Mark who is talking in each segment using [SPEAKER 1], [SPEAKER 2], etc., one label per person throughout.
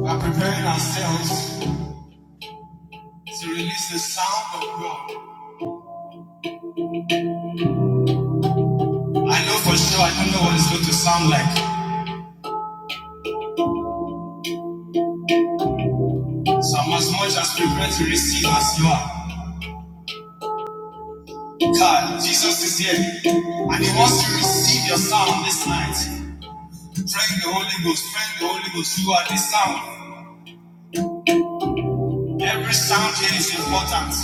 [SPEAKER 1] We are preparing ourselves to release the sound of God. I know for sure I don't know what it's going to sound like. So I'm as much as prepared to receive as you are. God, Jesus is here. And He wants to receive your sound this night. Pray the Holy Ghost, pray the Holy Ghost. You are the sound. Every sound here is important.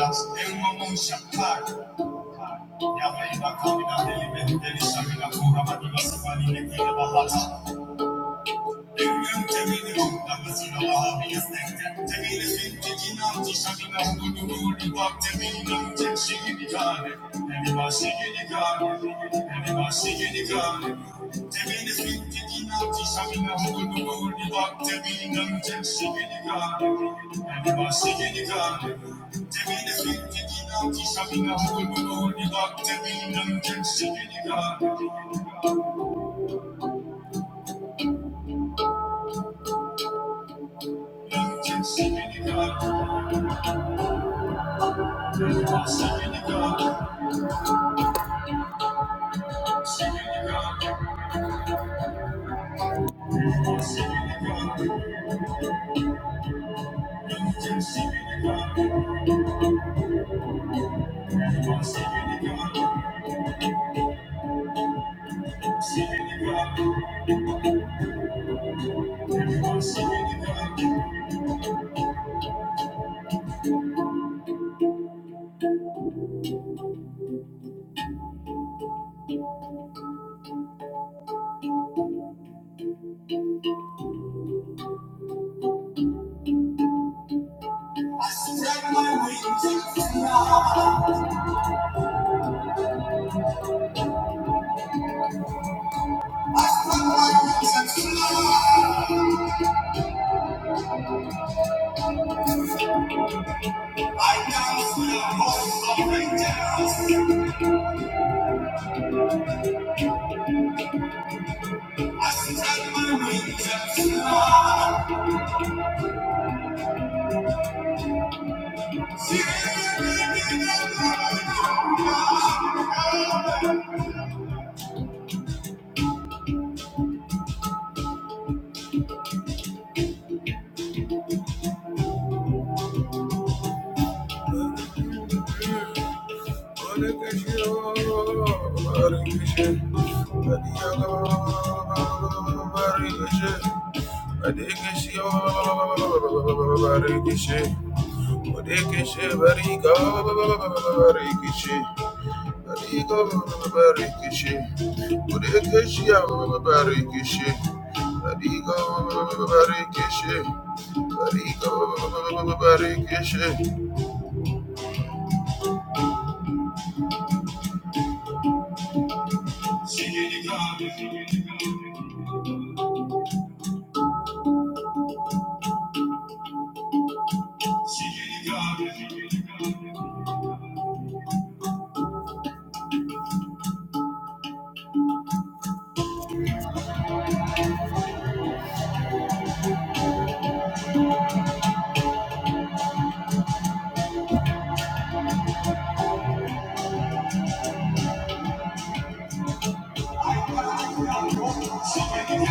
[SPEAKER 1] Thank you. Yabba yabba kabila deli beli deli sabila kura madila sabali nekile babata. Thank you. I dance with the host of angels. Inside my wings. Hare Krishna, Hare Krishna, Hare Krishna, Hare Krishna, Hare Krishna, Hare Krishna, Hare Krishna, Hare Krishna, Hare Krishna, Barigo barikishi, burikishi barikishi, barigo barikishi, barigo barikishi. Begin to sing in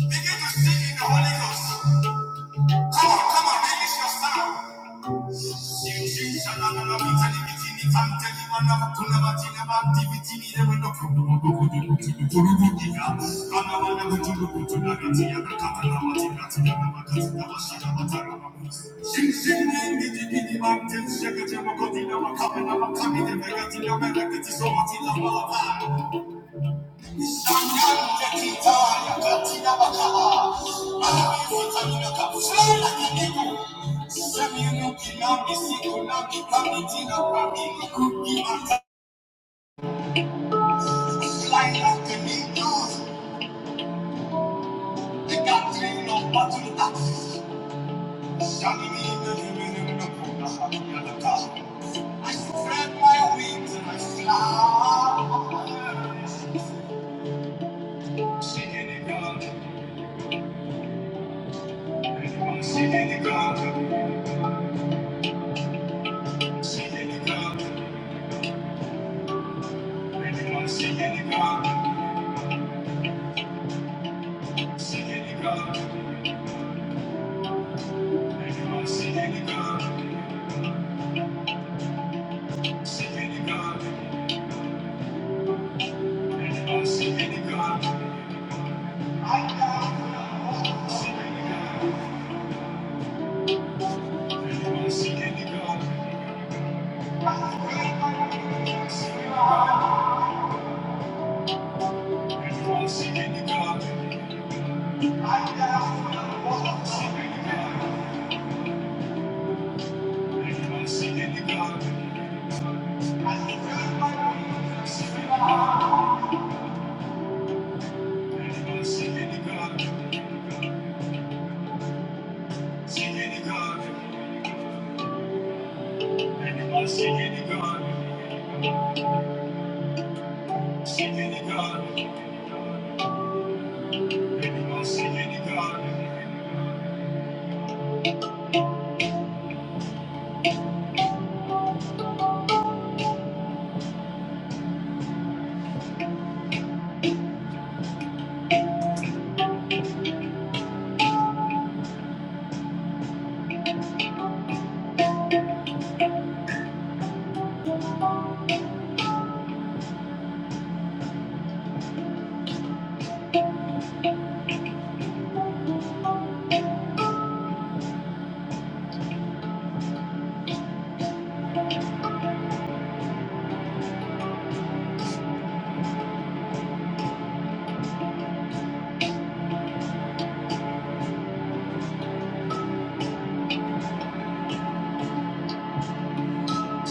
[SPEAKER 1] the Holy Ghost. Come on, come on, release your sound. Thank you. I spread my wings and I fly. Singing the God. Singing the God. Singing the God. Thank you. Anybody see any God? See any God? Anybody see any God?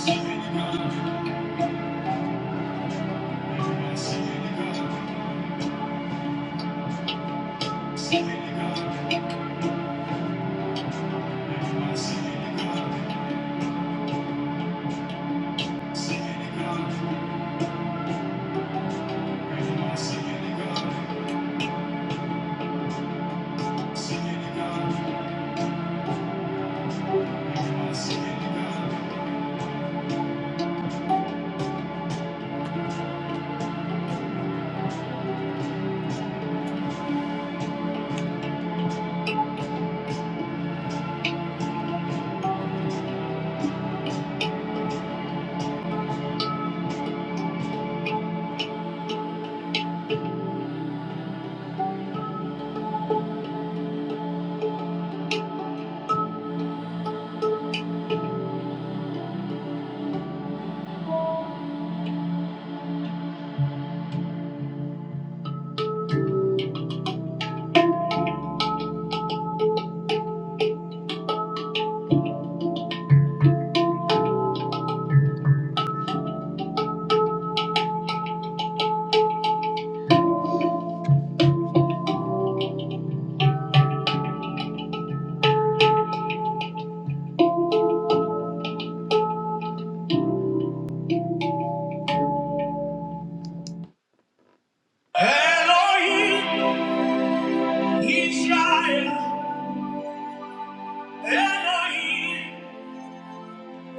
[SPEAKER 1] See any God? Anybody see any God? See any God? Anybody see any God? See any God? Anybody see any God?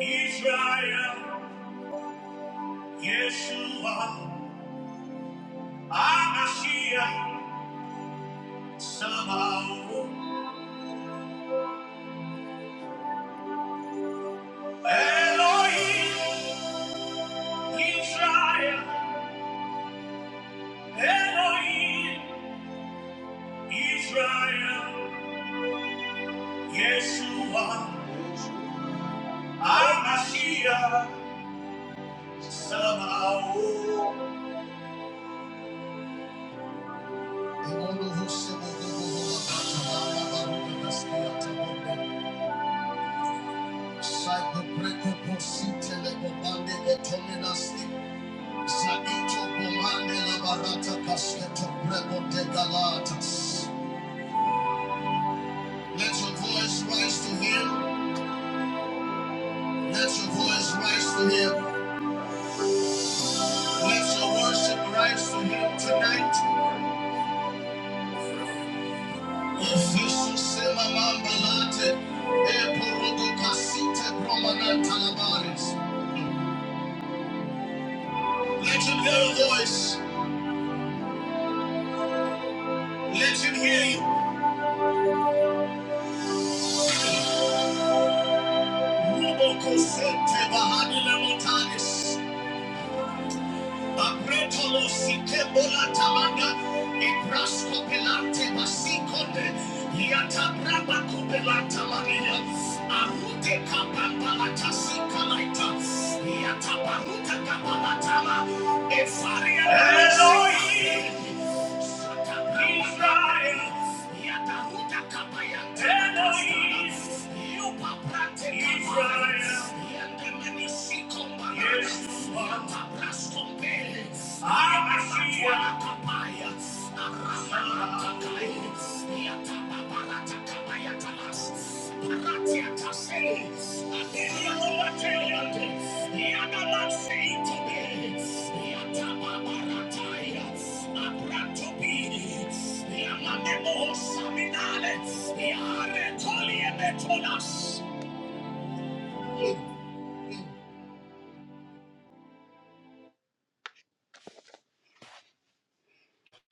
[SPEAKER 1] Israel, Yeshua, Amashiach, Sabaoth, Elohim, Israel, Elohim, Israel. Yeshua, Amashiach, Sabaoth. Let your voice rise to him. Let your voice rise to him. Let your worship rise to him tonight. Let him hear your voice. Let him hear you. Apretolo Yes, Lord. I am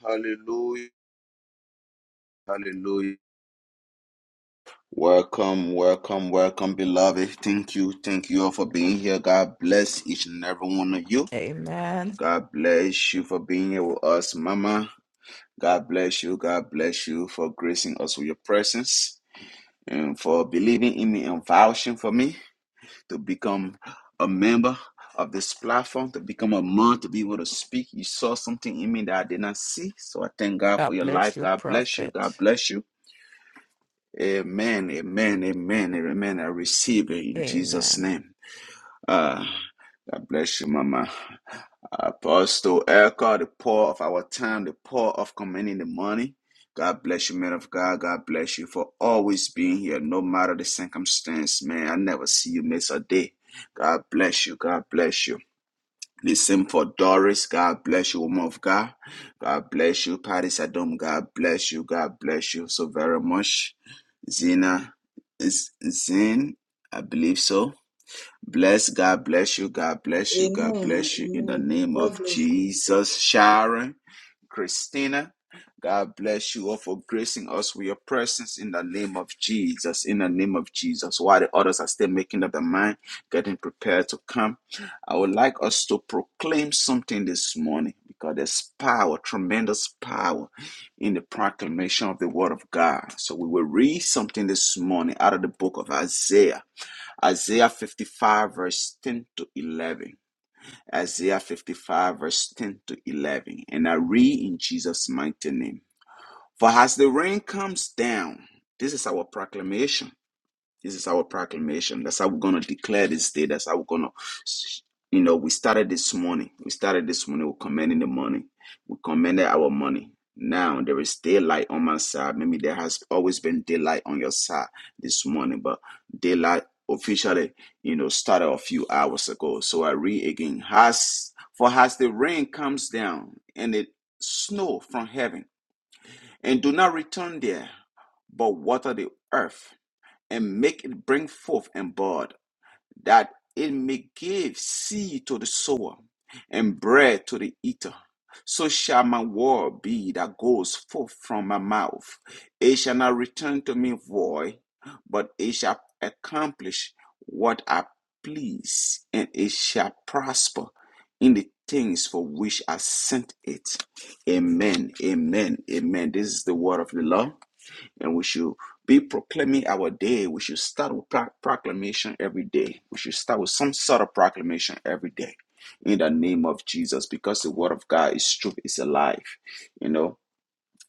[SPEAKER 1] Hallelujah. Hallelujah. Welcome, welcome, welcome, beloved. Thank you. Thank you all for being here. God bless each and every one of you.
[SPEAKER 2] Amen.
[SPEAKER 1] God bless you for being here with us, Mama. God bless you. God bless you for gracing us with your presence and for believing in me and vouching for me to become a member of this platform, to become a mom, to be able to speak. You saw something in me that I did not see. So I thank God for
[SPEAKER 2] God
[SPEAKER 1] your life.
[SPEAKER 2] bless you,
[SPEAKER 1] God bless you. God
[SPEAKER 2] prophet.
[SPEAKER 1] bless you. Amen. Amen. Amen. Amen. I receive it in Jesus'
[SPEAKER 2] Amen.
[SPEAKER 1] name. Ah, God bless you, Mama. Apostle Erica, the poor of our time, the poor of commanding the money. God bless you, man of God. God bless you for always being here, no matter the circumstance, man. I never see you miss a day. God bless you. God bless you. Listen for Doris. God bless you, woman of God. God bless you, Patty Sadom. God bless you. God bless you so very much. Zena, Z- Zin, I believe so. Bless God, bless you, God bless you, God
[SPEAKER 3] Amen.
[SPEAKER 1] bless you in the
[SPEAKER 3] Amen.
[SPEAKER 1] name
[SPEAKER 3] God
[SPEAKER 1] of
[SPEAKER 3] bless you, Prophet.
[SPEAKER 1] Jesus. Sharon. Christina. God bless you all for gracing us with your presence in the name of Jesus. In the name of Jesus. While the others are still making up their mind, getting prepared to come, I would like us to proclaim something this morning because there's power, tremendous power in the proclamation of the word of God. So we will read something this morning out of the book of Isaiah, Isaiah 55, verse 10 to 11. Isaiah 55, verse 10 to 11. And I read in Jesus' mighty name. For as the rain comes down, this is our proclamation this is our proclamation. That's how we're going to declare this day. That's how we're going to, you know, we started this morning. We started this morning. We're commending the money. We commanded our money. Now there is daylight on my side. Maybe there has always been daylight on your side this morning, but daylight officially, you know, started a few hours ago. So I read again. Has for as the rain comes down and it snow from heaven, and do not return there, but water the earth and make it bring forth and bud. It may give seed to the sower and bread to the eater. So shall my word be that goes forth from my mouth. It shall not return to me void, but it shall accomplish what I please, and it shall prosper in the things for which I sent it. Amen. Amen. Amen. This is the word of the Lord. And we should be proclaiming our day. We should start with pro- proclamation every day. We should start with some sort of proclamation every day in the name of Jesus because the word of God is truth, is alive. You know,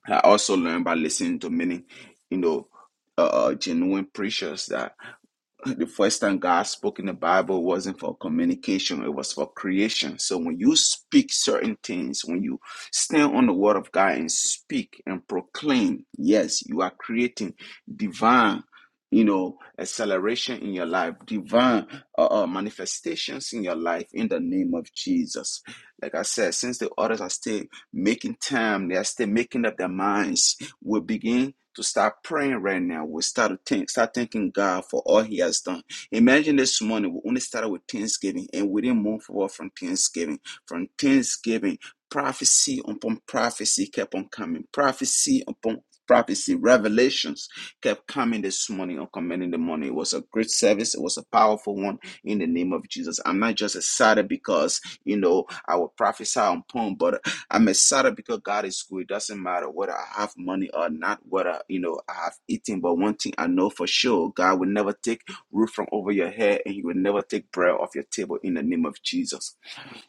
[SPEAKER 1] I also learned by listening to many, you know, uh, uh, genuine preachers that the first time God spoke in the Bible wasn't for communication, it was for creation. So when you speak certain things, when you stand on the word of God and speak and proclaim, yes, you are creating divine. You know, acceleration in your life, divine uh, uh, manifestations in your life in the name of Jesus. Like I said, since the others are still making time, they are still making up their minds we begin to start praying right now. We start to think, start thanking God for all He has done. Imagine this morning we only started with Thanksgiving, and we didn't move forward from Thanksgiving. From Thanksgiving, prophecy upon prophecy kept on coming. Prophecy upon prophecy, revelations kept coming this morning on commanding the morning. It was a great service. It was a powerful one in the name of Jesus. I'm not just excited because you know I will prophesy on poem, but I'm excited because God is good. It doesn't matter whether I have money or not, whether you know I have eaten. But one thing I know for sure, God will never take roof from over your head, and He will never take bread off your table in the name of Jesus.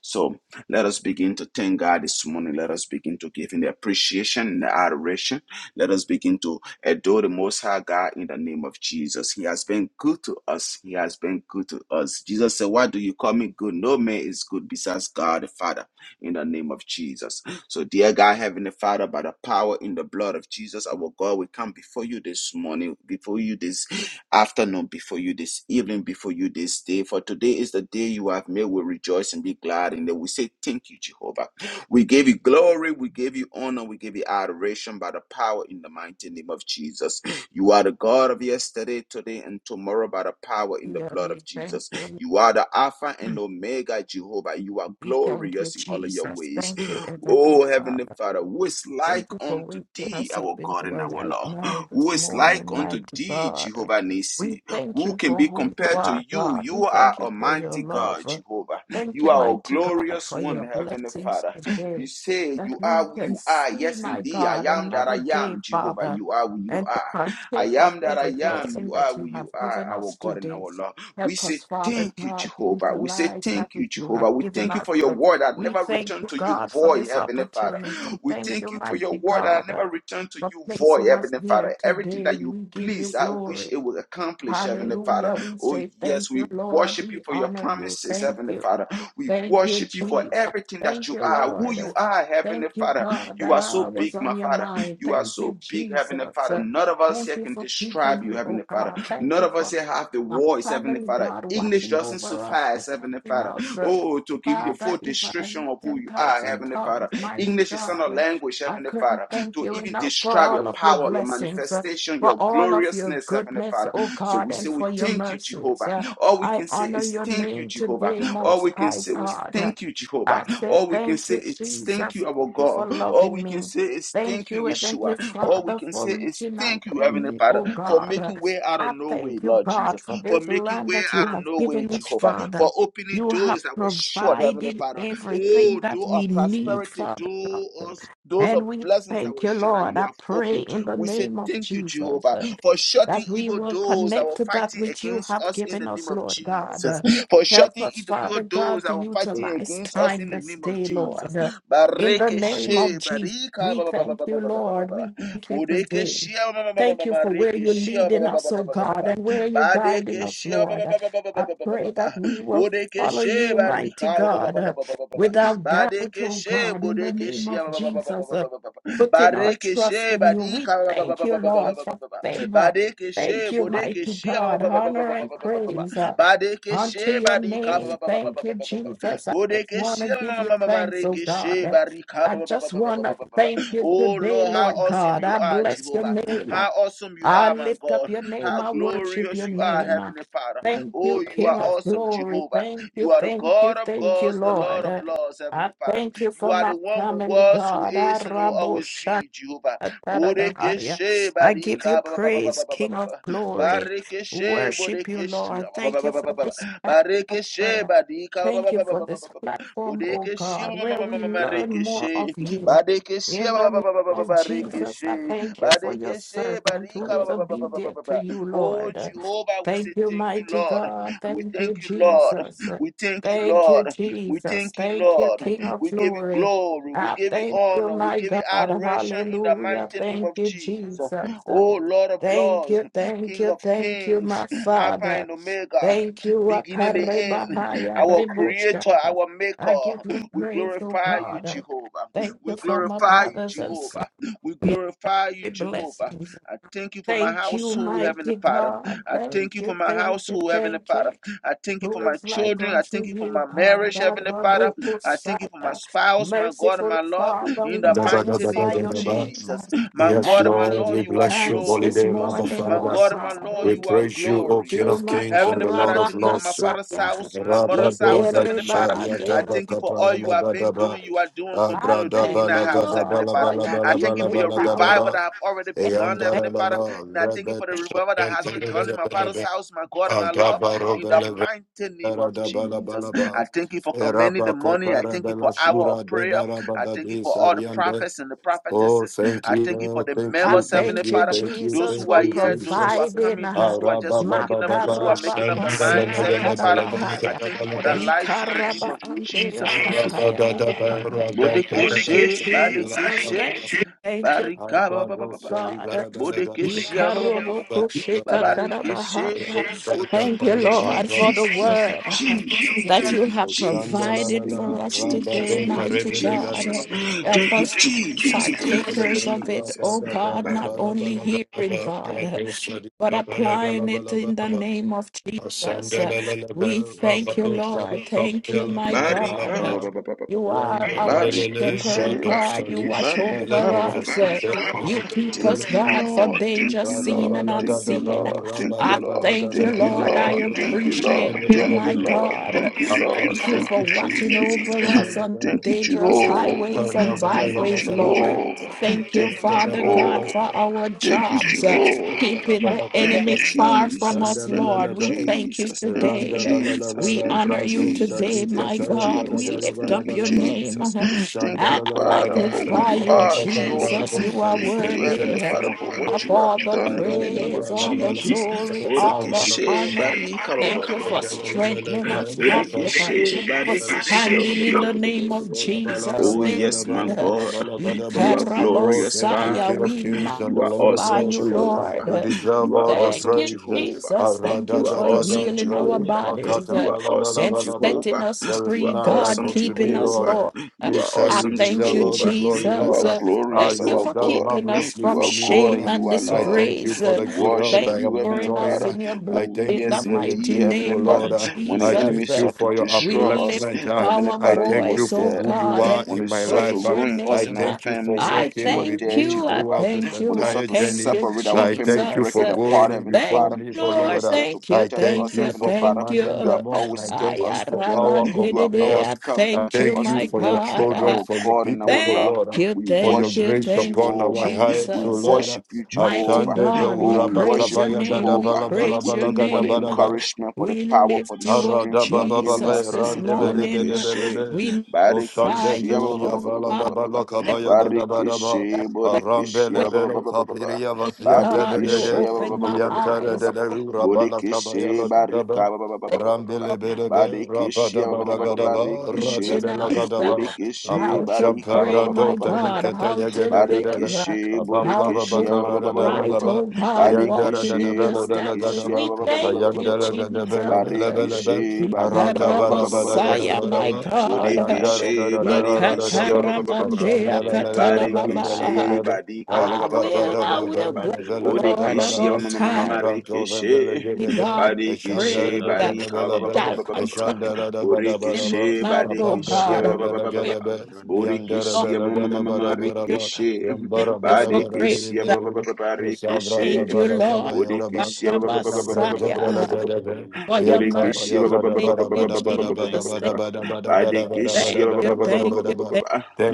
[SPEAKER 1] So let us begin to thank God this morning. Let us begin to give Him the appreciation and the adoration. Let us begin to adore the Most High God in the name of Jesus. He has been good to us. He has been good to us. Jesus said, Why do you call me good? No man is good besides God the Father in the name of Jesus. So, dear God, Heavenly Father, by the power in the blood of Jesus, our God, we come before you this morning, before you this afternoon before you, this evening before you, this day. For today is the day you have made. We rejoice and be glad in it. We say, Thank you, Jehovah. We give you glory, we give you honor, we give you adoration by the power in the mighty name of Jesus. You are the God of yesterday, today, and tomorrow by the power in the
[SPEAKER 2] Yeah,
[SPEAKER 1] blood
[SPEAKER 2] we
[SPEAKER 1] of
[SPEAKER 2] thank
[SPEAKER 1] Jesus.
[SPEAKER 2] you.
[SPEAKER 1] You are the Alpha and Omega, Jehovah. You are
[SPEAKER 2] We thank you,
[SPEAKER 1] glorious in all of your
[SPEAKER 2] Jesus.
[SPEAKER 1] ways.
[SPEAKER 2] Thank you, ever good
[SPEAKER 1] Oh, Heavenly
[SPEAKER 2] Father.
[SPEAKER 1] Father, who is like
[SPEAKER 2] Thank you for
[SPEAKER 1] unto
[SPEAKER 2] waking
[SPEAKER 1] thee,
[SPEAKER 2] us up
[SPEAKER 1] our
[SPEAKER 2] in
[SPEAKER 1] God and
[SPEAKER 2] our
[SPEAKER 1] our
[SPEAKER 2] right
[SPEAKER 1] Lord?
[SPEAKER 2] mind
[SPEAKER 1] Who
[SPEAKER 2] this
[SPEAKER 1] is like
[SPEAKER 2] morning,
[SPEAKER 1] unto
[SPEAKER 2] mighty
[SPEAKER 1] thee,
[SPEAKER 2] God.
[SPEAKER 1] Jehovah Nissi?
[SPEAKER 2] We thank
[SPEAKER 1] Who
[SPEAKER 2] you
[SPEAKER 1] can
[SPEAKER 2] for
[SPEAKER 1] be
[SPEAKER 2] who you
[SPEAKER 1] compared to
[SPEAKER 2] are,
[SPEAKER 1] you?
[SPEAKER 2] God.
[SPEAKER 1] You
[SPEAKER 2] We
[SPEAKER 1] are
[SPEAKER 2] thank you
[SPEAKER 1] a
[SPEAKER 2] for your
[SPEAKER 1] mighty
[SPEAKER 2] love.
[SPEAKER 1] God, Jehovah.
[SPEAKER 2] Thank
[SPEAKER 1] You
[SPEAKER 2] you,
[SPEAKER 1] are a
[SPEAKER 2] mighty God,
[SPEAKER 1] glorious
[SPEAKER 2] for
[SPEAKER 1] one,
[SPEAKER 2] your
[SPEAKER 1] Heavenly
[SPEAKER 2] blessings
[SPEAKER 1] Father. You
[SPEAKER 2] today.
[SPEAKER 1] say
[SPEAKER 2] That
[SPEAKER 1] you are
[SPEAKER 2] we
[SPEAKER 1] who
[SPEAKER 2] can
[SPEAKER 1] you are.
[SPEAKER 2] see,
[SPEAKER 1] Yes,
[SPEAKER 2] my
[SPEAKER 1] indeed. I
[SPEAKER 2] God,
[SPEAKER 1] am that
[SPEAKER 2] another
[SPEAKER 1] I
[SPEAKER 2] day,
[SPEAKER 1] am, Jehovah.
[SPEAKER 2] Father,
[SPEAKER 1] You are who you
[SPEAKER 2] and to
[SPEAKER 1] are. I
[SPEAKER 2] partake of
[SPEAKER 1] am that I
[SPEAKER 2] every
[SPEAKER 1] am.
[SPEAKER 2] blessing
[SPEAKER 1] You are
[SPEAKER 2] that
[SPEAKER 1] who
[SPEAKER 2] you have
[SPEAKER 1] you are,
[SPEAKER 2] given
[SPEAKER 1] our
[SPEAKER 2] us
[SPEAKER 1] God and
[SPEAKER 2] today.
[SPEAKER 1] our Lord. We
[SPEAKER 2] Help
[SPEAKER 1] say,
[SPEAKER 2] us, Father
[SPEAKER 1] Thank you,
[SPEAKER 2] God, to
[SPEAKER 1] Jehovah. We say,
[SPEAKER 2] utilize that
[SPEAKER 1] Thank you,
[SPEAKER 2] which you have
[SPEAKER 1] Jehovah. We
[SPEAKER 2] given
[SPEAKER 1] thank you for your
[SPEAKER 2] us.
[SPEAKER 1] word that
[SPEAKER 2] We
[SPEAKER 1] never
[SPEAKER 2] thank
[SPEAKER 1] returned
[SPEAKER 2] you,
[SPEAKER 1] to you
[SPEAKER 2] God, for
[SPEAKER 1] void,
[SPEAKER 2] this
[SPEAKER 1] Heavenly Father.
[SPEAKER 2] opportunity.
[SPEAKER 1] We
[SPEAKER 2] Thank
[SPEAKER 1] thank
[SPEAKER 2] you,
[SPEAKER 1] you for your
[SPEAKER 2] mighty
[SPEAKER 1] word that
[SPEAKER 2] God,
[SPEAKER 1] I
[SPEAKER 2] uh,
[SPEAKER 1] never return to
[SPEAKER 2] for
[SPEAKER 1] you void,
[SPEAKER 2] placing us
[SPEAKER 1] Heavenly
[SPEAKER 2] here
[SPEAKER 1] Father. Everything
[SPEAKER 2] today.
[SPEAKER 1] that you
[SPEAKER 2] We give you
[SPEAKER 1] please, I wish
[SPEAKER 2] glory.
[SPEAKER 1] it would accomplish, Heavenly Father.
[SPEAKER 2] Hallelujah. We
[SPEAKER 1] Oh,
[SPEAKER 2] say
[SPEAKER 1] yes,
[SPEAKER 2] thank you,
[SPEAKER 1] we
[SPEAKER 2] Lord.
[SPEAKER 1] worship you
[SPEAKER 2] We
[SPEAKER 1] for your
[SPEAKER 2] honor you.
[SPEAKER 1] promises,
[SPEAKER 2] Thank
[SPEAKER 1] Heavenly
[SPEAKER 2] you.
[SPEAKER 1] Father. We
[SPEAKER 2] Thank you,
[SPEAKER 1] worship you for
[SPEAKER 2] Jesus.
[SPEAKER 1] everything that
[SPEAKER 2] Thank
[SPEAKER 1] you
[SPEAKER 2] you,
[SPEAKER 1] are, who
[SPEAKER 2] Lord.
[SPEAKER 1] you
[SPEAKER 2] Uh,
[SPEAKER 1] are, Heavenly
[SPEAKER 2] Thank you,
[SPEAKER 1] Father.
[SPEAKER 2] God,
[SPEAKER 1] You
[SPEAKER 2] that
[SPEAKER 1] are
[SPEAKER 2] I
[SPEAKER 1] so big,
[SPEAKER 2] was
[SPEAKER 1] my
[SPEAKER 2] on your
[SPEAKER 1] Father.
[SPEAKER 2] mind.
[SPEAKER 1] You are
[SPEAKER 2] Thank you,
[SPEAKER 1] so big, Heavenly
[SPEAKER 2] Jesus.
[SPEAKER 1] Father.
[SPEAKER 2] Uh,
[SPEAKER 1] None of us
[SPEAKER 2] Thank
[SPEAKER 1] here
[SPEAKER 2] you
[SPEAKER 1] can
[SPEAKER 2] for
[SPEAKER 1] describe
[SPEAKER 2] keeping
[SPEAKER 1] you,
[SPEAKER 2] me, oh
[SPEAKER 1] Heavenly Father.
[SPEAKER 2] God. Thank
[SPEAKER 1] None
[SPEAKER 2] you
[SPEAKER 1] of
[SPEAKER 2] for
[SPEAKER 1] us here have the
[SPEAKER 2] my
[SPEAKER 1] voice, Heavenly
[SPEAKER 2] family,
[SPEAKER 1] Father.
[SPEAKER 2] God,
[SPEAKER 1] English
[SPEAKER 2] watching
[SPEAKER 1] doesn't
[SPEAKER 2] over us,
[SPEAKER 1] suffice, Heavenly
[SPEAKER 2] protecting
[SPEAKER 1] Father.
[SPEAKER 2] us. Uh,
[SPEAKER 1] Oh, to give you the
[SPEAKER 2] Father,
[SPEAKER 1] full
[SPEAKER 2] if I
[SPEAKER 1] description
[SPEAKER 2] had
[SPEAKER 1] of who you are,
[SPEAKER 2] 10,000
[SPEAKER 1] Heavenly Father.
[SPEAKER 2] tongues, mighty
[SPEAKER 1] English is not a
[SPEAKER 2] God, uh,
[SPEAKER 1] language,
[SPEAKER 2] I
[SPEAKER 1] Heavenly
[SPEAKER 2] couldn't
[SPEAKER 1] Father,
[SPEAKER 2] thank
[SPEAKER 1] to
[SPEAKER 2] you
[SPEAKER 1] even
[SPEAKER 2] enough for
[SPEAKER 1] describe your
[SPEAKER 2] all of your
[SPEAKER 1] power, your
[SPEAKER 2] blessings, uh,
[SPEAKER 1] manifestation,
[SPEAKER 2] for
[SPEAKER 1] your
[SPEAKER 2] all of your
[SPEAKER 1] gloriousness, Heavenly
[SPEAKER 2] goodness,
[SPEAKER 1] Father.
[SPEAKER 2] oh
[SPEAKER 1] So
[SPEAKER 2] God,
[SPEAKER 1] we say,
[SPEAKER 2] and
[SPEAKER 1] We
[SPEAKER 2] for your
[SPEAKER 1] thank you,
[SPEAKER 2] mercies.
[SPEAKER 1] Jehovah.
[SPEAKER 2] Uh,
[SPEAKER 1] All we
[SPEAKER 2] I
[SPEAKER 1] can say
[SPEAKER 2] honor
[SPEAKER 1] is,
[SPEAKER 2] your
[SPEAKER 1] Thank you,
[SPEAKER 2] name
[SPEAKER 1] Jehovah.
[SPEAKER 2] today,
[SPEAKER 1] All
[SPEAKER 2] Most
[SPEAKER 1] we can
[SPEAKER 2] High
[SPEAKER 1] say is,
[SPEAKER 2] God. Uh,
[SPEAKER 1] Thank you, Jehovah.
[SPEAKER 2] I say
[SPEAKER 1] All we can
[SPEAKER 2] thank
[SPEAKER 1] say
[SPEAKER 2] you,
[SPEAKER 1] is,
[SPEAKER 2] Jesus.
[SPEAKER 1] Thank you, our
[SPEAKER 2] Thank you
[SPEAKER 1] God.
[SPEAKER 2] for
[SPEAKER 1] All
[SPEAKER 2] loving
[SPEAKER 1] we can
[SPEAKER 2] me.
[SPEAKER 1] say is, Thank
[SPEAKER 2] Thank
[SPEAKER 1] you,
[SPEAKER 2] you, Heavenly
[SPEAKER 1] Yeshua. All we
[SPEAKER 2] Father,
[SPEAKER 1] can
[SPEAKER 2] for
[SPEAKER 1] say is,
[SPEAKER 2] reaching out
[SPEAKER 1] Thank you,
[SPEAKER 2] for
[SPEAKER 1] Heavenly
[SPEAKER 2] me,
[SPEAKER 1] Father,
[SPEAKER 2] oh
[SPEAKER 1] for
[SPEAKER 2] God.
[SPEAKER 1] making way out of
[SPEAKER 2] I
[SPEAKER 1] no way,
[SPEAKER 2] thank you,
[SPEAKER 1] Lord Jesus
[SPEAKER 2] God, for
[SPEAKER 1] for
[SPEAKER 2] this
[SPEAKER 1] making
[SPEAKER 2] land
[SPEAKER 1] way
[SPEAKER 2] that you
[SPEAKER 1] out of
[SPEAKER 2] have
[SPEAKER 1] no way,
[SPEAKER 2] given us,
[SPEAKER 1] Jehovah,
[SPEAKER 2] Father.
[SPEAKER 1] for opening
[SPEAKER 2] You have
[SPEAKER 1] doors that were shut, Heavenly
[SPEAKER 2] provided
[SPEAKER 1] Father.
[SPEAKER 2] everything
[SPEAKER 1] Oh,
[SPEAKER 2] that
[SPEAKER 1] door
[SPEAKER 2] we
[SPEAKER 1] of
[SPEAKER 2] need,
[SPEAKER 1] prosperity,
[SPEAKER 2] Father God.
[SPEAKER 1] doors, doors
[SPEAKER 2] And
[SPEAKER 1] of
[SPEAKER 2] we
[SPEAKER 1] blessings that
[SPEAKER 2] thank
[SPEAKER 1] were
[SPEAKER 2] you,
[SPEAKER 1] shut that
[SPEAKER 2] Lord.
[SPEAKER 1] you
[SPEAKER 2] I
[SPEAKER 1] have
[SPEAKER 2] pray
[SPEAKER 1] opened.
[SPEAKER 2] in the
[SPEAKER 1] We say
[SPEAKER 2] name of
[SPEAKER 1] thank you,
[SPEAKER 2] Jesus
[SPEAKER 1] Jehovah, for shutting
[SPEAKER 2] that we
[SPEAKER 1] evil
[SPEAKER 2] will
[SPEAKER 1] doors that were
[SPEAKER 2] connect to that
[SPEAKER 1] fighting
[SPEAKER 2] which you
[SPEAKER 1] against
[SPEAKER 2] have
[SPEAKER 1] us in
[SPEAKER 2] given
[SPEAKER 1] the name
[SPEAKER 2] us,
[SPEAKER 1] of
[SPEAKER 2] Lord God.
[SPEAKER 1] Jesus.
[SPEAKER 2] Uh,
[SPEAKER 1] For
[SPEAKER 2] Help
[SPEAKER 1] shutting
[SPEAKER 2] us,
[SPEAKER 1] e- evil
[SPEAKER 2] Father God,
[SPEAKER 1] doors
[SPEAKER 2] to
[SPEAKER 1] that were fighting
[SPEAKER 2] utilize
[SPEAKER 1] against us
[SPEAKER 2] time
[SPEAKER 1] in the
[SPEAKER 2] this
[SPEAKER 1] name of
[SPEAKER 2] day,
[SPEAKER 1] Jesus.
[SPEAKER 2] Lord. Uh, In the
[SPEAKER 1] Bareke
[SPEAKER 2] name
[SPEAKER 1] she,
[SPEAKER 2] of Jesus,
[SPEAKER 1] barika,
[SPEAKER 2] we
[SPEAKER 1] ba- ba- ba- ba-
[SPEAKER 2] thank
[SPEAKER 1] ba- ba-
[SPEAKER 2] you,
[SPEAKER 1] ba- ba- ba-
[SPEAKER 2] Lord.
[SPEAKER 1] ba-
[SPEAKER 2] We thank you
[SPEAKER 1] Bodeke
[SPEAKER 2] today.
[SPEAKER 1] she, ma- ma- ma- ma- ma-
[SPEAKER 2] Thank
[SPEAKER 1] ma-
[SPEAKER 2] you
[SPEAKER 1] ma-
[SPEAKER 2] for where you're
[SPEAKER 1] she, ba-
[SPEAKER 2] leading
[SPEAKER 1] ba- ba-
[SPEAKER 2] us, oh
[SPEAKER 1] ba- ba- ba- ba-
[SPEAKER 2] God,
[SPEAKER 1] ba.
[SPEAKER 2] and where you're guiding us,
[SPEAKER 1] Badekeshe ba- ba-
[SPEAKER 2] Lord. Uh,
[SPEAKER 1] ba- ba- ba- ba- ba-
[SPEAKER 2] I
[SPEAKER 1] ba- ba- ba-
[SPEAKER 2] pray
[SPEAKER 1] ba-
[SPEAKER 2] that
[SPEAKER 1] ba.
[SPEAKER 2] we will follow
[SPEAKER 1] Bodekeshe
[SPEAKER 2] you, mighty
[SPEAKER 1] barika ba- ba- ba-
[SPEAKER 2] God,
[SPEAKER 1] ba-
[SPEAKER 2] uh,
[SPEAKER 1] ba- ba- ba- ba- ba.
[SPEAKER 2] without doubt, oh
[SPEAKER 1] Badekeshe
[SPEAKER 2] God, in the name
[SPEAKER 1] bodekeshe
[SPEAKER 2] of
[SPEAKER 1] ba- ba- ba- ba- ba-
[SPEAKER 2] Jesus.
[SPEAKER 1] ba-
[SPEAKER 2] uh,
[SPEAKER 1] ba- ba- ba- ba.
[SPEAKER 2] Putting our
[SPEAKER 1] Barekeshe
[SPEAKER 2] trust in you. We
[SPEAKER 1] badika ba- ba- ba-
[SPEAKER 2] thank you,
[SPEAKER 1] ba- ba- ba- ba-
[SPEAKER 2] Lord,
[SPEAKER 1] ba- ba-
[SPEAKER 2] for
[SPEAKER 1] ba- ba.
[SPEAKER 2] favor
[SPEAKER 1] Badekeshe
[SPEAKER 2] Thank you, mighty
[SPEAKER 1] bodekeshe ba- ba-
[SPEAKER 2] God.
[SPEAKER 1] ba- ba- ba- ba-
[SPEAKER 2] Honor
[SPEAKER 1] ba-
[SPEAKER 2] and
[SPEAKER 1] ba- ba- ba- ba-
[SPEAKER 2] praise uh,
[SPEAKER 1] Badekeshe
[SPEAKER 2] unto your name. Thank you, Jesus. I just want
[SPEAKER 1] keshi
[SPEAKER 2] to give you thanks, oh God.
[SPEAKER 1] ka
[SPEAKER 2] I
[SPEAKER 1] ba- ba- ba- ba-
[SPEAKER 2] just
[SPEAKER 1] ba- ba- ba- ba-
[SPEAKER 2] want
[SPEAKER 1] ba.
[SPEAKER 2] to thank you today, Lord God. I bless your name. I lift up your name. I worship your name.
[SPEAKER 1] Father.
[SPEAKER 2] Thank
[SPEAKER 1] Oh,
[SPEAKER 2] you,
[SPEAKER 1] you are
[SPEAKER 2] King of
[SPEAKER 1] awesome,
[SPEAKER 2] glory.
[SPEAKER 1] Jehovah.
[SPEAKER 2] Thank
[SPEAKER 1] You
[SPEAKER 2] you,
[SPEAKER 1] are the
[SPEAKER 2] thank you,
[SPEAKER 1] God of
[SPEAKER 2] thank you,
[SPEAKER 1] gods, the
[SPEAKER 2] Lord.
[SPEAKER 1] Lord of lords,
[SPEAKER 2] I
[SPEAKER 1] Heavenly Father.
[SPEAKER 2] thank you
[SPEAKER 1] You
[SPEAKER 2] for
[SPEAKER 1] are
[SPEAKER 2] my
[SPEAKER 1] the one who
[SPEAKER 2] family,
[SPEAKER 1] was, who
[SPEAKER 2] God.
[SPEAKER 1] is, and will always
[SPEAKER 2] I
[SPEAKER 1] be, Jehovah.
[SPEAKER 2] Atadabahaya.
[SPEAKER 1] Borekeshe
[SPEAKER 2] I give you
[SPEAKER 1] barika ba- ba- ba- ba-
[SPEAKER 2] praise,
[SPEAKER 1] ba- ba- ba-
[SPEAKER 2] King
[SPEAKER 1] ba-
[SPEAKER 2] of
[SPEAKER 1] ba.
[SPEAKER 2] glory.
[SPEAKER 1] Barekeshe
[SPEAKER 2] Worship you,
[SPEAKER 1] borekeshe
[SPEAKER 2] Lord.
[SPEAKER 1] ba- ba-
[SPEAKER 2] Thank
[SPEAKER 1] ba- ba-
[SPEAKER 2] you
[SPEAKER 1] ba-
[SPEAKER 2] for
[SPEAKER 1] ba- ba.
[SPEAKER 2] this act of
[SPEAKER 1] Barekeshe
[SPEAKER 2] prayer.
[SPEAKER 1] barika ba- ba-
[SPEAKER 2] Thank
[SPEAKER 1] ba-
[SPEAKER 2] you
[SPEAKER 1] ba- ba-
[SPEAKER 2] for
[SPEAKER 1] ba-
[SPEAKER 2] this
[SPEAKER 1] ba- ba- ba.
[SPEAKER 2] platform, oh
[SPEAKER 1] Borekeshe
[SPEAKER 2] God,
[SPEAKER 1] ma- ma-
[SPEAKER 2] where
[SPEAKER 1] ma- ma-
[SPEAKER 2] we
[SPEAKER 1] ma- ma-
[SPEAKER 2] learn more of
[SPEAKER 1] rekeshe.
[SPEAKER 2] you.
[SPEAKER 1] Barekeshe
[SPEAKER 2] In
[SPEAKER 1] ba-
[SPEAKER 2] the
[SPEAKER 1] ba- ba-
[SPEAKER 2] name
[SPEAKER 1] ba- ba- ba- ba-
[SPEAKER 2] of
[SPEAKER 1] ba-
[SPEAKER 2] Jesus,
[SPEAKER 1] rekeshe.
[SPEAKER 2] I thank you for your
[SPEAKER 1] Barekeshe
[SPEAKER 2] servant who
[SPEAKER 1] barika ba-
[SPEAKER 2] is
[SPEAKER 1] ba- ba- ba- ba- ba- ba-
[SPEAKER 2] obedient
[SPEAKER 1] ba.
[SPEAKER 2] to you,
[SPEAKER 1] Oh,
[SPEAKER 2] Lord.
[SPEAKER 1] Jehovah, we
[SPEAKER 2] Thank
[SPEAKER 1] say
[SPEAKER 2] you,
[SPEAKER 1] thank you,
[SPEAKER 2] mighty
[SPEAKER 1] Lord.
[SPEAKER 2] God.
[SPEAKER 1] We
[SPEAKER 2] Thank you,
[SPEAKER 1] thank you, Lord.
[SPEAKER 2] Jesus.
[SPEAKER 1] We thank you,
[SPEAKER 2] Thank you,
[SPEAKER 1] Lord. We
[SPEAKER 2] Jesus.
[SPEAKER 1] thank you,
[SPEAKER 2] Thank you,
[SPEAKER 1] Lord.
[SPEAKER 2] King of
[SPEAKER 1] We give you
[SPEAKER 2] glory.
[SPEAKER 1] glory. We
[SPEAKER 2] I
[SPEAKER 1] give you
[SPEAKER 2] thank you,
[SPEAKER 1] honor. We
[SPEAKER 2] my
[SPEAKER 1] give you
[SPEAKER 2] God.
[SPEAKER 1] adoration in the
[SPEAKER 2] Hallelujah.
[SPEAKER 1] mighty name
[SPEAKER 2] Thank
[SPEAKER 1] of
[SPEAKER 2] you,
[SPEAKER 1] Jesus.
[SPEAKER 2] Jesus.
[SPEAKER 1] Oh, Lord of
[SPEAKER 2] Thank
[SPEAKER 1] Lords,
[SPEAKER 2] you, thank
[SPEAKER 1] King
[SPEAKER 2] you,
[SPEAKER 1] of
[SPEAKER 2] thank you,
[SPEAKER 1] Kings,
[SPEAKER 2] my
[SPEAKER 1] Alpha
[SPEAKER 2] Father.
[SPEAKER 1] and Omega,
[SPEAKER 2] Thank you,
[SPEAKER 1] beginning and end,
[SPEAKER 2] Akarebahaya
[SPEAKER 1] our
[SPEAKER 2] Rebosha.
[SPEAKER 1] Creator, our
[SPEAKER 2] I give
[SPEAKER 1] Maker.
[SPEAKER 2] you
[SPEAKER 1] We
[SPEAKER 2] praise, oh
[SPEAKER 1] glorify you,
[SPEAKER 2] God.
[SPEAKER 1] Jehovah.
[SPEAKER 2] Thank you
[SPEAKER 1] We
[SPEAKER 2] for my
[SPEAKER 1] glorify you,
[SPEAKER 2] brothers and
[SPEAKER 1] Jehovah.
[SPEAKER 2] sisters.
[SPEAKER 1] We glorify you,
[SPEAKER 2] Your
[SPEAKER 1] Jehovah.
[SPEAKER 2] blessings.
[SPEAKER 1] I thank you for my
[SPEAKER 2] Thank you,
[SPEAKER 1] household, Heavenly
[SPEAKER 2] mighty
[SPEAKER 1] Father.
[SPEAKER 2] God.
[SPEAKER 1] I
[SPEAKER 2] Thank
[SPEAKER 1] thank you for
[SPEAKER 2] you,
[SPEAKER 1] my
[SPEAKER 2] thank you,
[SPEAKER 1] household, Heavenly
[SPEAKER 2] thank
[SPEAKER 1] Father.
[SPEAKER 2] you
[SPEAKER 1] I thank you for
[SPEAKER 2] who
[SPEAKER 1] my
[SPEAKER 2] is like
[SPEAKER 1] children. I
[SPEAKER 2] unto
[SPEAKER 1] thank you for
[SPEAKER 2] you,
[SPEAKER 1] my
[SPEAKER 2] God.
[SPEAKER 1] marriage, Heavenly Father. I thank you for my
[SPEAKER 2] Arabokosaya.
[SPEAKER 1] spouse, my God and
[SPEAKER 2] Merciful
[SPEAKER 1] my Lord,
[SPEAKER 2] Father,
[SPEAKER 1] in
[SPEAKER 2] we
[SPEAKER 1] the
[SPEAKER 4] Yes,
[SPEAKER 1] mighty name
[SPEAKER 2] magnify
[SPEAKER 1] of
[SPEAKER 2] your name
[SPEAKER 1] Jesus. My God
[SPEAKER 2] and
[SPEAKER 1] and
[SPEAKER 2] we
[SPEAKER 1] my
[SPEAKER 4] Lord,
[SPEAKER 2] give
[SPEAKER 1] Lord,
[SPEAKER 4] we
[SPEAKER 2] you
[SPEAKER 1] you are
[SPEAKER 4] bless you,
[SPEAKER 2] thanks
[SPEAKER 4] holy
[SPEAKER 2] this
[SPEAKER 4] name,
[SPEAKER 1] glorious.
[SPEAKER 4] Abba
[SPEAKER 2] morning,
[SPEAKER 1] My
[SPEAKER 4] Father.
[SPEAKER 2] Lord
[SPEAKER 1] God and my Lord,
[SPEAKER 2] God.
[SPEAKER 4] We
[SPEAKER 1] you are
[SPEAKER 4] praise you, O
[SPEAKER 2] Thank
[SPEAKER 4] King
[SPEAKER 2] you,
[SPEAKER 1] glorious.
[SPEAKER 4] of Kings and
[SPEAKER 1] Heavenly
[SPEAKER 4] the
[SPEAKER 1] Father,
[SPEAKER 4] Lord
[SPEAKER 1] I
[SPEAKER 4] of
[SPEAKER 1] thank you for my
[SPEAKER 4] Lords.
[SPEAKER 1] father's
[SPEAKER 2] Makarabakasaya.
[SPEAKER 1] house, for my mother's house,
[SPEAKER 4] Rabadoga
[SPEAKER 1] Heavenly
[SPEAKER 2] Ikereba
[SPEAKER 1] Father. I
[SPEAKER 4] Shadiata
[SPEAKER 2] adera.
[SPEAKER 1] thank you for all
[SPEAKER 4] Bakapaya
[SPEAKER 1] you have been
[SPEAKER 4] Lagadaba.
[SPEAKER 1] doing, you are doing,
[SPEAKER 2] I
[SPEAKER 1] continue to do in
[SPEAKER 4] Abradaba
[SPEAKER 2] thank
[SPEAKER 1] our
[SPEAKER 2] you,
[SPEAKER 1] house,
[SPEAKER 2] Lord,
[SPEAKER 1] Heavenly
[SPEAKER 4] Lagadaba
[SPEAKER 2] for
[SPEAKER 1] Father.
[SPEAKER 2] your
[SPEAKER 4] Labalaba
[SPEAKER 1] I thank you for
[SPEAKER 2] keeping
[SPEAKER 1] your
[SPEAKER 4] Labalaba
[SPEAKER 1] revival
[SPEAKER 2] power.
[SPEAKER 1] that
[SPEAKER 4] Lagadaba.
[SPEAKER 1] have already begun, Heavenly
[SPEAKER 4] Eyandara
[SPEAKER 2] Thank
[SPEAKER 1] Father.
[SPEAKER 4] Lala,
[SPEAKER 1] And I thank you
[SPEAKER 4] Rebbe
[SPEAKER 1] for the revival that has begun in my Father's
[SPEAKER 4] Shadianta
[SPEAKER 1] house, my God and my Lord,
[SPEAKER 4] Antaba
[SPEAKER 1] in the
[SPEAKER 4] Robele
[SPEAKER 1] mighty name of
[SPEAKER 4] Radaba
[SPEAKER 1] Jesus. I
[SPEAKER 4] Labalaba.
[SPEAKER 1] thank you for commanding the
[SPEAKER 4] Eraba
[SPEAKER 1] money. I
[SPEAKER 4] Kopara
[SPEAKER 1] thank you
[SPEAKER 4] Bela
[SPEAKER 1] for hour of
[SPEAKER 4] Shura
[SPEAKER 1] prayer. I
[SPEAKER 4] Debarabada
[SPEAKER 1] thank you for all the
[SPEAKER 4] Sariande.
[SPEAKER 1] prophets and the
[SPEAKER 4] Oh,
[SPEAKER 1] prophetesses.
[SPEAKER 4] thank
[SPEAKER 1] I
[SPEAKER 4] you,
[SPEAKER 1] thank you for
[SPEAKER 4] Lord.
[SPEAKER 1] the
[SPEAKER 4] thank
[SPEAKER 2] I
[SPEAKER 4] you,
[SPEAKER 1] members,
[SPEAKER 4] thank
[SPEAKER 1] Heavenly
[SPEAKER 2] thank you,
[SPEAKER 4] you,
[SPEAKER 1] Father,
[SPEAKER 4] thank you,
[SPEAKER 1] those
[SPEAKER 2] Jesus,
[SPEAKER 1] who
[SPEAKER 4] thank
[SPEAKER 2] for
[SPEAKER 1] are
[SPEAKER 4] you,
[SPEAKER 1] here, those who are
[SPEAKER 4] Jesus.
[SPEAKER 2] providing.
[SPEAKER 1] coming,
[SPEAKER 4] Ah,
[SPEAKER 2] uh,
[SPEAKER 1] those who are
[SPEAKER 4] ra,
[SPEAKER 1] just
[SPEAKER 4] ba, ba,
[SPEAKER 1] waking
[SPEAKER 4] ba,
[SPEAKER 1] up,
[SPEAKER 4] ba,
[SPEAKER 1] those who
[SPEAKER 4] ba.
[SPEAKER 1] are making up their
[SPEAKER 4] Shanda, la, la, la,
[SPEAKER 1] minds,
[SPEAKER 4] la, la,
[SPEAKER 1] Heavenly Father.
[SPEAKER 4] la,
[SPEAKER 1] I
[SPEAKER 2] Makarabakosekatarabahaya,
[SPEAKER 1] thank you for their lives in the name of Jesus.
[SPEAKER 2] Ikarabaandeakatayadabaha. Thank you,
[SPEAKER 1] Bodekeshe,
[SPEAKER 2] Jesus.
[SPEAKER 1] Badekeshe,
[SPEAKER 2] Thank you. Thank you.
[SPEAKER 1] Barika ba ba ba ba ba.
[SPEAKER 2] God.
[SPEAKER 1] Bodekeshia ba ba ba ba ba. Babarikeshe.
[SPEAKER 2] Ikaroboko-shekatarabahaya.
[SPEAKER 1] Oh,
[SPEAKER 2] Thank
[SPEAKER 1] thank
[SPEAKER 2] you,
[SPEAKER 1] you,
[SPEAKER 2] Lord, for the
[SPEAKER 1] Jesus. Thank you,
[SPEAKER 2] word
[SPEAKER 1] Jesus.
[SPEAKER 2] that
[SPEAKER 1] Thank
[SPEAKER 2] you
[SPEAKER 1] you,
[SPEAKER 2] have
[SPEAKER 1] Jesus.
[SPEAKER 2] provided
[SPEAKER 1] Thank
[SPEAKER 2] for
[SPEAKER 1] you,
[SPEAKER 2] us
[SPEAKER 1] Jesus.
[SPEAKER 2] today,
[SPEAKER 1] Thank you,
[SPEAKER 2] mighty
[SPEAKER 4] la, la, la,
[SPEAKER 5] Thank
[SPEAKER 1] Jesus.
[SPEAKER 2] God.
[SPEAKER 5] you, Lord
[SPEAKER 4] la, la.
[SPEAKER 2] Help
[SPEAKER 1] Thank
[SPEAKER 5] Jesus.
[SPEAKER 1] you,
[SPEAKER 2] us
[SPEAKER 4] Rabba
[SPEAKER 2] be
[SPEAKER 1] Jesus. Thank you,
[SPEAKER 2] partakers of it, oh
[SPEAKER 1] Jesus.
[SPEAKER 5] Thank
[SPEAKER 2] God,
[SPEAKER 5] you,
[SPEAKER 2] not
[SPEAKER 5] Lord
[SPEAKER 2] only
[SPEAKER 5] Jesus.
[SPEAKER 2] hearing God but applying it in the name of Jesus. Uh, We
[SPEAKER 5] Thank you, Lord
[SPEAKER 2] thank you,
[SPEAKER 5] Jesus.
[SPEAKER 2] Lord. Thank you, my God.
[SPEAKER 1] Barika ba
[SPEAKER 2] Uh,
[SPEAKER 1] ba ba ba ba ba.
[SPEAKER 2] You
[SPEAKER 5] Thank
[SPEAKER 2] are
[SPEAKER 5] you,
[SPEAKER 2] our
[SPEAKER 5] Lord Jesus.
[SPEAKER 1] Barikeshe.
[SPEAKER 2] shepherd, God. You watch
[SPEAKER 1] Barika
[SPEAKER 2] over
[SPEAKER 1] ba ba ba ba
[SPEAKER 2] us.
[SPEAKER 1] ba.
[SPEAKER 2] Uh, You
[SPEAKER 5] Thank you,
[SPEAKER 2] keep
[SPEAKER 5] Lord
[SPEAKER 1] Thank
[SPEAKER 2] us,
[SPEAKER 1] you,
[SPEAKER 5] Jesus.
[SPEAKER 2] God, from
[SPEAKER 1] Lord. Thank
[SPEAKER 2] danger
[SPEAKER 1] you,
[SPEAKER 2] seen
[SPEAKER 5] Thank
[SPEAKER 1] Lord.
[SPEAKER 2] and
[SPEAKER 5] you, Lord
[SPEAKER 1] Thank you,
[SPEAKER 5] Jesus.
[SPEAKER 2] unseen.
[SPEAKER 1] Lord. Thank you,
[SPEAKER 2] I
[SPEAKER 1] Lord.
[SPEAKER 2] thank you,
[SPEAKER 1] Thank you,
[SPEAKER 2] Lord. I
[SPEAKER 1] Lord.
[SPEAKER 5] Thank you,
[SPEAKER 1] Thank you,
[SPEAKER 5] Lord
[SPEAKER 2] appreciate
[SPEAKER 1] Lord.
[SPEAKER 2] you,
[SPEAKER 5] Jesus.
[SPEAKER 1] Thank
[SPEAKER 2] my
[SPEAKER 1] you,
[SPEAKER 5] Thank
[SPEAKER 1] Lord.
[SPEAKER 5] you, Lord
[SPEAKER 2] God.
[SPEAKER 5] Jesus.
[SPEAKER 1] Thank you,
[SPEAKER 4] Thank you,
[SPEAKER 1] Lord.
[SPEAKER 2] Thank you
[SPEAKER 4] Lord.
[SPEAKER 1] Thank
[SPEAKER 2] for
[SPEAKER 1] you,
[SPEAKER 4] Thank you,
[SPEAKER 2] watching
[SPEAKER 1] Jesus.
[SPEAKER 2] over
[SPEAKER 4] Jesus. Thank you,
[SPEAKER 2] us on
[SPEAKER 1] Thank
[SPEAKER 4] Lord.
[SPEAKER 1] you,
[SPEAKER 2] dangerous
[SPEAKER 1] Jehovah.
[SPEAKER 2] highways
[SPEAKER 4] Thank
[SPEAKER 5] Thank
[SPEAKER 4] you,
[SPEAKER 5] you,
[SPEAKER 2] and
[SPEAKER 4] Lord.
[SPEAKER 5] Lord
[SPEAKER 1] Thank you,
[SPEAKER 2] byways,
[SPEAKER 5] Jesus.
[SPEAKER 4] Thank
[SPEAKER 2] Lord.
[SPEAKER 1] Jehovah.
[SPEAKER 2] Thank you,
[SPEAKER 1] Thank you,
[SPEAKER 2] Father God,
[SPEAKER 1] Jehovah.
[SPEAKER 2] for our
[SPEAKER 1] Thank you,
[SPEAKER 2] jobs,
[SPEAKER 5] Thank
[SPEAKER 2] uh,
[SPEAKER 5] you, Lord
[SPEAKER 1] Jehovah.
[SPEAKER 2] keeping
[SPEAKER 5] Jesus.
[SPEAKER 2] the
[SPEAKER 1] Thank you,
[SPEAKER 2] enemy
[SPEAKER 4] you,
[SPEAKER 5] Thank you,
[SPEAKER 2] far
[SPEAKER 5] Lord
[SPEAKER 2] from
[SPEAKER 1] Jesus.
[SPEAKER 2] us,
[SPEAKER 5] Jesus.
[SPEAKER 1] Thank you,
[SPEAKER 2] Lord.
[SPEAKER 4] Lord.
[SPEAKER 2] We
[SPEAKER 4] Thank
[SPEAKER 2] thank you
[SPEAKER 1] Jesus. Thank you,
[SPEAKER 4] Randa
[SPEAKER 2] today.
[SPEAKER 4] la la la la
[SPEAKER 1] Jesus.
[SPEAKER 2] We
[SPEAKER 4] la
[SPEAKER 1] Thank you,
[SPEAKER 2] honor you
[SPEAKER 4] brado
[SPEAKER 5] Ata
[SPEAKER 2] today,
[SPEAKER 1] Jesus.
[SPEAKER 4] sadika
[SPEAKER 1] Thank
[SPEAKER 5] braka
[SPEAKER 2] my
[SPEAKER 1] you,
[SPEAKER 5] te
[SPEAKER 4] saya
[SPEAKER 2] God.
[SPEAKER 5] braga
[SPEAKER 4] gada
[SPEAKER 5] te
[SPEAKER 2] We
[SPEAKER 4] bala
[SPEAKER 1] Jesus.
[SPEAKER 5] braka
[SPEAKER 2] lift
[SPEAKER 4] bala
[SPEAKER 1] Thank
[SPEAKER 2] up
[SPEAKER 1] you,
[SPEAKER 2] your
[SPEAKER 4] bala ba
[SPEAKER 2] name
[SPEAKER 1] Jesus.
[SPEAKER 2] uh,
[SPEAKER 1] Thank
[SPEAKER 4] shanda
[SPEAKER 1] you,
[SPEAKER 4] la
[SPEAKER 2] and I
[SPEAKER 4] la la la you,
[SPEAKER 1] Father,
[SPEAKER 4] ba
[SPEAKER 1] for
[SPEAKER 5] pasta
[SPEAKER 1] who
[SPEAKER 4] Father. brado
[SPEAKER 2] magnify
[SPEAKER 1] you
[SPEAKER 5] kata
[SPEAKER 2] you,
[SPEAKER 4] You
[SPEAKER 1] are,
[SPEAKER 5] braga te
[SPEAKER 4] are
[SPEAKER 1] Jehovah.
[SPEAKER 5] ujala
[SPEAKER 2] Jesus.
[SPEAKER 4] brado
[SPEAKER 2] You
[SPEAKER 4] so
[SPEAKER 5] braga.
[SPEAKER 2] are
[SPEAKER 1] Thank
[SPEAKER 4] sadika
[SPEAKER 1] you, Heavenly
[SPEAKER 4] wonderful.
[SPEAKER 2] worthy
[SPEAKER 1] Father,
[SPEAKER 4] bala
[SPEAKER 1] for
[SPEAKER 4] bala bala
[SPEAKER 1] what
[SPEAKER 2] of
[SPEAKER 1] you have
[SPEAKER 2] all the
[SPEAKER 4] Oh,
[SPEAKER 1] done in the
[SPEAKER 4] thank
[SPEAKER 1] name of
[SPEAKER 2] praise, all
[SPEAKER 5] Menesas
[SPEAKER 2] the
[SPEAKER 5] te le
[SPEAKER 1] Jesus.
[SPEAKER 5] braga
[SPEAKER 2] glory,
[SPEAKER 5] te.
[SPEAKER 2] all the
[SPEAKER 1] Borekeshe
[SPEAKER 2] honor.
[SPEAKER 1] barika
[SPEAKER 2] Thank you for
[SPEAKER 5] Thank you, Jesus.
[SPEAKER 2] strengthening us, God,
[SPEAKER 5] Thank you, Lord
[SPEAKER 1] Borekeshe,
[SPEAKER 2] for
[SPEAKER 5] Jesus.
[SPEAKER 1] Barekeshe.
[SPEAKER 2] standing in the name of Jesus.
[SPEAKER 1] Oh,
[SPEAKER 5] Thank
[SPEAKER 2] Thank
[SPEAKER 5] you,
[SPEAKER 1] yes,
[SPEAKER 5] Lord
[SPEAKER 2] you,
[SPEAKER 1] my
[SPEAKER 2] God.
[SPEAKER 5] Jesus.
[SPEAKER 1] God.
[SPEAKER 2] We
[SPEAKER 1] You are glorious,
[SPEAKER 4] you,
[SPEAKER 2] carabosaya,
[SPEAKER 4] King
[SPEAKER 1] Father.
[SPEAKER 4] of
[SPEAKER 2] we
[SPEAKER 5] Thank
[SPEAKER 4] Kings
[SPEAKER 5] you,
[SPEAKER 4] and
[SPEAKER 1] You
[SPEAKER 4] the
[SPEAKER 5] Lord
[SPEAKER 1] are
[SPEAKER 4] Lord of
[SPEAKER 2] magnify
[SPEAKER 5] Jesus.
[SPEAKER 1] awesome,
[SPEAKER 2] you,
[SPEAKER 4] Lords. uh,
[SPEAKER 1] Jehovah.
[SPEAKER 4] You
[SPEAKER 2] Lord.
[SPEAKER 4] deserve
[SPEAKER 1] You are
[SPEAKER 4] all the
[SPEAKER 2] Thank
[SPEAKER 1] awesome,
[SPEAKER 2] you,
[SPEAKER 4] praise. uh,
[SPEAKER 1] Jehovah.
[SPEAKER 4] ah,
[SPEAKER 2] Jesus.
[SPEAKER 4] ra,
[SPEAKER 2] Thank
[SPEAKER 4] da,
[SPEAKER 2] you
[SPEAKER 1] You are
[SPEAKER 2] for
[SPEAKER 1] awesome,
[SPEAKER 5] Thank
[SPEAKER 2] healing
[SPEAKER 5] you,
[SPEAKER 2] our
[SPEAKER 5] Lord
[SPEAKER 1] Jehovah.
[SPEAKER 5] Jesus.
[SPEAKER 2] bodies
[SPEAKER 1] You
[SPEAKER 2] uh,
[SPEAKER 1] are awesome,
[SPEAKER 2] and setting
[SPEAKER 1] Jehovah.
[SPEAKER 2] us
[SPEAKER 4] There is
[SPEAKER 1] You
[SPEAKER 2] free,
[SPEAKER 1] are
[SPEAKER 4] none like
[SPEAKER 2] God,
[SPEAKER 1] awesome,
[SPEAKER 4] unto
[SPEAKER 2] keeping
[SPEAKER 4] thee,
[SPEAKER 2] us,
[SPEAKER 4] Lord.
[SPEAKER 1] Jehovah.
[SPEAKER 4] uh,
[SPEAKER 2] Lord. Uh,
[SPEAKER 1] You
[SPEAKER 4] We
[SPEAKER 1] are
[SPEAKER 4] say
[SPEAKER 2] I
[SPEAKER 4] you
[SPEAKER 1] awesome,
[SPEAKER 2] thank
[SPEAKER 4] deserve
[SPEAKER 2] you,
[SPEAKER 4] all
[SPEAKER 5] Thank
[SPEAKER 4] the
[SPEAKER 1] Jehovah.
[SPEAKER 5] you, Lord
[SPEAKER 4] glory,
[SPEAKER 1] You
[SPEAKER 4] Lord.
[SPEAKER 2] Jesus.
[SPEAKER 1] are
[SPEAKER 4] uh,
[SPEAKER 5] Jesus.
[SPEAKER 4] ah,
[SPEAKER 1] glorious,
[SPEAKER 2] Thank you
[SPEAKER 4] You
[SPEAKER 1] our
[SPEAKER 4] have
[SPEAKER 2] for
[SPEAKER 4] done
[SPEAKER 1] God.
[SPEAKER 2] keeping us
[SPEAKER 4] marvelously
[SPEAKER 1] You
[SPEAKER 2] from
[SPEAKER 4] for
[SPEAKER 1] are
[SPEAKER 4] me,
[SPEAKER 1] God
[SPEAKER 4] Lord.
[SPEAKER 2] shame
[SPEAKER 1] and you
[SPEAKER 2] and
[SPEAKER 1] are
[SPEAKER 4] I
[SPEAKER 1] Lord.
[SPEAKER 4] thank you
[SPEAKER 2] disgrace.
[SPEAKER 4] for
[SPEAKER 2] Uh,
[SPEAKER 1] We
[SPEAKER 4] the good
[SPEAKER 5] Thank you,
[SPEAKER 4] health
[SPEAKER 1] worship
[SPEAKER 2] Thank
[SPEAKER 4] I
[SPEAKER 1] you,
[SPEAKER 4] am
[SPEAKER 2] you
[SPEAKER 5] Jesus.
[SPEAKER 2] for
[SPEAKER 1] Heavenly
[SPEAKER 5] Thank
[SPEAKER 2] us
[SPEAKER 4] enjoying.
[SPEAKER 1] Father.
[SPEAKER 5] you,
[SPEAKER 4] Uh,
[SPEAKER 2] in your
[SPEAKER 4] I
[SPEAKER 2] blood
[SPEAKER 5] Jesus.
[SPEAKER 1] Oh,
[SPEAKER 4] thank
[SPEAKER 2] in
[SPEAKER 4] you
[SPEAKER 2] the
[SPEAKER 1] yes,
[SPEAKER 4] for your
[SPEAKER 2] mighty
[SPEAKER 1] indeed,
[SPEAKER 4] grace,
[SPEAKER 1] Heavenly
[SPEAKER 4] O
[SPEAKER 2] name
[SPEAKER 1] Father.
[SPEAKER 4] Lord.
[SPEAKER 2] of
[SPEAKER 4] Uh,
[SPEAKER 5] Thank you,
[SPEAKER 1] When
[SPEAKER 5] Most
[SPEAKER 1] the
[SPEAKER 4] I
[SPEAKER 5] High
[SPEAKER 2] Jesus.
[SPEAKER 1] enemy
[SPEAKER 4] thank you
[SPEAKER 2] Uh,
[SPEAKER 5] God.
[SPEAKER 1] sought to
[SPEAKER 4] for your
[SPEAKER 1] destroy
[SPEAKER 2] We
[SPEAKER 1] us,
[SPEAKER 2] lift
[SPEAKER 4] upliftment. Uh,
[SPEAKER 2] up
[SPEAKER 1] Heavenly
[SPEAKER 2] our
[SPEAKER 4] I
[SPEAKER 1] Father, you
[SPEAKER 4] thank you
[SPEAKER 5] Thank
[SPEAKER 1] was
[SPEAKER 2] voice,
[SPEAKER 5] you,
[SPEAKER 4] for
[SPEAKER 2] oh
[SPEAKER 1] there.
[SPEAKER 5] Most
[SPEAKER 4] who
[SPEAKER 5] High
[SPEAKER 4] you
[SPEAKER 2] God,
[SPEAKER 4] are
[SPEAKER 5] God.
[SPEAKER 2] and
[SPEAKER 1] When they
[SPEAKER 4] in my
[SPEAKER 1] sought to
[SPEAKER 4] life.
[SPEAKER 2] praise
[SPEAKER 4] Uh,
[SPEAKER 2] your
[SPEAKER 1] ruin us
[SPEAKER 4] I
[SPEAKER 2] name.
[SPEAKER 1] and our
[SPEAKER 2] Uh,
[SPEAKER 4] thank you for
[SPEAKER 1] families,
[SPEAKER 2] I
[SPEAKER 1] you
[SPEAKER 4] walking
[SPEAKER 1] were
[SPEAKER 4] with
[SPEAKER 5] Thank
[SPEAKER 2] thank
[SPEAKER 1] there,
[SPEAKER 5] you,
[SPEAKER 4] me
[SPEAKER 2] you,
[SPEAKER 5] Most
[SPEAKER 2] I
[SPEAKER 1] Jehovah.
[SPEAKER 5] High
[SPEAKER 4] throughout this
[SPEAKER 2] thank
[SPEAKER 5] God.
[SPEAKER 1] When
[SPEAKER 2] you,
[SPEAKER 1] they
[SPEAKER 2] I
[SPEAKER 1] sought
[SPEAKER 4] entire
[SPEAKER 1] to
[SPEAKER 2] thank
[SPEAKER 4] journey.
[SPEAKER 2] you,
[SPEAKER 1] separate our
[SPEAKER 4] I
[SPEAKER 1] family,
[SPEAKER 4] thank you
[SPEAKER 2] Jesus.
[SPEAKER 1] break
[SPEAKER 4] for
[SPEAKER 1] it
[SPEAKER 2] Uh,
[SPEAKER 1] apart,
[SPEAKER 4] going
[SPEAKER 1] Heavenly
[SPEAKER 2] Thank
[SPEAKER 4] before
[SPEAKER 1] Father,
[SPEAKER 5] Thank
[SPEAKER 4] me,
[SPEAKER 5] you,
[SPEAKER 2] you,
[SPEAKER 4] O
[SPEAKER 1] you
[SPEAKER 5] Most
[SPEAKER 4] Lord.
[SPEAKER 2] Lord,
[SPEAKER 1] was
[SPEAKER 5] High
[SPEAKER 4] Uh,
[SPEAKER 1] there to
[SPEAKER 5] God.
[SPEAKER 2] thank
[SPEAKER 4] I
[SPEAKER 2] you,
[SPEAKER 1] protect
[SPEAKER 4] thank
[SPEAKER 2] thank
[SPEAKER 1] us,
[SPEAKER 4] you
[SPEAKER 2] you,
[SPEAKER 1] Heavenly
[SPEAKER 4] for
[SPEAKER 1] Father.
[SPEAKER 2] thank
[SPEAKER 4] commanding
[SPEAKER 1] You
[SPEAKER 4] the
[SPEAKER 1] have
[SPEAKER 2] you.
[SPEAKER 4] morning. I
[SPEAKER 1] always kept
[SPEAKER 4] thank you
[SPEAKER 1] us
[SPEAKER 2] I,
[SPEAKER 4] for
[SPEAKER 1] together.
[SPEAKER 4] hour
[SPEAKER 5] Thank
[SPEAKER 4] of
[SPEAKER 5] you,
[SPEAKER 1] You have
[SPEAKER 5] Most
[SPEAKER 4] prayer.
[SPEAKER 5] High
[SPEAKER 1] always
[SPEAKER 2] I
[SPEAKER 1] kept,
[SPEAKER 5] God.
[SPEAKER 4] I
[SPEAKER 2] thank you,
[SPEAKER 4] thank
[SPEAKER 1] us
[SPEAKER 4] you
[SPEAKER 2] my
[SPEAKER 4] for your
[SPEAKER 1] together.
[SPEAKER 4] children,
[SPEAKER 2] God.
[SPEAKER 1] Our
[SPEAKER 4] for your
[SPEAKER 1] God and
[SPEAKER 4] people,
[SPEAKER 1] our
[SPEAKER 4] O
[SPEAKER 2] Thank
[SPEAKER 1] love,
[SPEAKER 4] Lord, Uh,
[SPEAKER 2] you,
[SPEAKER 1] we
[SPEAKER 4] for your
[SPEAKER 2] thank
[SPEAKER 1] worship
[SPEAKER 2] you,
[SPEAKER 1] you,
[SPEAKER 4] grace
[SPEAKER 5] Thank
[SPEAKER 2] thank
[SPEAKER 5] you,
[SPEAKER 2] you,
[SPEAKER 4] upon
[SPEAKER 5] Lord
[SPEAKER 1] Jehovah.
[SPEAKER 4] our
[SPEAKER 5] Jesus.
[SPEAKER 1] We
[SPEAKER 4] hearts, O
[SPEAKER 2] Jesus. Uh,
[SPEAKER 4] Lord.
[SPEAKER 1] worship you,
[SPEAKER 2] Mighty
[SPEAKER 1] Jehovah.
[SPEAKER 4] Asande
[SPEAKER 2] God,
[SPEAKER 1] Oh,
[SPEAKER 2] we
[SPEAKER 4] Bura
[SPEAKER 1] we
[SPEAKER 2] praise
[SPEAKER 1] worship
[SPEAKER 2] your
[SPEAKER 1] you,
[SPEAKER 4] Bakabaya
[SPEAKER 5] Thank
[SPEAKER 2] name,
[SPEAKER 4] Gada
[SPEAKER 5] you,
[SPEAKER 2] we
[SPEAKER 1] Jehovah.
[SPEAKER 4] Bala Bala
[SPEAKER 5] Jesus.
[SPEAKER 2] praise
[SPEAKER 1] We
[SPEAKER 2] your
[SPEAKER 4] Bala
[SPEAKER 1] thank you for
[SPEAKER 4] Gada
[SPEAKER 1] the
[SPEAKER 2] name.
[SPEAKER 4] Bala
[SPEAKER 2] Uh,
[SPEAKER 4] Bala
[SPEAKER 1] encouragement, for the
[SPEAKER 2] We
[SPEAKER 1] power, for the
[SPEAKER 2] lift you up,
[SPEAKER 1] strength
[SPEAKER 4] Arada
[SPEAKER 1] you are
[SPEAKER 4] Baba
[SPEAKER 1] giving
[SPEAKER 4] Baba
[SPEAKER 2] Jesus,
[SPEAKER 1] us.
[SPEAKER 2] this
[SPEAKER 4] Rande Belege de
[SPEAKER 2] morning.
[SPEAKER 5] Marabadoja la
[SPEAKER 1] Borekeshe,
[SPEAKER 4] Belebe
[SPEAKER 2] We
[SPEAKER 5] bragadash.
[SPEAKER 4] Osande
[SPEAKER 2] magnify
[SPEAKER 1] Barekeshe, ah, ba,
[SPEAKER 2] you,
[SPEAKER 1] ba,
[SPEAKER 4] Teshi
[SPEAKER 1] ba,
[SPEAKER 2] oh
[SPEAKER 1] ba, ba, ba,
[SPEAKER 4] Avala
[SPEAKER 1] ba,
[SPEAKER 4] da
[SPEAKER 2] God.
[SPEAKER 1] ba, ba, ba.
[SPEAKER 4] Bala Kabaya Gada Bala Bala
[SPEAKER 1] Barekeshe, Borekeshe,
[SPEAKER 4] Arambele
[SPEAKER 1] ah,
[SPEAKER 2] When
[SPEAKER 1] ba, ba, ba,
[SPEAKER 4] Belo
[SPEAKER 1] ba, ba, ba, ba, ba.
[SPEAKER 4] Kapiria Vasiante de
[SPEAKER 2] God,
[SPEAKER 4] De
[SPEAKER 2] you
[SPEAKER 1] Barekeshe,
[SPEAKER 4] De
[SPEAKER 1] ah, ba, ba, ba,
[SPEAKER 2] open
[SPEAKER 5] Maradeja
[SPEAKER 1] ba,
[SPEAKER 2] my
[SPEAKER 5] la
[SPEAKER 1] ba, ba, ba, ba,
[SPEAKER 5] bragadash.
[SPEAKER 1] ba,
[SPEAKER 4] Yantere
[SPEAKER 2] eyes.
[SPEAKER 1] ba.
[SPEAKER 4] de De Rura Bala Kabaya
[SPEAKER 1] Borekeshe,
[SPEAKER 4] La Gada Bala
[SPEAKER 1] Barika, ba, ba, ba, ba, ba, ba, ba, ba, ba.
[SPEAKER 4] Rambele Belebe
[SPEAKER 1] Barekeshe,
[SPEAKER 4] Rabada
[SPEAKER 1] ah, ba, ba,
[SPEAKER 4] Bada
[SPEAKER 1] ba, ba,
[SPEAKER 4] Gada
[SPEAKER 5] Rabadeja
[SPEAKER 4] Bala
[SPEAKER 5] la
[SPEAKER 1] Barekeshe.
[SPEAKER 2] teaching
[SPEAKER 4] Radebela
[SPEAKER 2] us
[SPEAKER 4] Gada
[SPEAKER 2] uh,
[SPEAKER 4] Bala
[SPEAKER 5] bragadash.
[SPEAKER 1] Bodekishi,
[SPEAKER 2] how to
[SPEAKER 1] Badika,
[SPEAKER 4] Apeshampa
[SPEAKER 1] ba-
[SPEAKER 2] pray,
[SPEAKER 1] ba- ba-
[SPEAKER 2] my
[SPEAKER 1] ba- ba-
[SPEAKER 4] Bradota
[SPEAKER 1] ba- ba- ba- ba-
[SPEAKER 2] God,
[SPEAKER 1] ba-
[SPEAKER 4] Likata
[SPEAKER 2] how
[SPEAKER 1] ba-
[SPEAKER 2] to
[SPEAKER 4] Yagada Gada
[SPEAKER 2] live,
[SPEAKER 4] Bala
[SPEAKER 2] uh,
[SPEAKER 1] Barikishi,
[SPEAKER 5] Lada
[SPEAKER 4] da
[SPEAKER 2] how
[SPEAKER 1] Bodekishi,
[SPEAKER 2] to
[SPEAKER 1] ba- ba- ba-
[SPEAKER 5] braga de
[SPEAKER 1] ba- ba-
[SPEAKER 4] da
[SPEAKER 1] ba-
[SPEAKER 4] da
[SPEAKER 5] bada
[SPEAKER 1] ba- ba-
[SPEAKER 4] da
[SPEAKER 2] write,
[SPEAKER 1] ba-
[SPEAKER 5] bada
[SPEAKER 4] ba.
[SPEAKER 1] ba-
[SPEAKER 2] oh
[SPEAKER 5] bada
[SPEAKER 2] God,
[SPEAKER 5] bada ya
[SPEAKER 4] Yandara
[SPEAKER 5] bada
[SPEAKER 2] walking
[SPEAKER 4] da
[SPEAKER 2] in
[SPEAKER 4] da
[SPEAKER 5] bada
[SPEAKER 1] Badikishi,
[SPEAKER 2] your
[SPEAKER 5] bada.
[SPEAKER 4] bela bela
[SPEAKER 2] statutes.
[SPEAKER 1] Bodekishi,
[SPEAKER 4] gada
[SPEAKER 1] ba-
[SPEAKER 4] ba,
[SPEAKER 2] We
[SPEAKER 1] ba- ba- ba- ba-
[SPEAKER 2] thank
[SPEAKER 1] ba-
[SPEAKER 2] you,
[SPEAKER 1] ba- ba- ba-
[SPEAKER 4] ayandala
[SPEAKER 1] ba-
[SPEAKER 4] gada
[SPEAKER 2] Jesus.
[SPEAKER 4] bela bela bela ba,
[SPEAKER 5] Bade
[SPEAKER 1] Barikishi,
[SPEAKER 5] braga
[SPEAKER 1] Badika,
[SPEAKER 4] arada
[SPEAKER 1] ba-
[SPEAKER 5] dosa
[SPEAKER 1] ba-
[SPEAKER 4] ba
[SPEAKER 5] la
[SPEAKER 4] da
[SPEAKER 1] ba- ba-
[SPEAKER 4] ba
[SPEAKER 1] ba-
[SPEAKER 5] braga
[SPEAKER 4] da
[SPEAKER 1] ba- ba- ba-
[SPEAKER 4] gada
[SPEAKER 1] ba-
[SPEAKER 2] Ikarabosaya,
[SPEAKER 5] daisha
[SPEAKER 1] ba-
[SPEAKER 4] ba
[SPEAKER 5] la
[SPEAKER 4] da
[SPEAKER 1] ba-
[SPEAKER 2] my
[SPEAKER 4] ba,
[SPEAKER 5] braga
[SPEAKER 2] God.
[SPEAKER 5] daisha.
[SPEAKER 4] ayandara
[SPEAKER 1] Bodekishi,
[SPEAKER 4] da da da da da da da
[SPEAKER 1] Barikishi, ba-
[SPEAKER 4] ba,
[SPEAKER 1] ba- ba- ba- ba- ba- ba-
[SPEAKER 5] Rabba
[SPEAKER 1] ba-
[SPEAKER 2] Ikatarabandea
[SPEAKER 1] ba-
[SPEAKER 4] ashandala la
[SPEAKER 5] deja
[SPEAKER 4] la
[SPEAKER 5] bada
[SPEAKER 4] la bela
[SPEAKER 5] badosha.
[SPEAKER 4] bela
[SPEAKER 2] katanababa.
[SPEAKER 1] Barikishi,
[SPEAKER 4] gada ba,
[SPEAKER 1] Badika, ba-
[SPEAKER 2] I
[SPEAKER 1] ba- ba-
[SPEAKER 4] ayika
[SPEAKER 1] ba- ba-
[SPEAKER 4] da
[SPEAKER 1] ba-
[SPEAKER 2] will,
[SPEAKER 1] ba-
[SPEAKER 4] da
[SPEAKER 1] ba-
[SPEAKER 2] I
[SPEAKER 1] ba-
[SPEAKER 4] da
[SPEAKER 1] ba-
[SPEAKER 2] will
[SPEAKER 5] Rabba
[SPEAKER 1] ba-
[SPEAKER 2] bless
[SPEAKER 4] bela
[SPEAKER 2] the
[SPEAKER 4] bela
[SPEAKER 5] deja la
[SPEAKER 4] gada
[SPEAKER 2] Lord
[SPEAKER 4] ba
[SPEAKER 5] braga
[SPEAKER 2] at
[SPEAKER 4] da
[SPEAKER 1] Bodekishi, ma-
[SPEAKER 4] ba,
[SPEAKER 2] all
[SPEAKER 1] ma- ma-
[SPEAKER 5] dosa
[SPEAKER 1] ma-
[SPEAKER 5] la
[SPEAKER 1] ma-
[SPEAKER 2] times.
[SPEAKER 5] braga
[SPEAKER 4] ambranto
[SPEAKER 5] daisha.
[SPEAKER 4] be
[SPEAKER 1] Marikishi,
[SPEAKER 4] bela gada be,
[SPEAKER 2] God praise
[SPEAKER 5] Leya
[SPEAKER 4] eshandala
[SPEAKER 1] Barikishi,
[SPEAKER 4] da
[SPEAKER 5] da
[SPEAKER 2] uh,
[SPEAKER 4] gada
[SPEAKER 5] braga
[SPEAKER 1] Barika, ba-
[SPEAKER 4] bela
[SPEAKER 1] ba- ba-
[SPEAKER 4] be,
[SPEAKER 1] ba-
[SPEAKER 5] daisha
[SPEAKER 2] shall
[SPEAKER 1] ba- ba-
[SPEAKER 5] la
[SPEAKER 1] ba- ba-
[SPEAKER 5] braga
[SPEAKER 2] continue
[SPEAKER 4] eshandala
[SPEAKER 5] daisha.
[SPEAKER 4] da gada ba da
[SPEAKER 2] in my
[SPEAKER 4] ba,
[SPEAKER 1] Borekeshe
[SPEAKER 2] mouth, oh
[SPEAKER 4] abambe
[SPEAKER 1] Badekeshe
[SPEAKER 4] bela
[SPEAKER 2] God.
[SPEAKER 4] bela gada be,
[SPEAKER 5] Menoshaka branino
[SPEAKER 4] yandara
[SPEAKER 2] Lord,
[SPEAKER 1] Borekeshe
[SPEAKER 4] bela
[SPEAKER 5] shakata braga
[SPEAKER 4] gada ba da
[SPEAKER 5] daisha.
[SPEAKER 2] praise
[SPEAKER 4] ba da
[SPEAKER 2] you,
[SPEAKER 4] ba,
[SPEAKER 1] Marikeshe
[SPEAKER 2] thank
[SPEAKER 4] yambara
[SPEAKER 2] you
[SPEAKER 4] ba da
[SPEAKER 2] for
[SPEAKER 4] gada
[SPEAKER 5] Rabba
[SPEAKER 2] grace.
[SPEAKER 4] biri
[SPEAKER 1] Badekeshe
[SPEAKER 5] shaka.
[SPEAKER 4] biri biri. Thank you,
[SPEAKER 2] I
[SPEAKER 1] Barikeshe
[SPEAKER 4] Lord.
[SPEAKER 2] thank you, Lord,
[SPEAKER 1] Borekeshe
[SPEAKER 5] Thank you Jesus.
[SPEAKER 2] Messiah,
[SPEAKER 5] Thank you
[SPEAKER 2] for
[SPEAKER 5] Jesus.
[SPEAKER 2] your
[SPEAKER 5] Thank
[SPEAKER 2] mercy.
[SPEAKER 5] you
[SPEAKER 1] Borekeshe
[SPEAKER 5] Jesus.
[SPEAKER 2] Thank you,
[SPEAKER 5] Thank
[SPEAKER 2] Jesus.
[SPEAKER 5] you
[SPEAKER 2] Thank,
[SPEAKER 5] Lord Jesus. Thank you Lord
[SPEAKER 2] thank
[SPEAKER 1] Badekeshe
[SPEAKER 5] Jesus.
[SPEAKER 2] you, thank you, thank you.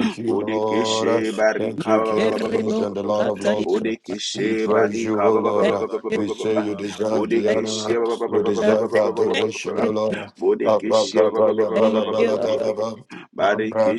[SPEAKER 5] Thank you Lord
[SPEAKER 4] Thank
[SPEAKER 1] Barika
[SPEAKER 4] you,
[SPEAKER 5] Jesus.
[SPEAKER 4] King of
[SPEAKER 5] Thank
[SPEAKER 4] Kings
[SPEAKER 2] Terrible
[SPEAKER 5] you
[SPEAKER 4] and the
[SPEAKER 5] Lord
[SPEAKER 4] Lord of
[SPEAKER 5] Jesus.
[SPEAKER 2] Satya.
[SPEAKER 4] Lords.
[SPEAKER 1] Borekeshe
[SPEAKER 4] We praise
[SPEAKER 5] Oh,
[SPEAKER 4] you,
[SPEAKER 1] Barika
[SPEAKER 4] O
[SPEAKER 2] Thank
[SPEAKER 4] Lord.
[SPEAKER 2] you,
[SPEAKER 4] We
[SPEAKER 5] Barabadi,
[SPEAKER 4] say
[SPEAKER 2] Jesus.
[SPEAKER 4] you
[SPEAKER 5] Shala,
[SPEAKER 4] deserve the
[SPEAKER 5] Bragadai,
[SPEAKER 2] Thank
[SPEAKER 1] Borekeshe
[SPEAKER 2] you,
[SPEAKER 4] honor.
[SPEAKER 5] Barandi,
[SPEAKER 4] You
[SPEAKER 5] Baradia,
[SPEAKER 2] uh,
[SPEAKER 4] deserve the
[SPEAKER 5] Bada.
[SPEAKER 2] thank
[SPEAKER 4] adoration,
[SPEAKER 2] you,
[SPEAKER 4] O Lord.
[SPEAKER 2] Jesus.
[SPEAKER 5] Thank you,
[SPEAKER 1] Bodekeshe ba- ba-
[SPEAKER 5] Jesus.
[SPEAKER 2] Thank
[SPEAKER 5] Thank you,
[SPEAKER 2] you,
[SPEAKER 5] Jesus.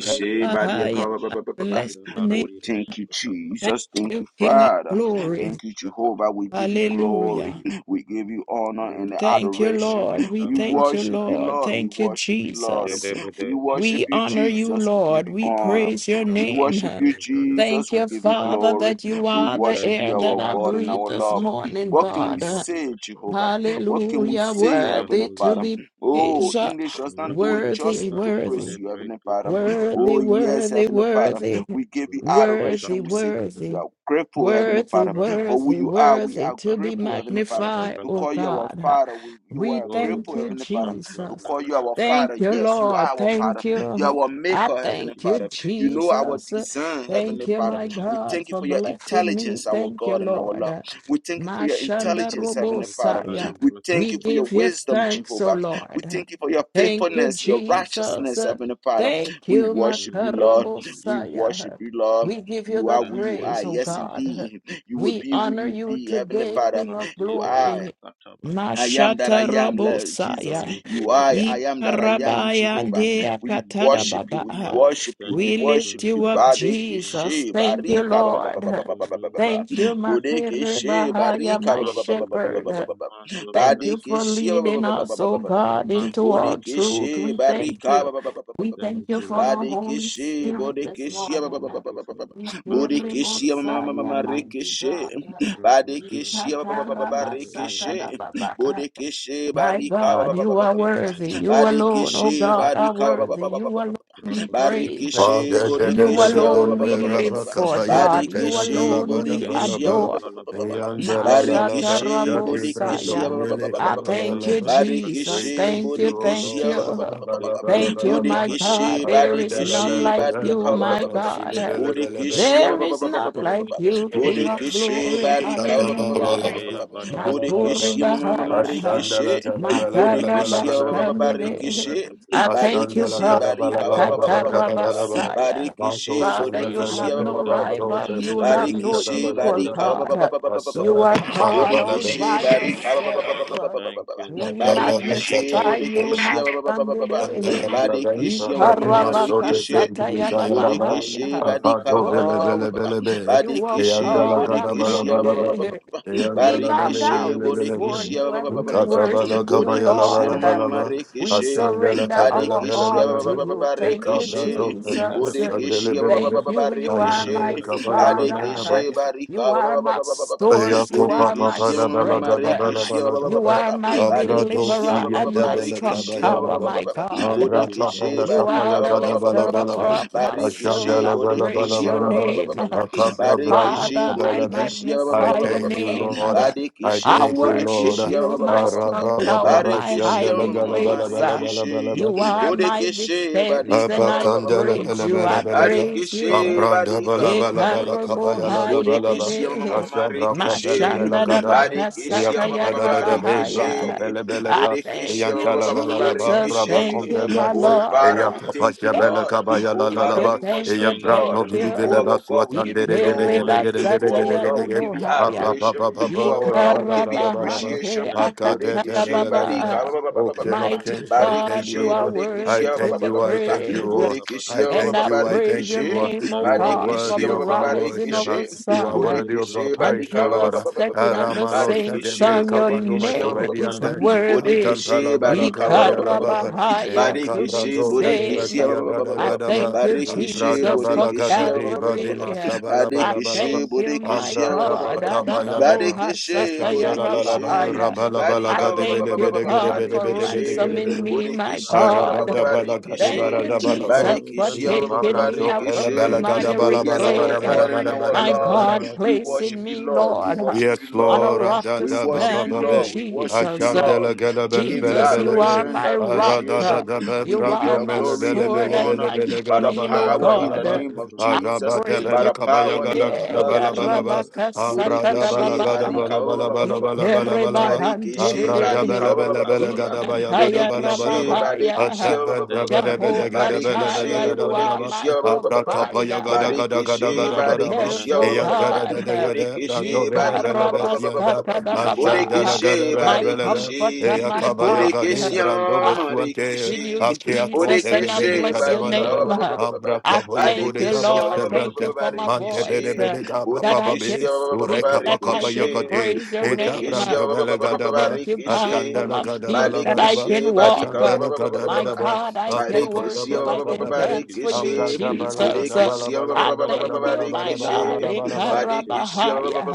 [SPEAKER 5] Oh,
[SPEAKER 2] Messiah.
[SPEAKER 1] Badiaka
[SPEAKER 5] Baranero,
[SPEAKER 2] Bless
[SPEAKER 5] Shakratira,
[SPEAKER 2] the name.
[SPEAKER 1] Oh,
[SPEAKER 5] Aradiro,
[SPEAKER 1] thank you,
[SPEAKER 5] Shakataba,
[SPEAKER 2] Thank
[SPEAKER 1] Jesus. Thank
[SPEAKER 2] you,
[SPEAKER 1] you,
[SPEAKER 2] King of
[SPEAKER 1] Father.
[SPEAKER 2] Glory.
[SPEAKER 5] Romo,
[SPEAKER 1] Thank you, Jehovah.
[SPEAKER 5] Shakataba,
[SPEAKER 1] We give you
[SPEAKER 5] Shkele,
[SPEAKER 1] glory.
[SPEAKER 2] Hallelujah.
[SPEAKER 5] Bragadia.
[SPEAKER 1] We give you honor and
[SPEAKER 5] Oh,
[SPEAKER 2] Thank you,
[SPEAKER 5] Alambra,
[SPEAKER 1] adoration.
[SPEAKER 2] Lord. We
[SPEAKER 5] Ninta,
[SPEAKER 1] We
[SPEAKER 2] thank you,
[SPEAKER 5] Baradesh,
[SPEAKER 1] worship you,
[SPEAKER 2] Lord.
[SPEAKER 1] Lord. We
[SPEAKER 2] Thank you,
[SPEAKER 1] worship you, Lord.
[SPEAKER 2] Jesus.
[SPEAKER 1] We
[SPEAKER 5] Dedebedesh,
[SPEAKER 1] worship
[SPEAKER 2] We
[SPEAKER 5] Shkele,
[SPEAKER 1] you,
[SPEAKER 2] honor you,
[SPEAKER 5] Bragadesh,
[SPEAKER 1] Jesus. We give
[SPEAKER 2] Lord.
[SPEAKER 1] you
[SPEAKER 2] We
[SPEAKER 1] honor.
[SPEAKER 2] praise your
[SPEAKER 5] Gada,
[SPEAKER 1] We
[SPEAKER 2] name.
[SPEAKER 1] worship you,
[SPEAKER 5] Brado, Zada,
[SPEAKER 1] Jesus.
[SPEAKER 2] Thank
[SPEAKER 1] We
[SPEAKER 2] you,
[SPEAKER 1] give
[SPEAKER 5] Bragadesh.
[SPEAKER 1] you
[SPEAKER 2] Father,
[SPEAKER 1] glory.
[SPEAKER 2] that you
[SPEAKER 1] We
[SPEAKER 2] are the
[SPEAKER 1] worship
[SPEAKER 5] Thank
[SPEAKER 1] you,
[SPEAKER 2] air
[SPEAKER 5] you,
[SPEAKER 2] that
[SPEAKER 1] our
[SPEAKER 2] I
[SPEAKER 1] God and
[SPEAKER 2] breathe
[SPEAKER 5] Vasis.
[SPEAKER 1] our
[SPEAKER 2] this
[SPEAKER 1] Lord.
[SPEAKER 2] morning,
[SPEAKER 1] What
[SPEAKER 5] Mante,
[SPEAKER 1] can we
[SPEAKER 2] God.
[SPEAKER 5] Bradiro,
[SPEAKER 1] say,
[SPEAKER 5] Shak.
[SPEAKER 1] Jehovah? What can we
[SPEAKER 5] Thank
[SPEAKER 2] Hallelujah.
[SPEAKER 5] you
[SPEAKER 1] say,
[SPEAKER 5] for your
[SPEAKER 1] Heavenly
[SPEAKER 2] Worthy
[SPEAKER 5] Holy
[SPEAKER 2] to
[SPEAKER 1] Father?
[SPEAKER 2] be
[SPEAKER 5] Spirit.
[SPEAKER 1] Oh,
[SPEAKER 2] praised.
[SPEAKER 1] English does not do it
[SPEAKER 5] Madeka
[SPEAKER 1] just
[SPEAKER 2] Worthy,
[SPEAKER 1] to
[SPEAKER 2] worthy.
[SPEAKER 1] praise
[SPEAKER 5] Bashide
[SPEAKER 1] you, Heavenly Father.
[SPEAKER 5] Brekede Bada
[SPEAKER 1] Oh,
[SPEAKER 2] Worthy,
[SPEAKER 5] Bada Ba
[SPEAKER 1] yes,
[SPEAKER 2] worthy,
[SPEAKER 1] Heavenly Father.
[SPEAKER 2] worthy,
[SPEAKER 1] We give you
[SPEAKER 5] Rebo
[SPEAKER 2] worthy,
[SPEAKER 1] adoration. We
[SPEAKER 5] Shate
[SPEAKER 1] say we
[SPEAKER 2] worthy,
[SPEAKER 5] Bregade
[SPEAKER 1] are grateful, Heavenly
[SPEAKER 2] worthy,
[SPEAKER 1] Father,
[SPEAKER 5] Rabba
[SPEAKER 1] for who
[SPEAKER 2] worthy,
[SPEAKER 1] you
[SPEAKER 5] Baba
[SPEAKER 1] are. We
[SPEAKER 2] worthy
[SPEAKER 5] Baba
[SPEAKER 1] are
[SPEAKER 2] to be
[SPEAKER 5] Baba
[SPEAKER 1] grateful, Heavenly Father,
[SPEAKER 5] Shakata
[SPEAKER 2] magnified,
[SPEAKER 1] to
[SPEAKER 2] O
[SPEAKER 1] call
[SPEAKER 5] Bregade
[SPEAKER 1] you our
[SPEAKER 2] God.
[SPEAKER 1] Father. We, you
[SPEAKER 2] We
[SPEAKER 1] are
[SPEAKER 5] O
[SPEAKER 2] thank
[SPEAKER 1] grateful,
[SPEAKER 2] you,
[SPEAKER 1] Heavenly Father,
[SPEAKER 5] Barashata
[SPEAKER 1] to
[SPEAKER 2] Jesus.
[SPEAKER 1] call you
[SPEAKER 5] Bregade
[SPEAKER 1] our
[SPEAKER 2] Thank
[SPEAKER 1] Father.
[SPEAKER 2] you,
[SPEAKER 1] Yes, you
[SPEAKER 2] Lord.
[SPEAKER 1] are our Father.
[SPEAKER 2] Thank
[SPEAKER 1] You
[SPEAKER 2] you.
[SPEAKER 1] are our
[SPEAKER 2] I
[SPEAKER 1] Maker,
[SPEAKER 5] Thank you
[SPEAKER 1] Heavenly
[SPEAKER 2] thank you,
[SPEAKER 1] Father.
[SPEAKER 5] Jesus
[SPEAKER 1] You know our
[SPEAKER 2] Jesus.
[SPEAKER 1] design, Heavenly
[SPEAKER 2] Thank
[SPEAKER 5] Thank
[SPEAKER 2] you,
[SPEAKER 5] you
[SPEAKER 1] Father.
[SPEAKER 2] my
[SPEAKER 5] Lord
[SPEAKER 1] We
[SPEAKER 2] God,
[SPEAKER 1] thank you
[SPEAKER 5] Jesus
[SPEAKER 2] for
[SPEAKER 1] for your
[SPEAKER 2] blessing
[SPEAKER 5] Thank you
[SPEAKER 2] me.
[SPEAKER 1] intelligence, our
[SPEAKER 2] Thank
[SPEAKER 5] Jesus
[SPEAKER 2] you,
[SPEAKER 1] God and our
[SPEAKER 2] Lord.
[SPEAKER 1] love. We thank you for your
[SPEAKER 5] Thank
[SPEAKER 2] Mashanda
[SPEAKER 5] you
[SPEAKER 1] intelligence,
[SPEAKER 5] for
[SPEAKER 1] Heavenly
[SPEAKER 5] how
[SPEAKER 1] Father.
[SPEAKER 5] far
[SPEAKER 2] Robosaya.
[SPEAKER 5] you
[SPEAKER 1] We
[SPEAKER 5] brought us
[SPEAKER 1] thank
[SPEAKER 2] We
[SPEAKER 1] you
[SPEAKER 5] O
[SPEAKER 1] for your
[SPEAKER 5] God
[SPEAKER 2] give you
[SPEAKER 1] wisdom,
[SPEAKER 2] thanks, O
[SPEAKER 1] Jehovah. We
[SPEAKER 2] Lord.
[SPEAKER 1] thank you for your
[SPEAKER 5] Thank you
[SPEAKER 2] Thank
[SPEAKER 5] for
[SPEAKER 2] you,
[SPEAKER 5] your
[SPEAKER 1] faithfulness, your
[SPEAKER 5] blessing
[SPEAKER 2] Jesus.
[SPEAKER 1] righteousness, Heavenly Father.
[SPEAKER 2] Thank
[SPEAKER 1] We
[SPEAKER 2] you,
[SPEAKER 1] worship
[SPEAKER 5] Thank
[SPEAKER 1] you,
[SPEAKER 5] you
[SPEAKER 1] Lord.
[SPEAKER 5] Lord Jesus
[SPEAKER 1] We worship
[SPEAKER 2] Makarobosaya.
[SPEAKER 1] you, Lord.
[SPEAKER 2] We give you
[SPEAKER 1] You
[SPEAKER 2] the
[SPEAKER 1] are who
[SPEAKER 5] Thank
[SPEAKER 1] you
[SPEAKER 5] you
[SPEAKER 1] are.
[SPEAKER 2] praise,
[SPEAKER 5] Lord
[SPEAKER 2] O
[SPEAKER 1] Yes,
[SPEAKER 5] Jesus
[SPEAKER 2] God.
[SPEAKER 1] indeed. You will
[SPEAKER 2] We
[SPEAKER 1] be who
[SPEAKER 2] honor
[SPEAKER 1] you
[SPEAKER 2] you
[SPEAKER 1] be, Heavenly
[SPEAKER 2] today,
[SPEAKER 5] Oh,
[SPEAKER 1] Father.
[SPEAKER 2] King of
[SPEAKER 1] You
[SPEAKER 5] Baradero
[SPEAKER 1] are.
[SPEAKER 2] Glory.
[SPEAKER 5] Shakatabaya
[SPEAKER 1] I am that I
[SPEAKER 2] Mashata
[SPEAKER 1] am, Lord Jesus.
[SPEAKER 2] Robosaya.
[SPEAKER 5] Thank you
[SPEAKER 1] You
[SPEAKER 5] Lord
[SPEAKER 1] are, I am
[SPEAKER 5] Jesus
[SPEAKER 1] that I am,
[SPEAKER 2] Ikarabaya
[SPEAKER 1] Jehovah.
[SPEAKER 2] Ndea
[SPEAKER 1] We
[SPEAKER 2] Katada
[SPEAKER 5] Thank
[SPEAKER 1] worship you,
[SPEAKER 2] Baba.
[SPEAKER 5] you,
[SPEAKER 1] we
[SPEAKER 5] Father.
[SPEAKER 1] worship you,
[SPEAKER 5] Thank
[SPEAKER 1] we
[SPEAKER 2] We
[SPEAKER 5] you,
[SPEAKER 1] worship
[SPEAKER 2] lift
[SPEAKER 5] Father.
[SPEAKER 1] you.
[SPEAKER 2] you up,
[SPEAKER 5] Thank you, Father,
[SPEAKER 2] Jesus.
[SPEAKER 1] Barikishe,
[SPEAKER 5] for
[SPEAKER 2] Thank you,
[SPEAKER 1] barika,
[SPEAKER 5] ushering
[SPEAKER 1] ba- ba-
[SPEAKER 5] us
[SPEAKER 1] ba- ba- ba-
[SPEAKER 2] Lord.
[SPEAKER 1] ba-
[SPEAKER 5] into a
[SPEAKER 1] ba- ba- ba-
[SPEAKER 5] new
[SPEAKER 1] ba- ba.
[SPEAKER 5] month,
[SPEAKER 2] Thank you,
[SPEAKER 1] Bodekeshe,
[SPEAKER 2] Makerebahaya,
[SPEAKER 1] barika, ba-
[SPEAKER 2] my
[SPEAKER 1] ba- ba-
[SPEAKER 5] month
[SPEAKER 1] ba- ba-
[SPEAKER 5] of
[SPEAKER 1] ba- ba- ba- ba-
[SPEAKER 2] shepherd.
[SPEAKER 5] glory,
[SPEAKER 1] ba- ba.
[SPEAKER 5] month of
[SPEAKER 2] Thank you for
[SPEAKER 5] blessings,
[SPEAKER 1] Badekeshe, ba- ba-
[SPEAKER 2] leading
[SPEAKER 1] ba- ba- ba- ba-
[SPEAKER 2] us,
[SPEAKER 1] ba- ba-
[SPEAKER 2] oh
[SPEAKER 1] ba- ba- ba-
[SPEAKER 5] a
[SPEAKER 1] ba.
[SPEAKER 2] God,
[SPEAKER 5] month
[SPEAKER 2] into
[SPEAKER 5] full
[SPEAKER 2] all
[SPEAKER 5] of
[SPEAKER 2] truth.
[SPEAKER 5] success.
[SPEAKER 1] Bodekeshe,
[SPEAKER 2] We thank
[SPEAKER 1] barika, ba-
[SPEAKER 2] you.
[SPEAKER 1] ba- ba- ba- ba- ba-
[SPEAKER 2] We
[SPEAKER 1] ba- ba- ba.
[SPEAKER 2] thank
[SPEAKER 5] Thank
[SPEAKER 2] you
[SPEAKER 5] you,
[SPEAKER 2] for
[SPEAKER 5] Lord.
[SPEAKER 2] the Holy
[SPEAKER 1] Badekeshe,
[SPEAKER 5] Thank
[SPEAKER 2] Spirit
[SPEAKER 5] you,
[SPEAKER 2] this
[SPEAKER 5] Father.
[SPEAKER 1] bodekeshe, ba- ba-
[SPEAKER 2] morning.
[SPEAKER 1] ba-
[SPEAKER 5] Thank
[SPEAKER 1] ba- ba-
[SPEAKER 5] you,
[SPEAKER 1] ba- ba- ba- ba.
[SPEAKER 5] Father.
[SPEAKER 2] We carry
[SPEAKER 5] Badoja
[SPEAKER 1] Bodekeshe, ma- ma- ma- ma- ma-
[SPEAKER 2] Messiah,
[SPEAKER 1] ma-
[SPEAKER 5] Bragadeva,
[SPEAKER 2] mighty
[SPEAKER 1] rekeshe.
[SPEAKER 2] God.
[SPEAKER 5] Rabba
[SPEAKER 2] We
[SPEAKER 1] Badekeshe, ba- ba-
[SPEAKER 5] Shakata
[SPEAKER 1] ba- ba- ba- ba-
[SPEAKER 5] Bragadoja the
[SPEAKER 1] rekeshe.
[SPEAKER 5] Bragadash,
[SPEAKER 2] tatarabasatadababa.
[SPEAKER 1] Bodekishi
[SPEAKER 2] My
[SPEAKER 1] Barika ba- ba-
[SPEAKER 2] God,
[SPEAKER 1] ba- ba-
[SPEAKER 2] you
[SPEAKER 5] Rabba
[SPEAKER 1] ba-
[SPEAKER 2] are
[SPEAKER 1] ba- ba- ba.
[SPEAKER 5] Deva
[SPEAKER 2] worthy. You
[SPEAKER 5] Bragadoja
[SPEAKER 2] alone, oh
[SPEAKER 5] the
[SPEAKER 1] Badikishi
[SPEAKER 2] God, are
[SPEAKER 5] Bragadash,
[SPEAKER 1] Barika ba- ba- ba-
[SPEAKER 2] worthy.
[SPEAKER 1] ba- ba-
[SPEAKER 2] You
[SPEAKER 1] ba- ba- ba-
[SPEAKER 2] alone
[SPEAKER 1] ba.
[SPEAKER 2] we
[SPEAKER 5] Rabba
[SPEAKER 2] praise.
[SPEAKER 5] Shakataya
[SPEAKER 4] Oh,
[SPEAKER 1] Barikishi
[SPEAKER 4] da- da-
[SPEAKER 2] You
[SPEAKER 4] da-
[SPEAKER 5] Bragadoja the
[SPEAKER 4] da-
[SPEAKER 1] Bodekishi
[SPEAKER 4] da-
[SPEAKER 1] ba-
[SPEAKER 4] da-
[SPEAKER 1] ba-
[SPEAKER 2] alone
[SPEAKER 1] ba-
[SPEAKER 2] we
[SPEAKER 1] ba-
[SPEAKER 4] da-
[SPEAKER 1] ba-
[SPEAKER 5] Bragadash,
[SPEAKER 1] ba- ba-
[SPEAKER 2] live
[SPEAKER 1] ba-
[SPEAKER 4] rabba
[SPEAKER 1] ba.
[SPEAKER 2] for,
[SPEAKER 4] kappa yaka
[SPEAKER 2] God. You
[SPEAKER 4] tera
[SPEAKER 1] Badikishi
[SPEAKER 4] vela
[SPEAKER 2] alone
[SPEAKER 4] bada
[SPEAKER 2] we
[SPEAKER 4] bala
[SPEAKER 1] Bodekishi ba- ba-
[SPEAKER 4] ba.
[SPEAKER 5] Bente
[SPEAKER 2] adore.
[SPEAKER 1] ba- ba-
[SPEAKER 5] brother,
[SPEAKER 1] ba- ba- ba- ba.
[SPEAKER 5] Bragadash,
[SPEAKER 4] Yanda la- la- la ba,
[SPEAKER 1] Barikishi
[SPEAKER 4] jadi
[SPEAKER 5] Yele
[SPEAKER 1] Bodekishi
[SPEAKER 4] brato
[SPEAKER 2] Mashatarabosaya.
[SPEAKER 4] mele
[SPEAKER 5] brenda
[SPEAKER 2] I
[SPEAKER 4] kappa ya
[SPEAKER 2] thank
[SPEAKER 4] la
[SPEAKER 5] brigade
[SPEAKER 2] you,
[SPEAKER 4] ba.
[SPEAKER 5] jade brigade
[SPEAKER 4] We
[SPEAKER 2] Jesus.
[SPEAKER 1] Barikishi
[SPEAKER 4] thank
[SPEAKER 2] Thank you,
[SPEAKER 4] you, O
[SPEAKER 1] Bodekishi
[SPEAKER 2] thank
[SPEAKER 4] Lord.
[SPEAKER 2] you.
[SPEAKER 4] Rabba la ba la
[SPEAKER 5] beke
[SPEAKER 2] Thank
[SPEAKER 4] ba
[SPEAKER 2] you,
[SPEAKER 4] la ba.
[SPEAKER 2] my
[SPEAKER 5] barabade
[SPEAKER 1] Bodekishi
[SPEAKER 2] God.
[SPEAKER 5] lala
[SPEAKER 2] There is
[SPEAKER 4] Ayanda la
[SPEAKER 5] brigade
[SPEAKER 2] none
[SPEAKER 1] Badikishi
[SPEAKER 4] la la
[SPEAKER 2] like
[SPEAKER 4] ba,
[SPEAKER 1] Badiaka
[SPEAKER 2] you,
[SPEAKER 4] rabba
[SPEAKER 2] my
[SPEAKER 4] ta shile
[SPEAKER 2] God.
[SPEAKER 5] revede
[SPEAKER 1] Bodekishi
[SPEAKER 2] There
[SPEAKER 5] jala
[SPEAKER 2] is none like
[SPEAKER 5] brigade
[SPEAKER 4] Ashanda
[SPEAKER 5] jala
[SPEAKER 2] you, King of
[SPEAKER 5] brigade
[SPEAKER 1] Bodekishi
[SPEAKER 2] glory.
[SPEAKER 1] Barika
[SPEAKER 2] Hallelujah.
[SPEAKER 5] meya bada
[SPEAKER 1] Bodekishi
[SPEAKER 5] shente brigade
[SPEAKER 2] Yakuribahaya.
[SPEAKER 1] Marikishe, Bodekishi
[SPEAKER 5] robo shata
[SPEAKER 2] Makarabashandede.
[SPEAKER 1] Barikishe,
[SPEAKER 5] bante
[SPEAKER 2] I
[SPEAKER 5] beke
[SPEAKER 2] thank you,
[SPEAKER 1] Badekishe
[SPEAKER 2] God.
[SPEAKER 5] barobo
[SPEAKER 1] Barika
[SPEAKER 5] shokoto brigade
[SPEAKER 2] Akatarabasaya.
[SPEAKER 1] Barikishe
[SPEAKER 2] Father, you
[SPEAKER 5] brenda
[SPEAKER 1] Bodekishi
[SPEAKER 2] have
[SPEAKER 5] de
[SPEAKER 2] no
[SPEAKER 5] brigade
[SPEAKER 2] rival, you
[SPEAKER 5] shakata
[SPEAKER 2] have no
[SPEAKER 5] brigade
[SPEAKER 1] Barikishe
[SPEAKER 2] equal,
[SPEAKER 5] shete
[SPEAKER 1] Barika
[SPEAKER 2] God.
[SPEAKER 5] brigade
[SPEAKER 2] You are God all
[SPEAKER 5] thank you
[SPEAKER 1] Bodekishi
[SPEAKER 2] by
[SPEAKER 5] Lord
[SPEAKER 1] Barika
[SPEAKER 5] Jesus
[SPEAKER 2] yourself.
[SPEAKER 5] thank you Lord
[SPEAKER 2] We
[SPEAKER 5] Jesus
[SPEAKER 1] Barikishe
[SPEAKER 2] magnify you,
[SPEAKER 1] Bodekishi
[SPEAKER 5] great
[SPEAKER 2] Mashandere.
[SPEAKER 5] God I say
[SPEAKER 1] Badekishe
[SPEAKER 5] thank you
[SPEAKER 2] Ikarabaka
[SPEAKER 1] Marikishe
[SPEAKER 2] Satayada
[SPEAKER 5] Holy
[SPEAKER 1] Bodekishi
[SPEAKER 2] Bahaya.
[SPEAKER 5] Father
[SPEAKER 1] Badika
[SPEAKER 5] I thank
[SPEAKER 2] Oh,
[SPEAKER 5] you
[SPEAKER 2] you are
[SPEAKER 1] Badikishi
[SPEAKER 5] Thank
[SPEAKER 2] God,
[SPEAKER 5] you,
[SPEAKER 2] our
[SPEAKER 5] God
[SPEAKER 1] Bodekishi
[SPEAKER 5] of the universe.
[SPEAKER 2] Creator. We bow
[SPEAKER 1] Barikishi
[SPEAKER 2] down before
[SPEAKER 1] Bodekishi
[SPEAKER 2] you and we
[SPEAKER 5] Thank you,
[SPEAKER 2] worship
[SPEAKER 5] Jesus.
[SPEAKER 2] you,
[SPEAKER 1] Bodekishi
[SPEAKER 2] Lord.
[SPEAKER 5] Thank you, Jesus.
[SPEAKER 2] We
[SPEAKER 1] Marikishi
[SPEAKER 2] surrender our
[SPEAKER 1] Badikishi
[SPEAKER 2] all to
[SPEAKER 5] Oh,
[SPEAKER 2] you. Thank you,
[SPEAKER 5] barasa
[SPEAKER 1] Barikishi
[SPEAKER 4] Ekabra do
[SPEAKER 5] patna
[SPEAKER 4] kalibe
[SPEAKER 2] Jesus.
[SPEAKER 5] bragadaba.
[SPEAKER 1] Bodekishi
[SPEAKER 4] sandele
[SPEAKER 2] Thank
[SPEAKER 4] belebe.
[SPEAKER 2] you. You are
[SPEAKER 1] Barikishi
[SPEAKER 2] my
[SPEAKER 4] Ayandele
[SPEAKER 1] Badikishi
[SPEAKER 2] Father.
[SPEAKER 4] kabaya
[SPEAKER 5] Rabadagadagadagadagadagadaga.
[SPEAKER 1] Barika
[SPEAKER 2] You are my source. You
[SPEAKER 4] Yakopa
[SPEAKER 2] are my
[SPEAKER 5] Meno
[SPEAKER 4] papa
[SPEAKER 1] Bodekishi
[SPEAKER 4] da bala
[SPEAKER 2] strength.
[SPEAKER 4] gada
[SPEAKER 5] shatebada.
[SPEAKER 4] bala
[SPEAKER 1] Marikishi
[SPEAKER 4] bala da
[SPEAKER 2] You
[SPEAKER 4] ba.
[SPEAKER 2] are my
[SPEAKER 4] Ambra
[SPEAKER 1] Badikishi
[SPEAKER 2] deliverer
[SPEAKER 4] dosi ya
[SPEAKER 2] and
[SPEAKER 5] Mekabadeva
[SPEAKER 4] da
[SPEAKER 2] my
[SPEAKER 4] bala
[SPEAKER 2] strong
[SPEAKER 5] rabadeva.
[SPEAKER 4] kaba
[SPEAKER 1] Barikishi
[SPEAKER 4] ya
[SPEAKER 2] tower,
[SPEAKER 4] baba.
[SPEAKER 2] my God.
[SPEAKER 5] Thank
[SPEAKER 4] Ambra
[SPEAKER 5] you,
[SPEAKER 1] Bodekishi
[SPEAKER 4] papa
[SPEAKER 5] Father.
[SPEAKER 4] la
[SPEAKER 2] You
[SPEAKER 4] kapa
[SPEAKER 2] are
[SPEAKER 4] ya
[SPEAKER 2] the
[SPEAKER 4] gada bala
[SPEAKER 2] lifter up
[SPEAKER 4] bala
[SPEAKER 1] Barika
[SPEAKER 4] ba.
[SPEAKER 2] of
[SPEAKER 5] Thank you,
[SPEAKER 2] my
[SPEAKER 5] Father.
[SPEAKER 4] Ashanda
[SPEAKER 1] Barikishi
[SPEAKER 2] soul. I
[SPEAKER 4] la bala bala
[SPEAKER 2] praise
[SPEAKER 1] Bodikishi
[SPEAKER 2] your
[SPEAKER 4] bala ba.
[SPEAKER 2] name.
[SPEAKER 5] Thank you,
[SPEAKER 4] Akapa
[SPEAKER 5] Father.
[SPEAKER 4] bra
[SPEAKER 1] Barikishi
[SPEAKER 4] gada
[SPEAKER 2] Father, I
[SPEAKER 4] bala ba.
[SPEAKER 1] Bodikishi
[SPEAKER 4] I
[SPEAKER 2] magnify your
[SPEAKER 5] You
[SPEAKER 4] thank
[SPEAKER 5] are
[SPEAKER 4] you,
[SPEAKER 5] good.
[SPEAKER 2] name.
[SPEAKER 4] Lord. I
[SPEAKER 2] I
[SPEAKER 1] Barikishi
[SPEAKER 4] thank you, Lord.
[SPEAKER 5] You
[SPEAKER 2] worship
[SPEAKER 5] are
[SPEAKER 1] Bodikishi
[SPEAKER 2] you, my
[SPEAKER 5] faithful.
[SPEAKER 2] strong
[SPEAKER 4] Araba baba
[SPEAKER 2] tower,
[SPEAKER 4] ba
[SPEAKER 2] my
[SPEAKER 5] You
[SPEAKER 1] Barikishia,
[SPEAKER 4] shanda
[SPEAKER 5] are
[SPEAKER 4] la
[SPEAKER 2] hiding
[SPEAKER 5] loved.
[SPEAKER 4] gada bala
[SPEAKER 2] place.
[SPEAKER 4] bala bala bala
[SPEAKER 1] Marikishi
[SPEAKER 4] ba.
[SPEAKER 2] You
[SPEAKER 5] You are
[SPEAKER 2] are my
[SPEAKER 5] magnificent.
[SPEAKER 1] Bodikishi
[SPEAKER 2] defense,
[SPEAKER 1] Badika
[SPEAKER 2] and I
[SPEAKER 4] Abakanda la
[SPEAKER 2] praise
[SPEAKER 5] Thank
[SPEAKER 4] bala
[SPEAKER 5] you,
[SPEAKER 2] you.
[SPEAKER 4] bala
[SPEAKER 2] I
[SPEAKER 5] Father.
[SPEAKER 4] bala ga.
[SPEAKER 2] praise you.
[SPEAKER 1] Barikishi
[SPEAKER 4] Ambranda
[SPEAKER 1] Badika
[SPEAKER 4] bala bala bala
[SPEAKER 5] Thank you,
[SPEAKER 4] kapaya
[SPEAKER 5] Father.
[SPEAKER 4] la la bala ba.
[SPEAKER 1] Bodikishi
[SPEAKER 2] Ekarobohayedede.
[SPEAKER 4] Ashabra ko bele
[SPEAKER 5] Thank
[SPEAKER 1] Marikishi
[SPEAKER 5] you,
[SPEAKER 4] bala ga da ba.
[SPEAKER 5] Father.
[SPEAKER 4] Ya
[SPEAKER 1] Barikishi
[SPEAKER 4] kapada da da be branto
[SPEAKER 2] Mashandadabakasatayarabahaya.
[SPEAKER 5] Thank
[SPEAKER 1] Barikishi
[SPEAKER 5] you,
[SPEAKER 4] bele bele
[SPEAKER 5] Father.
[SPEAKER 2] I
[SPEAKER 4] ka.
[SPEAKER 2] thank you,
[SPEAKER 4] Yanta la la
[SPEAKER 1] Bodikishi
[SPEAKER 4] la la ba.
[SPEAKER 2] Jesus.
[SPEAKER 4] Raba
[SPEAKER 5] Ea
[SPEAKER 2] Thank
[SPEAKER 1] Barikishi
[SPEAKER 4] kompe
[SPEAKER 2] you, my
[SPEAKER 5] barabado
[SPEAKER 4] branto.
[SPEAKER 1] Oh
[SPEAKER 2] Lord.
[SPEAKER 5] zolo
[SPEAKER 1] Father we thank you
[SPEAKER 5] bragadabas.
[SPEAKER 2] Thank
[SPEAKER 4] Jabela
[SPEAKER 1] Lord
[SPEAKER 4] Kabaya la
[SPEAKER 1] Oh,
[SPEAKER 2] Thank
[SPEAKER 4] la la
[SPEAKER 1] Father,
[SPEAKER 2] you,
[SPEAKER 1] we
[SPEAKER 4] ba.
[SPEAKER 2] thank
[SPEAKER 1] worship you,
[SPEAKER 4] Eyem
[SPEAKER 2] you,
[SPEAKER 5] Thank you,
[SPEAKER 1] Lord.
[SPEAKER 4] brando
[SPEAKER 2] thank
[SPEAKER 5] Father.
[SPEAKER 4] bibi
[SPEAKER 1] Oh,
[SPEAKER 4] bele
[SPEAKER 2] you.
[SPEAKER 1] our
[SPEAKER 4] baswa
[SPEAKER 1] God, we give you
[SPEAKER 4] tandere gede gede
[SPEAKER 1] glory.
[SPEAKER 4] gede gede
[SPEAKER 1] Oh,
[SPEAKER 2] Ikerebasata
[SPEAKER 5] Mayikoba
[SPEAKER 4] gede
[SPEAKER 1] our
[SPEAKER 2] ya
[SPEAKER 1] Lord,
[SPEAKER 4] gede
[SPEAKER 1] we
[SPEAKER 5] Ramanino
[SPEAKER 4] gede.
[SPEAKER 1] give you
[SPEAKER 4] Apa
[SPEAKER 2] robohaya.
[SPEAKER 4] pa
[SPEAKER 5] Shabragada
[SPEAKER 1] adoration.
[SPEAKER 4] pa pa pa
[SPEAKER 1] Oh,
[SPEAKER 5] Basata.
[SPEAKER 1] our Lord, we
[SPEAKER 4] rabada
[SPEAKER 1] give you
[SPEAKER 4] gada bala ba.
[SPEAKER 1] appreciation.
[SPEAKER 2] Ikarabahante
[SPEAKER 5] Thank you, Father.
[SPEAKER 4] Akadete
[SPEAKER 1] Borekeshe,
[SPEAKER 4] bele bele
[SPEAKER 1] barika,
[SPEAKER 4] be.
[SPEAKER 2] akatarababa.
[SPEAKER 1] ba- ba- ba-
[SPEAKER 4] O
[SPEAKER 1] ba- ba- ba-
[SPEAKER 4] King
[SPEAKER 1] ba-
[SPEAKER 4] of
[SPEAKER 1] ba.
[SPEAKER 2] Mighty
[SPEAKER 5] Rabade
[SPEAKER 4] Kings, I
[SPEAKER 5] Koto
[SPEAKER 2] God,
[SPEAKER 4] thank
[SPEAKER 2] you
[SPEAKER 4] you.
[SPEAKER 1] Barekeshe,
[SPEAKER 2] are
[SPEAKER 4] uh,
[SPEAKER 5] Bragada
[SPEAKER 1] borekeshe,
[SPEAKER 4] I
[SPEAKER 2] worthy
[SPEAKER 5] Bragade
[SPEAKER 1] ba-
[SPEAKER 2] to
[SPEAKER 1] ba-
[SPEAKER 4] thank
[SPEAKER 1] ba-
[SPEAKER 2] be
[SPEAKER 5] Brogodo
[SPEAKER 1] ba-
[SPEAKER 4] you.
[SPEAKER 1] ba-
[SPEAKER 4] I
[SPEAKER 1] ba- ba.
[SPEAKER 5] Bragada
[SPEAKER 4] thank you.
[SPEAKER 2] praised.
[SPEAKER 5] Badia
[SPEAKER 4] oh,
[SPEAKER 5] Kabada
[SPEAKER 1] Borekeshe,
[SPEAKER 4] I
[SPEAKER 1] ba- ba-
[SPEAKER 2] And
[SPEAKER 5] Badaba.
[SPEAKER 4] thank
[SPEAKER 1] ba-
[SPEAKER 2] I
[SPEAKER 1] ba-
[SPEAKER 4] you. I
[SPEAKER 2] praise
[SPEAKER 4] thank
[SPEAKER 2] your
[SPEAKER 1] barekeshe.
[SPEAKER 4] you. uh,
[SPEAKER 2] name, O
[SPEAKER 4] You
[SPEAKER 5] Thank
[SPEAKER 4] are
[SPEAKER 5] you,
[SPEAKER 2] God, from
[SPEAKER 1] Barekeshe,
[SPEAKER 4] worthy
[SPEAKER 1] ba-
[SPEAKER 2] the
[SPEAKER 5] Father.
[SPEAKER 1] ba-
[SPEAKER 4] of
[SPEAKER 1] ba-
[SPEAKER 4] our
[SPEAKER 2] rising
[SPEAKER 4] worship.
[SPEAKER 2] of
[SPEAKER 1] barekeshe.
[SPEAKER 4] uh,
[SPEAKER 2] the
[SPEAKER 4] You are
[SPEAKER 2] sun
[SPEAKER 4] worthy of our
[SPEAKER 1] Borekeshe,
[SPEAKER 4] praise,
[SPEAKER 5] Mekabado
[SPEAKER 1] barika,
[SPEAKER 4] O
[SPEAKER 2] until
[SPEAKER 1] ba- ba-
[SPEAKER 2] the
[SPEAKER 4] Lord.
[SPEAKER 1] ba-
[SPEAKER 5] Shola
[SPEAKER 4] uh,
[SPEAKER 1] ba- ba- ba- ba-
[SPEAKER 5] Bragada
[SPEAKER 2] setting
[SPEAKER 1] ba.
[SPEAKER 2] of the
[SPEAKER 5] Jada
[SPEAKER 4] Aramalo
[SPEAKER 2] same
[SPEAKER 5] Bragada.
[SPEAKER 4] sedebre
[SPEAKER 1] Barekeshe,
[SPEAKER 2] sun. Your
[SPEAKER 4] kapanuma
[SPEAKER 1] borekeshe, ba- ba-
[SPEAKER 2] name
[SPEAKER 1] ba-
[SPEAKER 4] sovedi
[SPEAKER 1] ba- ba-
[SPEAKER 2] is
[SPEAKER 1] ba.
[SPEAKER 5] Thank
[SPEAKER 4] ande.
[SPEAKER 5] you, Father.
[SPEAKER 2] worthy,
[SPEAKER 4] Antampala
[SPEAKER 1] Borekeshe, barika,
[SPEAKER 5] Mante
[SPEAKER 1] ba- ba- ba- ba- ba- ba-
[SPEAKER 4] balakavaya
[SPEAKER 5] Biata
[SPEAKER 1] ba- ba.
[SPEAKER 4] Eya
[SPEAKER 2] Ikarabahaya, to
[SPEAKER 5] Varadeja
[SPEAKER 2] be
[SPEAKER 4] kabra
[SPEAKER 5] La
[SPEAKER 1] Barekeshe,
[SPEAKER 4] do
[SPEAKER 5] Bragada.
[SPEAKER 4] bele
[SPEAKER 2] saved.
[SPEAKER 1] borekeshe,
[SPEAKER 4] basia da da
[SPEAKER 2] I
[SPEAKER 4] ga da ba.
[SPEAKER 2] thank you,
[SPEAKER 4] Ambra
[SPEAKER 1] Barikishi,
[SPEAKER 4] da
[SPEAKER 2] Jesus,
[SPEAKER 5] Romonoja
[SPEAKER 2] for
[SPEAKER 4] bala ga
[SPEAKER 1] Bodikishi,
[SPEAKER 4] da
[SPEAKER 5] Deja
[SPEAKER 1] ah, ba-
[SPEAKER 4] de
[SPEAKER 5] La
[SPEAKER 1] ba- ba-
[SPEAKER 4] ba
[SPEAKER 1] ba- ba-
[SPEAKER 4] de
[SPEAKER 1] ba-
[SPEAKER 2] Calvary.
[SPEAKER 1] ba.
[SPEAKER 5] Bradesta.
[SPEAKER 4] masa bala
[SPEAKER 2] I
[SPEAKER 4] bala bala ba.
[SPEAKER 2] thank you, my
[SPEAKER 1] Bodikishi,
[SPEAKER 4] Ambra
[SPEAKER 1] ah,
[SPEAKER 4] da
[SPEAKER 5] papa.
[SPEAKER 2] God.
[SPEAKER 4] ba ka
[SPEAKER 5] Baba
[SPEAKER 4] pa ya
[SPEAKER 5] Baba.
[SPEAKER 4] da ba. Eshanda la la la ba
[SPEAKER 1] Bodikishi,
[SPEAKER 4] ra
[SPEAKER 2] Adadabohasatayarabahaya.
[SPEAKER 4] ba la ba la
[SPEAKER 2] I
[SPEAKER 1] Barika,
[SPEAKER 4] ga
[SPEAKER 5] Rebede
[SPEAKER 4] de be
[SPEAKER 2] thank
[SPEAKER 4] de be
[SPEAKER 2] you,
[SPEAKER 4] de
[SPEAKER 5] Romba
[SPEAKER 4] ge de
[SPEAKER 2] God,
[SPEAKER 4] be de be
[SPEAKER 2] for
[SPEAKER 5] Rabba
[SPEAKER 4] de be
[SPEAKER 5] Reba
[SPEAKER 4] de ge
[SPEAKER 1] Barikishi,
[SPEAKER 4] de be
[SPEAKER 2] ransoming
[SPEAKER 4] de
[SPEAKER 5] Robaria
[SPEAKER 4] be.
[SPEAKER 2] me, my
[SPEAKER 1] Bodikishi, ah,
[SPEAKER 4] Ara ba da
[SPEAKER 2] God.
[SPEAKER 4] ba la ga de ba
[SPEAKER 2] Thank
[SPEAKER 4] ra
[SPEAKER 2] you,
[SPEAKER 1] Barikishi,
[SPEAKER 4] da ba la
[SPEAKER 2] Jesus,
[SPEAKER 4] ba.
[SPEAKER 5] Roboshoro
[SPEAKER 2] for
[SPEAKER 1] Barikishi, ah,
[SPEAKER 4] Eya
[SPEAKER 5] bramba
[SPEAKER 4] ba
[SPEAKER 5] baba
[SPEAKER 2] taking
[SPEAKER 4] bra
[SPEAKER 2] me
[SPEAKER 4] do
[SPEAKER 5] bamba
[SPEAKER 2] out
[SPEAKER 4] bele
[SPEAKER 2] of
[SPEAKER 5] bia
[SPEAKER 2] the
[SPEAKER 4] bele
[SPEAKER 1] Barikishi.
[SPEAKER 4] ga da
[SPEAKER 5] babamba
[SPEAKER 4] ba
[SPEAKER 1] Oh,
[SPEAKER 4] la
[SPEAKER 2] miry
[SPEAKER 4] ba
[SPEAKER 1] yes,
[SPEAKER 5] bimba
[SPEAKER 4] la ba
[SPEAKER 1] our
[SPEAKER 4] ra
[SPEAKER 5] baba
[SPEAKER 4] ba
[SPEAKER 2] clay.
[SPEAKER 5] ya
[SPEAKER 4] ra
[SPEAKER 1] God
[SPEAKER 4] ba
[SPEAKER 1] and
[SPEAKER 4] ra
[SPEAKER 5] baya
[SPEAKER 4] ba
[SPEAKER 1] our
[SPEAKER 4] ra
[SPEAKER 2] My
[SPEAKER 5] baya
[SPEAKER 4] ba ra ba ra ba
[SPEAKER 5] baya
[SPEAKER 1] Lord,
[SPEAKER 2] God,
[SPEAKER 4] ba.
[SPEAKER 5] bashke
[SPEAKER 1] we
[SPEAKER 2] place
[SPEAKER 1] worship
[SPEAKER 2] in
[SPEAKER 5] baramba
[SPEAKER 1] you,
[SPEAKER 2] me,
[SPEAKER 1] Lord. We
[SPEAKER 2] Lord, uh,
[SPEAKER 1] worship
[SPEAKER 4] Yes,
[SPEAKER 5] rabadosaka.
[SPEAKER 1] you,
[SPEAKER 2] on
[SPEAKER 1] Lord.
[SPEAKER 2] a
[SPEAKER 4] Lord.
[SPEAKER 2] rock to
[SPEAKER 1] We
[SPEAKER 4] Adada
[SPEAKER 1] worship
[SPEAKER 4] baba
[SPEAKER 1] you,
[SPEAKER 2] stand in
[SPEAKER 1] Lord.
[SPEAKER 4] babe.
[SPEAKER 5] Thank
[SPEAKER 1] We
[SPEAKER 5] you,
[SPEAKER 1] worship
[SPEAKER 5] Lord.
[SPEAKER 1] you,
[SPEAKER 2] Jesus. uh,
[SPEAKER 1] Lord.
[SPEAKER 4] Ashandela gada
[SPEAKER 1] We
[SPEAKER 4] bele
[SPEAKER 1] give you
[SPEAKER 4] bele
[SPEAKER 5] Thank
[SPEAKER 2] Jesus,
[SPEAKER 5] you,
[SPEAKER 4] bele
[SPEAKER 2] you
[SPEAKER 4] be.
[SPEAKER 2] are
[SPEAKER 1] adoration
[SPEAKER 5] Father.
[SPEAKER 1] and
[SPEAKER 2] my rock.
[SPEAKER 4] Arada da
[SPEAKER 2] uh,
[SPEAKER 1] appreciation.
[SPEAKER 4] da be
[SPEAKER 1] We
[SPEAKER 5] Vino
[SPEAKER 2] You
[SPEAKER 1] give you
[SPEAKER 4] brado
[SPEAKER 2] are
[SPEAKER 1] the
[SPEAKER 2] my
[SPEAKER 4] mele
[SPEAKER 5] shokoto
[SPEAKER 1] glory
[SPEAKER 4] bele
[SPEAKER 1] and the
[SPEAKER 2] sword
[SPEAKER 5] bragada.
[SPEAKER 4] bele
[SPEAKER 2] and
[SPEAKER 1] honor
[SPEAKER 4] bele
[SPEAKER 2] my
[SPEAKER 4] bele
[SPEAKER 1] by the
[SPEAKER 4] gala
[SPEAKER 2] shield,
[SPEAKER 4] bala
[SPEAKER 2] O
[SPEAKER 4] bala
[SPEAKER 1] power in
[SPEAKER 4] bala
[SPEAKER 2] God.
[SPEAKER 1] the
[SPEAKER 4] ba.
[SPEAKER 2] uh,
[SPEAKER 1] name
[SPEAKER 5] Yele
[SPEAKER 1] of
[SPEAKER 2] I
[SPEAKER 5] bragada.
[SPEAKER 4] Araba
[SPEAKER 1] Jesus,
[SPEAKER 4] de
[SPEAKER 2] praise
[SPEAKER 1] by
[SPEAKER 4] bele
[SPEAKER 2] your
[SPEAKER 1] the
[SPEAKER 4] kabaya
[SPEAKER 1] power
[SPEAKER 2] name.
[SPEAKER 1] in
[SPEAKER 4] gala
[SPEAKER 1] the
[SPEAKER 2] eh,
[SPEAKER 4] gada
[SPEAKER 1] blood
[SPEAKER 2] ya
[SPEAKER 1] of
[SPEAKER 4] bala
[SPEAKER 5] Bragada
[SPEAKER 4] bala ba.
[SPEAKER 5] bedebe.
[SPEAKER 1] Jesus.
[SPEAKER 2] rabaka
[SPEAKER 4] Abrada bala
[SPEAKER 1] Borekeshe
[SPEAKER 4] gada
[SPEAKER 2] sakadababa,
[SPEAKER 1] barika
[SPEAKER 5] Yele
[SPEAKER 4] bala
[SPEAKER 1] ba- ba-
[SPEAKER 4] bala
[SPEAKER 5] bede
[SPEAKER 1] ba- ba- ba- ba-
[SPEAKER 4] bala
[SPEAKER 5] bede
[SPEAKER 1] ba-
[SPEAKER 4] bala
[SPEAKER 1] ba.
[SPEAKER 5] bedebe.
[SPEAKER 4] bala bala ba.
[SPEAKER 1] Marekeshe
[SPEAKER 4] Abrada
[SPEAKER 5] Thank
[SPEAKER 1] barika
[SPEAKER 5] you
[SPEAKER 4] bele
[SPEAKER 1] ba-
[SPEAKER 2] ikerebahantedede,
[SPEAKER 5] for
[SPEAKER 1] ba-
[SPEAKER 4] bele
[SPEAKER 1] ba- ba- ba-
[SPEAKER 4] bele
[SPEAKER 1] ba-
[SPEAKER 5] access.
[SPEAKER 1] ba.
[SPEAKER 4] gada baya gada
[SPEAKER 2] ikataya
[SPEAKER 4] bala bala
[SPEAKER 1] Borekeshe
[SPEAKER 4] ba.
[SPEAKER 1] barekeshe
[SPEAKER 2] rabahaya,
[SPEAKER 1] ba- ba- ba-
[SPEAKER 4] Atepen
[SPEAKER 1] ba-
[SPEAKER 4] de
[SPEAKER 1] ba-
[SPEAKER 5] Thank
[SPEAKER 4] bele
[SPEAKER 5] you
[SPEAKER 1] ba.
[SPEAKER 5] for
[SPEAKER 4] bele
[SPEAKER 2] Jehovah
[SPEAKER 4] gada
[SPEAKER 5] access.
[SPEAKER 4] bele bele
[SPEAKER 2] Jireh,
[SPEAKER 1] Barekeshe
[SPEAKER 4] gada
[SPEAKER 2] you
[SPEAKER 4] bala
[SPEAKER 2] are
[SPEAKER 4] ba.
[SPEAKER 1] borekeshe
[SPEAKER 2] my
[SPEAKER 1] ba- ba- ba- ba-
[SPEAKER 4] Abra
[SPEAKER 1] ba- ba.
[SPEAKER 4] kapaya gada
[SPEAKER 2] provider
[SPEAKER 4] gada gada
[SPEAKER 1] Barekeshe
[SPEAKER 4] gada
[SPEAKER 2] my
[SPEAKER 4] gada ba.
[SPEAKER 2] help,
[SPEAKER 1] barekeshe
[SPEAKER 5] Thank
[SPEAKER 2] oh
[SPEAKER 1] ba- ba- ba-
[SPEAKER 5] you for
[SPEAKER 1] ba- ba-
[SPEAKER 4] Eyanta
[SPEAKER 1] ba.
[SPEAKER 4] da da
[SPEAKER 5] access.
[SPEAKER 4] da
[SPEAKER 2] God.
[SPEAKER 4] ga da,
[SPEAKER 1] Borekeshe
[SPEAKER 4] brado bele
[SPEAKER 1] barika
[SPEAKER 4] bele
[SPEAKER 1] ba- ba- ba- ba- ba- ba- ba-
[SPEAKER 4] besiyanda,
[SPEAKER 1] ba.
[SPEAKER 5] Mea
[SPEAKER 4] anşanda la
[SPEAKER 2] Ikarabasatadababa.
[SPEAKER 5] kobo
[SPEAKER 4] ga da
[SPEAKER 1] Borekeshe
[SPEAKER 4] bele
[SPEAKER 2] My
[SPEAKER 5] shanta
[SPEAKER 4] bele be,
[SPEAKER 1] barekeshe
[SPEAKER 5] brapa
[SPEAKER 2] comforter, my
[SPEAKER 4] eyakaba ya
[SPEAKER 5] Thank
[SPEAKER 4] ga
[SPEAKER 5] you for
[SPEAKER 4] de,
[SPEAKER 2] God.
[SPEAKER 1] Borekeshe
[SPEAKER 4] brando
[SPEAKER 5] access.
[SPEAKER 2] I trust
[SPEAKER 4] besuante,
[SPEAKER 2] in
[SPEAKER 1] marekeshe
[SPEAKER 2] you,
[SPEAKER 4] akeaton
[SPEAKER 2] Jesus, and
[SPEAKER 4] bele
[SPEAKER 2] I
[SPEAKER 5] Thank
[SPEAKER 4] bele
[SPEAKER 1] Bodekeshe
[SPEAKER 5] you,
[SPEAKER 2] bless your
[SPEAKER 1] Badika
[SPEAKER 4] kadabala
[SPEAKER 5] Father.
[SPEAKER 2] name.
[SPEAKER 4] ba,
[SPEAKER 2] I
[SPEAKER 4] ambra kabo ya
[SPEAKER 2] thank
[SPEAKER 4] gude
[SPEAKER 2] you,
[SPEAKER 4] da
[SPEAKER 1] Badekeshe
[SPEAKER 4] ba
[SPEAKER 2] Lord. Thank
[SPEAKER 4] sebrante,
[SPEAKER 2] you
[SPEAKER 5] Gracious
[SPEAKER 2] for my
[SPEAKER 5] God,
[SPEAKER 4] mante
[SPEAKER 2] voice
[SPEAKER 4] bele
[SPEAKER 1] Barikeshe
[SPEAKER 2] uh,
[SPEAKER 4] bele ga ba
[SPEAKER 2] that I can
[SPEAKER 1] Bodekeshe
[SPEAKER 4] be, ure
[SPEAKER 2] speak,
[SPEAKER 5] Holy
[SPEAKER 4] kapa
[SPEAKER 2] that I
[SPEAKER 4] kapa
[SPEAKER 5] God, I
[SPEAKER 4] ya
[SPEAKER 2] can
[SPEAKER 4] ga
[SPEAKER 1] Barikeshe
[SPEAKER 4] de,
[SPEAKER 5] thank
[SPEAKER 2] praise your
[SPEAKER 4] eyta
[SPEAKER 2] name.
[SPEAKER 1] Bodekeshe
[SPEAKER 2] I
[SPEAKER 4] brando bele ga da ba,
[SPEAKER 2] thank you,
[SPEAKER 5] you, Father.
[SPEAKER 2] God, for
[SPEAKER 4] aşanda
[SPEAKER 1] Barikeshe
[SPEAKER 4] la
[SPEAKER 2] my
[SPEAKER 4] ga da ba
[SPEAKER 2] feet
[SPEAKER 4] la
[SPEAKER 2] that
[SPEAKER 4] ba la
[SPEAKER 2] I can
[SPEAKER 1] Badekeshe
[SPEAKER 2] walk.
[SPEAKER 1] Badika
[SPEAKER 5] Thank
[SPEAKER 2] uh,
[SPEAKER 4] aşanda
[SPEAKER 5] you,
[SPEAKER 4] la ga
[SPEAKER 5] Father.
[SPEAKER 4] da da
[SPEAKER 2] My
[SPEAKER 4] da ba,
[SPEAKER 2] God, I can
[SPEAKER 4] akapa da
[SPEAKER 1] Barikeshe
[SPEAKER 4] ba
[SPEAKER 2] worship,
[SPEAKER 4] la
[SPEAKER 2] I can
[SPEAKER 4] be,
[SPEAKER 5] Thank
[SPEAKER 2] dance
[SPEAKER 5] you,
[SPEAKER 2] for you,
[SPEAKER 5] Father.
[SPEAKER 1] Barikeshe
[SPEAKER 2] Jesus.
[SPEAKER 1] Bodekeshe
[SPEAKER 2] I thank you, my
[SPEAKER 5] With
[SPEAKER 2] God,
[SPEAKER 5] every
[SPEAKER 1] Barikeshe
[SPEAKER 5] prayer,
[SPEAKER 4] Asanda
[SPEAKER 5] I say thank
[SPEAKER 1] Badekeshe
[SPEAKER 5] you.
[SPEAKER 2] Ekarabahaya,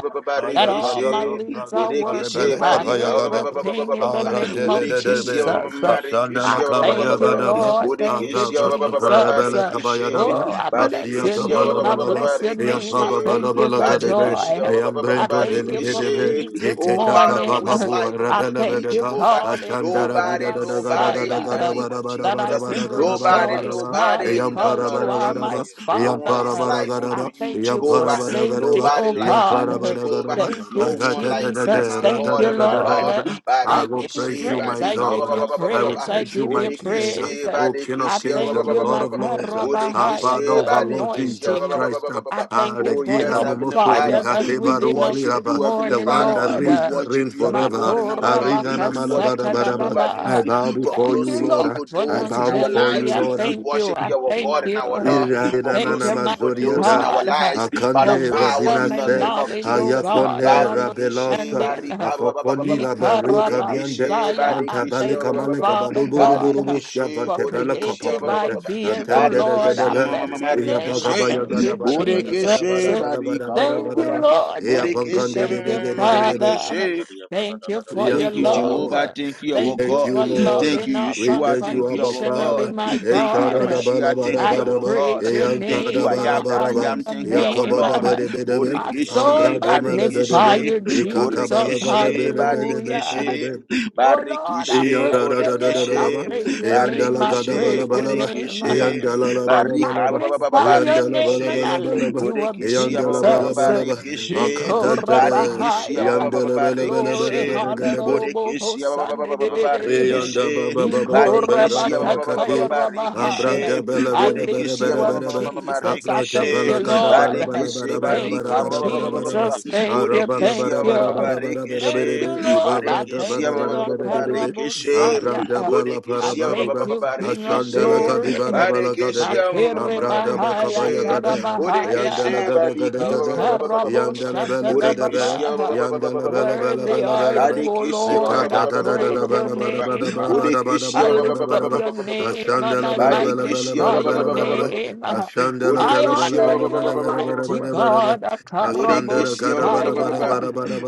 [SPEAKER 2] that all my limbs are working,
[SPEAKER 1] Bodekeshe
[SPEAKER 2] God,
[SPEAKER 1] Barika
[SPEAKER 2] everything in the name of
[SPEAKER 1] Bodekeshe
[SPEAKER 2] Jesus. Uh, I
[SPEAKER 5] You are
[SPEAKER 2] thank you,
[SPEAKER 1] Marikeshe
[SPEAKER 5] worthy, O God.
[SPEAKER 2] Lord. Thank you,
[SPEAKER 1] Bodekeshia
[SPEAKER 2] Jesus. Uh,
[SPEAKER 1] Barikishi
[SPEAKER 2] Oh, I bless
[SPEAKER 5] You are
[SPEAKER 2] your
[SPEAKER 1] Badekeshia
[SPEAKER 2] name. I
[SPEAKER 5] worthy, O
[SPEAKER 2] bless
[SPEAKER 5] God.
[SPEAKER 2] your
[SPEAKER 4] Eyam
[SPEAKER 2] name. I
[SPEAKER 4] baba
[SPEAKER 1] Barikishi
[SPEAKER 4] bala
[SPEAKER 2] thank you
[SPEAKER 4] bala
[SPEAKER 2] for
[SPEAKER 4] kadebe.
[SPEAKER 1] Badekeshia
[SPEAKER 2] joy.
[SPEAKER 4] Eyam
[SPEAKER 2] I
[SPEAKER 4] brendom
[SPEAKER 2] thank
[SPEAKER 5] You
[SPEAKER 4] bele
[SPEAKER 2] you
[SPEAKER 5] are
[SPEAKER 2] for
[SPEAKER 4] bedebe.
[SPEAKER 5] worthy,
[SPEAKER 1] Barikishi
[SPEAKER 2] peace
[SPEAKER 5] O
[SPEAKER 2] this
[SPEAKER 5] God.
[SPEAKER 1] Oh
[SPEAKER 4] Eketa
[SPEAKER 1] Father,
[SPEAKER 4] tapa
[SPEAKER 1] who
[SPEAKER 2] morning.
[SPEAKER 1] is
[SPEAKER 2] Uh,
[SPEAKER 4] papu
[SPEAKER 1] like
[SPEAKER 2] I
[SPEAKER 1] unto
[SPEAKER 4] rabele
[SPEAKER 1] thee,
[SPEAKER 2] thank you,
[SPEAKER 4] bedega.
[SPEAKER 1] Jehovah?
[SPEAKER 2] God,
[SPEAKER 5] Reka
[SPEAKER 4] Ashandara
[SPEAKER 5] bara
[SPEAKER 4] dida
[SPEAKER 1] Nobody,
[SPEAKER 4] da
[SPEAKER 5] bara
[SPEAKER 4] da
[SPEAKER 5] bara.
[SPEAKER 4] ga da ga
[SPEAKER 1] nobody
[SPEAKER 4] da
[SPEAKER 1] in
[SPEAKER 4] ga
[SPEAKER 1] the
[SPEAKER 4] da
[SPEAKER 2] Ekarabasaya,
[SPEAKER 1] name
[SPEAKER 4] ba da
[SPEAKER 1] of
[SPEAKER 4] ba da
[SPEAKER 2] that
[SPEAKER 4] ba da
[SPEAKER 2] I
[SPEAKER 1] Jesus.
[SPEAKER 4] ba
[SPEAKER 2] can
[SPEAKER 4] da ga da ba da
[SPEAKER 1] Nobody,
[SPEAKER 4] ba da
[SPEAKER 2] rejoice,
[SPEAKER 4] ba.
[SPEAKER 5] Shebra
[SPEAKER 2] God,
[SPEAKER 1] nobody
[SPEAKER 5] da
[SPEAKER 1] in
[SPEAKER 4] Eyam
[SPEAKER 1] the
[SPEAKER 5] bara bara
[SPEAKER 2] because
[SPEAKER 4] para
[SPEAKER 1] blood
[SPEAKER 2] you
[SPEAKER 4] ba
[SPEAKER 5] bara.
[SPEAKER 1] of
[SPEAKER 4] da ga
[SPEAKER 2] are
[SPEAKER 4] da
[SPEAKER 2] my
[SPEAKER 4] ba.
[SPEAKER 1] Jesus.
[SPEAKER 5] Maria,
[SPEAKER 1] No
[SPEAKER 4] Eyam
[SPEAKER 1] one
[SPEAKER 2] Father,
[SPEAKER 4] para
[SPEAKER 1] is
[SPEAKER 5] Maria.
[SPEAKER 2] uh,
[SPEAKER 4] ba da
[SPEAKER 1] like
[SPEAKER 4] ga da
[SPEAKER 2] I
[SPEAKER 1] unto
[SPEAKER 4] ba.
[SPEAKER 1] you,
[SPEAKER 2] thank
[SPEAKER 4] Eyam
[SPEAKER 2] you for
[SPEAKER 4] para
[SPEAKER 1] Jehovah.
[SPEAKER 4] ba da ga da
[SPEAKER 2] safety,
[SPEAKER 4] ba.
[SPEAKER 1] Nobody
[SPEAKER 2] oh
[SPEAKER 1] like
[SPEAKER 4] Eyam
[SPEAKER 1] you,
[SPEAKER 4] para ba
[SPEAKER 2] God.
[SPEAKER 4] da ga da
[SPEAKER 1] Jehovah.
[SPEAKER 4] ba.
[SPEAKER 2] Thank
[SPEAKER 5] Shebra
[SPEAKER 2] you,
[SPEAKER 5] ka
[SPEAKER 1] No
[SPEAKER 4] Ay, ra
[SPEAKER 5] bara
[SPEAKER 1] one
[SPEAKER 4] da
[SPEAKER 5] bara.
[SPEAKER 4] da
[SPEAKER 1] like
[SPEAKER 4] da
[SPEAKER 1] you,
[SPEAKER 2] Jesus.
[SPEAKER 4] da,
[SPEAKER 1] my
[SPEAKER 4] ra
[SPEAKER 2] Thank
[SPEAKER 4] da
[SPEAKER 1] God
[SPEAKER 2] you,
[SPEAKER 4] da
[SPEAKER 1] and
[SPEAKER 4] da
[SPEAKER 1] my
[SPEAKER 4] da
[SPEAKER 2] Lord.
[SPEAKER 4] da
[SPEAKER 1] Lord.
[SPEAKER 4] da. I
[SPEAKER 2] I
[SPEAKER 4] will
[SPEAKER 1] Bariki
[SPEAKER 2] give you
[SPEAKER 4] praise
[SPEAKER 1] she,
[SPEAKER 4] you,
[SPEAKER 2] praise.
[SPEAKER 4] my
[SPEAKER 2] I
[SPEAKER 1] barika,
[SPEAKER 2] give
[SPEAKER 5] Rebedeja
[SPEAKER 4] God.
[SPEAKER 2] you
[SPEAKER 5] la
[SPEAKER 4] I
[SPEAKER 5] branda
[SPEAKER 4] will
[SPEAKER 2] praise. I
[SPEAKER 4] praise
[SPEAKER 5] dosa.
[SPEAKER 4] you,
[SPEAKER 2] give
[SPEAKER 4] my
[SPEAKER 2] you
[SPEAKER 4] King.
[SPEAKER 2] praise.
[SPEAKER 1] Bodekishi
[SPEAKER 4] O King of
[SPEAKER 2] I
[SPEAKER 1] Badekishia
[SPEAKER 4] Kings
[SPEAKER 2] thank
[SPEAKER 4] and the
[SPEAKER 2] you,
[SPEAKER 4] Lord of
[SPEAKER 5] Thank you,
[SPEAKER 4] Lords. uh,
[SPEAKER 5] gracious
[SPEAKER 4] Our
[SPEAKER 5] God.
[SPEAKER 2] Makarabahaya,
[SPEAKER 4] Father
[SPEAKER 2] for
[SPEAKER 1] Bodekishi
[SPEAKER 4] of our Lord
[SPEAKER 1] Badekishia
[SPEAKER 4] Jesus
[SPEAKER 2] anointing.
[SPEAKER 4] Christ.
[SPEAKER 2] I thank
[SPEAKER 4] Ah,
[SPEAKER 2] you
[SPEAKER 4] the
[SPEAKER 1] Oh
[SPEAKER 2] for
[SPEAKER 1] yes,
[SPEAKER 4] Gira
[SPEAKER 2] your
[SPEAKER 4] no
[SPEAKER 5] Thank
[SPEAKER 1] Heavenly
[SPEAKER 5] you,
[SPEAKER 1] Father.
[SPEAKER 4] Mosori,
[SPEAKER 2] fire
[SPEAKER 5] gracious
[SPEAKER 2] that's
[SPEAKER 1] We
[SPEAKER 4] Hateba
[SPEAKER 5] Father.
[SPEAKER 2] within us
[SPEAKER 1] worship
[SPEAKER 2] this
[SPEAKER 4] Romaliraba,
[SPEAKER 1] you, Heavenly
[SPEAKER 4] the
[SPEAKER 2] morning,
[SPEAKER 4] one
[SPEAKER 1] Father.
[SPEAKER 4] that
[SPEAKER 2] Lord.
[SPEAKER 1] We
[SPEAKER 4] reigns, that
[SPEAKER 1] worship
[SPEAKER 4] reigns
[SPEAKER 1] you, our
[SPEAKER 4] forever.
[SPEAKER 1] God
[SPEAKER 5] Shebra
[SPEAKER 1] and our
[SPEAKER 4] Ah,
[SPEAKER 1] Lord.
[SPEAKER 5] ramba
[SPEAKER 4] Ringa na
[SPEAKER 1] We
[SPEAKER 5] deja
[SPEAKER 4] mana
[SPEAKER 5] la
[SPEAKER 1] worship
[SPEAKER 4] bada,
[SPEAKER 1] you,
[SPEAKER 5] braga de
[SPEAKER 4] Badaba.
[SPEAKER 1] Jehovah
[SPEAKER 5] braga
[SPEAKER 4] I
[SPEAKER 2] Makorabakasatadababa.
[SPEAKER 5] da
[SPEAKER 1] Nissi,
[SPEAKER 4] bow
[SPEAKER 5] braga
[SPEAKER 1] for
[SPEAKER 5] da
[SPEAKER 4] before
[SPEAKER 2] Thank
[SPEAKER 4] you,
[SPEAKER 5] braga
[SPEAKER 2] you,
[SPEAKER 5] da.
[SPEAKER 1] closing
[SPEAKER 2] Lord,
[SPEAKER 4] Lord.
[SPEAKER 1] evil
[SPEAKER 2] for
[SPEAKER 4] I
[SPEAKER 1] doors in
[SPEAKER 4] bow
[SPEAKER 1] our
[SPEAKER 4] before
[SPEAKER 2] longevity.
[SPEAKER 4] you,
[SPEAKER 1] lives.
[SPEAKER 2] I
[SPEAKER 4] Lord.
[SPEAKER 1] We
[SPEAKER 2] thank you.
[SPEAKER 1] worship
[SPEAKER 2] I
[SPEAKER 1] you, our
[SPEAKER 2] thank
[SPEAKER 1] God
[SPEAKER 5] Shele
[SPEAKER 1] and our
[SPEAKER 2] you.
[SPEAKER 5] brade
[SPEAKER 1] Lord, for
[SPEAKER 2] Thank you,
[SPEAKER 5] barabado
[SPEAKER 1] closing
[SPEAKER 2] mighty
[SPEAKER 1] evil
[SPEAKER 5] shala
[SPEAKER 1] doors in
[SPEAKER 4] Irananamazoriada,
[SPEAKER 1] our
[SPEAKER 5] bragadesh.
[SPEAKER 2] God, uh,
[SPEAKER 1] lives by the
[SPEAKER 2] for
[SPEAKER 4] Akande
[SPEAKER 1] power
[SPEAKER 2] wisdom
[SPEAKER 1] in the
[SPEAKER 2] and
[SPEAKER 4] Rabinase,
[SPEAKER 1] name of
[SPEAKER 2] knowledge, O
[SPEAKER 1] Jesus.
[SPEAKER 2] God, and
[SPEAKER 4] Ayakone
[SPEAKER 1] Badekeshe
[SPEAKER 4] Rabelosa,
[SPEAKER 2] understanding. uh,
[SPEAKER 1] barika ba- ba- ba- ba- ba-
[SPEAKER 4] Afokoni
[SPEAKER 1] ba.
[SPEAKER 4] Labarika Diande,
[SPEAKER 1] Bodekeshe
[SPEAKER 2] Ikarabasaya, I
[SPEAKER 1] badekeshe
[SPEAKER 2] thank
[SPEAKER 4] Antabalika
[SPEAKER 2] you,
[SPEAKER 4] Malika
[SPEAKER 2] Father God, uh,
[SPEAKER 4] Baduburuburubusia,
[SPEAKER 1] Barikishe,
[SPEAKER 2] for
[SPEAKER 4] Vatebela
[SPEAKER 1] Borikishe, ba-
[SPEAKER 2] creative
[SPEAKER 4] Capaprate,
[SPEAKER 2] ideas, O
[SPEAKER 4] Antende de
[SPEAKER 2] Lord. I
[SPEAKER 1] Barikishe, ma-
[SPEAKER 4] Gedebe,
[SPEAKER 1] ma-
[SPEAKER 5] Shele
[SPEAKER 1] ma-
[SPEAKER 2] bless
[SPEAKER 1] ma-
[SPEAKER 2] your
[SPEAKER 5] bragada
[SPEAKER 2] name. I
[SPEAKER 5] bada
[SPEAKER 1] Rikishe,
[SPEAKER 4] Yabagabaya
[SPEAKER 5] bada
[SPEAKER 2] thank you,
[SPEAKER 4] Gada
[SPEAKER 5] bada.
[SPEAKER 4] Bada Bada Bada
[SPEAKER 2] Jesus.
[SPEAKER 4] Bada
[SPEAKER 1] Borikishe,
[SPEAKER 2] Uh,
[SPEAKER 4] Bada
[SPEAKER 1] Barika,
[SPEAKER 4] Bada
[SPEAKER 1] ba-
[SPEAKER 4] Bada
[SPEAKER 2] Thank
[SPEAKER 4] Bada Bada
[SPEAKER 2] you,
[SPEAKER 4] Bada
[SPEAKER 2] Lord. Thank
[SPEAKER 5] Marade
[SPEAKER 2] you.
[SPEAKER 1] Borikishe, ma-
[SPEAKER 2] Thank
[SPEAKER 5] bragade
[SPEAKER 1] ma-
[SPEAKER 2] you,
[SPEAKER 1] ma-
[SPEAKER 4] Bada
[SPEAKER 1] ma-
[SPEAKER 4] Bada
[SPEAKER 1] ma-
[SPEAKER 5] bragada
[SPEAKER 2] Father.
[SPEAKER 4] Bada
[SPEAKER 5] bragada
[SPEAKER 2] Uh,
[SPEAKER 5] bragadia
[SPEAKER 2] Thank
[SPEAKER 5] bragada
[SPEAKER 2] you
[SPEAKER 5] bada
[SPEAKER 2] for your
[SPEAKER 5] bada.
[SPEAKER 4] Yes,
[SPEAKER 1] Thank you,
[SPEAKER 2] love.
[SPEAKER 4] Lord.
[SPEAKER 1] Jehovah.
[SPEAKER 2] Uh,
[SPEAKER 1] Thank you,
[SPEAKER 4] We
[SPEAKER 1] our
[SPEAKER 2] Thank you
[SPEAKER 4] thank
[SPEAKER 1] God.
[SPEAKER 4] you,
[SPEAKER 2] for
[SPEAKER 4] Lord.
[SPEAKER 1] Thank
[SPEAKER 2] loving
[SPEAKER 1] you,
[SPEAKER 2] us
[SPEAKER 4] We
[SPEAKER 1] Yeshua.
[SPEAKER 4] thank
[SPEAKER 1] Thank
[SPEAKER 4] you,
[SPEAKER 1] you,
[SPEAKER 4] Abba
[SPEAKER 1] our God.
[SPEAKER 2] unconditionally,
[SPEAKER 4] Father.
[SPEAKER 2] my
[SPEAKER 1] Thank you,
[SPEAKER 4] Eshara da
[SPEAKER 2] God.
[SPEAKER 4] ba.
[SPEAKER 1] Yamashia.
[SPEAKER 4] la ba.
[SPEAKER 1] Thank
[SPEAKER 4] da
[SPEAKER 5] Thank
[SPEAKER 1] you,
[SPEAKER 2] I
[SPEAKER 4] ba.
[SPEAKER 5] you,
[SPEAKER 4] da
[SPEAKER 1] our
[SPEAKER 4] ba.
[SPEAKER 2] praise
[SPEAKER 1] God.
[SPEAKER 5] faithful
[SPEAKER 2] your
[SPEAKER 5] Father.
[SPEAKER 4] Eyanka
[SPEAKER 1] Thank you,
[SPEAKER 4] da
[SPEAKER 1] I
[SPEAKER 2] name.
[SPEAKER 4] ba. da
[SPEAKER 1] am
[SPEAKER 2] I
[SPEAKER 4] ba
[SPEAKER 1] that
[SPEAKER 4] da
[SPEAKER 1] I
[SPEAKER 2] honor
[SPEAKER 4] ba.
[SPEAKER 1] am.
[SPEAKER 2] your
[SPEAKER 1] Thank you, our
[SPEAKER 2] name.
[SPEAKER 4] Yakaba da
[SPEAKER 1] Lord.
[SPEAKER 4] ba de
[SPEAKER 2] My
[SPEAKER 4] be de be.
[SPEAKER 5] Ye
[SPEAKER 2] soul
[SPEAKER 1] Borekeshe,
[SPEAKER 4] Ambra
[SPEAKER 5] bragada
[SPEAKER 4] do me le
[SPEAKER 5] bragada
[SPEAKER 4] be de
[SPEAKER 2] magnify
[SPEAKER 4] be.
[SPEAKER 1] Barekeshe,
[SPEAKER 5] bragada
[SPEAKER 2] you,
[SPEAKER 5] bragada
[SPEAKER 4] Ikata ba
[SPEAKER 2] Jesus.
[SPEAKER 4] la
[SPEAKER 5] bragada
[SPEAKER 4] ga da
[SPEAKER 1] Borekeshe,
[SPEAKER 4] be
[SPEAKER 5] bragadia.
[SPEAKER 4] de be de be de
[SPEAKER 2] Hallelujah.
[SPEAKER 4] de
[SPEAKER 1] Barekeshe,
[SPEAKER 4] de.
[SPEAKER 2] Oh Lord, I
[SPEAKER 1] Barekeshe,
[SPEAKER 4] Eyanda
[SPEAKER 2] praise
[SPEAKER 4] da
[SPEAKER 2] your
[SPEAKER 4] da da
[SPEAKER 2] name. I
[SPEAKER 5] Ye
[SPEAKER 1] Borekeshe,
[SPEAKER 2] praise
[SPEAKER 5] tebro
[SPEAKER 2] your
[SPEAKER 5] no
[SPEAKER 2] name.
[SPEAKER 5] bragade
[SPEAKER 2] I
[SPEAKER 5] baria
[SPEAKER 1] Barekeshe,
[SPEAKER 2] praise your
[SPEAKER 5] gabara
[SPEAKER 4] Esharadabalabarabadaba,
[SPEAKER 5] gada
[SPEAKER 2] name.
[SPEAKER 4] eyantadabarabaraba,
[SPEAKER 5] baria
[SPEAKER 1] Borekeshe,
[SPEAKER 5] gada gada
[SPEAKER 2] I
[SPEAKER 5] gada gada
[SPEAKER 1] Barika,
[SPEAKER 4] yakabadabadebedebe, ambradomelebedebe,
[SPEAKER 5] gada.
[SPEAKER 4] ikatabalagadabedebedebedebe, eyandadadadadadaba, eyandalagadabalabalaba, eyandalabalabalabalaba,
[SPEAKER 2] magnify your name and I
[SPEAKER 1] Barekeshe,
[SPEAKER 2] lift
[SPEAKER 4] eyandalabalabalabalaba,
[SPEAKER 2] you up,
[SPEAKER 1] Borekeshe,
[SPEAKER 2] Jesus.
[SPEAKER 4] eyandalabalabalaba,
[SPEAKER 5] Meya
[SPEAKER 1] Barekeshe,
[SPEAKER 5] barabado shala
[SPEAKER 4] akadantade,
[SPEAKER 5] bragada.
[SPEAKER 2] Ikorabahaya.
[SPEAKER 1] Barekeshe,
[SPEAKER 2] Glory,
[SPEAKER 1] Barekeshe,
[SPEAKER 4] eyandelebelebelebelebedebe.
[SPEAKER 2] honorable
[SPEAKER 1] Bodekeshia ba- ba- ba- ba-
[SPEAKER 2] Sunday.
[SPEAKER 1] ba- ba- ba-
[SPEAKER 5] Laka baya
[SPEAKER 4] Eyanda ba
[SPEAKER 1] rekeshe.
[SPEAKER 4] ba ba
[SPEAKER 5] shkibaya
[SPEAKER 4] ba ba ba
[SPEAKER 5] mbaga
[SPEAKER 4] ra
[SPEAKER 1] Badekeshia
[SPEAKER 4] ba
[SPEAKER 1] ba-
[SPEAKER 5] baya
[SPEAKER 1] ba-
[SPEAKER 4] la
[SPEAKER 1] ba- ba- ba- ba- ba-
[SPEAKER 2] Ikorabakataya
[SPEAKER 4] kati.
[SPEAKER 5] shkibaya
[SPEAKER 1] ba-
[SPEAKER 5] gabaya.
[SPEAKER 1] rekeshe.
[SPEAKER 2] Rabahaya.
[SPEAKER 4] Ambranda bela
[SPEAKER 2] I
[SPEAKER 4] ba bela ba
[SPEAKER 2] lift
[SPEAKER 1] Bodekeshia
[SPEAKER 2] you
[SPEAKER 4] bela
[SPEAKER 1] ma-
[SPEAKER 4] ba
[SPEAKER 1] ma-
[SPEAKER 2] up,
[SPEAKER 4] la
[SPEAKER 1] ma-
[SPEAKER 4] ba la
[SPEAKER 1] ma- ma-
[SPEAKER 4] ba
[SPEAKER 1] ma- ma-
[SPEAKER 2] Jesus. I
[SPEAKER 4] Abranda
[SPEAKER 1] rekeshe.
[SPEAKER 2] thank
[SPEAKER 4] ba
[SPEAKER 2] you,
[SPEAKER 4] kada ba bela
[SPEAKER 2] Lord.
[SPEAKER 4] ba
[SPEAKER 1] Badekeshe
[SPEAKER 5] Shete
[SPEAKER 4] bela ba bela
[SPEAKER 5] bede
[SPEAKER 2] Thank
[SPEAKER 1] barika
[SPEAKER 2] you,
[SPEAKER 5] bede
[SPEAKER 1] ba- ba-
[SPEAKER 5] bede
[SPEAKER 1] ba- ba- ba-
[SPEAKER 4] ba
[SPEAKER 5] bede
[SPEAKER 1] ba- ba-
[SPEAKER 4] bela
[SPEAKER 5] bede
[SPEAKER 1] ba-
[SPEAKER 4] ba
[SPEAKER 1] ba.
[SPEAKER 5] bede
[SPEAKER 2] Jesus.
[SPEAKER 5] bede bede
[SPEAKER 2] Thank you.
[SPEAKER 5] bede
[SPEAKER 4] Arabala
[SPEAKER 5] bede.
[SPEAKER 4] ba
[SPEAKER 1] Bodekeshia
[SPEAKER 2] Thank
[SPEAKER 1] ba- ba- ba-
[SPEAKER 4] bela
[SPEAKER 1] ba-
[SPEAKER 4] ba
[SPEAKER 2] you.
[SPEAKER 1] ba-
[SPEAKER 4] bela ba bela
[SPEAKER 1] rekeshe.
[SPEAKER 2] Thank you,
[SPEAKER 4] ba
[SPEAKER 2] Lord.
[SPEAKER 4] ara ba
[SPEAKER 2] I
[SPEAKER 4] la ba la ba la ba la ba la ba la ba la ba Ibabranda ba
[SPEAKER 1] Bodekeshia
[SPEAKER 2] thank
[SPEAKER 1] ba-
[SPEAKER 2] you,
[SPEAKER 1] ba-
[SPEAKER 4] bela ba
[SPEAKER 1] ba- ba-
[SPEAKER 4] bela ba la
[SPEAKER 1] ba-
[SPEAKER 4] ba
[SPEAKER 1] ba-
[SPEAKER 4] la ba
[SPEAKER 1] rekeshe.
[SPEAKER 2] Akarabosaya.
[SPEAKER 4] Ambranda bela ba
[SPEAKER 2] I
[SPEAKER 4] bela
[SPEAKER 1] Bodekeshia
[SPEAKER 4] ba
[SPEAKER 1] ba-
[SPEAKER 4] la
[SPEAKER 1] ba-
[SPEAKER 2] thank
[SPEAKER 4] ba
[SPEAKER 1] ba- ba-
[SPEAKER 2] you,
[SPEAKER 1] ba-
[SPEAKER 2] King of
[SPEAKER 4] Ashanda
[SPEAKER 1] rekeshe.
[SPEAKER 4] la ka di
[SPEAKER 2] Glory.
[SPEAKER 4] ba bara bela kada ba
[SPEAKER 1] Badekeshia ma- ma- ma-
[SPEAKER 2] Makere
[SPEAKER 1] ma- ma-
[SPEAKER 4] Ambranda ba ka ba
[SPEAKER 2] Bahaya,
[SPEAKER 1] rekeshe.
[SPEAKER 4] kabaya
[SPEAKER 2] Dada
[SPEAKER 4] kada. Yanda
[SPEAKER 1] Bodekeshe
[SPEAKER 4] la
[SPEAKER 2] Bahaya.
[SPEAKER 4] kada kada
[SPEAKER 1] badika ba- ba- ba-
[SPEAKER 4] kada.
[SPEAKER 1] ba- ba- ba-
[SPEAKER 4] Yanda la
[SPEAKER 2] Ikaraboshata
[SPEAKER 4] bela
[SPEAKER 2] da
[SPEAKER 4] kada ba
[SPEAKER 2] Baba.
[SPEAKER 4] Yanda la ba bela ba bela
[SPEAKER 1] Bodekeshia
[SPEAKER 2] Worthy
[SPEAKER 4] ba la ba
[SPEAKER 2] are
[SPEAKER 4] la
[SPEAKER 2] you,
[SPEAKER 4] ba
[SPEAKER 2] O
[SPEAKER 1] Badekeshia ba- ba- ba-
[SPEAKER 2] Lord. I
[SPEAKER 4] Ashanda
[SPEAKER 2] praise your name.
[SPEAKER 1] Bodekeshia
[SPEAKER 2] I lift up your name and I
[SPEAKER 1] Badekeshia
[SPEAKER 2] magnify your name. I
[SPEAKER 1] Bodekeshia
[SPEAKER 2] honor you, mighty God.
[SPEAKER 1] Bodekeshia ba- ba- ba- ba- ba- ba.
[SPEAKER 2] Akarabosaya.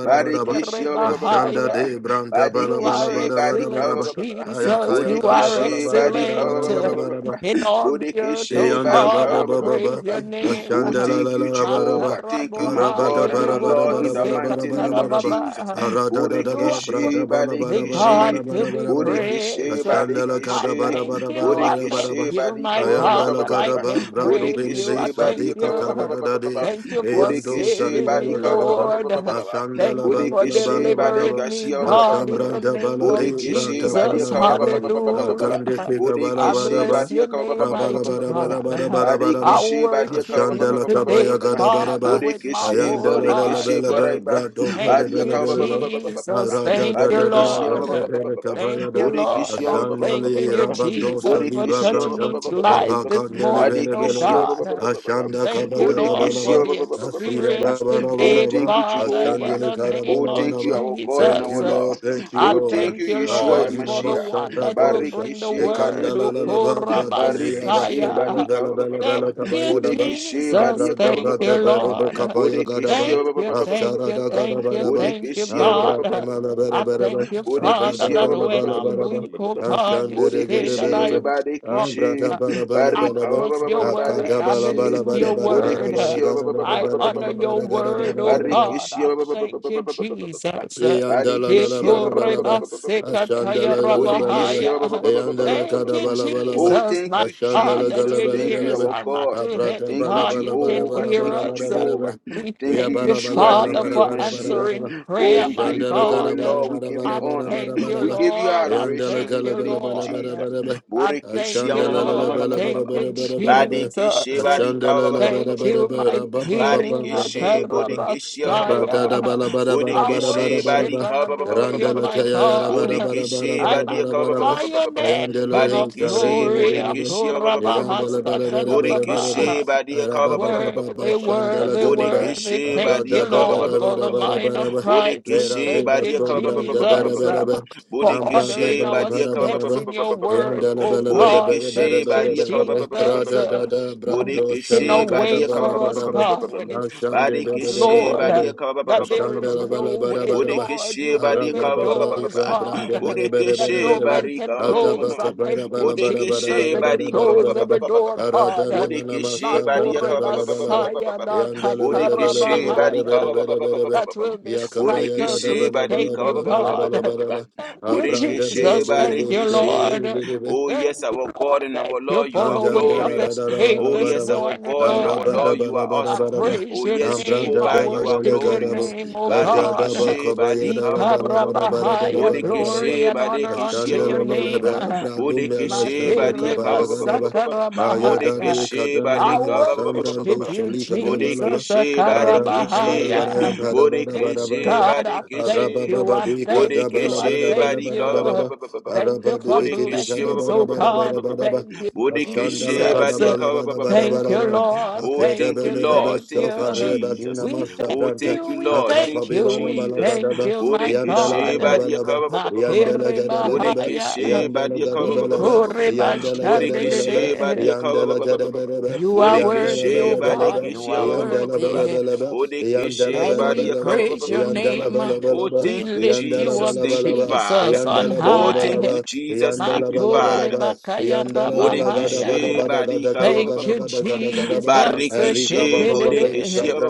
[SPEAKER 1] Badekeshia ba- ba- ba- ba- ba- ba- ba.
[SPEAKER 2] Erebahaya.
[SPEAKER 4] de branda bala
[SPEAKER 2] You
[SPEAKER 4] bala
[SPEAKER 2] are
[SPEAKER 1] Badekeshe
[SPEAKER 4] bara bara
[SPEAKER 1] barika
[SPEAKER 4] bara
[SPEAKER 1] ba-
[SPEAKER 2] excellent,
[SPEAKER 4] bara
[SPEAKER 1] ba- ba- ba- ba.
[SPEAKER 2] Jesus.
[SPEAKER 4] ayakaya
[SPEAKER 2] You
[SPEAKER 4] gada
[SPEAKER 2] are
[SPEAKER 1] Bodekeshe
[SPEAKER 4] bala bala bara
[SPEAKER 1] barika ba-
[SPEAKER 4] bara
[SPEAKER 2] excellent
[SPEAKER 1] ba- ba-
[SPEAKER 4] bara
[SPEAKER 1] ba- ba- ba-
[SPEAKER 4] bara.
[SPEAKER 1] ba.
[SPEAKER 2] in all the earth,
[SPEAKER 1] Bodekeshe
[SPEAKER 2] oh
[SPEAKER 4] Eyanda
[SPEAKER 1] barika
[SPEAKER 4] ba
[SPEAKER 2] God.
[SPEAKER 4] ba
[SPEAKER 2] I
[SPEAKER 1] ba- ba-
[SPEAKER 4] ba
[SPEAKER 1] ba-
[SPEAKER 4] ba
[SPEAKER 1] ba- ba-
[SPEAKER 4] ba,
[SPEAKER 1] ba-
[SPEAKER 2] praise
[SPEAKER 1] ba.
[SPEAKER 2] your name.
[SPEAKER 1] Oh,
[SPEAKER 4] ashanda la
[SPEAKER 1] thank
[SPEAKER 4] la
[SPEAKER 1] you,
[SPEAKER 4] la la ba ra ba,
[SPEAKER 1] Jehovah. Thank you, my
[SPEAKER 4] araba da
[SPEAKER 1] God
[SPEAKER 2] Makarabohaya
[SPEAKER 4] ba
[SPEAKER 1] and my
[SPEAKER 4] ra ba da
[SPEAKER 1] Lord,
[SPEAKER 4] ba
[SPEAKER 2] deboko
[SPEAKER 1] in
[SPEAKER 4] ra
[SPEAKER 1] the
[SPEAKER 4] ba ra ba ra
[SPEAKER 1] mighty
[SPEAKER 4] ba ra
[SPEAKER 1] name
[SPEAKER 4] ba
[SPEAKER 1] of
[SPEAKER 4] ra ba,
[SPEAKER 1] Jesus.
[SPEAKER 2] sekatarababa.
[SPEAKER 4] arada da da
[SPEAKER 2] You
[SPEAKER 4] da
[SPEAKER 2] are
[SPEAKER 4] bra da
[SPEAKER 1] Bodekeshe
[SPEAKER 4] ba la ba
[SPEAKER 2] worthy,
[SPEAKER 4] ra ba ra ba
[SPEAKER 1] badekeshe.
[SPEAKER 4] ra
[SPEAKER 2] God,
[SPEAKER 4] ba
[SPEAKER 2] to
[SPEAKER 4] ra ba
[SPEAKER 2] be
[SPEAKER 4] ra ba ra ba,
[SPEAKER 1] Bodekeshe
[SPEAKER 2] praised.
[SPEAKER 4] ashanda la ka
[SPEAKER 2] I
[SPEAKER 4] da ba
[SPEAKER 1] badekeshe.
[SPEAKER 4] da ba
[SPEAKER 2] thank
[SPEAKER 4] da
[SPEAKER 2] you.
[SPEAKER 4] ba da ba
[SPEAKER 2] I
[SPEAKER 4] da ba da
[SPEAKER 2] thank
[SPEAKER 4] ba,
[SPEAKER 1] Bodekeshe
[SPEAKER 2] you,
[SPEAKER 1] barika
[SPEAKER 2] my
[SPEAKER 1] ba- ba- ba-
[SPEAKER 4] ayanda
[SPEAKER 1] ba-
[SPEAKER 2] God,
[SPEAKER 4] la
[SPEAKER 1] ba-
[SPEAKER 2] that
[SPEAKER 1] ba-
[SPEAKER 4] ka
[SPEAKER 1] ba-
[SPEAKER 2] I
[SPEAKER 4] da
[SPEAKER 1] ba.
[SPEAKER 4] ba
[SPEAKER 2] can
[SPEAKER 4] bra do
[SPEAKER 2] praise
[SPEAKER 4] be le
[SPEAKER 2] you.
[SPEAKER 4] be
[SPEAKER 2] I
[SPEAKER 1] Bodekeshe
[SPEAKER 4] sa
[SPEAKER 2] thank
[SPEAKER 4] di
[SPEAKER 1] barika
[SPEAKER 4] ka
[SPEAKER 1] ba-
[SPEAKER 2] you.
[SPEAKER 4] ta
[SPEAKER 1] ba- ba-
[SPEAKER 4] da
[SPEAKER 1] ba-
[SPEAKER 4] da
[SPEAKER 1] ba-
[SPEAKER 4] da
[SPEAKER 1] ba- ba. ba.
[SPEAKER 4] di,
[SPEAKER 2] Thank you for
[SPEAKER 4] eyando sa
[SPEAKER 1] Bodekeshe
[SPEAKER 4] li
[SPEAKER 2] saving
[SPEAKER 4] la
[SPEAKER 2] me,
[SPEAKER 4] la
[SPEAKER 1] Badika
[SPEAKER 4] ka
[SPEAKER 1] ba-
[SPEAKER 4] da
[SPEAKER 1] ba-
[SPEAKER 4] ba,
[SPEAKER 1] ba- ba- ba- ba- ba-
[SPEAKER 2] Lord.
[SPEAKER 1] ba- ba.
[SPEAKER 4] ashanda la
[SPEAKER 2] Thank
[SPEAKER 4] ba
[SPEAKER 2] you
[SPEAKER 4] la
[SPEAKER 2] for
[SPEAKER 4] la ba
[SPEAKER 1] Bodekeshe
[SPEAKER 4] la ba la ba,
[SPEAKER 2] delivering
[SPEAKER 1] Badekashi
[SPEAKER 2] me,
[SPEAKER 1] ba- ba- ba- ba-
[SPEAKER 2] God,
[SPEAKER 1] ba-
[SPEAKER 2] in
[SPEAKER 1] ba-
[SPEAKER 4] ashambra
[SPEAKER 1] ba.
[SPEAKER 2] the
[SPEAKER 4] da ba
[SPEAKER 2] name
[SPEAKER 4] la de
[SPEAKER 2] of
[SPEAKER 4] bra
[SPEAKER 1] Bodekeshe
[SPEAKER 4] da ba
[SPEAKER 2] Jesus.
[SPEAKER 4] la
[SPEAKER 1] Badika
[SPEAKER 4] ba
[SPEAKER 1] ba- ba- ba-
[SPEAKER 4] ba,
[SPEAKER 1] ba- ba- ba- ba- ba- ba- ba.
[SPEAKER 2] Hallelujah.
[SPEAKER 4] akande ke ka ba la
[SPEAKER 2] I
[SPEAKER 4] ba da
[SPEAKER 1] Bodekeshe
[SPEAKER 4] ba.
[SPEAKER 2] bless your
[SPEAKER 1] Badika ba-
[SPEAKER 2] name, mighty God. I
[SPEAKER 4] Rabalabarabarabarabarabaraba.
[SPEAKER 1] Badekeshe Badika
[SPEAKER 2] worship
[SPEAKER 1] ba-
[SPEAKER 2] you
[SPEAKER 4] Ashandela tabaya
[SPEAKER 2] today, Father,
[SPEAKER 4] gadabaraba.
[SPEAKER 2] with my
[SPEAKER 1] Bodekeshe
[SPEAKER 2] whole
[SPEAKER 4] Ayandela
[SPEAKER 1] Bodekeshe
[SPEAKER 2] heart.
[SPEAKER 4] lelebelebe.
[SPEAKER 1] Baraiba
[SPEAKER 4] Brado
[SPEAKER 2] Thank you,
[SPEAKER 1] Badika ba- ba- ba- ba-
[SPEAKER 4] belebelebelebe.
[SPEAKER 1] ba-
[SPEAKER 2] Jesus.
[SPEAKER 4] Arada
[SPEAKER 2] Thank
[SPEAKER 4] da
[SPEAKER 2] you,
[SPEAKER 4] da da.
[SPEAKER 2] Lord.
[SPEAKER 4] Radebele
[SPEAKER 2] Thank
[SPEAKER 4] tabaya
[SPEAKER 2] you,
[SPEAKER 4] da.
[SPEAKER 2] Lord. I'm
[SPEAKER 4] Asandali
[SPEAKER 2] thanking you,
[SPEAKER 4] rabando
[SPEAKER 2] Jesus, for
[SPEAKER 4] saliba
[SPEAKER 2] touching
[SPEAKER 4] brata.
[SPEAKER 2] each life this
[SPEAKER 4] Apakandele
[SPEAKER 2] morning, oh
[SPEAKER 4] belebelebe.
[SPEAKER 2] God.
[SPEAKER 4] Ashanda
[SPEAKER 2] Thank you,
[SPEAKER 4] kabada da
[SPEAKER 2] Lord,
[SPEAKER 1] Bodekeshia
[SPEAKER 2] for
[SPEAKER 4] balaba.
[SPEAKER 1] ba-
[SPEAKER 2] the
[SPEAKER 4] Asira
[SPEAKER 2] experience
[SPEAKER 1] Oh,
[SPEAKER 2] today,
[SPEAKER 1] thank
[SPEAKER 4] balabarabaraba.
[SPEAKER 1] you,
[SPEAKER 2] Father,
[SPEAKER 1] Jehovah.
[SPEAKER 2] in
[SPEAKER 4] Ashandele
[SPEAKER 2] the
[SPEAKER 1] Oh,
[SPEAKER 2] name of
[SPEAKER 1] thank you,
[SPEAKER 4] karabalabaraba.
[SPEAKER 1] our God and
[SPEAKER 4] Thank
[SPEAKER 2] Jesus.
[SPEAKER 1] our
[SPEAKER 4] you, Lord.
[SPEAKER 1] Lord.
[SPEAKER 4] Thank you,
[SPEAKER 2] I
[SPEAKER 1] Oh,
[SPEAKER 4] Lord.
[SPEAKER 1] thank you,
[SPEAKER 2] thank you,
[SPEAKER 5] Thank
[SPEAKER 1] Yeshua,
[SPEAKER 5] you,
[SPEAKER 1] your
[SPEAKER 2] Lord,
[SPEAKER 4] Aradina
[SPEAKER 2] for the
[SPEAKER 5] Jesus.
[SPEAKER 1] Mashiach.
[SPEAKER 2] one
[SPEAKER 4] masabra
[SPEAKER 2] that will
[SPEAKER 4] dosha.
[SPEAKER 2] bring the
[SPEAKER 1] Barikeshe,
[SPEAKER 2] word,
[SPEAKER 4] Ekandala la la ba ba doni
[SPEAKER 5] Thank you,
[SPEAKER 4] abasa
[SPEAKER 1] Barikishi
[SPEAKER 5] Jesus.
[SPEAKER 4] bela
[SPEAKER 2] Ukurabasaya.
[SPEAKER 1] Badika
[SPEAKER 4] bela bela
[SPEAKER 2] Thank
[SPEAKER 4] bela
[SPEAKER 2] you,
[SPEAKER 4] kabaya daba.
[SPEAKER 1] Bodekishi
[SPEAKER 2] Jesus.
[SPEAKER 4] Ambra
[SPEAKER 1] Badika
[SPEAKER 4] da
[SPEAKER 2] Thank
[SPEAKER 4] ba
[SPEAKER 2] you,
[SPEAKER 4] da bero
[SPEAKER 2] Lord.
[SPEAKER 4] kapaya
[SPEAKER 1] Bodekishi
[SPEAKER 4] gadaba.
[SPEAKER 2] Thank you, thank
[SPEAKER 4] Ashara
[SPEAKER 2] you,
[SPEAKER 4] da
[SPEAKER 2] thank
[SPEAKER 4] gadaba
[SPEAKER 2] you,
[SPEAKER 4] daba.
[SPEAKER 2] thank you,
[SPEAKER 1] Bodekishi
[SPEAKER 4] Ambra
[SPEAKER 2] God.
[SPEAKER 4] ma bera bera
[SPEAKER 2] I
[SPEAKER 4] bera
[SPEAKER 2] thank
[SPEAKER 4] be.
[SPEAKER 2] you,
[SPEAKER 4] Ada
[SPEAKER 2] Father,
[SPEAKER 1] Bodekishi
[SPEAKER 4] da
[SPEAKER 2] that
[SPEAKER 4] ba la ba
[SPEAKER 2] when
[SPEAKER 4] la
[SPEAKER 5] Thank
[SPEAKER 4] ba
[SPEAKER 2] I'm
[SPEAKER 4] la
[SPEAKER 5] you,
[SPEAKER 4] ba.
[SPEAKER 2] weak, oh
[SPEAKER 5] Jesus.
[SPEAKER 2] God, you
[SPEAKER 4] Anshande de
[SPEAKER 2] say
[SPEAKER 4] gede
[SPEAKER 2] that
[SPEAKER 4] bere
[SPEAKER 2] I
[SPEAKER 1] Bodekishi
[SPEAKER 4] be.
[SPEAKER 2] am strong.
[SPEAKER 4] Ambra da
[SPEAKER 1] Badikishi
[SPEAKER 4] ba la ba la
[SPEAKER 2] I
[SPEAKER 1] Barika
[SPEAKER 2] trust your word.
[SPEAKER 4] Akada
[SPEAKER 2] I
[SPEAKER 4] ba la ba
[SPEAKER 1] Barikishi
[SPEAKER 4] la
[SPEAKER 2] believe
[SPEAKER 4] ba da
[SPEAKER 2] your
[SPEAKER 4] ba da ba da
[SPEAKER 2] word.
[SPEAKER 4] ba
[SPEAKER 2] Uh,
[SPEAKER 4] da
[SPEAKER 1] Bodekishi
[SPEAKER 4] ga da ba
[SPEAKER 2] I honor your word, oh God.
[SPEAKER 1] Barikishi
[SPEAKER 2] I thank you, Jesus. Uh,
[SPEAKER 4] Eyanda la la la ba la ba la ba, ashanda la la la ba la ba,
[SPEAKER 1] Badikishi
[SPEAKER 2] Ikorebasekatayarabahaya.
[SPEAKER 4] eyanda la
[SPEAKER 2] Thank
[SPEAKER 4] kada
[SPEAKER 1] Bodekishi
[SPEAKER 2] you,
[SPEAKER 4] ba la ba la ba,
[SPEAKER 1] Oh,
[SPEAKER 2] Jesus,
[SPEAKER 1] thank
[SPEAKER 2] my
[SPEAKER 1] you,
[SPEAKER 4] ashanda
[SPEAKER 2] God,
[SPEAKER 4] la
[SPEAKER 2] that
[SPEAKER 4] gala
[SPEAKER 1] Jesus.
[SPEAKER 2] your
[SPEAKER 4] ba la
[SPEAKER 1] Thank
[SPEAKER 4] ba
[SPEAKER 1] you,
[SPEAKER 4] la
[SPEAKER 2] ears
[SPEAKER 4] ba,
[SPEAKER 1] our
[SPEAKER 2] are not
[SPEAKER 1] God.
[SPEAKER 2] too
[SPEAKER 4] abrata
[SPEAKER 2] heavy,
[SPEAKER 1] Thank
[SPEAKER 4] ba
[SPEAKER 1] you,
[SPEAKER 4] la
[SPEAKER 2] God.
[SPEAKER 4] ba la
[SPEAKER 2] You
[SPEAKER 4] ba la
[SPEAKER 2] can
[SPEAKER 4] ba
[SPEAKER 1] Jehovah.
[SPEAKER 4] la ba
[SPEAKER 2] hear
[SPEAKER 1] Thank
[SPEAKER 4] la
[SPEAKER 1] you,
[SPEAKER 4] ba
[SPEAKER 2] us.
[SPEAKER 4] la ba
[SPEAKER 2] Uh,
[SPEAKER 4] la
[SPEAKER 1] Jehovah.
[SPEAKER 4] ba,
[SPEAKER 2] We
[SPEAKER 1] Thank
[SPEAKER 4] eya
[SPEAKER 2] thank
[SPEAKER 4] ba
[SPEAKER 1] you,
[SPEAKER 2] you,
[SPEAKER 4] la ba la
[SPEAKER 1] Yeshua.
[SPEAKER 4] ba la
[SPEAKER 1] Thank
[SPEAKER 2] Father,
[SPEAKER 4] ba la
[SPEAKER 1] you,
[SPEAKER 2] for
[SPEAKER 4] ba la ba la
[SPEAKER 1] Yamashia.
[SPEAKER 4] ba la
[SPEAKER 2] answering
[SPEAKER 4] ba,
[SPEAKER 1] Oh,
[SPEAKER 2] prayer,
[SPEAKER 1] we give
[SPEAKER 2] my
[SPEAKER 1] you
[SPEAKER 4] ashanda la gada
[SPEAKER 1] glory,
[SPEAKER 2] God.
[SPEAKER 4] ba
[SPEAKER 2] Uh,
[SPEAKER 4] la
[SPEAKER 1] Lord. We
[SPEAKER 4] ba la
[SPEAKER 1] give
[SPEAKER 4] ba
[SPEAKER 1] you
[SPEAKER 4] la
[SPEAKER 2] I
[SPEAKER 4] ba la
[SPEAKER 1] honor.
[SPEAKER 4] ba la
[SPEAKER 2] thank
[SPEAKER 4] ba
[SPEAKER 2] you,
[SPEAKER 4] la
[SPEAKER 1] We
[SPEAKER 4] ba,
[SPEAKER 1] give you
[SPEAKER 2] Lord. I
[SPEAKER 4] eyanda la
[SPEAKER 1] adoration
[SPEAKER 2] thank
[SPEAKER 1] in
[SPEAKER 4] gala
[SPEAKER 1] the
[SPEAKER 2] you,
[SPEAKER 4] ba la
[SPEAKER 1] name
[SPEAKER 4] ba
[SPEAKER 1] of
[SPEAKER 4] la ba
[SPEAKER 2] Lord.
[SPEAKER 4] la ba
[SPEAKER 1] Jesus.
[SPEAKER 4] la ba,
[SPEAKER 2] I thank
[SPEAKER 1] Borekeshia
[SPEAKER 2] you,
[SPEAKER 4] ashanda
[SPEAKER 1] ma- ma-
[SPEAKER 4] la la
[SPEAKER 1] ma- ma-
[SPEAKER 4] la
[SPEAKER 1] ma- ma-
[SPEAKER 4] ba
[SPEAKER 2] Lord.
[SPEAKER 1] ma-
[SPEAKER 4] la
[SPEAKER 1] ma-
[SPEAKER 4] ba
[SPEAKER 1] ma-
[SPEAKER 4] la
[SPEAKER 2] Thank
[SPEAKER 4] ba
[SPEAKER 1] ma.
[SPEAKER 2] you,
[SPEAKER 4] la ba la ba la ba,
[SPEAKER 2] Jesus.
[SPEAKER 1] Badekeshe barika
[SPEAKER 4] ashanda
[SPEAKER 1] ba-
[SPEAKER 4] la
[SPEAKER 1] ba-
[SPEAKER 4] la
[SPEAKER 1] ba-
[SPEAKER 4] ba
[SPEAKER 1] ba-
[SPEAKER 4] la
[SPEAKER 1] ba-
[SPEAKER 2] Thank
[SPEAKER 1] ba-
[SPEAKER 4] ba la
[SPEAKER 1] ba-
[SPEAKER 2] you,
[SPEAKER 1] ba-
[SPEAKER 4] ba
[SPEAKER 1] ba-
[SPEAKER 4] la
[SPEAKER 2] my
[SPEAKER 4] ba ba ba ba
[SPEAKER 2] King.
[SPEAKER 4] ba ba
[SPEAKER 1] Barikeshe
[SPEAKER 4] ba ba.
[SPEAKER 1] bodekeshia ba.
[SPEAKER 4] Abrada da
[SPEAKER 2] Akarabasaya.
[SPEAKER 4] bala bara bara
[SPEAKER 2] I
[SPEAKER 4] bara bara
[SPEAKER 1] Barekeshe bodekeshia
[SPEAKER 4] bara
[SPEAKER 2] worship
[SPEAKER 4] ba.
[SPEAKER 2] and
[SPEAKER 1] ba- ba- ba- ba- Bodekeshe badika ba- ba- ba. ba
[SPEAKER 2] adore
[SPEAKER 1] ba
[SPEAKER 2] you,
[SPEAKER 1] ba
[SPEAKER 4] Randele
[SPEAKER 1] ba
[SPEAKER 2] my
[SPEAKER 1] ba.
[SPEAKER 4] kaya yara bara
[SPEAKER 2] God.
[SPEAKER 4] bara bara
[SPEAKER 1] Bodekeshe
[SPEAKER 2] I
[SPEAKER 4] bara bara
[SPEAKER 1] barika ba-
[SPEAKER 4] bara
[SPEAKER 1] ba- ba- ba-
[SPEAKER 4] ba.
[SPEAKER 2] magnify
[SPEAKER 1] ba- ba-
[SPEAKER 2] your
[SPEAKER 1] ba-
[SPEAKER 2] name, King
[SPEAKER 4] Ayandele
[SPEAKER 2] of
[SPEAKER 4] zare
[SPEAKER 1] Barikishi,
[SPEAKER 4] bere
[SPEAKER 2] glory.
[SPEAKER 4] bere be.
[SPEAKER 1] Borikishi,
[SPEAKER 4] Yandele bere bere bere bere
[SPEAKER 1] Borikishi,
[SPEAKER 4] be.
[SPEAKER 2] Akorabahasatadababa.
[SPEAKER 1] Badiaka,
[SPEAKER 4] Araba ba ba ba ba
[SPEAKER 2] Worthy,
[SPEAKER 4] shandele
[SPEAKER 2] worthy,
[SPEAKER 4] gada be.
[SPEAKER 2] worthy.
[SPEAKER 1] Borikishi,
[SPEAKER 2] Thank you,
[SPEAKER 4] Arada
[SPEAKER 1] Badiaka,
[SPEAKER 4] da da
[SPEAKER 2] Lord,
[SPEAKER 4] da
[SPEAKER 2] for
[SPEAKER 4] bara
[SPEAKER 2] the
[SPEAKER 4] bara
[SPEAKER 2] mind
[SPEAKER 4] bara
[SPEAKER 2] of
[SPEAKER 4] ba.
[SPEAKER 2] Christ. We
[SPEAKER 4] Vera
[SPEAKER 1] Borikishi, Badiaka, Borikishi,
[SPEAKER 4] de
[SPEAKER 2] thank
[SPEAKER 4] ba
[SPEAKER 2] you,
[SPEAKER 1] Badiaka,
[SPEAKER 4] sombrante
[SPEAKER 1] Borikishi,
[SPEAKER 4] bere
[SPEAKER 2] Jesus,
[SPEAKER 4] bere
[SPEAKER 2] uh,
[SPEAKER 4] be.
[SPEAKER 2] for
[SPEAKER 4] Ambrada
[SPEAKER 2] ordering
[SPEAKER 4] bara
[SPEAKER 2] our
[SPEAKER 4] bara
[SPEAKER 1] Badiaka,
[SPEAKER 4] bara
[SPEAKER 2] steps
[SPEAKER 4] ba.
[SPEAKER 2] in your word,
[SPEAKER 4] Yandala
[SPEAKER 2] oh
[SPEAKER 4] bala bala bala
[SPEAKER 2] God.
[SPEAKER 4] bala bala
[SPEAKER 1] Borikishi,
[SPEAKER 2] Thank you,
[SPEAKER 4] bala
[SPEAKER 1] Badiaka,
[SPEAKER 4] bala.
[SPEAKER 2] Jesus.
[SPEAKER 4] Rada
[SPEAKER 2] uh,
[SPEAKER 4] da da brando
[SPEAKER 2] making
[SPEAKER 1] Barikishi,
[SPEAKER 2] a
[SPEAKER 4] shala gada
[SPEAKER 2] way
[SPEAKER 1] Badiaka,
[SPEAKER 4] bala
[SPEAKER 2] for us,
[SPEAKER 4] bala bala.
[SPEAKER 2] God, when it
[SPEAKER 4] Ashande bala
[SPEAKER 2] seems,
[SPEAKER 4] bala
[SPEAKER 2] Lord,
[SPEAKER 4] bala
[SPEAKER 2] uh,
[SPEAKER 4] bala.
[SPEAKER 2] that there
[SPEAKER 4] Ashanda
[SPEAKER 2] is
[SPEAKER 4] la bala
[SPEAKER 2] no
[SPEAKER 4] bala
[SPEAKER 2] way,
[SPEAKER 4] bala bala.
[SPEAKER 2] Lord.
[SPEAKER 1] Borikishi,
[SPEAKER 2] You
[SPEAKER 1] Badiaka,
[SPEAKER 4] Araba
[SPEAKER 2] open
[SPEAKER 4] baba
[SPEAKER 2] doors,
[SPEAKER 4] ika brande
[SPEAKER 2] God.
[SPEAKER 4] bala bala
[SPEAKER 2] That
[SPEAKER 1] Borikishi,
[SPEAKER 4] bala
[SPEAKER 2] no
[SPEAKER 4] bala bala.
[SPEAKER 2] man can close.
[SPEAKER 1] Barika,
[SPEAKER 2] I
[SPEAKER 4] Atabaka bala
[SPEAKER 2] thank you,
[SPEAKER 4] bala bala bala
[SPEAKER 2] Jesus,
[SPEAKER 1] Bodekeshe
[SPEAKER 4] bala
[SPEAKER 2] that you
[SPEAKER 4] bala
[SPEAKER 1] barika ba-
[SPEAKER 4] bala
[SPEAKER 1] ba-
[SPEAKER 2] close
[SPEAKER 4] bala
[SPEAKER 1] ba- ba-
[SPEAKER 2] every
[SPEAKER 4] bala.
[SPEAKER 1] ba- ba- ba-
[SPEAKER 2] door,
[SPEAKER 1] ba.
[SPEAKER 2] God.
[SPEAKER 4] Arada na na na
[SPEAKER 1] Bodekeshe
[SPEAKER 4] masha
[SPEAKER 2] Makure
[SPEAKER 4] brada
[SPEAKER 1] barika ba- ba- ba-
[SPEAKER 4] bala
[SPEAKER 1] ba-
[SPEAKER 4] bala
[SPEAKER 1] ba-
[SPEAKER 4] bala.
[SPEAKER 1] ba- ba- ba-
[SPEAKER 2] Masaya
[SPEAKER 1] ba.
[SPEAKER 4] Yandala bala
[SPEAKER 2] Nakatara
[SPEAKER 4] bala
[SPEAKER 1] Bodekeshe
[SPEAKER 4] bala bala
[SPEAKER 1] barika
[SPEAKER 2] Mahaya.
[SPEAKER 4] bala
[SPEAKER 1] ba- ba- ba-
[SPEAKER 4] bala
[SPEAKER 1] ba-
[SPEAKER 4] bala
[SPEAKER 1] ba- ba- ba-
[SPEAKER 4] bala.
[SPEAKER 1] ba-
[SPEAKER 2] That will
[SPEAKER 1] ba.
[SPEAKER 2] distract
[SPEAKER 4] Yakabaya
[SPEAKER 2] us.
[SPEAKER 4] gada
[SPEAKER 1] Bodekeshe
[SPEAKER 2] We
[SPEAKER 4] bala bala
[SPEAKER 2] thank
[SPEAKER 1] barika
[SPEAKER 2] you,
[SPEAKER 1] ba-
[SPEAKER 4] bala
[SPEAKER 1] ba- ba-
[SPEAKER 4] bala
[SPEAKER 1] ba- ba- ba- ba-
[SPEAKER 4] bala
[SPEAKER 1] ba-
[SPEAKER 2] God.
[SPEAKER 1] ba-
[SPEAKER 4] bala bala.
[SPEAKER 1] ba.
[SPEAKER 2] Thank you,
[SPEAKER 4] Abranda bela
[SPEAKER 1] Bodekeshe
[SPEAKER 2] Jesus.
[SPEAKER 4] bolo bo
[SPEAKER 2] Thank you,
[SPEAKER 1] barekeshe.
[SPEAKER 4] shere
[SPEAKER 2] Lord.
[SPEAKER 4] bele bele be.
[SPEAKER 1] Oh
[SPEAKER 2] Thank
[SPEAKER 1] yes,
[SPEAKER 2] you,
[SPEAKER 1] our God
[SPEAKER 2] Lord.
[SPEAKER 1] and
[SPEAKER 2] Thank
[SPEAKER 1] our
[SPEAKER 2] you
[SPEAKER 1] Lord, you
[SPEAKER 2] for the
[SPEAKER 1] are
[SPEAKER 2] way of
[SPEAKER 4] Anjandara da
[SPEAKER 1] glorious.
[SPEAKER 4] da da
[SPEAKER 2] Hey,
[SPEAKER 4] ba la
[SPEAKER 1] Oh
[SPEAKER 4] ba
[SPEAKER 2] this
[SPEAKER 4] da
[SPEAKER 1] yes,
[SPEAKER 4] ba
[SPEAKER 1] our
[SPEAKER 2] morning,
[SPEAKER 1] God and
[SPEAKER 5] Thank
[SPEAKER 4] ara
[SPEAKER 1] our
[SPEAKER 5] you,
[SPEAKER 4] ba
[SPEAKER 2] Lord.
[SPEAKER 4] da
[SPEAKER 1] Lord,
[SPEAKER 4] ba
[SPEAKER 5] Jesus.
[SPEAKER 1] you
[SPEAKER 4] ara
[SPEAKER 1] are
[SPEAKER 4] ara
[SPEAKER 2] I
[SPEAKER 1] awesome.
[SPEAKER 2] praise
[SPEAKER 1] Oh
[SPEAKER 2] your
[SPEAKER 1] yes,
[SPEAKER 2] name. I
[SPEAKER 1] Jehovah, you are
[SPEAKER 2] worship your
[SPEAKER 1] glorious.
[SPEAKER 5] Thank
[SPEAKER 2] name,
[SPEAKER 5] you,
[SPEAKER 2] O
[SPEAKER 5] Jesus.
[SPEAKER 2] God.
[SPEAKER 1] Barikeshe barika ba- ba- ba- ba- ba- ba.
[SPEAKER 5] Thank you,
[SPEAKER 2] Ikarabahaya,
[SPEAKER 5] Father.
[SPEAKER 4] baba
[SPEAKER 2] glory
[SPEAKER 1] Bodekeshe,
[SPEAKER 2] and honor unto
[SPEAKER 4] ashanda
[SPEAKER 2] your
[SPEAKER 4] la la la
[SPEAKER 1] Badekeshe,
[SPEAKER 2] name.
[SPEAKER 4] ba, brando me la
[SPEAKER 1] Bodekeshe
[SPEAKER 4] sa
[SPEAKER 5] Rabatozo
[SPEAKER 4] ve ka
[SPEAKER 1] Badia
[SPEAKER 4] ba
[SPEAKER 1] Kaba
[SPEAKER 5] bragada,
[SPEAKER 4] ya ga da ba, aya da de
[SPEAKER 2] Makerebasakarabaha.
[SPEAKER 4] ka
[SPEAKER 1] Bodekeshe
[SPEAKER 4] da na na
[SPEAKER 2] I
[SPEAKER 4] na
[SPEAKER 1] Badika
[SPEAKER 4] ma
[SPEAKER 5] de
[SPEAKER 4] sam brando
[SPEAKER 5] bragada,
[SPEAKER 2] worship you,
[SPEAKER 4] shali
[SPEAKER 5] shada
[SPEAKER 4] ka da ba
[SPEAKER 5] bragada.
[SPEAKER 4] la ba,
[SPEAKER 2] Jesus.
[SPEAKER 1] Bodekeshe
[SPEAKER 4] ara ba ba da ba da
[SPEAKER 1] Badekeshe
[SPEAKER 2] Akarabahaya.
[SPEAKER 4] ya ba da ba da ba da
[SPEAKER 5] Rabada,
[SPEAKER 4] ba da
[SPEAKER 1] Bodekeshe
[SPEAKER 5] bada,
[SPEAKER 4] ba.
[SPEAKER 2] God,
[SPEAKER 5] bada,
[SPEAKER 2] I
[SPEAKER 5] bada,
[SPEAKER 2] thank
[SPEAKER 4] Araba
[SPEAKER 1] Badekeshe
[SPEAKER 5] bada, bada,
[SPEAKER 2] you,
[SPEAKER 4] baba
[SPEAKER 2] I
[SPEAKER 4] bika
[SPEAKER 5] bada, bada, bada,
[SPEAKER 2] thank
[SPEAKER 5] bada.
[SPEAKER 2] you, I
[SPEAKER 1] Bodekeshe
[SPEAKER 2] thank
[SPEAKER 1] Badika
[SPEAKER 2] you.
[SPEAKER 4] Anjandaradarabalaba, arabadabalabalaba, ambrandabelabelagadaba, ajadabakabayadarabalabarabarabarabaraba, ashandelelelebe, bradumelesavekabayagadaba, ayadadekadanana, masambrando shalikadabalaba, arababarabarayampadabarabarabaraba, arababababikadabalabarabarabarabaraba, ba.
[SPEAKER 2] Thank
[SPEAKER 4] Araba
[SPEAKER 2] you
[SPEAKER 4] de
[SPEAKER 2] for
[SPEAKER 4] biki di ka
[SPEAKER 1] Bodekeshe
[SPEAKER 4] da
[SPEAKER 2] blessings,
[SPEAKER 4] ba
[SPEAKER 5] Meka
[SPEAKER 4] da
[SPEAKER 2] oh
[SPEAKER 4] ba da
[SPEAKER 5] bara
[SPEAKER 4] ba
[SPEAKER 2] God.
[SPEAKER 4] da ba
[SPEAKER 5] bariya
[SPEAKER 4] da ba.
[SPEAKER 2] Thank
[SPEAKER 5] bariya
[SPEAKER 2] you,
[SPEAKER 5] kapaya
[SPEAKER 4] Ashandala
[SPEAKER 1] Bodekeshe
[SPEAKER 5] doza da
[SPEAKER 4] gada
[SPEAKER 2] Jesus.
[SPEAKER 1] Badia
[SPEAKER 4] bala
[SPEAKER 1] Kaba
[SPEAKER 4] bala
[SPEAKER 5] bragada.
[SPEAKER 4] bala
[SPEAKER 2] Thank
[SPEAKER 4] bala
[SPEAKER 2] you,
[SPEAKER 4] bala.
[SPEAKER 2] Lord.
[SPEAKER 1] Oh,
[SPEAKER 4] Akede
[SPEAKER 2] Thank
[SPEAKER 1] thank you,
[SPEAKER 2] you,
[SPEAKER 4] bele de
[SPEAKER 1] Lord.
[SPEAKER 2] thank
[SPEAKER 4] besto
[SPEAKER 1] Thank you,
[SPEAKER 5] Eno
[SPEAKER 2] you.
[SPEAKER 4] fare
[SPEAKER 1] Jesus.
[SPEAKER 4] badina
[SPEAKER 5] shoshke
[SPEAKER 2] We
[SPEAKER 5] te
[SPEAKER 4] masa
[SPEAKER 1] Oh,
[SPEAKER 5] bada
[SPEAKER 2] thank
[SPEAKER 4] branta.
[SPEAKER 1] thank
[SPEAKER 2] you,
[SPEAKER 1] you,
[SPEAKER 5] bariya.
[SPEAKER 2] we
[SPEAKER 1] Lord.
[SPEAKER 4] Akapa
[SPEAKER 1] Thank
[SPEAKER 2] thank
[SPEAKER 1] you,
[SPEAKER 4] bi
[SPEAKER 2] you,
[SPEAKER 4] bala
[SPEAKER 2] we
[SPEAKER 4] bala
[SPEAKER 1] Jesus.
[SPEAKER 4] gada
[SPEAKER 2] thank
[SPEAKER 4] ba.
[SPEAKER 2] you, my
[SPEAKER 4] Yandala
[SPEAKER 1] Bodekeshe
[SPEAKER 2] God.
[SPEAKER 4] gada
[SPEAKER 1] Badia
[SPEAKER 4] bala
[SPEAKER 5] Mekwimbe
[SPEAKER 4] ba.
[SPEAKER 5] da,
[SPEAKER 1] Kaba
[SPEAKER 4] Yandala
[SPEAKER 2] Makere
[SPEAKER 4] gada bala ba.
[SPEAKER 2] Bahaya,
[SPEAKER 1] Borekeshe
[SPEAKER 4] Yandala
[SPEAKER 1] badia ka
[SPEAKER 4] gada
[SPEAKER 1] ba
[SPEAKER 5] then
[SPEAKER 1] ba ba
[SPEAKER 4] bala
[SPEAKER 1] ba ba
[SPEAKER 4] ba.
[SPEAKER 5] tabaya
[SPEAKER 1] ba ba
[SPEAKER 5] da
[SPEAKER 2] Ikore
[SPEAKER 1] ba.
[SPEAKER 5] bada bada
[SPEAKER 4] Yandala
[SPEAKER 5] bada
[SPEAKER 4] gada
[SPEAKER 5] bada.
[SPEAKER 4] bala ba.
[SPEAKER 1] Borekeshe
[SPEAKER 2] Bashandede.
[SPEAKER 1] badia ka ba ba
[SPEAKER 4] Yandala
[SPEAKER 1] ba ba ba
[SPEAKER 4] gada
[SPEAKER 1] ba ba.
[SPEAKER 4] bala ba.
[SPEAKER 2] You are
[SPEAKER 4] Yandala
[SPEAKER 5] Meno
[SPEAKER 2] worthy, oh
[SPEAKER 1] Borekeshe
[SPEAKER 4] bala
[SPEAKER 5] shata
[SPEAKER 4] bala
[SPEAKER 2] God,
[SPEAKER 4] ba.
[SPEAKER 2] you
[SPEAKER 1] badekeshe
[SPEAKER 5] bragada
[SPEAKER 2] are
[SPEAKER 1] ba ba ba ba ba
[SPEAKER 4] Yandala
[SPEAKER 1] ba ba.
[SPEAKER 4] bala
[SPEAKER 2] worthy.
[SPEAKER 4] bala ba. Yandala
[SPEAKER 1] Borekeshe
[SPEAKER 2] And
[SPEAKER 4] bala
[SPEAKER 2] we
[SPEAKER 1] badia
[SPEAKER 4] bala
[SPEAKER 1] ka
[SPEAKER 4] ba.
[SPEAKER 1] ba ba
[SPEAKER 2] praise
[SPEAKER 5] Share
[SPEAKER 1] ba
[SPEAKER 2] your
[SPEAKER 1] ba ba ba ba.
[SPEAKER 4] Yandala
[SPEAKER 2] name.
[SPEAKER 5] bragadai
[SPEAKER 4] bala
[SPEAKER 5] bara
[SPEAKER 4] bala
[SPEAKER 1] Oh,
[SPEAKER 4] ba.
[SPEAKER 2] We
[SPEAKER 1] thank
[SPEAKER 5] shakata
[SPEAKER 1] you,
[SPEAKER 2] lift you
[SPEAKER 4] Yandala
[SPEAKER 5] bragadaba.
[SPEAKER 4] bala
[SPEAKER 1] Jesus.
[SPEAKER 2] up,
[SPEAKER 1] Thank you,
[SPEAKER 4] bala ba.
[SPEAKER 1] Father.
[SPEAKER 2] Jesus, on
[SPEAKER 4] Yandala
[SPEAKER 1] Oh,
[SPEAKER 4] bala bala
[SPEAKER 1] thank
[SPEAKER 2] high.
[SPEAKER 1] you,
[SPEAKER 4] ba.
[SPEAKER 1] Jesus.
[SPEAKER 5] Thank
[SPEAKER 1] Thank
[SPEAKER 4] Yandala
[SPEAKER 5] you,
[SPEAKER 1] you,
[SPEAKER 4] bala
[SPEAKER 5] Jesus.
[SPEAKER 4] bala
[SPEAKER 1] Father.
[SPEAKER 4] ba.
[SPEAKER 2] Makorebakaya
[SPEAKER 4] Yandala Ayande
[SPEAKER 5] Thank you, Lord
[SPEAKER 1] Bodekeshe
[SPEAKER 2] rabahaya.
[SPEAKER 5] Jesus.
[SPEAKER 1] Barika
[SPEAKER 2] Thank you, Jesus.
[SPEAKER 1] Barikeshe
[SPEAKER 5] Thank you, Lord
[SPEAKER 1] Bodekeshe
[SPEAKER 2] Ketedede.
[SPEAKER 5] Jesus.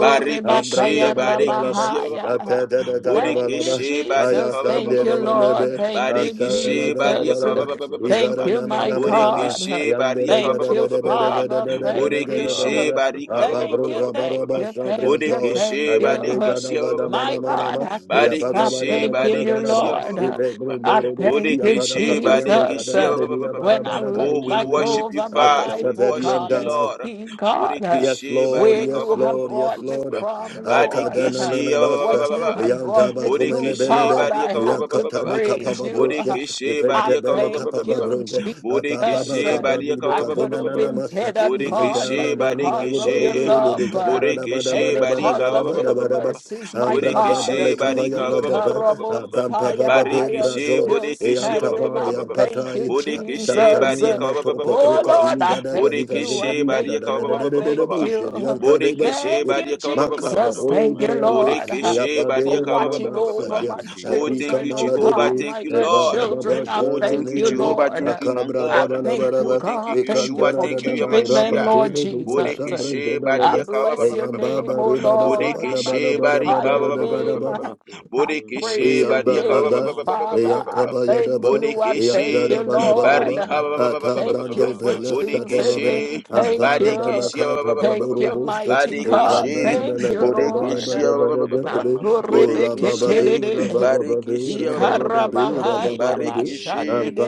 [SPEAKER 1] Barikeshe Barikeshe
[SPEAKER 2] rabahaya.
[SPEAKER 5] Thank you,
[SPEAKER 2] Thank
[SPEAKER 5] Lord
[SPEAKER 2] you,
[SPEAKER 1] Bodekeshe
[SPEAKER 5] Jesus.
[SPEAKER 1] Barika
[SPEAKER 2] Jesus. Thank you, Lord. Thank you,
[SPEAKER 1] Barikeshe
[SPEAKER 2] Jesus.
[SPEAKER 1] Barika
[SPEAKER 5] Thank you, Lord
[SPEAKER 2] Thank you,
[SPEAKER 5] Jesus.
[SPEAKER 2] my
[SPEAKER 1] Bodekeshe
[SPEAKER 2] God.
[SPEAKER 1] Barika
[SPEAKER 2] Thank you, Father.
[SPEAKER 5] Oh,
[SPEAKER 2] Thank
[SPEAKER 5] bara
[SPEAKER 1] Bodekeshe
[SPEAKER 2] you.
[SPEAKER 5] shakata
[SPEAKER 1] Barika
[SPEAKER 5] bragadaba.
[SPEAKER 2] Thank you, thank you, thank you,
[SPEAKER 1] Bodekeshe
[SPEAKER 2] thank
[SPEAKER 1] Barikeshe
[SPEAKER 2] you.
[SPEAKER 4] gada gada
[SPEAKER 2] My
[SPEAKER 4] mana mana
[SPEAKER 5] Bele
[SPEAKER 2] God,
[SPEAKER 4] ma
[SPEAKER 2] I
[SPEAKER 5] bele
[SPEAKER 2] can't
[SPEAKER 4] Yes,
[SPEAKER 5] bara
[SPEAKER 2] stop
[SPEAKER 5] bara bara bara
[SPEAKER 2] thanking you,
[SPEAKER 5] bara.
[SPEAKER 1] Barikeshe
[SPEAKER 2] Lord.
[SPEAKER 1] Barikeshe
[SPEAKER 2] I thank you,
[SPEAKER 1] Bodekishi,
[SPEAKER 2] Jesus.
[SPEAKER 1] badekishi, ba- ba- ba- ba- ba- ba.
[SPEAKER 2] When I look
[SPEAKER 5] Meno
[SPEAKER 1] Oh, we
[SPEAKER 2] back
[SPEAKER 1] worship you,
[SPEAKER 2] over
[SPEAKER 5] shakatai
[SPEAKER 2] my
[SPEAKER 5] bara
[SPEAKER 1] Father.
[SPEAKER 2] life,
[SPEAKER 1] We
[SPEAKER 5] yado
[SPEAKER 2] oh
[SPEAKER 5] bara
[SPEAKER 1] worship
[SPEAKER 2] God,
[SPEAKER 1] you,
[SPEAKER 2] and
[SPEAKER 5] shakata
[SPEAKER 1] Lord.
[SPEAKER 5] brother
[SPEAKER 2] see,
[SPEAKER 5] Daba.
[SPEAKER 2] God,
[SPEAKER 1] Bodekishi,
[SPEAKER 4] Lord,
[SPEAKER 2] where
[SPEAKER 1] badeka,
[SPEAKER 4] yes,
[SPEAKER 2] you
[SPEAKER 1] ba- ba- ba- ba-
[SPEAKER 2] have
[SPEAKER 1] ba-
[SPEAKER 4] Lord,
[SPEAKER 1] ba- ba-
[SPEAKER 4] yes,
[SPEAKER 2] brought
[SPEAKER 1] ba-
[SPEAKER 2] me
[SPEAKER 1] ba- ba.
[SPEAKER 4] Lord.
[SPEAKER 2] from,
[SPEAKER 5] Thank you,
[SPEAKER 2] Lord
[SPEAKER 4] Akadana
[SPEAKER 5] Jesus.
[SPEAKER 1] Badekishi, ba- ba- ba- ba-
[SPEAKER 4] nanabasa,
[SPEAKER 2] what
[SPEAKER 1] ba- ba-
[SPEAKER 2] you
[SPEAKER 1] ba.
[SPEAKER 2] have brought
[SPEAKER 4] yantaba
[SPEAKER 2] me
[SPEAKER 4] kumele
[SPEAKER 2] through,
[SPEAKER 1] Bodekishi,
[SPEAKER 2] God.
[SPEAKER 4] belebe,
[SPEAKER 2] I
[SPEAKER 1] badeka, ba- ba-
[SPEAKER 2] have
[SPEAKER 1] ba-
[SPEAKER 2] to
[SPEAKER 1] ba- ba-
[SPEAKER 4] yakatani
[SPEAKER 1] ba.
[SPEAKER 2] praise
[SPEAKER 4] kapaba
[SPEAKER 2] you.
[SPEAKER 4] broche,
[SPEAKER 1] Bodekishi,
[SPEAKER 2] I
[SPEAKER 4] ifente
[SPEAKER 1] badeka, ba- ba-
[SPEAKER 4] bele
[SPEAKER 1] ba-
[SPEAKER 2] thank
[SPEAKER 1] ba- ba- ba-
[SPEAKER 4] kapaba
[SPEAKER 2] you,
[SPEAKER 4] bronde,
[SPEAKER 2] Jesus.
[SPEAKER 4] apababa
[SPEAKER 1] Bodekishi,
[SPEAKER 5] Thank
[SPEAKER 4] kabani
[SPEAKER 5] you,
[SPEAKER 1] badeka,
[SPEAKER 2] I
[SPEAKER 1] ba- ba- ba-
[SPEAKER 2] could
[SPEAKER 1] ba-
[SPEAKER 4] kadena
[SPEAKER 5] Jesus.
[SPEAKER 1] ba-
[SPEAKER 2] have
[SPEAKER 1] ba- ba.
[SPEAKER 2] been
[SPEAKER 4] nanamasa,
[SPEAKER 2] dead and gone,
[SPEAKER 4] identa
[SPEAKER 2] but
[SPEAKER 1] Bodekishi,
[SPEAKER 4] namani
[SPEAKER 2] because of
[SPEAKER 1] badekishi.
[SPEAKER 4] narubaru
[SPEAKER 2] your
[SPEAKER 4] bere bere
[SPEAKER 2] love
[SPEAKER 5] Thank you,
[SPEAKER 2] uh,
[SPEAKER 4] kadabada
[SPEAKER 5] Jesus.
[SPEAKER 4] bada
[SPEAKER 1] Bodekishi,
[SPEAKER 2] and
[SPEAKER 4] bada bada
[SPEAKER 1] badeka,
[SPEAKER 2] because of
[SPEAKER 1] ba- ba-
[SPEAKER 2] your
[SPEAKER 4] bada
[SPEAKER 1] ba- ba- ba-
[SPEAKER 4] bada
[SPEAKER 1] ba-
[SPEAKER 4] bada
[SPEAKER 1] ba.
[SPEAKER 2] mercies, my
[SPEAKER 4] Ambrada
[SPEAKER 2] God,
[SPEAKER 1] Bodekishi,
[SPEAKER 4] baleka baya
[SPEAKER 1] badeka,
[SPEAKER 5] Thank
[SPEAKER 1] ba- ba-
[SPEAKER 5] you,
[SPEAKER 1] ba-
[SPEAKER 4] gadaba.
[SPEAKER 1] ba- ba- ba-
[SPEAKER 5] Jesus.
[SPEAKER 1] ba- ba.
[SPEAKER 4] Abampa baba
[SPEAKER 2] Ikarabosaya, I
[SPEAKER 4] be
[SPEAKER 2] am
[SPEAKER 1] Barikishe,
[SPEAKER 4] brado.
[SPEAKER 2] still
[SPEAKER 1] Bodekishe, ba-
[SPEAKER 4] Eyanta
[SPEAKER 1] ba- ba-
[SPEAKER 2] standing.
[SPEAKER 1] ba-
[SPEAKER 4] ba
[SPEAKER 1] ba-
[SPEAKER 2] I
[SPEAKER 1] ba- ba-
[SPEAKER 5] Bara
[SPEAKER 2] thank you,
[SPEAKER 4] yampatai.
[SPEAKER 5] shakata
[SPEAKER 1] Bodekishe,
[SPEAKER 5] bragadaba
[SPEAKER 2] Jesus.
[SPEAKER 4] Santanina
[SPEAKER 1] Barika, ba- ba- ba-
[SPEAKER 4] mato
[SPEAKER 5] bragadaba
[SPEAKER 1] ba- ba- ba-
[SPEAKER 2] Oh
[SPEAKER 1] ba-
[SPEAKER 4] pekruka
[SPEAKER 1] ba.
[SPEAKER 5] bragadaba
[SPEAKER 2] Lord,
[SPEAKER 4] vili
[SPEAKER 2] I
[SPEAKER 4] gada
[SPEAKER 2] thank
[SPEAKER 4] gadika
[SPEAKER 2] you. I
[SPEAKER 1] Bodekishe,
[SPEAKER 4] zegadi gada
[SPEAKER 2] thank
[SPEAKER 1] Barika,
[SPEAKER 4] da
[SPEAKER 1] ba-
[SPEAKER 4] da
[SPEAKER 2] you.
[SPEAKER 4] da
[SPEAKER 1] ba-
[SPEAKER 2] I
[SPEAKER 4] da
[SPEAKER 1] ba- ba-
[SPEAKER 4] da
[SPEAKER 1] ba- ba-
[SPEAKER 4] da
[SPEAKER 1] ba-
[SPEAKER 4] da
[SPEAKER 2] thank
[SPEAKER 1] ba.
[SPEAKER 4] bullshit.
[SPEAKER 2] you.
[SPEAKER 4] Yampa de
[SPEAKER 1] Bodekishe,
[SPEAKER 2] Thank
[SPEAKER 4] basete.
[SPEAKER 2] you,
[SPEAKER 1] Barika, ba- ba- ba- ba- ba- ba-
[SPEAKER 4] Makapa
[SPEAKER 2] Jesus.
[SPEAKER 1] ba- ba.
[SPEAKER 4] bol
[SPEAKER 2] Thank you,
[SPEAKER 4] brande.
[SPEAKER 2] Lord
[SPEAKER 1] Bodekishe,
[SPEAKER 4] Eyapade
[SPEAKER 2] for
[SPEAKER 1] Barika, ba- ba- ba-
[SPEAKER 2] watching
[SPEAKER 1] ba-
[SPEAKER 4] ramana
[SPEAKER 1] ba- ba- ba.
[SPEAKER 2] over
[SPEAKER 5] Thank
[SPEAKER 4] satya.
[SPEAKER 2] my
[SPEAKER 5] you, Jesus.
[SPEAKER 1] Oh, thank
[SPEAKER 4] Adika
[SPEAKER 2] children,
[SPEAKER 1] you,
[SPEAKER 2] oh
[SPEAKER 4] mala
[SPEAKER 1] Jehovah.
[SPEAKER 2] God,
[SPEAKER 4] debe.
[SPEAKER 1] Thank
[SPEAKER 2] my
[SPEAKER 1] you,
[SPEAKER 4] Eva
[SPEAKER 1] Lord.
[SPEAKER 5] Thank
[SPEAKER 4] baba
[SPEAKER 5] you,
[SPEAKER 2] grandchildren.
[SPEAKER 5] Jesus.
[SPEAKER 2] I
[SPEAKER 1] Oh,
[SPEAKER 4] bashara
[SPEAKER 2] thank
[SPEAKER 1] thank you,
[SPEAKER 2] you,
[SPEAKER 4] nelebe.
[SPEAKER 1] Jehovah.
[SPEAKER 2] Lord.
[SPEAKER 1] Thank you, my
[SPEAKER 4] Akabra
[SPEAKER 5] Thank
[SPEAKER 2] I
[SPEAKER 1] God.
[SPEAKER 5] you,
[SPEAKER 2] thank
[SPEAKER 5] great
[SPEAKER 2] you,
[SPEAKER 4] da
[SPEAKER 1] Oh,
[SPEAKER 5] God.
[SPEAKER 1] thank you,
[SPEAKER 2] God. Thank you
[SPEAKER 1] Yeshua.
[SPEAKER 4] Ikandara
[SPEAKER 2] for
[SPEAKER 4] da
[SPEAKER 1] Thank
[SPEAKER 4] da
[SPEAKER 1] you,
[SPEAKER 4] ba
[SPEAKER 2] keeping
[SPEAKER 5] Thank
[SPEAKER 2] them,
[SPEAKER 4] raba
[SPEAKER 1] Yamashia.
[SPEAKER 5] you,
[SPEAKER 2] Lord
[SPEAKER 5] great
[SPEAKER 4] tego do
[SPEAKER 5] God.
[SPEAKER 2] Jesus.
[SPEAKER 4] gusha brende
[SPEAKER 1] Bodekishe,
[SPEAKER 2] I
[SPEAKER 4] beleba.
[SPEAKER 1] Barika, ba- ba-
[SPEAKER 2] bless
[SPEAKER 1] ba-
[SPEAKER 2] your
[SPEAKER 1] ba- ba- ba-
[SPEAKER 4] Eyamba
[SPEAKER 1] ba-
[SPEAKER 5] Thank
[SPEAKER 1] ba-
[SPEAKER 2] name,
[SPEAKER 4] ba
[SPEAKER 5] you,
[SPEAKER 1] ba.
[SPEAKER 2] oh
[SPEAKER 4] reba
[SPEAKER 5] Father.
[SPEAKER 4] da
[SPEAKER 2] Lord.
[SPEAKER 4] ba
[SPEAKER 2] I
[SPEAKER 4] da ba da
[SPEAKER 1] Bodekishe,
[SPEAKER 4] ba da ba
[SPEAKER 2] magnify
[SPEAKER 1] Barika,
[SPEAKER 4] da
[SPEAKER 2] your
[SPEAKER 4] ba da
[SPEAKER 5] You
[SPEAKER 4] ba. da
[SPEAKER 2] name.
[SPEAKER 5] alone
[SPEAKER 4] ba.
[SPEAKER 5] are God.
[SPEAKER 2] I
[SPEAKER 5] You alone are
[SPEAKER 2] praise
[SPEAKER 1] Bodekeshe
[SPEAKER 2] your
[SPEAKER 4] Eyan
[SPEAKER 5] God.
[SPEAKER 4] ba
[SPEAKER 1] Badia
[SPEAKER 5] You
[SPEAKER 1] ka-
[SPEAKER 4] ba
[SPEAKER 1] ba- ba-
[SPEAKER 2] name,
[SPEAKER 1] ba-
[SPEAKER 4] ba,
[SPEAKER 1] ba-
[SPEAKER 5] alone
[SPEAKER 1] ba-
[SPEAKER 5] are
[SPEAKER 1] ba- ba-
[SPEAKER 5] God.
[SPEAKER 1] ba- ba-
[SPEAKER 2] Father.
[SPEAKER 4] eyan
[SPEAKER 1] ba-
[SPEAKER 2] I
[SPEAKER 1] ba.
[SPEAKER 4] kaba ya da
[SPEAKER 2] thank
[SPEAKER 4] ba,
[SPEAKER 2] you. I
[SPEAKER 1] Bodekeshe
[SPEAKER 4] eyan
[SPEAKER 2] thank
[SPEAKER 4] da
[SPEAKER 2] you,
[SPEAKER 4] da ba la ba da
[SPEAKER 5] ale
[SPEAKER 2] Lord.
[SPEAKER 4] ba.
[SPEAKER 5] bara
[SPEAKER 1] Barika ba-
[SPEAKER 5] da
[SPEAKER 1] ba- ba-
[SPEAKER 5] ba
[SPEAKER 1] ba- ba-
[SPEAKER 4] Ata
[SPEAKER 5] di
[SPEAKER 2] Thank
[SPEAKER 5] bara
[SPEAKER 2] you
[SPEAKER 4] brando
[SPEAKER 5] la
[SPEAKER 2] for
[SPEAKER 5] bra
[SPEAKER 4] bele
[SPEAKER 5] ga di ba
[SPEAKER 4] satene
[SPEAKER 2] choosing
[SPEAKER 4] be,
[SPEAKER 2] me.
[SPEAKER 1] Bodekeshe
[SPEAKER 5] do sha da
[SPEAKER 2] Thank
[SPEAKER 5] bra
[SPEAKER 4] avara ba da
[SPEAKER 2] you.
[SPEAKER 1] Badekeshe
[SPEAKER 4] ka pa pa
[SPEAKER 2] Thank
[SPEAKER 4] buru
[SPEAKER 2] you,
[SPEAKER 4] bush.
[SPEAKER 2] mighty
[SPEAKER 4] Ekan
[SPEAKER 1] Badekeshe
[SPEAKER 2] God.
[SPEAKER 4] bele
[SPEAKER 2] Thank
[SPEAKER 4] bele
[SPEAKER 2] you,
[SPEAKER 4] ka da ba la ba
[SPEAKER 1] Bodekeshe
[SPEAKER 2] Lord.
[SPEAKER 4] da ba
[SPEAKER 5] ga
[SPEAKER 4] da ga da be.
[SPEAKER 5] ate
[SPEAKER 4] Ura ba ba
[SPEAKER 1] Bodekeshe
[SPEAKER 4] be, ura ba
[SPEAKER 2] Makurebeketededehe.
[SPEAKER 4] ba ba be,
[SPEAKER 1] Barekeshe
[SPEAKER 4] ura
[SPEAKER 1] ba-
[SPEAKER 4] ba ba
[SPEAKER 5] Thank
[SPEAKER 4] ba
[SPEAKER 5] you,
[SPEAKER 4] be, ura ba
[SPEAKER 5] Jesus.
[SPEAKER 2] Ikarabahaya
[SPEAKER 4] ba ba be.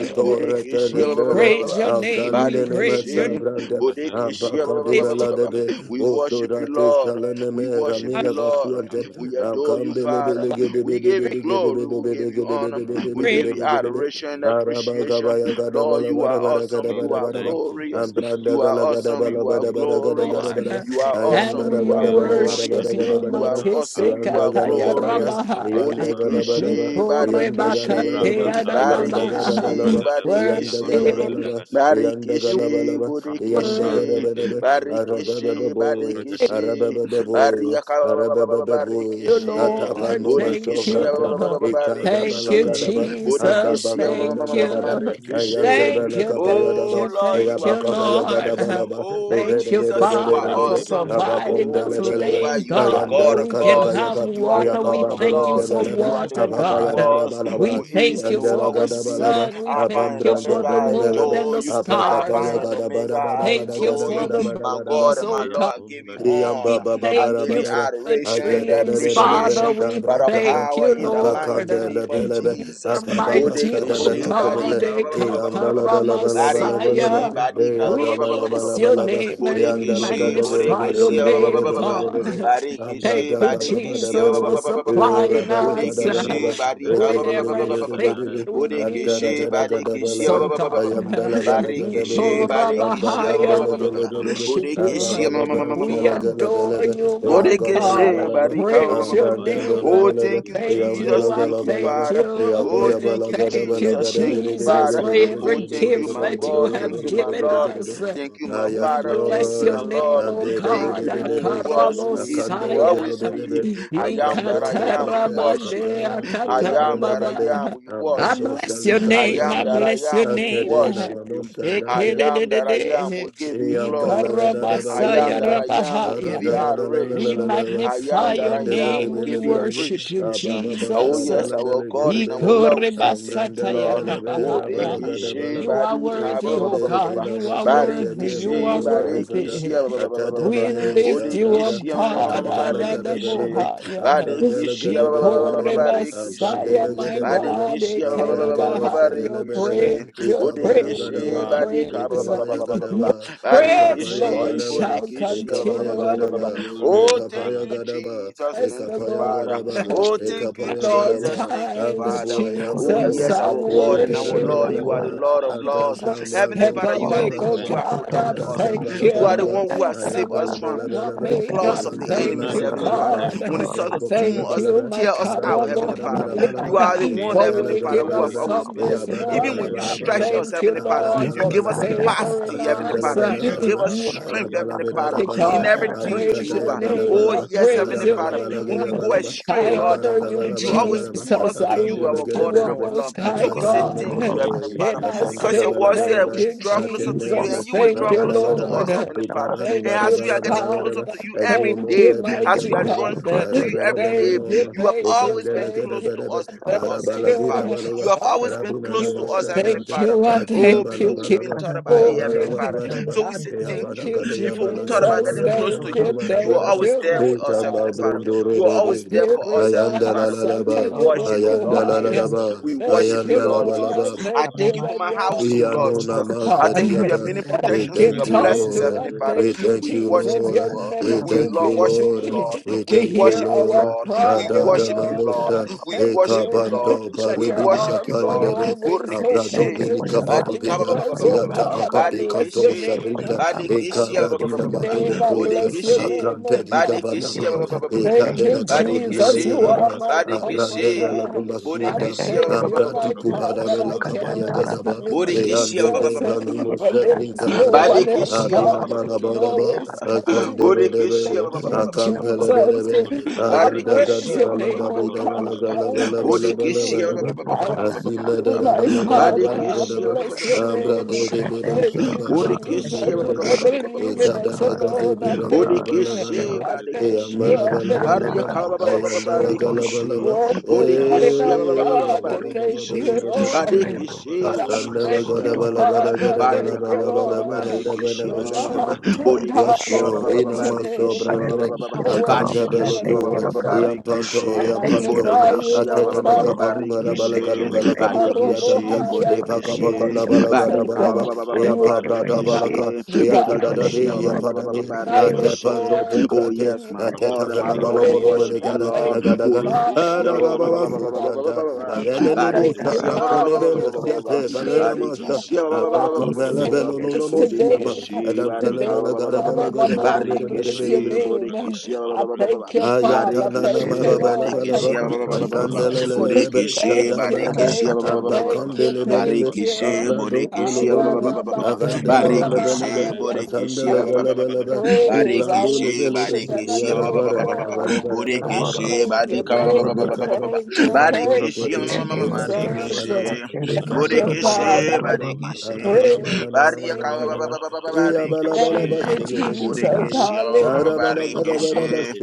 [SPEAKER 6] Father, there is not
[SPEAKER 4] tore
[SPEAKER 1] Bodekeshe
[SPEAKER 4] tele
[SPEAKER 1] ba-
[SPEAKER 2] We
[SPEAKER 6] like
[SPEAKER 4] tele,
[SPEAKER 2] praise your name, we
[SPEAKER 4] avsaline ne me
[SPEAKER 2] praise your
[SPEAKER 4] sa
[SPEAKER 2] name,
[SPEAKER 4] brande.
[SPEAKER 5] Ragadaija
[SPEAKER 4] Ampa
[SPEAKER 1] Bodekeshe
[SPEAKER 4] ka di be
[SPEAKER 2] lift you
[SPEAKER 4] la de
[SPEAKER 5] Labranishata
[SPEAKER 4] be.
[SPEAKER 1] We
[SPEAKER 4] O
[SPEAKER 5] Brakatesh
[SPEAKER 1] worship you,
[SPEAKER 4] Sora Te
[SPEAKER 1] Lord. We
[SPEAKER 4] Shalaneme
[SPEAKER 1] worship you,
[SPEAKER 2] up,
[SPEAKER 4] Ramila
[SPEAKER 5] Romoshaka
[SPEAKER 1] Lord.
[SPEAKER 4] Vasuante
[SPEAKER 5] Tabada
[SPEAKER 1] We
[SPEAKER 5] Bada
[SPEAKER 1] adore
[SPEAKER 5] Bada
[SPEAKER 1] you,
[SPEAKER 5] Bada
[SPEAKER 4] Akambele
[SPEAKER 5] Bada
[SPEAKER 1] Father.
[SPEAKER 4] Bele
[SPEAKER 5] Bada
[SPEAKER 4] Gede
[SPEAKER 5] Shele
[SPEAKER 1] We
[SPEAKER 4] Bede
[SPEAKER 1] give you
[SPEAKER 2] praise,
[SPEAKER 4] Bede
[SPEAKER 5] Bragada
[SPEAKER 4] Gede
[SPEAKER 1] glory.
[SPEAKER 4] Bede
[SPEAKER 1] We
[SPEAKER 4] Bede
[SPEAKER 1] give you
[SPEAKER 4] Gede
[SPEAKER 1] honor.
[SPEAKER 4] Bede Bede
[SPEAKER 1] We
[SPEAKER 5] Ramba
[SPEAKER 4] Bede
[SPEAKER 2] praise
[SPEAKER 1] give you
[SPEAKER 4] Bede Gede
[SPEAKER 5] Shante
[SPEAKER 4] Bede
[SPEAKER 1] adoration and
[SPEAKER 5] Vidabadi.
[SPEAKER 4] Araba
[SPEAKER 1] appreciation.
[SPEAKER 4] Gabaya Gada
[SPEAKER 1] Lord,
[SPEAKER 4] Bala
[SPEAKER 1] you
[SPEAKER 4] Bada
[SPEAKER 1] are
[SPEAKER 4] Bada
[SPEAKER 1] awesome.
[SPEAKER 4] Gada
[SPEAKER 1] You
[SPEAKER 4] Bada
[SPEAKER 5] Oh,
[SPEAKER 1] are
[SPEAKER 4] Bada Bada
[SPEAKER 5] thank you,
[SPEAKER 1] glorious.
[SPEAKER 5] Jesus.
[SPEAKER 4] Ambranda
[SPEAKER 1] You are
[SPEAKER 4] Gala Gada
[SPEAKER 1] awesome.
[SPEAKER 5] Thank
[SPEAKER 4] Bala
[SPEAKER 1] You
[SPEAKER 5] you,
[SPEAKER 1] are
[SPEAKER 4] Bada
[SPEAKER 5] Most
[SPEAKER 4] Bada
[SPEAKER 5] High
[SPEAKER 4] Gada
[SPEAKER 5] God.
[SPEAKER 4] Bada
[SPEAKER 1] glorious.
[SPEAKER 4] Bada
[SPEAKER 2] Lord,
[SPEAKER 1] You
[SPEAKER 4] Bada
[SPEAKER 1] are
[SPEAKER 4] Ayam
[SPEAKER 2] and
[SPEAKER 1] awesome.
[SPEAKER 4] Bada
[SPEAKER 5] Thank
[SPEAKER 2] we
[SPEAKER 1] You are
[SPEAKER 4] Gada
[SPEAKER 5] you,
[SPEAKER 4] Bala Gada
[SPEAKER 2] worship
[SPEAKER 5] Everlasting
[SPEAKER 4] Bada
[SPEAKER 1] glorious.
[SPEAKER 4] Gada
[SPEAKER 2] you,
[SPEAKER 5] Father.
[SPEAKER 4] Bada
[SPEAKER 1] You are
[SPEAKER 4] Bada
[SPEAKER 1] awesome.
[SPEAKER 5] Bata
[SPEAKER 1] You
[SPEAKER 4] Yanda
[SPEAKER 1] are
[SPEAKER 4] Gala
[SPEAKER 2] Makesekataya
[SPEAKER 5] Brakate
[SPEAKER 4] Gada Bada
[SPEAKER 1] glorious.
[SPEAKER 5] Brakate Bade
[SPEAKER 2] Rabahaya,
[SPEAKER 4] Yanda
[SPEAKER 5] Bara
[SPEAKER 4] Gada
[SPEAKER 5] Bada
[SPEAKER 4] Bada
[SPEAKER 5] Bada.
[SPEAKER 1] Bodekeshe,
[SPEAKER 4] Bada Yanda Gada Bada
[SPEAKER 1] Badekeshe,
[SPEAKER 4] Bada
[SPEAKER 2] Ikorebakatea
[SPEAKER 5] Ragada
[SPEAKER 4] Yanda
[SPEAKER 5] Bade
[SPEAKER 4] Gada
[SPEAKER 5] Godo
[SPEAKER 2] Baba,
[SPEAKER 4] Bala
[SPEAKER 1] Barekeshe,
[SPEAKER 4] Bada
[SPEAKER 5] Bragada Badia
[SPEAKER 4] Yanda
[SPEAKER 5] Godo
[SPEAKER 4] Gada
[SPEAKER 2] worthy,
[SPEAKER 1] Badekeshe,
[SPEAKER 4] Bala
[SPEAKER 5] Bragada
[SPEAKER 4] Bada
[SPEAKER 5] Gada.
[SPEAKER 4] Yanda
[SPEAKER 2] O Lord,
[SPEAKER 4] Gala Bala
[SPEAKER 1] Barekeshe,
[SPEAKER 4] Bada
[SPEAKER 5] Rando
[SPEAKER 4] Yanda
[SPEAKER 2] worthy,
[SPEAKER 4] gada
[SPEAKER 5] Brande
[SPEAKER 1] Bodekeshe,
[SPEAKER 4] bada
[SPEAKER 5] De
[SPEAKER 4] bada.
[SPEAKER 5] Barumbo
[SPEAKER 1] Barekeshe,
[SPEAKER 5] Rosokoto
[SPEAKER 4] Arabababoy,
[SPEAKER 5] Bragadiro
[SPEAKER 1] Badekeshe,
[SPEAKER 5] Soprakida
[SPEAKER 4] Arabababoy,
[SPEAKER 1] Bariaka,
[SPEAKER 4] Arabababoy,
[SPEAKER 2] you,
[SPEAKER 5] Robo
[SPEAKER 4] Atapa
[SPEAKER 2] Lord.
[SPEAKER 5] Soto
[SPEAKER 4] no
[SPEAKER 2] Thank
[SPEAKER 5] Bragata
[SPEAKER 2] you.
[SPEAKER 1] Bodekeshia
[SPEAKER 4] masovrata,
[SPEAKER 5] Rabada Bada
[SPEAKER 2] Thank
[SPEAKER 5] Bada
[SPEAKER 2] you,
[SPEAKER 5] Bada
[SPEAKER 1] Barikeshe.
[SPEAKER 4] Ikadabalagaba,
[SPEAKER 5] Bada
[SPEAKER 2] Jesus.
[SPEAKER 1] Bodekeshia
[SPEAKER 2] Thank
[SPEAKER 4] Ambabagabadagadaba,
[SPEAKER 2] you.
[SPEAKER 5] Rebete Jala
[SPEAKER 1] Marikeshe.
[SPEAKER 2] Thank you. Thank
[SPEAKER 5] Bragato Jala
[SPEAKER 1] Oh
[SPEAKER 4] Ayandabalakapayadaba,
[SPEAKER 2] you.
[SPEAKER 1] Lord,
[SPEAKER 5] Pratera
[SPEAKER 1] you
[SPEAKER 2] Thank
[SPEAKER 1] are
[SPEAKER 2] you,
[SPEAKER 5] Shaprakata
[SPEAKER 1] glorious.
[SPEAKER 2] Lord.
[SPEAKER 4] Ayapakapayagadabalaba,
[SPEAKER 1] Oh
[SPEAKER 2] Thank you,
[SPEAKER 1] Jesus, you are
[SPEAKER 5] Shede
[SPEAKER 2] Father, for
[SPEAKER 5] Bede
[SPEAKER 4] Ebedebedebedebe,
[SPEAKER 5] Bede
[SPEAKER 1] awesome.
[SPEAKER 5] Bede Bede
[SPEAKER 2] providing
[SPEAKER 1] Oh
[SPEAKER 2] us
[SPEAKER 5] Bede
[SPEAKER 4] Abakombelebelebe,
[SPEAKER 1] Jehovah,
[SPEAKER 5] Shele
[SPEAKER 2] rain,
[SPEAKER 1] you are the
[SPEAKER 5] Brogato
[SPEAKER 2] God,
[SPEAKER 5] Bada
[SPEAKER 2] where
[SPEAKER 1] God of
[SPEAKER 2] we can
[SPEAKER 1] gods.
[SPEAKER 2] have
[SPEAKER 4] Ayandalakadagayaka,
[SPEAKER 1] You are the
[SPEAKER 2] water. We
[SPEAKER 1] Lord of
[SPEAKER 2] thank you
[SPEAKER 5] Manta
[SPEAKER 1] lords.
[SPEAKER 2] for
[SPEAKER 5] Bada
[SPEAKER 1] You are
[SPEAKER 4] Yapababrondebalebe,
[SPEAKER 1] the
[SPEAKER 2] water,
[SPEAKER 1] one
[SPEAKER 5] Bashala
[SPEAKER 1] who
[SPEAKER 2] God.
[SPEAKER 5] Bragati
[SPEAKER 1] was,
[SPEAKER 2] We
[SPEAKER 4] Abakayadadabalaba,
[SPEAKER 1] who is,
[SPEAKER 2] thank
[SPEAKER 1] and
[SPEAKER 2] you
[SPEAKER 1] who will
[SPEAKER 2] for the
[SPEAKER 1] always be.
[SPEAKER 4] Yandalagadabalaba,
[SPEAKER 2] sun. We
[SPEAKER 1] Alpha
[SPEAKER 2] thank
[SPEAKER 1] and
[SPEAKER 2] you for
[SPEAKER 1] Omega,
[SPEAKER 2] the
[SPEAKER 1] I
[SPEAKER 2] moon
[SPEAKER 4] Abambrandobelebelebe,
[SPEAKER 2] and
[SPEAKER 1] adore
[SPEAKER 2] the
[SPEAKER 1] you.
[SPEAKER 2] stars.
[SPEAKER 4] Apakapaya
[SPEAKER 1] Alpha and
[SPEAKER 4] gada
[SPEAKER 1] Omega,
[SPEAKER 4] bada bada
[SPEAKER 1] I
[SPEAKER 2] Thank
[SPEAKER 4] bada
[SPEAKER 2] you
[SPEAKER 4] gada
[SPEAKER 1] adore you.
[SPEAKER 2] for
[SPEAKER 4] bada
[SPEAKER 2] the
[SPEAKER 4] bada
[SPEAKER 1] My
[SPEAKER 4] bada ba.
[SPEAKER 1] God
[SPEAKER 2] breeze,
[SPEAKER 1] and
[SPEAKER 2] oh
[SPEAKER 1] my
[SPEAKER 5] Mea
[SPEAKER 2] God.
[SPEAKER 1] Lord, I give
[SPEAKER 5] Komba
[SPEAKER 1] you
[SPEAKER 4] I am
[SPEAKER 5] Ninoske
[SPEAKER 2] We
[SPEAKER 1] honor. I
[SPEAKER 2] thank
[SPEAKER 1] give
[SPEAKER 2] you
[SPEAKER 1] you
[SPEAKER 2] for the
[SPEAKER 1] adoration and
[SPEAKER 5] Rebada
[SPEAKER 2] trees,
[SPEAKER 5] Bada
[SPEAKER 1] appreciation
[SPEAKER 2] Father. We
[SPEAKER 5] Bashata
[SPEAKER 1] by the
[SPEAKER 5] Bragata
[SPEAKER 2] thank
[SPEAKER 1] power
[SPEAKER 2] you,
[SPEAKER 1] in the
[SPEAKER 2] Lord.
[SPEAKER 1] mighty name of
[SPEAKER 2] You are
[SPEAKER 1] Jesus.
[SPEAKER 5] Yeko
[SPEAKER 2] mighty, O
[SPEAKER 5] Pante
[SPEAKER 1] Bodekeshe
[SPEAKER 2] God.
[SPEAKER 1] badika
[SPEAKER 5] Kemakobe
[SPEAKER 1] ba- ba- ba- ba- ba-
[SPEAKER 5] Yakaba
[SPEAKER 1] ba- ba- ba.
[SPEAKER 2] Ekatara
[SPEAKER 1] Barikeshe
[SPEAKER 2] Messiah.
[SPEAKER 5] Rababa
[SPEAKER 1] badika ba-
[SPEAKER 5] Baba
[SPEAKER 1] ba- ba-
[SPEAKER 2] We
[SPEAKER 1] ba- ba- ba- ba-
[SPEAKER 5] Shala
[SPEAKER 2] bless
[SPEAKER 1] ba- ba-
[SPEAKER 2] your
[SPEAKER 1] ba.
[SPEAKER 5] Bragata
[SPEAKER 2] name and we
[SPEAKER 5] Varia Bando
[SPEAKER 1] Bodekeshe
[SPEAKER 2] magnify
[SPEAKER 5] Baramba
[SPEAKER 2] your
[SPEAKER 1] bodekeshe ba-
[SPEAKER 5] Dakatu
[SPEAKER 1] ba- ba-
[SPEAKER 2] name,
[SPEAKER 1] ba- ba- ba-
[SPEAKER 5] Jala
[SPEAKER 1] ba.
[SPEAKER 2] God.
[SPEAKER 5] Araniro Shako
[SPEAKER 2] Thank
[SPEAKER 1] Barikeshe
[SPEAKER 2] you,
[SPEAKER 1] badekeshe
[SPEAKER 2] Jesus,
[SPEAKER 1] ba- ba-
[SPEAKER 2] for
[SPEAKER 1] ba- ba- ba- ba- ba- ba.
[SPEAKER 2] supplying us
[SPEAKER 1] Bodekeshe barika ba-
[SPEAKER 2] with
[SPEAKER 5] Valembelin
[SPEAKER 1] ba- ba-
[SPEAKER 5] to
[SPEAKER 1] ba- ba- ba- ba-
[SPEAKER 2] everything
[SPEAKER 5] Miakataya
[SPEAKER 2] we
[SPEAKER 1] Bodekeshe
[SPEAKER 2] need
[SPEAKER 5] Rabadashkatash.
[SPEAKER 1] badekeshe
[SPEAKER 2] awesome God.
[SPEAKER 4] bella bella Gada
[SPEAKER 1] Barikeshe
[SPEAKER 2] Oh,
[SPEAKER 4] Bede,
[SPEAKER 5] Idibideba
[SPEAKER 1] badekeshe
[SPEAKER 4] Ambadum
[SPEAKER 2] Rabahaya,
[SPEAKER 5] Santa
[SPEAKER 4] bella
[SPEAKER 2] we
[SPEAKER 5] Bragadaba
[SPEAKER 4] Yambala
[SPEAKER 2] worship
[SPEAKER 4] Ah,
[SPEAKER 5] Shiki
[SPEAKER 4] yes,
[SPEAKER 1] Bodekeshe
[SPEAKER 2] you.
[SPEAKER 4] Lord.
[SPEAKER 5] Pradiaba
[SPEAKER 2] We adore you, my
[SPEAKER 5] Rabagabagaba
[SPEAKER 2] God. I
[SPEAKER 1] Borekeshe barika ba-
[SPEAKER 2] praise
[SPEAKER 1] ba- ba-
[SPEAKER 2] your
[SPEAKER 1] ba-
[SPEAKER 5] Shikobayagaba
[SPEAKER 1] ba.
[SPEAKER 2] name
[SPEAKER 5] Yagaba
[SPEAKER 1] Oh,
[SPEAKER 2] and I
[SPEAKER 1] thank you,
[SPEAKER 2] thank
[SPEAKER 5] Shikibayaba
[SPEAKER 2] you.
[SPEAKER 1] Jesus.
[SPEAKER 2] I
[SPEAKER 5] Yagaba
[SPEAKER 1] Thank you,
[SPEAKER 2] thank
[SPEAKER 1] Father.
[SPEAKER 2] you.
[SPEAKER 1] Oh, thank you,
[SPEAKER 5] Ayimbagaba
[SPEAKER 2] Thank you,
[SPEAKER 1] Jesus.
[SPEAKER 5] Yagaba
[SPEAKER 1] Thank you,
[SPEAKER 2] Jesus,
[SPEAKER 5] Shangabi
[SPEAKER 1] Father.
[SPEAKER 2] for
[SPEAKER 5] Yagaba
[SPEAKER 1] Oh,
[SPEAKER 2] every
[SPEAKER 1] thank you,
[SPEAKER 2] gift
[SPEAKER 1] my
[SPEAKER 5] Shilibragaba
[SPEAKER 2] that you
[SPEAKER 1] God.
[SPEAKER 5] Yagaba
[SPEAKER 1] Thank
[SPEAKER 2] have
[SPEAKER 1] you, my
[SPEAKER 2] given
[SPEAKER 1] Lord.
[SPEAKER 2] us.
[SPEAKER 1] Thank you, my
[SPEAKER 2] We
[SPEAKER 1] Father.
[SPEAKER 5] Rabababa
[SPEAKER 1] Thank
[SPEAKER 2] bless
[SPEAKER 1] you,
[SPEAKER 2] your
[SPEAKER 1] my
[SPEAKER 5] Shukuto
[SPEAKER 2] name,
[SPEAKER 1] Lord.
[SPEAKER 5] Bragadu
[SPEAKER 4] And
[SPEAKER 2] O
[SPEAKER 5] Bragadaba
[SPEAKER 1] Thank
[SPEAKER 2] God.
[SPEAKER 1] you, the
[SPEAKER 4] the
[SPEAKER 1] one who
[SPEAKER 4] devotion.
[SPEAKER 1] was, who
[SPEAKER 4] A
[SPEAKER 5] O
[SPEAKER 1] is, and will
[SPEAKER 4] candle,
[SPEAKER 2] Akarabosaya.
[SPEAKER 5] Baramba
[SPEAKER 4] the
[SPEAKER 1] always be.
[SPEAKER 4] benefit.
[SPEAKER 5] Bejolo
[SPEAKER 1] I
[SPEAKER 4] And
[SPEAKER 1] am that
[SPEAKER 5] Bragadiba
[SPEAKER 4] Brando
[SPEAKER 1] I am.
[SPEAKER 5] Roba
[SPEAKER 1] We
[SPEAKER 5] Rabba
[SPEAKER 4] Besari
[SPEAKER 5] Rabba
[SPEAKER 1] worship you.
[SPEAKER 2] Ikatarabande,
[SPEAKER 4] Kataya.
[SPEAKER 1] I am that I
[SPEAKER 4] Yamulegade.
[SPEAKER 1] am.
[SPEAKER 2] akatarababa.
[SPEAKER 1] We
[SPEAKER 4] And
[SPEAKER 2] I
[SPEAKER 1] worship
[SPEAKER 4] Brando
[SPEAKER 1] you.
[SPEAKER 2] bless your
[SPEAKER 4] Shalika
[SPEAKER 5] Thank
[SPEAKER 1] I
[SPEAKER 5] you,
[SPEAKER 2] name.
[SPEAKER 1] am
[SPEAKER 2] I
[SPEAKER 5] Lord
[SPEAKER 1] that
[SPEAKER 4] Payagade.
[SPEAKER 5] Jesus.
[SPEAKER 2] bless
[SPEAKER 1] I
[SPEAKER 2] your
[SPEAKER 1] am. We
[SPEAKER 4] And
[SPEAKER 2] name.
[SPEAKER 1] worship you. I
[SPEAKER 5] Thank
[SPEAKER 4] Tedena
[SPEAKER 5] you,
[SPEAKER 1] am
[SPEAKER 5] Lord
[SPEAKER 1] that I am.
[SPEAKER 5] Jesus.
[SPEAKER 2] Ekedededede.
[SPEAKER 1] We give you glory. I am that
[SPEAKER 4] Yambalaladadabalabalaba.
[SPEAKER 1] I am will give you
[SPEAKER 5] Thank
[SPEAKER 2] Ikarabasayarabahaya.
[SPEAKER 5] you, Lord
[SPEAKER 2] We
[SPEAKER 1] adoration.
[SPEAKER 5] Jesus.
[SPEAKER 4] Aradadadalalalalalalaba.
[SPEAKER 1] I
[SPEAKER 2] magnify
[SPEAKER 1] am that
[SPEAKER 2] your
[SPEAKER 1] I am
[SPEAKER 2] name.
[SPEAKER 1] will
[SPEAKER 2] We
[SPEAKER 1] give you
[SPEAKER 4] Abrandebelebelebelebe.
[SPEAKER 2] worship you,
[SPEAKER 1] appreciation.
[SPEAKER 5] Thank you,
[SPEAKER 1] Oh,
[SPEAKER 2] Jesus.
[SPEAKER 5] Lord
[SPEAKER 1] yes,
[SPEAKER 5] Jesus.
[SPEAKER 1] our God and our
[SPEAKER 4] Abababashabalabelegebelebe.
[SPEAKER 1] Lord, we say thank you, Lord.
[SPEAKER 4] Ambrandalalalebe.
[SPEAKER 5] Thank
[SPEAKER 2] Ikorebasatayarabahaya.
[SPEAKER 5] you, Lord
[SPEAKER 1] Bodekishi,
[SPEAKER 2] You
[SPEAKER 4] Rabalagadabalaba.
[SPEAKER 2] are
[SPEAKER 5] Jesus.
[SPEAKER 1] Badika, ba-
[SPEAKER 2] worthy,
[SPEAKER 1] ba-
[SPEAKER 2] O
[SPEAKER 1] ba- ba-
[SPEAKER 4] Osande
[SPEAKER 1] ba- ba-
[SPEAKER 2] God.
[SPEAKER 1] ba.
[SPEAKER 2] You are
[SPEAKER 4] zilavasete
[SPEAKER 2] worthy.
[SPEAKER 5] You
[SPEAKER 2] You are
[SPEAKER 1] Barikishi,
[SPEAKER 4] debranto
[SPEAKER 5] alone are God.
[SPEAKER 4] palipata.
[SPEAKER 1] Badikishi,
[SPEAKER 2] worthy.
[SPEAKER 1] ba- ba- ba- ba- ba- ba- ba-
[SPEAKER 2] We
[SPEAKER 1] ba.
[SPEAKER 4] Atadaneneme
[SPEAKER 2] lift you
[SPEAKER 4] shabrada.
[SPEAKER 1] Bodekishi,
[SPEAKER 2] up,
[SPEAKER 1] ma- ma- ma- ma-
[SPEAKER 2] God,
[SPEAKER 1] ma-
[SPEAKER 5] You
[SPEAKER 1] ma-
[SPEAKER 5] alone
[SPEAKER 2] Adada
[SPEAKER 5] are God.
[SPEAKER 4] Akantalagadabelebe.
[SPEAKER 1] Rikishi,
[SPEAKER 2] Bohaya.
[SPEAKER 1] Badikishi, ba- ba- ba- ba- ba- ba-
[SPEAKER 2] Ikore
[SPEAKER 4] Ambrandelagadabelebelebe.
[SPEAKER 1] ba-
[SPEAKER 5] Faithful
[SPEAKER 2] Messiah,
[SPEAKER 1] Rikishi,
[SPEAKER 5] Father, we
[SPEAKER 2] my
[SPEAKER 5] say thank
[SPEAKER 4] Ambrandelagadabelebe.
[SPEAKER 2] God,
[SPEAKER 5] you.
[SPEAKER 1] Badikishi, ba- ba- ba- ba-
[SPEAKER 2] Ekere
[SPEAKER 1] ba- ba-
[SPEAKER 4] Ambrandelo
[SPEAKER 1] ba-
[SPEAKER 2] Bahaya.
[SPEAKER 1] ba-
[SPEAKER 2] your
[SPEAKER 4] sevelebelebe.
[SPEAKER 2] praise,
[SPEAKER 1] Rikishi,
[SPEAKER 2] your praise,
[SPEAKER 5] Holy
[SPEAKER 2] your
[SPEAKER 1] Bodekishi,
[SPEAKER 4] Ikabayagadaba.
[SPEAKER 5] One, we say
[SPEAKER 1] Badika,
[SPEAKER 2] praise.
[SPEAKER 5] thank
[SPEAKER 1] ba-ba-ba-ba-ba-ba-ba-ba.
[SPEAKER 2] Your
[SPEAKER 4] Ikabayagadaba.
[SPEAKER 2] praise,
[SPEAKER 4] Ekapaya
[SPEAKER 1] Barikishi,
[SPEAKER 2] Lord,
[SPEAKER 4] Gadaba,
[SPEAKER 2] shall
[SPEAKER 1] Bodikishi,
[SPEAKER 5] you.
[SPEAKER 4] Ekapaya
[SPEAKER 5] You
[SPEAKER 2] continually
[SPEAKER 5] be
[SPEAKER 2] be.
[SPEAKER 4] Gadaba,
[SPEAKER 5] glory
[SPEAKER 1] Oh,
[SPEAKER 5] and
[SPEAKER 1] thank
[SPEAKER 4] Ekapaya
[SPEAKER 5] honor.
[SPEAKER 1] you,
[SPEAKER 4] Gadaba,
[SPEAKER 1] Jesus.
[SPEAKER 2] Bless
[SPEAKER 1] Thank
[SPEAKER 2] the
[SPEAKER 1] you,
[SPEAKER 4] Ekapaya
[SPEAKER 1] Father.
[SPEAKER 5] Thank
[SPEAKER 4] Gadaba,
[SPEAKER 2] Lord.
[SPEAKER 5] you
[SPEAKER 1] Oh,
[SPEAKER 5] for your
[SPEAKER 1] thank you,
[SPEAKER 2] At
[SPEAKER 4] Ekapaya
[SPEAKER 5] faithfulness.
[SPEAKER 2] all
[SPEAKER 1] Jesus.
[SPEAKER 4] Gadaba,
[SPEAKER 1] Thank you,
[SPEAKER 4] I'm the
[SPEAKER 2] times,
[SPEAKER 1] Father.
[SPEAKER 4] boy, I'm
[SPEAKER 1] Oh,
[SPEAKER 4] the
[SPEAKER 2] Jesus,
[SPEAKER 1] yes,
[SPEAKER 4] boy,
[SPEAKER 2] I
[SPEAKER 1] our God
[SPEAKER 5] Thank
[SPEAKER 1] and
[SPEAKER 5] you
[SPEAKER 1] our
[SPEAKER 4] Emitera
[SPEAKER 5] for
[SPEAKER 2] worship
[SPEAKER 4] la
[SPEAKER 5] your
[SPEAKER 4] la
[SPEAKER 1] Lord,
[SPEAKER 2] you.
[SPEAKER 4] la
[SPEAKER 1] you are the
[SPEAKER 4] ba,
[SPEAKER 1] Lord
[SPEAKER 5] faithfulness.
[SPEAKER 1] of laws.
[SPEAKER 4] Akashambra
[SPEAKER 1] Heavenly
[SPEAKER 2] Step
[SPEAKER 1] Father,
[SPEAKER 2] I
[SPEAKER 1] you
[SPEAKER 4] dosia
[SPEAKER 1] are
[SPEAKER 2] make,
[SPEAKER 1] the
[SPEAKER 2] oh
[SPEAKER 1] one who
[SPEAKER 5] Thank
[SPEAKER 4] palaba,
[SPEAKER 1] have
[SPEAKER 5] you
[SPEAKER 2] God,
[SPEAKER 5] for
[SPEAKER 2] I
[SPEAKER 1] protected
[SPEAKER 5] your
[SPEAKER 1] us.
[SPEAKER 4] Ambranta
[SPEAKER 5] kindness.
[SPEAKER 2] thank
[SPEAKER 1] You are the
[SPEAKER 2] you.
[SPEAKER 4] palabalaba,
[SPEAKER 1] one who has
[SPEAKER 4] Ira
[SPEAKER 1] saved
[SPEAKER 2] Every
[SPEAKER 1] us from
[SPEAKER 2] move I
[SPEAKER 1] the
[SPEAKER 4] palabalabalaba,
[SPEAKER 2] make,
[SPEAKER 5] For
[SPEAKER 1] claws
[SPEAKER 2] I
[SPEAKER 1] of
[SPEAKER 5] your
[SPEAKER 1] the
[SPEAKER 4] Ekanta la la
[SPEAKER 2] thank
[SPEAKER 6] you,
[SPEAKER 1] enemies,
[SPEAKER 6] O
[SPEAKER 5] goodness,
[SPEAKER 2] you,
[SPEAKER 5] we
[SPEAKER 1] Heavenly
[SPEAKER 6] God.
[SPEAKER 5] say
[SPEAKER 1] Father.
[SPEAKER 4] balabalaba,
[SPEAKER 5] thank
[SPEAKER 1] When
[SPEAKER 5] you.
[SPEAKER 1] it
[SPEAKER 2] God.
[SPEAKER 6] Kandoro
[SPEAKER 1] sort of
[SPEAKER 4] Abraco
[SPEAKER 1] tune
[SPEAKER 6] masekete.
[SPEAKER 2] Thank
[SPEAKER 1] us,
[SPEAKER 2] you,
[SPEAKER 4] palabalaba,
[SPEAKER 2] my
[SPEAKER 1] tear us out, Heavenly Father. You
[SPEAKER 4] Arabalabarabaraba,
[SPEAKER 1] are the
[SPEAKER 2] Karabohaya,
[SPEAKER 1] one,
[SPEAKER 2] for
[SPEAKER 5] Adabadeba
[SPEAKER 1] Heavenly
[SPEAKER 4] Ekandela
[SPEAKER 1] Father,
[SPEAKER 2] waking
[SPEAKER 1] who have
[SPEAKER 5] rabade
[SPEAKER 2] us
[SPEAKER 4] galabalaba,
[SPEAKER 1] always
[SPEAKER 2] up
[SPEAKER 1] been
[SPEAKER 5] koto
[SPEAKER 6] Masuk
[SPEAKER 1] there.
[SPEAKER 2] this
[SPEAKER 5] bragada
[SPEAKER 4] Eabada
[SPEAKER 1] Even
[SPEAKER 5] gada
[SPEAKER 1] when
[SPEAKER 2] morning.
[SPEAKER 1] you
[SPEAKER 2] I
[SPEAKER 5] gada
[SPEAKER 1] stretch
[SPEAKER 4] balabarabalaba,
[SPEAKER 5] gada
[SPEAKER 1] us,
[SPEAKER 2] thank
[SPEAKER 5] koto
[SPEAKER 2] you,
[SPEAKER 1] Heavenly
[SPEAKER 5] bragada.
[SPEAKER 1] Father,
[SPEAKER 2] Lord,
[SPEAKER 4] Ambranta
[SPEAKER 1] you
[SPEAKER 2] for
[SPEAKER 1] give us
[SPEAKER 4] la
[SPEAKER 2] favoring
[SPEAKER 1] capacity, Heavenly
[SPEAKER 2] us.
[SPEAKER 4] Akandala
[SPEAKER 1] Father.
[SPEAKER 4] bala
[SPEAKER 1] You
[SPEAKER 5] La da
[SPEAKER 4] bala
[SPEAKER 1] give
[SPEAKER 4] ba,
[SPEAKER 1] us
[SPEAKER 5] ba de
[SPEAKER 1] strength,
[SPEAKER 5] blade
[SPEAKER 4] arabala
[SPEAKER 1] Heavenly
[SPEAKER 4] bala
[SPEAKER 5] brodo
[SPEAKER 1] Father,
[SPEAKER 4] bala
[SPEAKER 2] Hey,
[SPEAKER 4] bala
[SPEAKER 1] in
[SPEAKER 4] ba,
[SPEAKER 2] God,
[SPEAKER 5] bragada
[SPEAKER 2] I
[SPEAKER 5] badi
[SPEAKER 1] everything,
[SPEAKER 2] praise
[SPEAKER 4] arikata
[SPEAKER 5] bruno
[SPEAKER 2] your
[SPEAKER 4] ya
[SPEAKER 5] da
[SPEAKER 1] Jehovah.
[SPEAKER 4] bala
[SPEAKER 5] bragada
[SPEAKER 2] name.
[SPEAKER 4] bala
[SPEAKER 1] Oh,
[SPEAKER 2] I
[SPEAKER 4] ba,
[SPEAKER 1] yes,
[SPEAKER 5] da
[SPEAKER 2] praise
[SPEAKER 1] Heavenly
[SPEAKER 5] braga
[SPEAKER 2] your
[SPEAKER 5] da
[SPEAKER 4] arabala
[SPEAKER 1] Father.
[SPEAKER 4] bala
[SPEAKER 5] shkada.
[SPEAKER 4] ge
[SPEAKER 2] name.
[SPEAKER 1] When we
[SPEAKER 4] ya
[SPEAKER 1] go
[SPEAKER 4] bala ba,
[SPEAKER 1] astray,
[SPEAKER 2] I
[SPEAKER 4] ya
[SPEAKER 1] Lord
[SPEAKER 4] bala
[SPEAKER 2] honor
[SPEAKER 4] da
[SPEAKER 1] Jesus,
[SPEAKER 2] you,
[SPEAKER 4] bala
[SPEAKER 1] you
[SPEAKER 4] bala
[SPEAKER 5] Thank
[SPEAKER 1] always
[SPEAKER 4] bala
[SPEAKER 5] you,
[SPEAKER 4] ba,
[SPEAKER 1] pull
[SPEAKER 2] Jesus.
[SPEAKER 1] us
[SPEAKER 2] I
[SPEAKER 1] to
[SPEAKER 5] Jesus.
[SPEAKER 1] you,
[SPEAKER 4] akandala
[SPEAKER 1] our
[SPEAKER 2] lift
[SPEAKER 4] gede
[SPEAKER 1] God
[SPEAKER 2] you
[SPEAKER 1] and
[SPEAKER 4] bede
[SPEAKER 2] up,
[SPEAKER 1] our
[SPEAKER 4] be,
[SPEAKER 1] Lord.
[SPEAKER 2] most high
[SPEAKER 1] So we
[SPEAKER 4] akata
[SPEAKER 1] say
[SPEAKER 4] ye no
[SPEAKER 2] God.
[SPEAKER 1] thank
[SPEAKER 4] mo
[SPEAKER 1] you,
[SPEAKER 4] so
[SPEAKER 5] Thank
[SPEAKER 1] Heavenly
[SPEAKER 4] we,
[SPEAKER 5] you,
[SPEAKER 1] Father,
[SPEAKER 2] And I
[SPEAKER 5] Jesus.
[SPEAKER 1] because
[SPEAKER 4] akandala
[SPEAKER 2] say,
[SPEAKER 1] your
[SPEAKER 4] bala
[SPEAKER 1] word
[SPEAKER 4] bala
[SPEAKER 1] said
[SPEAKER 2] Thank
[SPEAKER 1] we
[SPEAKER 4] ba,
[SPEAKER 2] you,
[SPEAKER 1] should draw closer to
[SPEAKER 4] akandala
[SPEAKER 1] you
[SPEAKER 4] na
[SPEAKER 1] and
[SPEAKER 2] Jesus.
[SPEAKER 1] you will
[SPEAKER 4] su ba
[SPEAKER 2] Thank
[SPEAKER 1] draw
[SPEAKER 2] you,
[SPEAKER 4] bala
[SPEAKER 1] closer to
[SPEAKER 4] bala
[SPEAKER 5] Thank
[SPEAKER 4] ba,
[SPEAKER 2] Lord.
[SPEAKER 1] us,
[SPEAKER 5] you, Lord
[SPEAKER 1] Heavenly Father.
[SPEAKER 5] Jesus.
[SPEAKER 4] ikabado
[SPEAKER 1] And
[SPEAKER 2] Thank
[SPEAKER 4] bala
[SPEAKER 1] as
[SPEAKER 2] you,
[SPEAKER 1] we are
[SPEAKER 4] bala
[SPEAKER 1] getting
[SPEAKER 4] bala bala
[SPEAKER 1] closer
[SPEAKER 4] ba,
[SPEAKER 2] Father.
[SPEAKER 1] to you every
[SPEAKER 4] enu mo
[SPEAKER 2] Thank
[SPEAKER 1] day,
[SPEAKER 2] you,
[SPEAKER 4] se brande
[SPEAKER 1] as we
[SPEAKER 2] mighty
[SPEAKER 1] are
[SPEAKER 4] bala ba,
[SPEAKER 1] drawing
[SPEAKER 2] God.
[SPEAKER 1] closer to you
[SPEAKER 4] arabala
[SPEAKER 1] every
[SPEAKER 4] bala
[SPEAKER 1] day,
[SPEAKER 2] Thank
[SPEAKER 5] Thank
[SPEAKER 4] no
[SPEAKER 5] you,
[SPEAKER 2] you,
[SPEAKER 4] ma,
[SPEAKER 1] you
[SPEAKER 5] Lord
[SPEAKER 1] have
[SPEAKER 2] thank you,
[SPEAKER 1] always
[SPEAKER 5] Jesus.
[SPEAKER 1] been
[SPEAKER 4] ikandala
[SPEAKER 2] thank
[SPEAKER 4] gede
[SPEAKER 1] close
[SPEAKER 2] you.
[SPEAKER 1] to
[SPEAKER 4] bede be,
[SPEAKER 1] us
[SPEAKER 2] I
[SPEAKER 1] before
[SPEAKER 2] Thank
[SPEAKER 1] us,
[SPEAKER 4] arabala
[SPEAKER 1] Heavenly
[SPEAKER 2] you.
[SPEAKER 1] Father.
[SPEAKER 4] gede
[SPEAKER 2] I
[SPEAKER 4] bala
[SPEAKER 1] You
[SPEAKER 4] ba,
[SPEAKER 1] have always been
[SPEAKER 4] arabuna
[SPEAKER 2] thank
[SPEAKER 4] na
[SPEAKER 1] close
[SPEAKER 2] you.
[SPEAKER 1] to
[SPEAKER 4] ma
[SPEAKER 5] Oh,
[SPEAKER 2] I
[SPEAKER 1] us,
[SPEAKER 4] se
[SPEAKER 1] Heavenly
[SPEAKER 4] brande,
[SPEAKER 2] thank
[SPEAKER 1] Father.
[SPEAKER 2] you. I
[SPEAKER 5] barasakata
[SPEAKER 4] akira
[SPEAKER 1] Oh,
[SPEAKER 2] thank
[SPEAKER 5] braga
[SPEAKER 4] bala
[SPEAKER 2] you.
[SPEAKER 1] before
[SPEAKER 5] da
[SPEAKER 1] we
[SPEAKER 2] King
[SPEAKER 4] bala
[SPEAKER 1] even
[SPEAKER 4] ba,
[SPEAKER 1] thought about
[SPEAKER 2] of
[SPEAKER 1] it, Heavenly
[SPEAKER 4] Ayanda
[SPEAKER 2] Glory.
[SPEAKER 1] Father. So we say thank
[SPEAKER 2] Thank
[SPEAKER 1] you.
[SPEAKER 2] you,
[SPEAKER 5] braba
[SPEAKER 1] Before we
[SPEAKER 5] de
[SPEAKER 1] thought about
[SPEAKER 5] bodo
[SPEAKER 2] Jesus.
[SPEAKER 1] getting
[SPEAKER 5] bragada
[SPEAKER 1] close
[SPEAKER 2] Thank
[SPEAKER 1] to you,
[SPEAKER 2] you,
[SPEAKER 5] bragada
[SPEAKER 1] you were
[SPEAKER 2] thank
[SPEAKER 5] bragodo
[SPEAKER 1] always
[SPEAKER 2] you,
[SPEAKER 5] braga
[SPEAKER 1] there
[SPEAKER 5] da
[SPEAKER 2] my
[SPEAKER 1] with us, Heavenly
[SPEAKER 5] godo
[SPEAKER 2] God.
[SPEAKER 1] Father.
[SPEAKER 5] bragada
[SPEAKER 1] You are
[SPEAKER 5] shkada.
[SPEAKER 1] always there for us,
[SPEAKER 2] Makirima
[SPEAKER 1] Heavenly
[SPEAKER 4] la
[SPEAKER 1] Father.
[SPEAKER 4] la la
[SPEAKER 2] hasata
[SPEAKER 1] We
[SPEAKER 4] ba,
[SPEAKER 1] worship you,
[SPEAKER 6] Ramasi
[SPEAKER 4] ayanda
[SPEAKER 1] Lord
[SPEAKER 4] la la
[SPEAKER 5] Dea
[SPEAKER 4] la
[SPEAKER 2] yorobuhaya.
[SPEAKER 1] Jesus.
[SPEAKER 6] kutere
[SPEAKER 4] ba,
[SPEAKER 1] We
[SPEAKER 5] bada bado
[SPEAKER 1] worship
[SPEAKER 2] Thank
[SPEAKER 1] you,
[SPEAKER 4] ayanda
[SPEAKER 2] you,
[SPEAKER 4] la
[SPEAKER 5] zodo
[SPEAKER 1] Lord
[SPEAKER 6] biki
[SPEAKER 4] ba la
[SPEAKER 5] bragada
[SPEAKER 1] Jesus.
[SPEAKER 4] ba,
[SPEAKER 2] Lord.
[SPEAKER 5] ya
[SPEAKER 1] I
[SPEAKER 2] Thank
[SPEAKER 5] braga
[SPEAKER 1] thank
[SPEAKER 5] da
[SPEAKER 2] you
[SPEAKER 1] you for
[SPEAKER 2] that
[SPEAKER 5] shkada.
[SPEAKER 1] my
[SPEAKER 6] Ramasu
[SPEAKER 2] you're
[SPEAKER 4] we
[SPEAKER 1] household,
[SPEAKER 4] are
[SPEAKER 1] Lord
[SPEAKER 4] no
[SPEAKER 6] kutondoro
[SPEAKER 1] Jesus.
[SPEAKER 6] baka
[SPEAKER 1] I
[SPEAKER 2] God,
[SPEAKER 1] thank you for
[SPEAKER 6] baka
[SPEAKER 1] your
[SPEAKER 4] namasadiata.
[SPEAKER 1] many
[SPEAKER 6] bere
[SPEAKER 2] that
[SPEAKER 6] bere
[SPEAKER 4] We
[SPEAKER 2] I
[SPEAKER 1] protections and
[SPEAKER 6] bere
[SPEAKER 2] can
[SPEAKER 4] thank
[SPEAKER 1] your
[SPEAKER 5] Great
[SPEAKER 4] you,
[SPEAKER 6] bere
[SPEAKER 2] talk
[SPEAKER 5] King
[SPEAKER 1] blessings,
[SPEAKER 6] bere
[SPEAKER 2] to.
[SPEAKER 5] of
[SPEAKER 4] Lord.
[SPEAKER 6] bere
[SPEAKER 2] I
[SPEAKER 1] Heavenly Father.
[SPEAKER 5] glory,
[SPEAKER 4] We
[SPEAKER 5] I
[SPEAKER 2] thank you,
[SPEAKER 5] say
[SPEAKER 4] thank
[SPEAKER 1] We
[SPEAKER 4] you,
[SPEAKER 5] thanks.
[SPEAKER 1] worship
[SPEAKER 2] Jesus.
[SPEAKER 1] you,
[SPEAKER 2] You're
[SPEAKER 4] Lord.
[SPEAKER 6] bere
[SPEAKER 1] Lord.
[SPEAKER 2] never
[SPEAKER 4] We
[SPEAKER 1] We
[SPEAKER 2] too
[SPEAKER 4] thank
[SPEAKER 6] Ramasu
[SPEAKER 1] Lord
[SPEAKER 4] you,
[SPEAKER 1] worship you,
[SPEAKER 4] Lord.
[SPEAKER 2] busy
[SPEAKER 6] kutondoro
[SPEAKER 1] Lord.
[SPEAKER 5] Shkada
[SPEAKER 4] We
[SPEAKER 5] ba da
[SPEAKER 1] We
[SPEAKER 2] to
[SPEAKER 4] thank
[SPEAKER 5] ba
[SPEAKER 4] you,
[SPEAKER 2] hear
[SPEAKER 5] da
[SPEAKER 1] worship
[SPEAKER 6] masikere
[SPEAKER 5] ba.
[SPEAKER 1] you,
[SPEAKER 2] our
[SPEAKER 4] Lord.
[SPEAKER 1] Lord. We
[SPEAKER 2] cry,
[SPEAKER 6] and
[SPEAKER 2] oh
[SPEAKER 6] we
[SPEAKER 4] Adada
[SPEAKER 1] worship you,
[SPEAKER 6] bless
[SPEAKER 1] Lord.
[SPEAKER 6] you
[SPEAKER 2] Lord. I
[SPEAKER 4] malosa
[SPEAKER 6] Lord
[SPEAKER 1] We
[SPEAKER 6] God.
[SPEAKER 2] thank
[SPEAKER 1] worship you,
[SPEAKER 6] we
[SPEAKER 2] you
[SPEAKER 6] thank
[SPEAKER 1] Lord.
[SPEAKER 4] ekabando
[SPEAKER 6] you oh
[SPEAKER 2] that
[SPEAKER 1] We
[SPEAKER 2] your
[SPEAKER 6] God
[SPEAKER 4] baribini
[SPEAKER 1] worship
[SPEAKER 6] thank
[SPEAKER 1] you,
[SPEAKER 6] you
[SPEAKER 2] arms
[SPEAKER 6] for
[SPEAKER 4] kataya
[SPEAKER 2] are
[SPEAKER 6] your
[SPEAKER 1] Lord.
[SPEAKER 4] debe
[SPEAKER 6] protection
[SPEAKER 2] always
[SPEAKER 6] thank
[SPEAKER 4] abrado
[SPEAKER 2] open
[SPEAKER 6] you
[SPEAKER 1] Borikeshe,
[SPEAKER 2] to
[SPEAKER 4] mini
[SPEAKER 6] for your
[SPEAKER 4] kapapa
[SPEAKER 6] love
[SPEAKER 1] badika ba
[SPEAKER 6] thank
[SPEAKER 2] receive
[SPEAKER 1] ba
[SPEAKER 4] biga
[SPEAKER 6] you
[SPEAKER 1] ba ba
[SPEAKER 6] for
[SPEAKER 2] us,
[SPEAKER 1] ba ba
[SPEAKER 6] your
[SPEAKER 2] oh
[SPEAKER 1] ba,
[SPEAKER 6] love
[SPEAKER 4] yata
[SPEAKER 6] oh
[SPEAKER 2] God.
[SPEAKER 4] papa
[SPEAKER 6] God
[SPEAKER 2] I bless your
[SPEAKER 4] picanto
[SPEAKER 6] thank
[SPEAKER 1] barikeshe,
[SPEAKER 6] you for
[SPEAKER 2] name.
[SPEAKER 6] your
[SPEAKER 4] shabrinta
[SPEAKER 6] love oh
[SPEAKER 2] I
[SPEAKER 6] God.
[SPEAKER 1] badikeshe
[SPEAKER 2] bless
[SPEAKER 1] ba
[SPEAKER 6] thank
[SPEAKER 4] ekada
[SPEAKER 1] ba
[SPEAKER 6] you
[SPEAKER 1] ba ba
[SPEAKER 6] for
[SPEAKER 4] dina
[SPEAKER 1] ba
[SPEAKER 2] your
[SPEAKER 1] ba
[SPEAKER 6] your
[SPEAKER 1] ba,
[SPEAKER 4] madobo
[SPEAKER 2] name.
[SPEAKER 6] healing
[SPEAKER 2] I
[SPEAKER 6] thank
[SPEAKER 4] koisa
[SPEAKER 6] you
[SPEAKER 2] bless
[SPEAKER 6] for
[SPEAKER 2] your
[SPEAKER 6] your
[SPEAKER 1] borikeshe,
[SPEAKER 2] name,
[SPEAKER 6] peace.
[SPEAKER 2] oh
[SPEAKER 4] abrante di
[SPEAKER 2] God.
[SPEAKER 6] thank you
[SPEAKER 1] badikeshe ba
[SPEAKER 4] kabanaba
[SPEAKER 6] for
[SPEAKER 1] ba ba
[SPEAKER 6] your
[SPEAKER 1] ba ba ba
[SPEAKER 6] peace
[SPEAKER 1] ba ba,
[SPEAKER 2] Thank
[SPEAKER 6] thank you
[SPEAKER 4] ekadela
[SPEAKER 2] you,
[SPEAKER 6] for your peace
[SPEAKER 4] kabagumire
[SPEAKER 2] Jesus.
[SPEAKER 1] barikeshe,
[SPEAKER 6] thank
[SPEAKER 2] You
[SPEAKER 6] you Lord
[SPEAKER 2] are
[SPEAKER 4] garaba
[SPEAKER 6] God
[SPEAKER 2] my
[SPEAKER 6] Father we
[SPEAKER 1] badikeshe,
[SPEAKER 6] thank
[SPEAKER 4] abrande
[SPEAKER 6] you Lord
[SPEAKER 4] bela
[SPEAKER 6] God
[SPEAKER 2] comforter. I
[SPEAKER 6] Father,
[SPEAKER 4] dumasianda
[SPEAKER 1] borikeshe
[SPEAKER 6] thank
[SPEAKER 1] ba
[SPEAKER 6] you,
[SPEAKER 1] ba
[SPEAKER 2] thank
[SPEAKER 1] ba
[SPEAKER 6] Lord.
[SPEAKER 1] ba
[SPEAKER 2] you,
[SPEAKER 6] God.
[SPEAKER 1] ba ba ba
[SPEAKER 4] abradi
[SPEAKER 2] my
[SPEAKER 1] ba
[SPEAKER 6] We
[SPEAKER 1] ba ba
[SPEAKER 2] God,
[SPEAKER 1] ba
[SPEAKER 4] kupada
[SPEAKER 1] ba,
[SPEAKER 2] that I
[SPEAKER 4] bela
[SPEAKER 6] masuka
[SPEAKER 2] can
[SPEAKER 6] tandara
[SPEAKER 2] rest in
[SPEAKER 4] kabaya
[SPEAKER 2] you,
[SPEAKER 6] bakapare
[SPEAKER 1] borikeshe ba
[SPEAKER 4] Eyande
[SPEAKER 1] ba ba
[SPEAKER 4] de
[SPEAKER 1] ba
[SPEAKER 2] Jesus.
[SPEAKER 1] ba ba ba ba ba
[SPEAKER 4] banimo
[SPEAKER 6] ye
[SPEAKER 1] ba,
[SPEAKER 2] When there
[SPEAKER 5] Baru
[SPEAKER 2] is
[SPEAKER 4] shebrinka
[SPEAKER 5] koto
[SPEAKER 6] tandara
[SPEAKER 2] no
[SPEAKER 5] brega
[SPEAKER 4] yadaba.
[SPEAKER 5] do
[SPEAKER 2] one
[SPEAKER 6] masuko
[SPEAKER 5] brega
[SPEAKER 2] else,
[SPEAKER 1] barikeshe
[SPEAKER 5] dia
[SPEAKER 1] ba
[SPEAKER 6] toro
[SPEAKER 1] ba ba
[SPEAKER 4] Adina
[SPEAKER 2] God,
[SPEAKER 5] baria
[SPEAKER 1] ba ba ba
[SPEAKER 2] I
[SPEAKER 6] maske
[SPEAKER 1] ba
[SPEAKER 2] can
[SPEAKER 5] baria
[SPEAKER 1] ba ba
[SPEAKER 5] gabu
[SPEAKER 4] manabaraba.
[SPEAKER 6] kebira
[SPEAKER 1] ba
[SPEAKER 5] dia
[SPEAKER 2] always
[SPEAKER 1] ba,
[SPEAKER 5] gabu
[SPEAKER 2] come
[SPEAKER 6] bakapare
[SPEAKER 2] to
[SPEAKER 5] bara
[SPEAKER 2] you.
[SPEAKER 5] bara
[SPEAKER 4] Akandere
[SPEAKER 5] bara bara
[SPEAKER 1] borikeshe ba
[SPEAKER 4] debe.
[SPEAKER 5] bara
[SPEAKER 1] ba
[SPEAKER 2] Thank
[SPEAKER 1] ba ba
[SPEAKER 6] ere
[SPEAKER 1] ba ba
[SPEAKER 2] you,
[SPEAKER 1] ba ba ba
[SPEAKER 2] Jesus.
[SPEAKER 4] Akampele
[SPEAKER 6] taporo
[SPEAKER 1] ba ba ba,
[SPEAKER 4] bedebe.
[SPEAKER 2] I
[SPEAKER 4] Ajada da
[SPEAKER 2] praise
[SPEAKER 4] da
[SPEAKER 1] Barikishia
[SPEAKER 2] your
[SPEAKER 1] ba-
[SPEAKER 6] shaporo
[SPEAKER 1] ba-
[SPEAKER 4] gala
[SPEAKER 1] ba- ba-
[SPEAKER 2] name,
[SPEAKER 1] ba-
[SPEAKER 6] mara
[SPEAKER 2] oh
[SPEAKER 4] babi
[SPEAKER 1] ba- ba-
[SPEAKER 4] da
[SPEAKER 1] ba- ba-
[SPEAKER 2] God.
[SPEAKER 4] gala
[SPEAKER 1] ba-
[SPEAKER 2] I
[SPEAKER 4] gala
[SPEAKER 1] ba.
[SPEAKER 4] bala bala
[SPEAKER 2] worship
[SPEAKER 4] bala
[SPEAKER 1] Bodikishia
[SPEAKER 2] you.
[SPEAKER 4] bala
[SPEAKER 1] ba-
[SPEAKER 6] ye
[SPEAKER 1] ba-
[SPEAKER 4] ba.
[SPEAKER 1] ba- ba- ba- ba-
[SPEAKER 2] I
[SPEAKER 6] boka
[SPEAKER 1] ba- ba- ba- ba-
[SPEAKER 2] honor
[SPEAKER 1] ba-
[SPEAKER 6] tandara
[SPEAKER 4] Asina
[SPEAKER 2] you,
[SPEAKER 4] da
[SPEAKER 1] ba.
[SPEAKER 4] da
[SPEAKER 2] my
[SPEAKER 4] bala bala
[SPEAKER 2] Father.
[SPEAKER 6] bakapare
[SPEAKER 4] bala
[SPEAKER 2] I
[SPEAKER 4] gada
[SPEAKER 1] Badikishia
[SPEAKER 4] ba.
[SPEAKER 1] ba- ba-
[SPEAKER 2] bless
[SPEAKER 1] ba-
[SPEAKER 6] kaka.
[SPEAKER 1] ba-
[SPEAKER 2] your
[SPEAKER 1] ba- ba-
[SPEAKER 7] Shada
[SPEAKER 1] ba- ba-
[SPEAKER 4] Ambra
[SPEAKER 1] ba-
[SPEAKER 2] name.
[SPEAKER 1] ba-
[SPEAKER 4] de
[SPEAKER 7] brasha,
[SPEAKER 1] ba-
[SPEAKER 4] de
[SPEAKER 6] Father,
[SPEAKER 1] ba- ba.
[SPEAKER 4] bedo
[SPEAKER 6] thank
[SPEAKER 2] Thank
[SPEAKER 6] you, Lord
[SPEAKER 2] you,
[SPEAKER 4] saba
[SPEAKER 6] God.
[SPEAKER 4] bakande
[SPEAKER 6] Thank
[SPEAKER 2] Jesus.
[SPEAKER 6] you,
[SPEAKER 1] Borikishia ba-
[SPEAKER 6] Lord
[SPEAKER 1] ba-
[SPEAKER 2] You
[SPEAKER 1] ba- ba-
[SPEAKER 4] berebe.
[SPEAKER 1] ba-
[SPEAKER 6] God.
[SPEAKER 2] never
[SPEAKER 1] ba-
[SPEAKER 7] shada
[SPEAKER 1] ba- ba-
[SPEAKER 6] Thank
[SPEAKER 1] ba-
[SPEAKER 2] leave
[SPEAKER 6] you,
[SPEAKER 1] ba-
[SPEAKER 2] in
[SPEAKER 4] Eta
[SPEAKER 7] braska,
[SPEAKER 6] Lord
[SPEAKER 4] da
[SPEAKER 1] ba-
[SPEAKER 2] us
[SPEAKER 1] ba-
[SPEAKER 4] da
[SPEAKER 1] ba-
[SPEAKER 6] God.
[SPEAKER 1] ba.
[SPEAKER 6] Thank
[SPEAKER 4] gade
[SPEAKER 2] alone.
[SPEAKER 6] you,
[SPEAKER 2] I
[SPEAKER 4] bere
[SPEAKER 6] Lord
[SPEAKER 4] bala
[SPEAKER 6] God.
[SPEAKER 2] thank
[SPEAKER 4] bala
[SPEAKER 2] you.
[SPEAKER 6] Thank you,
[SPEAKER 4] bala
[SPEAKER 1] Bodikishi
[SPEAKER 6] Lord
[SPEAKER 4] ba.
[SPEAKER 2] I
[SPEAKER 6] God.
[SPEAKER 2] thank
[SPEAKER 4] Eyam
[SPEAKER 6] Ye
[SPEAKER 2] you.
[SPEAKER 4] bala
[SPEAKER 1] Badikishi
[SPEAKER 2] I
[SPEAKER 4] bala
[SPEAKER 2] thank
[SPEAKER 4] bala ba.
[SPEAKER 2] you.
[SPEAKER 6] katandara
[SPEAKER 1] Barika
[SPEAKER 2] I
[SPEAKER 1] ba- ba- ba-
[SPEAKER 7] nako
[SPEAKER 1] ba-
[SPEAKER 2] thank
[SPEAKER 6] masuko
[SPEAKER 1] ba-
[SPEAKER 4] Ayanda la
[SPEAKER 7] shada
[SPEAKER 2] you.
[SPEAKER 4] gala
[SPEAKER 6] tondoro
[SPEAKER 7] brasha,
[SPEAKER 1] Barikishi
[SPEAKER 4] bala ba.
[SPEAKER 2] Words is not
[SPEAKER 6] tandara
[SPEAKER 1] Bodikishia
[SPEAKER 2] enough,
[SPEAKER 1] ba- ba- ba- ba-
[SPEAKER 4] Eh,
[SPEAKER 1] ba-
[SPEAKER 4] ba
[SPEAKER 1] ba-
[SPEAKER 2] God,
[SPEAKER 4] ba
[SPEAKER 6] ipor.
[SPEAKER 2] to
[SPEAKER 4] ba ba
[SPEAKER 2] thank
[SPEAKER 4] ba ba
[SPEAKER 2] you,
[SPEAKER 1] Barikishi
[SPEAKER 4] ba
[SPEAKER 7] brasku
[SPEAKER 4] ba ba ba.
[SPEAKER 6] Tere
[SPEAKER 2] Lord.
[SPEAKER 7] shapanda,
[SPEAKER 1] Badikishi
[SPEAKER 2] But
[SPEAKER 7] breka
[SPEAKER 2] I
[SPEAKER 6] bakapare
[SPEAKER 4] Asandala
[SPEAKER 2] thank
[SPEAKER 6] masuko
[SPEAKER 1] Bodikishia
[SPEAKER 4] gada
[SPEAKER 1] ba-
[SPEAKER 2] you,
[SPEAKER 7] shapaya,
[SPEAKER 1] ba- ba-
[SPEAKER 6] toro
[SPEAKER 4] bala
[SPEAKER 1] ba- ba- ba.
[SPEAKER 4] bada
[SPEAKER 6] bakapare
[SPEAKER 2] Father.
[SPEAKER 4] gada bala
[SPEAKER 2] Thank
[SPEAKER 1] Barika
[SPEAKER 2] you,
[SPEAKER 1] ba-
[SPEAKER 4] bala
[SPEAKER 1] ba- ba- ba-
[SPEAKER 4] bala
[SPEAKER 1] ba-
[SPEAKER 2] Lord.
[SPEAKER 4] bada gada bada
[SPEAKER 1] Barikishia ma-
[SPEAKER 2] With
[SPEAKER 1] ma-
[SPEAKER 2] my
[SPEAKER 4] bada
[SPEAKER 1] ma- ma-
[SPEAKER 4] bada.
[SPEAKER 2] heart,
[SPEAKER 1] ma-
[SPEAKER 7] masakata
[SPEAKER 2] oh
[SPEAKER 7] ya
[SPEAKER 4] Yes,
[SPEAKER 2] God,
[SPEAKER 1] Bodikishia ba- ba-
[SPEAKER 2] I
[SPEAKER 4] Lord.
[SPEAKER 1] ba-
[SPEAKER 7] shada
[SPEAKER 1] ba- ba-
[SPEAKER 2] praise
[SPEAKER 4] Ina
[SPEAKER 2] your
[SPEAKER 7] braska
[SPEAKER 4] maso
[SPEAKER 1] Barikishia
[SPEAKER 7] pamparia,
[SPEAKER 2] name.
[SPEAKER 6] Father,
[SPEAKER 4] brande.
[SPEAKER 6] thank
[SPEAKER 2] I
[SPEAKER 6] you, Lord God.
[SPEAKER 4] Akanta
[SPEAKER 2] worship
[SPEAKER 6] Father,
[SPEAKER 2] and
[SPEAKER 1] Badekishi
[SPEAKER 6] thank you,
[SPEAKER 4] beloko.
[SPEAKER 2] adore
[SPEAKER 6] Lord God.
[SPEAKER 2] you.
[SPEAKER 5] Rombo
[SPEAKER 1] Barikishi
[SPEAKER 4] Iampanto,
[SPEAKER 2] I
[SPEAKER 5] to
[SPEAKER 6] Father,
[SPEAKER 7] shada
[SPEAKER 5] Jala
[SPEAKER 6] thank you,
[SPEAKER 7] braska
[SPEAKER 4] iampanto.
[SPEAKER 6] Lord
[SPEAKER 2] magnify
[SPEAKER 6] God.
[SPEAKER 7] pandi
[SPEAKER 2] you,
[SPEAKER 1] Bodekishi
[SPEAKER 7] breka
[SPEAKER 2] most
[SPEAKER 6] Father,
[SPEAKER 4] Achetene
[SPEAKER 6] we
[SPEAKER 2] high
[SPEAKER 6] thank
[SPEAKER 7] papa.
[SPEAKER 2] God.
[SPEAKER 4] kapaduma
[SPEAKER 6] you, we
[SPEAKER 1] Barikishi
[SPEAKER 6] thank
[SPEAKER 4] rabalagade
[SPEAKER 6] you, we thank
[SPEAKER 4] velagade
[SPEAKER 6] you.
[SPEAKER 1] Badekishi
[SPEAKER 4] kadiatanta.
[SPEAKER 6] Thank
[SPEAKER 2] Ikarabohai,
[SPEAKER 6] you,
[SPEAKER 2] I
[SPEAKER 6] Father,
[SPEAKER 2] lift
[SPEAKER 1] Bodekishi
[SPEAKER 6] in
[SPEAKER 2] you
[SPEAKER 6] the
[SPEAKER 2] up,
[SPEAKER 4] Epakapakala
[SPEAKER 6] name of
[SPEAKER 2] Jesus.
[SPEAKER 4] balagada
[SPEAKER 1] Barika
[SPEAKER 4] balaba.
[SPEAKER 6] Jesus. Father,
[SPEAKER 2] You are
[SPEAKER 6] thank you for a
[SPEAKER 4] Iapabrada
[SPEAKER 6] new
[SPEAKER 2] not
[SPEAKER 1] Barikishi
[SPEAKER 6] day.
[SPEAKER 4] balaka.
[SPEAKER 2] worthy,
[SPEAKER 6] Thank you for
[SPEAKER 2] God.
[SPEAKER 6] the
[SPEAKER 1] Bodekishi
[SPEAKER 4] Iatadadade,
[SPEAKER 6] new
[SPEAKER 2] You
[SPEAKER 6] month.
[SPEAKER 4] iapadane.
[SPEAKER 6] Thank
[SPEAKER 2] are not
[SPEAKER 6] you,
[SPEAKER 2] live
[SPEAKER 6] Lord
[SPEAKER 1] Barikishi
[SPEAKER 4] Atepando
[SPEAKER 6] God.
[SPEAKER 2] for.
[SPEAKER 1] Oh
[SPEAKER 4] poprate.
[SPEAKER 1] yes
[SPEAKER 2] You
[SPEAKER 1] my
[SPEAKER 6] Thank
[SPEAKER 1] God and my
[SPEAKER 2] I
[SPEAKER 6] you,
[SPEAKER 4] Atetafela
[SPEAKER 6] Lord
[SPEAKER 1] Lord
[SPEAKER 6] God.
[SPEAKER 1] we
[SPEAKER 4] balobolo
[SPEAKER 2] praise.
[SPEAKER 1] worship you
[SPEAKER 2] I
[SPEAKER 4] belegada
[SPEAKER 2] thank
[SPEAKER 4] gada
[SPEAKER 1] Lord
[SPEAKER 2] you,
[SPEAKER 6] Thank
[SPEAKER 4] gada gada.
[SPEAKER 6] you, Jesus.
[SPEAKER 1] Bodekishi
[SPEAKER 2] Father,
[SPEAKER 6] Thank
[SPEAKER 2] for
[SPEAKER 6] you,
[SPEAKER 4] Arababa
[SPEAKER 2] who you
[SPEAKER 6] Jesus.
[SPEAKER 2] are.
[SPEAKER 4] sutianta.
[SPEAKER 6] Ye-
[SPEAKER 2] I
[SPEAKER 4] Avedene
[SPEAKER 2] thank
[SPEAKER 4] mosa
[SPEAKER 2] you,
[SPEAKER 1] Barikishi
[SPEAKER 6] Tantara
[SPEAKER 2] God,
[SPEAKER 4] brakone
[SPEAKER 2] that you
[SPEAKER 4] vele
[SPEAKER 6] masokotonto.
[SPEAKER 2] never
[SPEAKER 4] siate valena
[SPEAKER 2] change.
[SPEAKER 4] masha.
[SPEAKER 1] Barikishi
[SPEAKER 2] You are the
[SPEAKER 6] Ye- Ere-
[SPEAKER 4] Apakamela
[SPEAKER 2] same
[SPEAKER 6] Ere-
[SPEAKER 4] belonono
[SPEAKER 2] as
[SPEAKER 4] mosia
[SPEAKER 2] today,
[SPEAKER 1] Bodekishi
[SPEAKER 4] Adam
[SPEAKER 2] today,
[SPEAKER 4] Kalabala
[SPEAKER 6] Tara-
[SPEAKER 1] Barika
[SPEAKER 4] Garabalo Gada
[SPEAKER 2] forevermore.
[SPEAKER 4] Gada
[SPEAKER 6] Tara-
[SPEAKER 2] I
[SPEAKER 4] Bede Bede
[SPEAKER 5] bragada,
[SPEAKER 2] bless
[SPEAKER 5] Jala bragada,
[SPEAKER 2] your
[SPEAKER 4] Bede
[SPEAKER 1] Barikishe,
[SPEAKER 2] name.
[SPEAKER 1] Bodekishia,
[SPEAKER 2] I thank you,
[SPEAKER 4] Ayata
[SPEAKER 2] Father.
[SPEAKER 4] na na ma
[SPEAKER 6] Ere-
[SPEAKER 2] Thank
[SPEAKER 1] Barikishe,
[SPEAKER 2] you,
[SPEAKER 4] la ba
[SPEAKER 6] Ere-
[SPEAKER 4] la ba
[SPEAKER 2] Lord.
[SPEAKER 4] la
[SPEAKER 2] Thank
[SPEAKER 4] ba.
[SPEAKER 1] Badekishia,
[SPEAKER 2] you,
[SPEAKER 1] Bodekishe,
[SPEAKER 6] Masokotonto.
[SPEAKER 4] Asanda
[SPEAKER 6] Robo-
[SPEAKER 4] la
[SPEAKER 2] Jesus.
[SPEAKER 4] la la la ba.
[SPEAKER 5] Jala
[SPEAKER 4] Shada
[SPEAKER 2] Thank
[SPEAKER 5] bragada.
[SPEAKER 2] you,
[SPEAKER 4] brando.
[SPEAKER 6] Tara-
[SPEAKER 1] Badekishia,
[SPEAKER 2] thank
[SPEAKER 6] Tara-
[SPEAKER 2] you,
[SPEAKER 5] Rabba
[SPEAKER 2] thank
[SPEAKER 4] Abakonde
[SPEAKER 2] you,
[SPEAKER 4] le be le be.
[SPEAKER 2] thank
[SPEAKER 1] Barikishe, Bodekishia, Barikishe,
[SPEAKER 2] you.
[SPEAKER 4] Abrado bolo
[SPEAKER 1] Bodekishia,
[SPEAKER 2] Aya
[SPEAKER 4] bolo bi.
[SPEAKER 6] Ye-
[SPEAKER 2] rabaka
[SPEAKER 4] Avanda
[SPEAKER 6] Ere-
[SPEAKER 4] la la la
[SPEAKER 6] Boro-
[SPEAKER 4] ba la ba.
[SPEAKER 6] Masokotonto.
[SPEAKER 4] Asanda la
[SPEAKER 2] I.
[SPEAKER 4] ga la ba la ba.
[SPEAKER 2] Praise, I
[SPEAKER 4] Ubrando le
[SPEAKER 1] Barikishe,
[SPEAKER 4] be le be.
[SPEAKER 2] worship
[SPEAKER 6] In
[SPEAKER 2] and
[SPEAKER 1] Badekishia,
[SPEAKER 4] Zuriya ra
[SPEAKER 2] adore
[SPEAKER 6] the
[SPEAKER 4] ba
[SPEAKER 2] you,
[SPEAKER 4] ra ba ra ba ra
[SPEAKER 2] Lord.
[SPEAKER 4] ba ra ba ra
[SPEAKER 2] I
[SPEAKER 4] ba ra
[SPEAKER 1] Bodekishe,
[SPEAKER 4] ba.
[SPEAKER 2] thank you,
[SPEAKER 1] Badika,
[SPEAKER 4] Ebrado
[SPEAKER 2] thank you,
[SPEAKER 4] brekato.
[SPEAKER 2] thank you,
[SPEAKER 4] Evando le
[SPEAKER 2] thank
[SPEAKER 1] Barikishia,
[SPEAKER 2] you,
[SPEAKER 4] kete.
[SPEAKER 6] name of
[SPEAKER 2] Jesus.
[SPEAKER 4] Evanka la
[SPEAKER 6] Jesus,
[SPEAKER 4] ba la
[SPEAKER 2] Thank
[SPEAKER 4] ba.
[SPEAKER 6] Katere
[SPEAKER 2] you,
[SPEAKER 6] Masu
[SPEAKER 4] Ekabranda
[SPEAKER 1] Marikishe,
[SPEAKER 4] ba la
[SPEAKER 2] Father.
[SPEAKER 1] Bodekishe,
[SPEAKER 4] ba la
[SPEAKER 2] I
[SPEAKER 4] ba.
[SPEAKER 6] Kutondoro
[SPEAKER 1] Badekishe,
[SPEAKER 4] Amana
[SPEAKER 6] Masekere,
[SPEAKER 4] mana
[SPEAKER 2] praise,
[SPEAKER 4] mana mana
[SPEAKER 2] thank
[SPEAKER 4] mana
[SPEAKER 2] you,
[SPEAKER 4] mana.
[SPEAKER 2] Lord.
[SPEAKER 4] Eya ba la ba la
[SPEAKER 2] Thank
[SPEAKER 4] ba.
[SPEAKER 1] Barikishe,
[SPEAKER 2] you,
[SPEAKER 6] Ikatandara
[SPEAKER 4] Shebe le be le be
[SPEAKER 6] Masundara,
[SPEAKER 2] Jesus.
[SPEAKER 4] le be.
[SPEAKER 1] Borekeshe
[SPEAKER 6] Dara
[SPEAKER 2] Hallelujah.
[SPEAKER 6] Masu
[SPEAKER 4] Ambranda
[SPEAKER 6] Kutondo
[SPEAKER 1] Barikeshe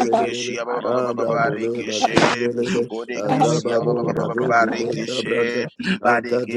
[SPEAKER 2] Hallelujah.
[SPEAKER 6] Mara Kaba. Father,
[SPEAKER 1] Barikeshe
[SPEAKER 5] Robo Shokoto
[SPEAKER 6] we
[SPEAKER 1] Borekeshe
[SPEAKER 5] Bragada
[SPEAKER 6] thank you,
[SPEAKER 5] Oshana
[SPEAKER 6] Lord God, for
[SPEAKER 5] Bragada
[SPEAKER 6] the
[SPEAKER 5] Oshana Bragada
[SPEAKER 1] Barikeshe Barikeshe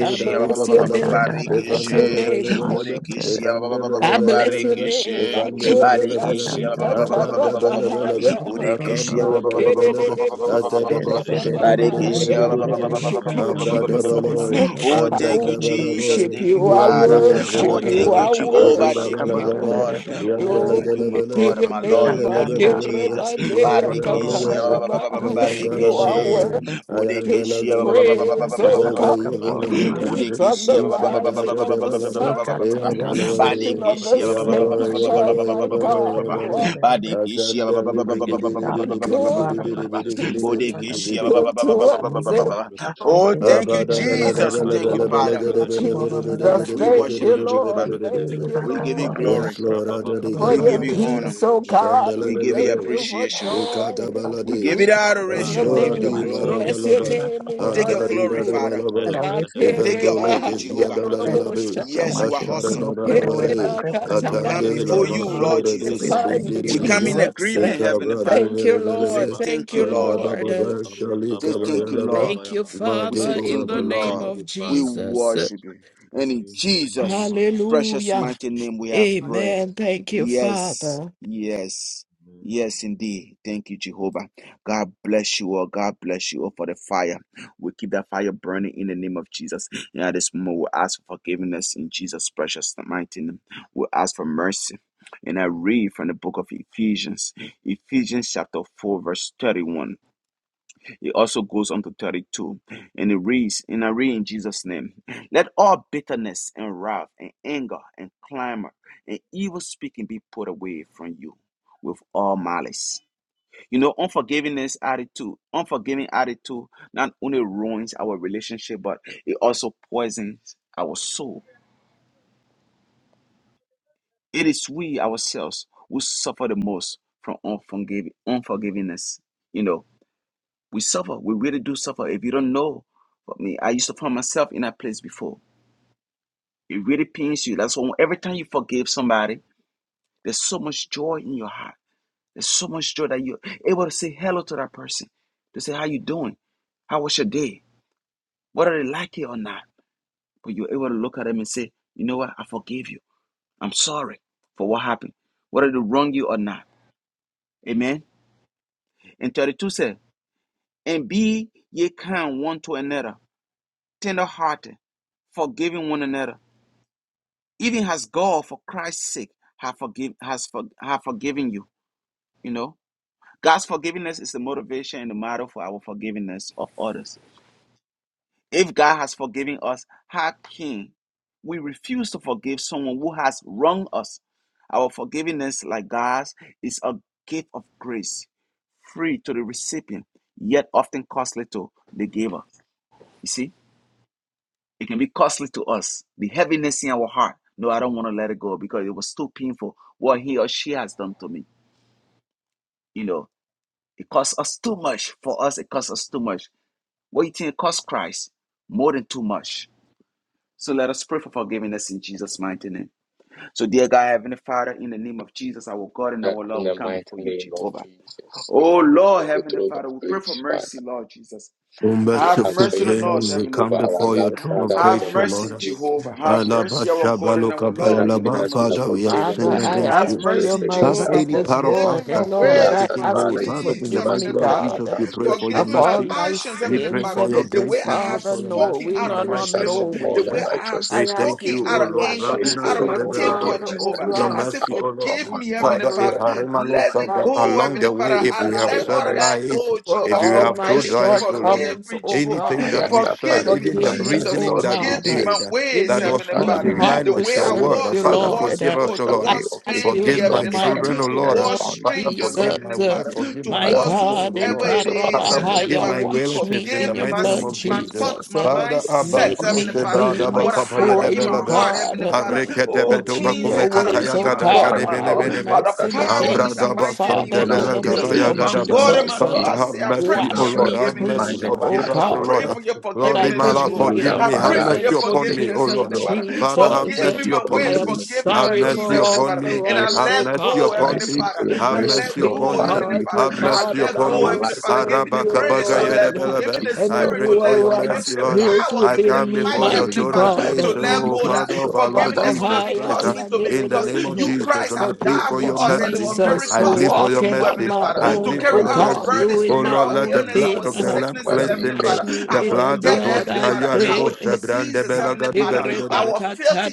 [SPEAKER 2] I bless your
[SPEAKER 5] Rabatom
[SPEAKER 2] name.
[SPEAKER 6] Katandara
[SPEAKER 5] Brakataya
[SPEAKER 2] Bless
[SPEAKER 5] Jala
[SPEAKER 2] your
[SPEAKER 6] Kaba
[SPEAKER 5] Brakata
[SPEAKER 2] name.
[SPEAKER 5] Shashkataya
[SPEAKER 6] Masundere,
[SPEAKER 1] Borekeshe
[SPEAKER 5] Jala
[SPEAKER 2] I
[SPEAKER 5] Brakatashka
[SPEAKER 2] bless your name.
[SPEAKER 1] Barikeshe
[SPEAKER 5] Rombo
[SPEAKER 2] Makoro
[SPEAKER 5] Sokoto
[SPEAKER 1] Barikeshe
[SPEAKER 5] Brakatero
[SPEAKER 2] basuka
[SPEAKER 6] Katandara
[SPEAKER 5] Sokoto Brakata Shala
[SPEAKER 6] Masu
[SPEAKER 2] tarabahaya.
[SPEAKER 5] Brakatashka
[SPEAKER 1] Borekeshe
[SPEAKER 6] Kutondoro
[SPEAKER 5] Rabada
[SPEAKER 2] Makerere
[SPEAKER 5] Bade Bede Bede
[SPEAKER 6] Bere
[SPEAKER 5] Bede
[SPEAKER 6] bere
[SPEAKER 5] Bede
[SPEAKER 6] bere
[SPEAKER 5] Yabadi
[SPEAKER 6] bere
[SPEAKER 5] Yabadi
[SPEAKER 1] Barikeshe
[SPEAKER 2] bosandarabahaya. I
[SPEAKER 6] bere
[SPEAKER 5] Yabadi
[SPEAKER 6] bere
[SPEAKER 5] Yagada
[SPEAKER 6] beka
[SPEAKER 2] worship
[SPEAKER 5] Badi
[SPEAKER 2] you,
[SPEAKER 5] Yagada
[SPEAKER 6] Doro
[SPEAKER 5] Bada
[SPEAKER 6] beke
[SPEAKER 5] Gada
[SPEAKER 6] de
[SPEAKER 5] Bada
[SPEAKER 2] Jesus.
[SPEAKER 5] Gada Bada
[SPEAKER 6] masoko
[SPEAKER 1] Oh,
[SPEAKER 2] I
[SPEAKER 1] thank you,
[SPEAKER 6] toro be
[SPEAKER 5] Rabada
[SPEAKER 1] Jesus.
[SPEAKER 2] worship
[SPEAKER 4] Balaboy,
[SPEAKER 1] Thank
[SPEAKER 5] Godo
[SPEAKER 1] you,
[SPEAKER 2] you. I
[SPEAKER 5] Brogodo
[SPEAKER 6] yitiri
[SPEAKER 1] Father.
[SPEAKER 5] Brogodo
[SPEAKER 4] Yambura
[SPEAKER 6] beka
[SPEAKER 4] Bella
[SPEAKER 1] Oh,
[SPEAKER 2] worship
[SPEAKER 5] Bragadia
[SPEAKER 2] you.
[SPEAKER 6] bara
[SPEAKER 1] thank
[SPEAKER 5] Brogodo
[SPEAKER 1] you,
[SPEAKER 4] Bella,
[SPEAKER 2] I
[SPEAKER 5] Bragadia
[SPEAKER 6] beka
[SPEAKER 5] Bragada
[SPEAKER 4] if
[SPEAKER 6] bara
[SPEAKER 4] he
[SPEAKER 1] Jehovah. Thank
[SPEAKER 6] beka
[SPEAKER 2] worship
[SPEAKER 1] you,
[SPEAKER 5] Yabragada
[SPEAKER 4] Bala
[SPEAKER 1] my
[SPEAKER 6] bara
[SPEAKER 5] Brogodo
[SPEAKER 4] Gada
[SPEAKER 2] you.
[SPEAKER 1] God.
[SPEAKER 6] bere
[SPEAKER 5] Bragada Bada
[SPEAKER 6] bere
[SPEAKER 1] Oh,
[SPEAKER 6] bere
[SPEAKER 5] Boshka
[SPEAKER 2] Glory
[SPEAKER 6] be
[SPEAKER 1] thank you, my
[SPEAKER 2] to
[SPEAKER 1] God and
[SPEAKER 2] your
[SPEAKER 1] my
[SPEAKER 6] ita
[SPEAKER 1] Lord,
[SPEAKER 2] name.
[SPEAKER 1] in the
[SPEAKER 5] Rabashakata
[SPEAKER 1] name
[SPEAKER 6] tanda
[SPEAKER 1] of
[SPEAKER 5] Bada Bada
[SPEAKER 1] Jesus.
[SPEAKER 6] masoko
[SPEAKER 5] Sekete
[SPEAKER 2] Makerebadea
[SPEAKER 5] Bragada
[SPEAKER 6] tondoro
[SPEAKER 1] Barikishia, ba- ba- ba-
[SPEAKER 6] masike
[SPEAKER 2] katarababa.
[SPEAKER 1] ba- ba- ba-
[SPEAKER 6] bere
[SPEAKER 2] You
[SPEAKER 6] bere
[SPEAKER 2] are
[SPEAKER 1] barikishi.
[SPEAKER 5] Rabashakata
[SPEAKER 2] worthy
[SPEAKER 6] bere
[SPEAKER 5] Bada
[SPEAKER 6] be
[SPEAKER 2] to be
[SPEAKER 1] Bodekishia, ba-
[SPEAKER 5] Oh,
[SPEAKER 1] ba- ba- ba- ba- ba-
[SPEAKER 5] thank
[SPEAKER 1] ba-
[SPEAKER 5] you,
[SPEAKER 1] ba-
[SPEAKER 2] praised,
[SPEAKER 6] tanda
[SPEAKER 1] ba-
[SPEAKER 2] oh
[SPEAKER 1] ba- ba- ba-
[SPEAKER 5] gracious
[SPEAKER 2] God.
[SPEAKER 1] ba-
[SPEAKER 6] beka
[SPEAKER 5] Father.
[SPEAKER 1] ba.
[SPEAKER 6] boro
[SPEAKER 5] Baradero
[SPEAKER 6] mara
[SPEAKER 2] From
[SPEAKER 1] Bodekishia,
[SPEAKER 2] the
[SPEAKER 5] Shobragada
[SPEAKER 1] ba- ba-
[SPEAKER 5] Badia
[SPEAKER 1] ba- ba- ba- ba-
[SPEAKER 2] rising
[SPEAKER 5] Bragada
[SPEAKER 1] ba- ba- ba-
[SPEAKER 2] of
[SPEAKER 5] Bada
[SPEAKER 1] ba-
[SPEAKER 2] the
[SPEAKER 1] ba- ba-
[SPEAKER 2] sun
[SPEAKER 1] ba- ba- ba-
[SPEAKER 6] ika
[SPEAKER 1] ba-
[SPEAKER 2] until
[SPEAKER 5] Rabba
[SPEAKER 1] ba.
[SPEAKER 6] tanda
[SPEAKER 2] the setting
[SPEAKER 6] masoko
[SPEAKER 2] of the
[SPEAKER 1] Badekishia, ba- ba- ba- ba-
[SPEAKER 6] tondoro
[SPEAKER 2] same
[SPEAKER 1] ba- ba- ba- ba-
[SPEAKER 6] masike
[SPEAKER 2] sun, my
[SPEAKER 6] bere
[SPEAKER 1] ba- ba- ba- ba- ba- ba- ba- ba- ba-
[SPEAKER 2] God,
[SPEAKER 6] bere
[SPEAKER 2] you
[SPEAKER 6] bere
[SPEAKER 2] are
[SPEAKER 6] bere be
[SPEAKER 1] Badekishia, ba- ba- ba- ba- ba- ba- ba-
[SPEAKER 2] you're
[SPEAKER 1] ba- ba- ba-
[SPEAKER 6] dar
[SPEAKER 1] ba- ba- ba- ba- ba-
[SPEAKER 2] good,
[SPEAKER 1] ba-
[SPEAKER 6] bara
[SPEAKER 1] ba- ba-
[SPEAKER 6] bara
[SPEAKER 2] Jesus.
[SPEAKER 6] bara be
[SPEAKER 2] You're
[SPEAKER 1] Bodekishia, ba- ba-
[SPEAKER 2] good
[SPEAKER 1] ba- ba-
[SPEAKER 2] to
[SPEAKER 1] ba- ba- ba- ba-
[SPEAKER 2] us.
[SPEAKER 1] ba- ba-
[SPEAKER 2] And
[SPEAKER 6] iboro
[SPEAKER 1] ba-
[SPEAKER 2] we
[SPEAKER 1] ba.
[SPEAKER 2] bless
[SPEAKER 1] Oh,
[SPEAKER 6] masike
[SPEAKER 2] your
[SPEAKER 1] thank you,
[SPEAKER 6] bere
[SPEAKER 2] name.
[SPEAKER 6] beka
[SPEAKER 1] Jesus. Thank you,
[SPEAKER 2] Thank
[SPEAKER 6] boro
[SPEAKER 1] Father.
[SPEAKER 6] mara
[SPEAKER 2] you,
[SPEAKER 6] beka boro mara
[SPEAKER 2] Jesus.
[SPEAKER 1] We
[SPEAKER 2] Thank
[SPEAKER 1] worship
[SPEAKER 2] you,
[SPEAKER 1] you, Jehovah.
[SPEAKER 2] Lord. Thank you,
[SPEAKER 1] We
[SPEAKER 6] Ribaka
[SPEAKER 1] give you
[SPEAKER 6] boro
[SPEAKER 2] Lord
[SPEAKER 1] glory.
[SPEAKER 4] Yes,
[SPEAKER 6] masuk
[SPEAKER 4] Lord,
[SPEAKER 2] for
[SPEAKER 1] We
[SPEAKER 6] roba
[SPEAKER 2] your
[SPEAKER 1] give you
[SPEAKER 6] roba roba
[SPEAKER 1] honor.
[SPEAKER 2] peace, oh God. We
[SPEAKER 1] We give you
[SPEAKER 2] thank you
[SPEAKER 4] Shandelelebe,
[SPEAKER 2] for
[SPEAKER 1] appreciation.
[SPEAKER 2] joy.
[SPEAKER 6] ribaka
[SPEAKER 1] We
[SPEAKER 2] We
[SPEAKER 1] give
[SPEAKER 4] Ikadabalade,
[SPEAKER 1] you the
[SPEAKER 6] masuk
[SPEAKER 2] bless
[SPEAKER 6] koton
[SPEAKER 2] your
[SPEAKER 1] adoration. We give
[SPEAKER 6] doro
[SPEAKER 4] Ashora
[SPEAKER 1] you the
[SPEAKER 2] name.
[SPEAKER 4] di
[SPEAKER 2] We
[SPEAKER 6] masuk
[SPEAKER 1] glory.
[SPEAKER 2] bless your
[SPEAKER 4] Marabalaba,
[SPEAKER 6] ribaka
[SPEAKER 2] name. We
[SPEAKER 6] boro
[SPEAKER 1] Take your
[SPEAKER 2] honor
[SPEAKER 4] Antari
[SPEAKER 1] glory,
[SPEAKER 6] masuk.
[SPEAKER 2] you.
[SPEAKER 1] Father.
[SPEAKER 4] Dadabalaba,
[SPEAKER 6] Father, we thank
[SPEAKER 1] Take
[SPEAKER 6] you,
[SPEAKER 1] your
[SPEAKER 4] Evendole
[SPEAKER 6] God.
[SPEAKER 1] honor,
[SPEAKER 2] Sakereba
[SPEAKER 1] Jehovah.
[SPEAKER 6] I thank you
[SPEAKER 4] Kiziadalalalabe,
[SPEAKER 2] yarobosha.
[SPEAKER 6] so
[SPEAKER 1] Yes,
[SPEAKER 6] much,
[SPEAKER 1] you are
[SPEAKER 6] you know,
[SPEAKER 4] Ashara
[SPEAKER 1] awesome.
[SPEAKER 6] God. Father, we
[SPEAKER 4] Dabalabale,
[SPEAKER 2] Ikereba
[SPEAKER 6] magnify for you,
[SPEAKER 1] We
[SPEAKER 6] we
[SPEAKER 2] kataraba.
[SPEAKER 1] come
[SPEAKER 6] adore
[SPEAKER 4] Atande
[SPEAKER 6] you,
[SPEAKER 4] la
[SPEAKER 1] before
[SPEAKER 6] Lord
[SPEAKER 1] you,
[SPEAKER 2] We
[SPEAKER 6] God.
[SPEAKER 1] Lord
[SPEAKER 4] Masore de
[SPEAKER 6] We
[SPEAKER 1] Jesus.
[SPEAKER 2] magnify
[SPEAKER 6] thank
[SPEAKER 2] you,
[SPEAKER 6] you,
[SPEAKER 1] We
[SPEAKER 6] Lord
[SPEAKER 1] come in
[SPEAKER 4] Kabindirebe,
[SPEAKER 6] God.
[SPEAKER 2] Jesus.
[SPEAKER 1] agreement, Heavenly Father,
[SPEAKER 4] Ikabrado
[SPEAKER 2] Thank you,
[SPEAKER 1] to say
[SPEAKER 2] Lord.
[SPEAKER 4] Velebelebe,
[SPEAKER 2] Thank
[SPEAKER 1] thank you,
[SPEAKER 2] you,
[SPEAKER 1] Lord.
[SPEAKER 4] Ambaba
[SPEAKER 2] Lord.
[SPEAKER 4] Shali
[SPEAKER 1] Say thank you,
[SPEAKER 4] Kabayalaba,
[SPEAKER 1] Lord.
[SPEAKER 2] Thank you,
[SPEAKER 5] Rabba-kabba-kabba-kibbe-kabba-ya-kabba-ya-kabba-ya-kabba-ya-kabba.
[SPEAKER 1] We
[SPEAKER 4] Mate
[SPEAKER 1] say
[SPEAKER 2] Father,
[SPEAKER 4] Bora
[SPEAKER 2] in
[SPEAKER 1] thank
[SPEAKER 2] the
[SPEAKER 1] you,
[SPEAKER 2] name
[SPEAKER 5] Thank
[SPEAKER 1] Lord.
[SPEAKER 4] Balakaba.
[SPEAKER 5] you,
[SPEAKER 2] of
[SPEAKER 1] We
[SPEAKER 5] Father.
[SPEAKER 2] Jesus.
[SPEAKER 1] worship you. And in
[SPEAKER 5] In the name
[SPEAKER 1] Jesus'
[SPEAKER 5] of Jesus.
[SPEAKER 1] precious
[SPEAKER 2] Hallelujah.
[SPEAKER 1] mighty name we have prayer.
[SPEAKER 2] Amen. Thank you,
[SPEAKER 1] Yes,
[SPEAKER 2] Father.
[SPEAKER 1] yes, yes
[SPEAKER 5] Amen.
[SPEAKER 1] indeed. Thank you, Jehovah. God bless you all. God bless you all for the fire. We keep that fire burning in the name of Jesus. And at this moment, we ask for forgiveness in Jesus' precious mighty name. We ask for mercy. And I read from the book of Ephesians, Ephesians chapter 4, verse 31. It also goes on to 32 and it reads, and I read in Jesus' name, let all bitterness and wrath and anger and clamor and evil speaking be put away from you with all malice. You know, unforgivingness attitude, unforgiving attitude not only ruins our relationship, but it also poisons our soul. It is we ourselves who suffer the most from unforgiving unforgivingness. You know, We suffer. We really do suffer. If you don't know, for me, I used to find myself in that place before. It really pains you. That's why every time you forgive somebody, there's so much joy in your heart. There's so much joy that you're able to say hello to that person. To say, how you doing? How was your day? Whether they like it or not. But you're able to look at them and say, you know what? I forgive you. I'm sorry for what happened. Whether they wrong you or not. Amen. And 32 said, and be ye kind one to another, tender hearted, forgiving one another Even as God, for Christ's sake, have forgive, has for, have forgiven you. You know, God's forgiveness is the motivation and the model for our forgiveness of others. If God has forgiven us, how can we refuse to forgive someone who has wronged us? Our forgiveness, like God's, is a gift of grace, free to the recipient, yet often costly to the giver. You see? It can be costly to us. The heaviness in our heart. No, I don't want to let it go because it was too painful what he or she has done to me. You know, it costs us too much. For us, it costs us too much. What do you think it costs Christ? More than too much. So let us pray for forgiveness in Jesus' mighty name. So, dear God, Heavenly Father, in the name of Jesus, our God and our
[SPEAKER 8] That in
[SPEAKER 1] Lord, we
[SPEAKER 8] the
[SPEAKER 1] come
[SPEAKER 8] mighty
[SPEAKER 1] before you,
[SPEAKER 8] name of
[SPEAKER 1] Jehovah.
[SPEAKER 8] Jesus, we
[SPEAKER 1] Oh
[SPEAKER 8] come
[SPEAKER 1] Lord,
[SPEAKER 8] before the
[SPEAKER 1] Heavenly
[SPEAKER 8] throne of
[SPEAKER 1] Father, we pray for
[SPEAKER 8] grace,
[SPEAKER 1] mercy,
[SPEAKER 8] Father.
[SPEAKER 1] Lord Jesus.
[SPEAKER 8] We
[SPEAKER 1] Have
[SPEAKER 8] ask for
[SPEAKER 1] mercy
[SPEAKER 8] your
[SPEAKER 1] on us,
[SPEAKER 4] Umbasufuken, we
[SPEAKER 8] mercy
[SPEAKER 1] Heavenly
[SPEAKER 8] over
[SPEAKER 4] come
[SPEAKER 1] Father.
[SPEAKER 8] our
[SPEAKER 4] before your
[SPEAKER 8] life,
[SPEAKER 4] throne of
[SPEAKER 8] Father, in
[SPEAKER 1] Have
[SPEAKER 8] the
[SPEAKER 4] grace, O Lord.
[SPEAKER 1] mercy,
[SPEAKER 8] mighty name of
[SPEAKER 1] Jehovah. Have
[SPEAKER 4] Alaba
[SPEAKER 8] Jesus.
[SPEAKER 1] mercy, our God and our
[SPEAKER 4] shabaloka
[SPEAKER 8] Father,
[SPEAKER 1] Lord, in the
[SPEAKER 8] even
[SPEAKER 4] payalaba.
[SPEAKER 1] name
[SPEAKER 8] as we
[SPEAKER 1] of
[SPEAKER 8] have
[SPEAKER 4] Father, we
[SPEAKER 1] Jesus.
[SPEAKER 4] have
[SPEAKER 8] forgiven
[SPEAKER 2] Father,
[SPEAKER 4] sinned
[SPEAKER 8] those who
[SPEAKER 2] I
[SPEAKER 8] have
[SPEAKER 4] against
[SPEAKER 1] Have
[SPEAKER 2] ask
[SPEAKER 4] you.
[SPEAKER 2] for your
[SPEAKER 8] transgressed
[SPEAKER 1] mercy,
[SPEAKER 8] against
[SPEAKER 4] Father,
[SPEAKER 1] Jehovah.
[SPEAKER 8] us,
[SPEAKER 2] mercies
[SPEAKER 4] any
[SPEAKER 2] this
[SPEAKER 8] Lord,
[SPEAKER 4] part of
[SPEAKER 1] Forgive me
[SPEAKER 4] us
[SPEAKER 1] my
[SPEAKER 2] morning,
[SPEAKER 4] that sin
[SPEAKER 8] we
[SPEAKER 2] Lord.
[SPEAKER 4] has
[SPEAKER 8] ask
[SPEAKER 1] ways,
[SPEAKER 2] I
[SPEAKER 8] that,
[SPEAKER 4] taken
[SPEAKER 1] my
[SPEAKER 2] ask you
[SPEAKER 4] hold,
[SPEAKER 8] Father, you
[SPEAKER 2] to
[SPEAKER 4] Father, in
[SPEAKER 1] deeds,
[SPEAKER 4] the
[SPEAKER 8] forgive
[SPEAKER 2] forgive
[SPEAKER 8] us,
[SPEAKER 2] me,
[SPEAKER 1] Heavenly
[SPEAKER 4] mighty name
[SPEAKER 8] Lord,
[SPEAKER 4] of
[SPEAKER 8] of
[SPEAKER 1] Father.
[SPEAKER 8] our
[SPEAKER 4] Jesus,
[SPEAKER 2] God,
[SPEAKER 4] we pray for your
[SPEAKER 1] Forgive
[SPEAKER 2] of
[SPEAKER 8] transgressions
[SPEAKER 1] me
[SPEAKER 8] in
[SPEAKER 1] my
[SPEAKER 8] the
[SPEAKER 2] all
[SPEAKER 4] mercy.
[SPEAKER 2] my
[SPEAKER 8] mighty
[SPEAKER 1] actions,
[SPEAKER 4] We
[SPEAKER 8] name.
[SPEAKER 1] Heavenly
[SPEAKER 4] pray
[SPEAKER 2] sins,
[SPEAKER 1] Father.
[SPEAKER 4] for your
[SPEAKER 1] The
[SPEAKER 2] Heavenly
[SPEAKER 1] way
[SPEAKER 4] grace.
[SPEAKER 1] I
[SPEAKER 4] We pray
[SPEAKER 1] have
[SPEAKER 2] Father,
[SPEAKER 4] for your
[SPEAKER 1] spoken
[SPEAKER 4] mercy.
[SPEAKER 1] out
[SPEAKER 2] knowing
[SPEAKER 4] In
[SPEAKER 8] He
[SPEAKER 1] of
[SPEAKER 4] the
[SPEAKER 2] and
[SPEAKER 8] brings
[SPEAKER 4] mighty
[SPEAKER 8] us
[SPEAKER 4] name
[SPEAKER 1] frustration,
[SPEAKER 4] of
[SPEAKER 8] from all
[SPEAKER 1] the way
[SPEAKER 2] unknowing.
[SPEAKER 4] Jesus,
[SPEAKER 1] I have
[SPEAKER 2] I
[SPEAKER 4] we
[SPEAKER 8] unrighteousness,
[SPEAKER 2] ask
[SPEAKER 8] Lord.
[SPEAKER 4] thank
[SPEAKER 2] you
[SPEAKER 1] spoken
[SPEAKER 4] you,
[SPEAKER 2] to
[SPEAKER 4] O
[SPEAKER 1] out of
[SPEAKER 4] Lord.
[SPEAKER 2] wash
[SPEAKER 1] anger,
[SPEAKER 8] In the
[SPEAKER 2] me
[SPEAKER 4] Radina
[SPEAKER 1] out
[SPEAKER 8] spirit
[SPEAKER 2] in
[SPEAKER 1] of
[SPEAKER 8] of
[SPEAKER 1] my
[SPEAKER 2] your
[SPEAKER 1] temper,
[SPEAKER 4] Sorebelaba,
[SPEAKER 2] blood,
[SPEAKER 8] unforgiveness
[SPEAKER 2] O
[SPEAKER 8] that
[SPEAKER 1] Jehovah.
[SPEAKER 4] For
[SPEAKER 8] is
[SPEAKER 4] your
[SPEAKER 8] on our
[SPEAKER 1] I
[SPEAKER 2] God.
[SPEAKER 1] say,
[SPEAKER 4] mercy,
[SPEAKER 2] Cleanse
[SPEAKER 4] O
[SPEAKER 8] hearts,
[SPEAKER 4] Lord.
[SPEAKER 8] on
[SPEAKER 1] Forgive
[SPEAKER 2] me,
[SPEAKER 8] our
[SPEAKER 1] me,
[SPEAKER 2] I
[SPEAKER 1] Heavenly
[SPEAKER 4] Father,
[SPEAKER 8] minds,
[SPEAKER 4] if
[SPEAKER 2] pray.
[SPEAKER 1] Father.
[SPEAKER 8] Lord,
[SPEAKER 4] Harimano
[SPEAKER 1] Let it
[SPEAKER 2] My
[SPEAKER 4] Sabra,
[SPEAKER 1] go,
[SPEAKER 4] along
[SPEAKER 2] clearing
[SPEAKER 1] Heavenly
[SPEAKER 4] the way,
[SPEAKER 2] of
[SPEAKER 1] Father.
[SPEAKER 8] we
[SPEAKER 4] if
[SPEAKER 1] I
[SPEAKER 4] we
[SPEAKER 8] ask
[SPEAKER 4] have
[SPEAKER 8] for
[SPEAKER 1] let
[SPEAKER 8] your
[SPEAKER 4] said
[SPEAKER 1] all of
[SPEAKER 2] fire
[SPEAKER 1] that
[SPEAKER 8] mercy, Lord.
[SPEAKER 4] lies,
[SPEAKER 1] go,
[SPEAKER 2] for
[SPEAKER 4] if
[SPEAKER 1] Jehovah.
[SPEAKER 8] Ask
[SPEAKER 4] we
[SPEAKER 8] for
[SPEAKER 2] all
[SPEAKER 8] your
[SPEAKER 4] have
[SPEAKER 2] my
[SPEAKER 1] Forgive
[SPEAKER 4] told
[SPEAKER 1] me,
[SPEAKER 8] forgiveness,
[SPEAKER 4] lies, O
[SPEAKER 8] Lord
[SPEAKER 4] Lord,
[SPEAKER 1] forgive
[SPEAKER 2] shortcomings,
[SPEAKER 1] me,
[SPEAKER 2] O
[SPEAKER 1] Jehovah.
[SPEAKER 4] anything
[SPEAKER 8] We
[SPEAKER 4] that
[SPEAKER 2] God.
[SPEAKER 8] ask
[SPEAKER 4] we
[SPEAKER 8] that,
[SPEAKER 4] said,
[SPEAKER 8] Father,
[SPEAKER 1] Forgive
[SPEAKER 8] you
[SPEAKER 1] me,
[SPEAKER 4] even the
[SPEAKER 2] Forgive
[SPEAKER 8] cleanse
[SPEAKER 2] me,
[SPEAKER 8] us,
[SPEAKER 1] Jesus.
[SPEAKER 2] O
[SPEAKER 4] reasoning
[SPEAKER 8] Lord
[SPEAKER 4] that we
[SPEAKER 1] Forgive me
[SPEAKER 2] God.
[SPEAKER 1] my
[SPEAKER 4] did
[SPEAKER 8] Jesus.
[SPEAKER 2] Give
[SPEAKER 1] ways,
[SPEAKER 4] that
[SPEAKER 2] me a
[SPEAKER 4] was
[SPEAKER 1] Heavenly
[SPEAKER 8] Father,
[SPEAKER 4] not
[SPEAKER 2] clean
[SPEAKER 8] may
[SPEAKER 1] Father
[SPEAKER 8] we
[SPEAKER 4] in
[SPEAKER 8] be
[SPEAKER 2] heart
[SPEAKER 4] line
[SPEAKER 1] the
[SPEAKER 2] to
[SPEAKER 4] with
[SPEAKER 1] way
[SPEAKER 8] washed
[SPEAKER 4] your
[SPEAKER 1] I
[SPEAKER 2] serve
[SPEAKER 8] away.
[SPEAKER 4] word. Uh,
[SPEAKER 2] you,
[SPEAKER 1] was
[SPEAKER 4] Father,
[SPEAKER 8] Father, may
[SPEAKER 1] towards
[SPEAKER 2] Lord.
[SPEAKER 8] we be
[SPEAKER 4] forgive
[SPEAKER 1] people,
[SPEAKER 4] us,
[SPEAKER 8] washed
[SPEAKER 4] O Lord.
[SPEAKER 2] I
[SPEAKER 4] Uh,
[SPEAKER 8] away
[SPEAKER 1] towards
[SPEAKER 8] of
[SPEAKER 2] ask you
[SPEAKER 1] family,
[SPEAKER 8] anything,
[SPEAKER 2] in
[SPEAKER 4] Forgive
[SPEAKER 8] Lord,
[SPEAKER 2] the
[SPEAKER 4] my
[SPEAKER 1] Heavenly Father,
[SPEAKER 2] mighty
[SPEAKER 4] children, O
[SPEAKER 8] impurity that
[SPEAKER 4] Lord. Uh,
[SPEAKER 8] is
[SPEAKER 2] name of
[SPEAKER 1] towards
[SPEAKER 8] found within
[SPEAKER 4] Father,
[SPEAKER 8] us,
[SPEAKER 1] strangers,
[SPEAKER 8] Lord.
[SPEAKER 2] Jesus,
[SPEAKER 4] forgive my
[SPEAKER 1] Heavenly
[SPEAKER 4] wife.
[SPEAKER 1] Father,
[SPEAKER 4] Forgive my
[SPEAKER 2] my
[SPEAKER 8] Father, may
[SPEAKER 1] towards
[SPEAKER 8] you
[SPEAKER 2] God,
[SPEAKER 4] household, O
[SPEAKER 8] forgive
[SPEAKER 1] whosoever
[SPEAKER 4] Lord. Uh,
[SPEAKER 8] us
[SPEAKER 1] it
[SPEAKER 8] of our
[SPEAKER 1] is,
[SPEAKER 4] Father,
[SPEAKER 8] sins,
[SPEAKER 1] Heavenly
[SPEAKER 4] forgive
[SPEAKER 2] Karabahaya,
[SPEAKER 8] Lord.
[SPEAKER 5] Rabba-rabba-rabba-rabba-rabba.
[SPEAKER 1] Father.
[SPEAKER 4] my
[SPEAKER 2] wash me
[SPEAKER 4] relatives in
[SPEAKER 1] Forgive
[SPEAKER 4] the
[SPEAKER 2] in
[SPEAKER 1] me
[SPEAKER 2] your
[SPEAKER 1] my,
[SPEAKER 4] mighty
[SPEAKER 8] And
[SPEAKER 4] name
[SPEAKER 8] may
[SPEAKER 2] blood,
[SPEAKER 8] you
[SPEAKER 4] of
[SPEAKER 1] my
[SPEAKER 8] forgive
[SPEAKER 4] Jesus.
[SPEAKER 1] thoughts,
[SPEAKER 2] Jesus.
[SPEAKER 8] us,
[SPEAKER 1] my
[SPEAKER 8] Lord,
[SPEAKER 4] Father,
[SPEAKER 8] of
[SPEAKER 1] mindsets,
[SPEAKER 2] Make
[SPEAKER 8] our
[SPEAKER 4] abano
[SPEAKER 2] me
[SPEAKER 1] Heavenly
[SPEAKER 8] sins
[SPEAKER 1] Father,
[SPEAKER 8] in the
[SPEAKER 4] sebrada
[SPEAKER 2] clean
[SPEAKER 8] mighty
[SPEAKER 1] what I
[SPEAKER 8] name
[SPEAKER 4] bakapaya
[SPEAKER 8] of
[SPEAKER 1] harbor
[SPEAKER 2] before
[SPEAKER 1] in
[SPEAKER 2] you,
[SPEAKER 1] my
[SPEAKER 4] debelebe.
[SPEAKER 1] heart,
[SPEAKER 8] Jesus.
[SPEAKER 1] Heavenly
[SPEAKER 2] God.
[SPEAKER 1] Father.
[SPEAKER 4] Areke debe
[SPEAKER 1] Oh,
[SPEAKER 2] Teach
[SPEAKER 4] doba
[SPEAKER 2] me
[SPEAKER 1] cleanse
[SPEAKER 4] kume
[SPEAKER 1] it
[SPEAKER 2] your
[SPEAKER 1] out of
[SPEAKER 8] Father,
[SPEAKER 2] ways,
[SPEAKER 1] me,
[SPEAKER 2] O
[SPEAKER 1] my
[SPEAKER 8] Lord,
[SPEAKER 4] gada
[SPEAKER 8] I
[SPEAKER 1] God
[SPEAKER 2] God,
[SPEAKER 1] and
[SPEAKER 4] gade
[SPEAKER 2] that
[SPEAKER 8] come
[SPEAKER 1] my
[SPEAKER 2] I
[SPEAKER 8] before
[SPEAKER 1] Lord,
[SPEAKER 4] belebe
[SPEAKER 2] will
[SPEAKER 8] you,
[SPEAKER 1] by
[SPEAKER 4] debe.
[SPEAKER 2] not
[SPEAKER 8] Lord,
[SPEAKER 1] the
[SPEAKER 2] sin
[SPEAKER 8] as a
[SPEAKER 1] power
[SPEAKER 8] sinner,
[SPEAKER 1] in
[SPEAKER 4] Ambra
[SPEAKER 2] against
[SPEAKER 1] the
[SPEAKER 2] you,
[SPEAKER 4] daba
[SPEAKER 1] mighty
[SPEAKER 4] son
[SPEAKER 1] name
[SPEAKER 2] Father,
[SPEAKER 1] of
[SPEAKER 8] sinner
[SPEAKER 2] in
[SPEAKER 8] of
[SPEAKER 4] debele
[SPEAKER 2] the
[SPEAKER 1] Jesus.
[SPEAKER 2] name
[SPEAKER 4] gabaya
[SPEAKER 2] of
[SPEAKER 8] yesterday,
[SPEAKER 1] My
[SPEAKER 4] gadaba.
[SPEAKER 8] sinner
[SPEAKER 1] God
[SPEAKER 8] of
[SPEAKER 1] and my
[SPEAKER 2] Jesus.
[SPEAKER 1] Lord,
[SPEAKER 8] today,
[SPEAKER 4] Father,
[SPEAKER 1] I
[SPEAKER 4] have
[SPEAKER 1] say, I pray
[SPEAKER 4] mercy,
[SPEAKER 1] for
[SPEAKER 8] sinner
[SPEAKER 4] O
[SPEAKER 1] your
[SPEAKER 2] Wash
[SPEAKER 4] Lord,
[SPEAKER 2] me
[SPEAKER 8] forever
[SPEAKER 4] have
[SPEAKER 8] in
[SPEAKER 1] forgiveness,
[SPEAKER 4] mercy,
[SPEAKER 8] mind
[SPEAKER 2] clean,
[SPEAKER 8] and in
[SPEAKER 1] Jehovah.
[SPEAKER 2] oh
[SPEAKER 4] forgive
[SPEAKER 8] heart,
[SPEAKER 4] us,
[SPEAKER 1] I
[SPEAKER 4] O
[SPEAKER 2] God,
[SPEAKER 8] Lord.
[SPEAKER 4] Lord.
[SPEAKER 1] pray for your
[SPEAKER 2] that
[SPEAKER 4] Lord,
[SPEAKER 2] I
[SPEAKER 1] forgiveness,
[SPEAKER 8] I
[SPEAKER 2] can
[SPEAKER 4] Imala,
[SPEAKER 1] Jehovah.
[SPEAKER 2] be
[SPEAKER 8] acknowledge
[SPEAKER 2] in
[SPEAKER 4] forgive
[SPEAKER 8] that,
[SPEAKER 2] your
[SPEAKER 1] I
[SPEAKER 4] me, have
[SPEAKER 8] Father,
[SPEAKER 1] pray
[SPEAKER 8] I
[SPEAKER 1] for
[SPEAKER 4] mercy
[SPEAKER 1] your
[SPEAKER 8] have
[SPEAKER 2] presence.
[SPEAKER 8] sinned
[SPEAKER 4] upon me, O
[SPEAKER 1] forgiveness,
[SPEAKER 2] Forgive
[SPEAKER 8] against
[SPEAKER 2] me,
[SPEAKER 8] you,
[SPEAKER 1] Heavenly
[SPEAKER 4] Lord.
[SPEAKER 8] Lord.
[SPEAKER 1] Father.
[SPEAKER 4] Father, have
[SPEAKER 5] dabba dabba
[SPEAKER 2] Jesus.
[SPEAKER 1] Forgive me
[SPEAKER 5] dabba
[SPEAKER 4] mercy
[SPEAKER 1] my
[SPEAKER 8] before
[SPEAKER 5] dabba dabba dabba
[SPEAKER 8] your
[SPEAKER 2] I
[SPEAKER 4] upon
[SPEAKER 1] ways,
[SPEAKER 5] dabba
[SPEAKER 2] am
[SPEAKER 8] throne
[SPEAKER 4] me,
[SPEAKER 8] of
[SPEAKER 1] forgive me
[SPEAKER 8] grace,
[SPEAKER 1] my
[SPEAKER 4] have
[SPEAKER 2] sorry
[SPEAKER 8] Lord,
[SPEAKER 1] deeds,
[SPEAKER 4] mercy
[SPEAKER 8] I
[SPEAKER 2] for
[SPEAKER 1] Heavenly
[SPEAKER 8] seek
[SPEAKER 2] all
[SPEAKER 4] upon
[SPEAKER 1] Father.
[SPEAKER 2] my
[SPEAKER 8] for your
[SPEAKER 4] me,
[SPEAKER 1] And
[SPEAKER 5] Rabba-dabba-dabba-dabba-dabba-dabba-dabba-dabba-dabba.
[SPEAKER 1] I
[SPEAKER 8] mercy.
[SPEAKER 2] wrongs,
[SPEAKER 4] have
[SPEAKER 5] rabba
[SPEAKER 2] oh
[SPEAKER 1] let
[SPEAKER 5] dabba
[SPEAKER 4] mercy
[SPEAKER 5] dabba
[SPEAKER 1] go,
[SPEAKER 5] dabba dabba
[SPEAKER 8] I
[SPEAKER 5] dabba
[SPEAKER 2] God.
[SPEAKER 4] upon
[SPEAKER 1] Heavenly
[SPEAKER 4] me,
[SPEAKER 8] seek for
[SPEAKER 1] Father.
[SPEAKER 5] dabba
[SPEAKER 8] your
[SPEAKER 2] Give
[SPEAKER 4] have
[SPEAKER 1] I
[SPEAKER 2] me a
[SPEAKER 1] let
[SPEAKER 5] dabba
[SPEAKER 8] mercy,
[SPEAKER 4] mercy
[SPEAKER 5] Rabba-dabba-dabba-dabba-dabba-dabba-dabba-dabba.
[SPEAKER 8] Lord.
[SPEAKER 2] clean
[SPEAKER 1] go,
[SPEAKER 4] upon
[SPEAKER 8] Father,
[SPEAKER 4] me,
[SPEAKER 1] Heavenly
[SPEAKER 8] may
[SPEAKER 5] Rabba-dabba-dabba-dabba-dabba-dabba-dabba-dabba.
[SPEAKER 8] you
[SPEAKER 2] heart,
[SPEAKER 8] have
[SPEAKER 1] Father.
[SPEAKER 2] oh
[SPEAKER 4] have
[SPEAKER 1] I
[SPEAKER 8] mercy
[SPEAKER 2] God,
[SPEAKER 4] mercy
[SPEAKER 2] that
[SPEAKER 1] let
[SPEAKER 2] I
[SPEAKER 8] upon
[SPEAKER 4] upon
[SPEAKER 1] go,
[SPEAKER 8] my
[SPEAKER 4] me.
[SPEAKER 2] will
[SPEAKER 1] Heavenly
[SPEAKER 8] life.
[SPEAKER 1] Father. Give
[SPEAKER 2] serve
[SPEAKER 1] me the
[SPEAKER 5] Roboto
[SPEAKER 2] you, oh
[SPEAKER 5] jala
[SPEAKER 1] grace to
[SPEAKER 8] Father, may
[SPEAKER 1] let
[SPEAKER 8] you
[SPEAKER 1] go.
[SPEAKER 5] brangata
[SPEAKER 2] Lord,
[SPEAKER 1] Give me
[SPEAKER 4] Arabakabayedebelebe.
[SPEAKER 8] forgive
[SPEAKER 1] the
[SPEAKER 5] jala
[SPEAKER 8] me,
[SPEAKER 2] and
[SPEAKER 4] I
[SPEAKER 8] Lord,
[SPEAKER 1] spirit to
[SPEAKER 4] pray
[SPEAKER 8] for
[SPEAKER 2] renew a
[SPEAKER 4] for
[SPEAKER 5] bragatashka.
[SPEAKER 1] let
[SPEAKER 4] your
[SPEAKER 8] my
[SPEAKER 1] go.
[SPEAKER 2] right
[SPEAKER 1] Give me
[SPEAKER 4] mercy,
[SPEAKER 1] the
[SPEAKER 4] Lord.
[SPEAKER 8] transgression.
[SPEAKER 2] spirit
[SPEAKER 1] power.
[SPEAKER 4] I
[SPEAKER 1] Give me
[SPEAKER 5] Robo
[SPEAKER 1] the
[SPEAKER 2] within
[SPEAKER 4] come
[SPEAKER 2] me,
[SPEAKER 1] might,
[SPEAKER 4] before
[SPEAKER 5] shokoto
[SPEAKER 8] Father,
[SPEAKER 4] your
[SPEAKER 8] may
[SPEAKER 1] Heavenly
[SPEAKER 2] mighty
[SPEAKER 8] you
[SPEAKER 4] throne
[SPEAKER 5] bragata
[SPEAKER 1] Father,
[SPEAKER 4] of
[SPEAKER 8] blot out
[SPEAKER 1] to
[SPEAKER 4] grace,
[SPEAKER 5] jala
[SPEAKER 2] God.
[SPEAKER 8] all my
[SPEAKER 5] brato
[SPEAKER 1] let
[SPEAKER 4] O
[SPEAKER 1] go that
[SPEAKER 5] shata
[SPEAKER 4] Father
[SPEAKER 8] iniquities,
[SPEAKER 4] of
[SPEAKER 8] Lord.
[SPEAKER 4] our Lord
[SPEAKER 5] bragatashka.
[SPEAKER 8] Father,
[SPEAKER 1] forgiveness will not
[SPEAKER 4] Jesus
[SPEAKER 1] be
[SPEAKER 4] Christ
[SPEAKER 8] forgive
[SPEAKER 1] costly
[SPEAKER 8] me,
[SPEAKER 1] to me
[SPEAKER 8] Lord,
[SPEAKER 4] in
[SPEAKER 8] of
[SPEAKER 4] the
[SPEAKER 8] my
[SPEAKER 1] because
[SPEAKER 5] Robo
[SPEAKER 4] name of
[SPEAKER 1] you,
[SPEAKER 5] shokoto
[SPEAKER 8] transgression.
[SPEAKER 4] Jesus.
[SPEAKER 1] Christ,
[SPEAKER 4] And I
[SPEAKER 1] have
[SPEAKER 5] bragata
[SPEAKER 4] plead
[SPEAKER 2] Forgive
[SPEAKER 1] died
[SPEAKER 4] for
[SPEAKER 5] jala
[SPEAKER 2] me,
[SPEAKER 1] for
[SPEAKER 4] your
[SPEAKER 1] us
[SPEAKER 5] bragato
[SPEAKER 1] and
[SPEAKER 8] Father,
[SPEAKER 1] they were
[SPEAKER 4] mercy.
[SPEAKER 8] may
[SPEAKER 5] jala
[SPEAKER 8] my
[SPEAKER 1] very
[SPEAKER 2] Jesus,
[SPEAKER 4] I
[SPEAKER 2] for
[SPEAKER 5] bragata
[SPEAKER 8] sins
[SPEAKER 4] plead
[SPEAKER 8] be
[SPEAKER 1] costly
[SPEAKER 4] for
[SPEAKER 1] to
[SPEAKER 4] your
[SPEAKER 5] shala
[SPEAKER 1] you
[SPEAKER 2] walking
[SPEAKER 1] you,
[SPEAKER 8] forgiven.
[SPEAKER 2] on
[SPEAKER 4] mercy.
[SPEAKER 1] Heavenly
[SPEAKER 2] my
[SPEAKER 5] bragatoshka.
[SPEAKER 1] Father,
[SPEAKER 8] Father,
[SPEAKER 4] I
[SPEAKER 8] may
[SPEAKER 1] to
[SPEAKER 2] own,
[SPEAKER 8] my
[SPEAKER 4] plead
[SPEAKER 1] carry
[SPEAKER 4] for
[SPEAKER 2] oh
[SPEAKER 4] the
[SPEAKER 1] our
[SPEAKER 8] iniquities
[SPEAKER 2] God,
[SPEAKER 8] be
[SPEAKER 4] mercy.
[SPEAKER 1] burdens, to
[SPEAKER 2] doing
[SPEAKER 4] Oh
[SPEAKER 8] forgiven,
[SPEAKER 1] carry
[SPEAKER 2] my
[SPEAKER 4] Lord,
[SPEAKER 5] Robo
[SPEAKER 1] our
[SPEAKER 5] do
[SPEAKER 4] let
[SPEAKER 2] own
[SPEAKER 4] the
[SPEAKER 5] badia
[SPEAKER 1] illness, our
[SPEAKER 4] blood
[SPEAKER 2] thing.
[SPEAKER 4] of
[SPEAKER 5] badia
[SPEAKER 4] the
[SPEAKER 8] Lord.
[SPEAKER 4] Lamb
[SPEAKER 5] badia
[SPEAKER 1] sicknesses,
[SPEAKER 8] Father, may
[SPEAKER 4] cleanse
[SPEAKER 5] badia
[SPEAKER 8] you
[SPEAKER 1] Heavenly
[SPEAKER 4] me.
[SPEAKER 5] badia
[SPEAKER 2] Wash
[SPEAKER 1] Father,
[SPEAKER 8] cleanse
[SPEAKER 2] me
[SPEAKER 8] me
[SPEAKER 4] The
[SPEAKER 5] badia
[SPEAKER 2] in
[SPEAKER 1] our
[SPEAKER 2] your
[SPEAKER 5] badia
[SPEAKER 4] blood
[SPEAKER 8] from
[SPEAKER 4] that
[SPEAKER 1] death,
[SPEAKER 5] bada
[SPEAKER 2] blood,
[SPEAKER 4] was
[SPEAKER 1] Heavenly
[SPEAKER 5] badia
[SPEAKER 4] uh,
[SPEAKER 2] I
[SPEAKER 4] you
[SPEAKER 1] Father,
[SPEAKER 4] are
[SPEAKER 5] baragada
[SPEAKER 4] able
[SPEAKER 1] our
[SPEAKER 2] pray.
[SPEAKER 4] to
[SPEAKER 5] bragato
[SPEAKER 8] righteousness.
[SPEAKER 4] brand
[SPEAKER 5] roboto
[SPEAKER 4] the
[SPEAKER 1] diseases,
[SPEAKER 4] bella
[SPEAKER 5] bragata.
[SPEAKER 1] Heavenly
[SPEAKER 4] gadi
[SPEAKER 1] Father,
[SPEAKER 4] bede bede bede.
[SPEAKER 1] our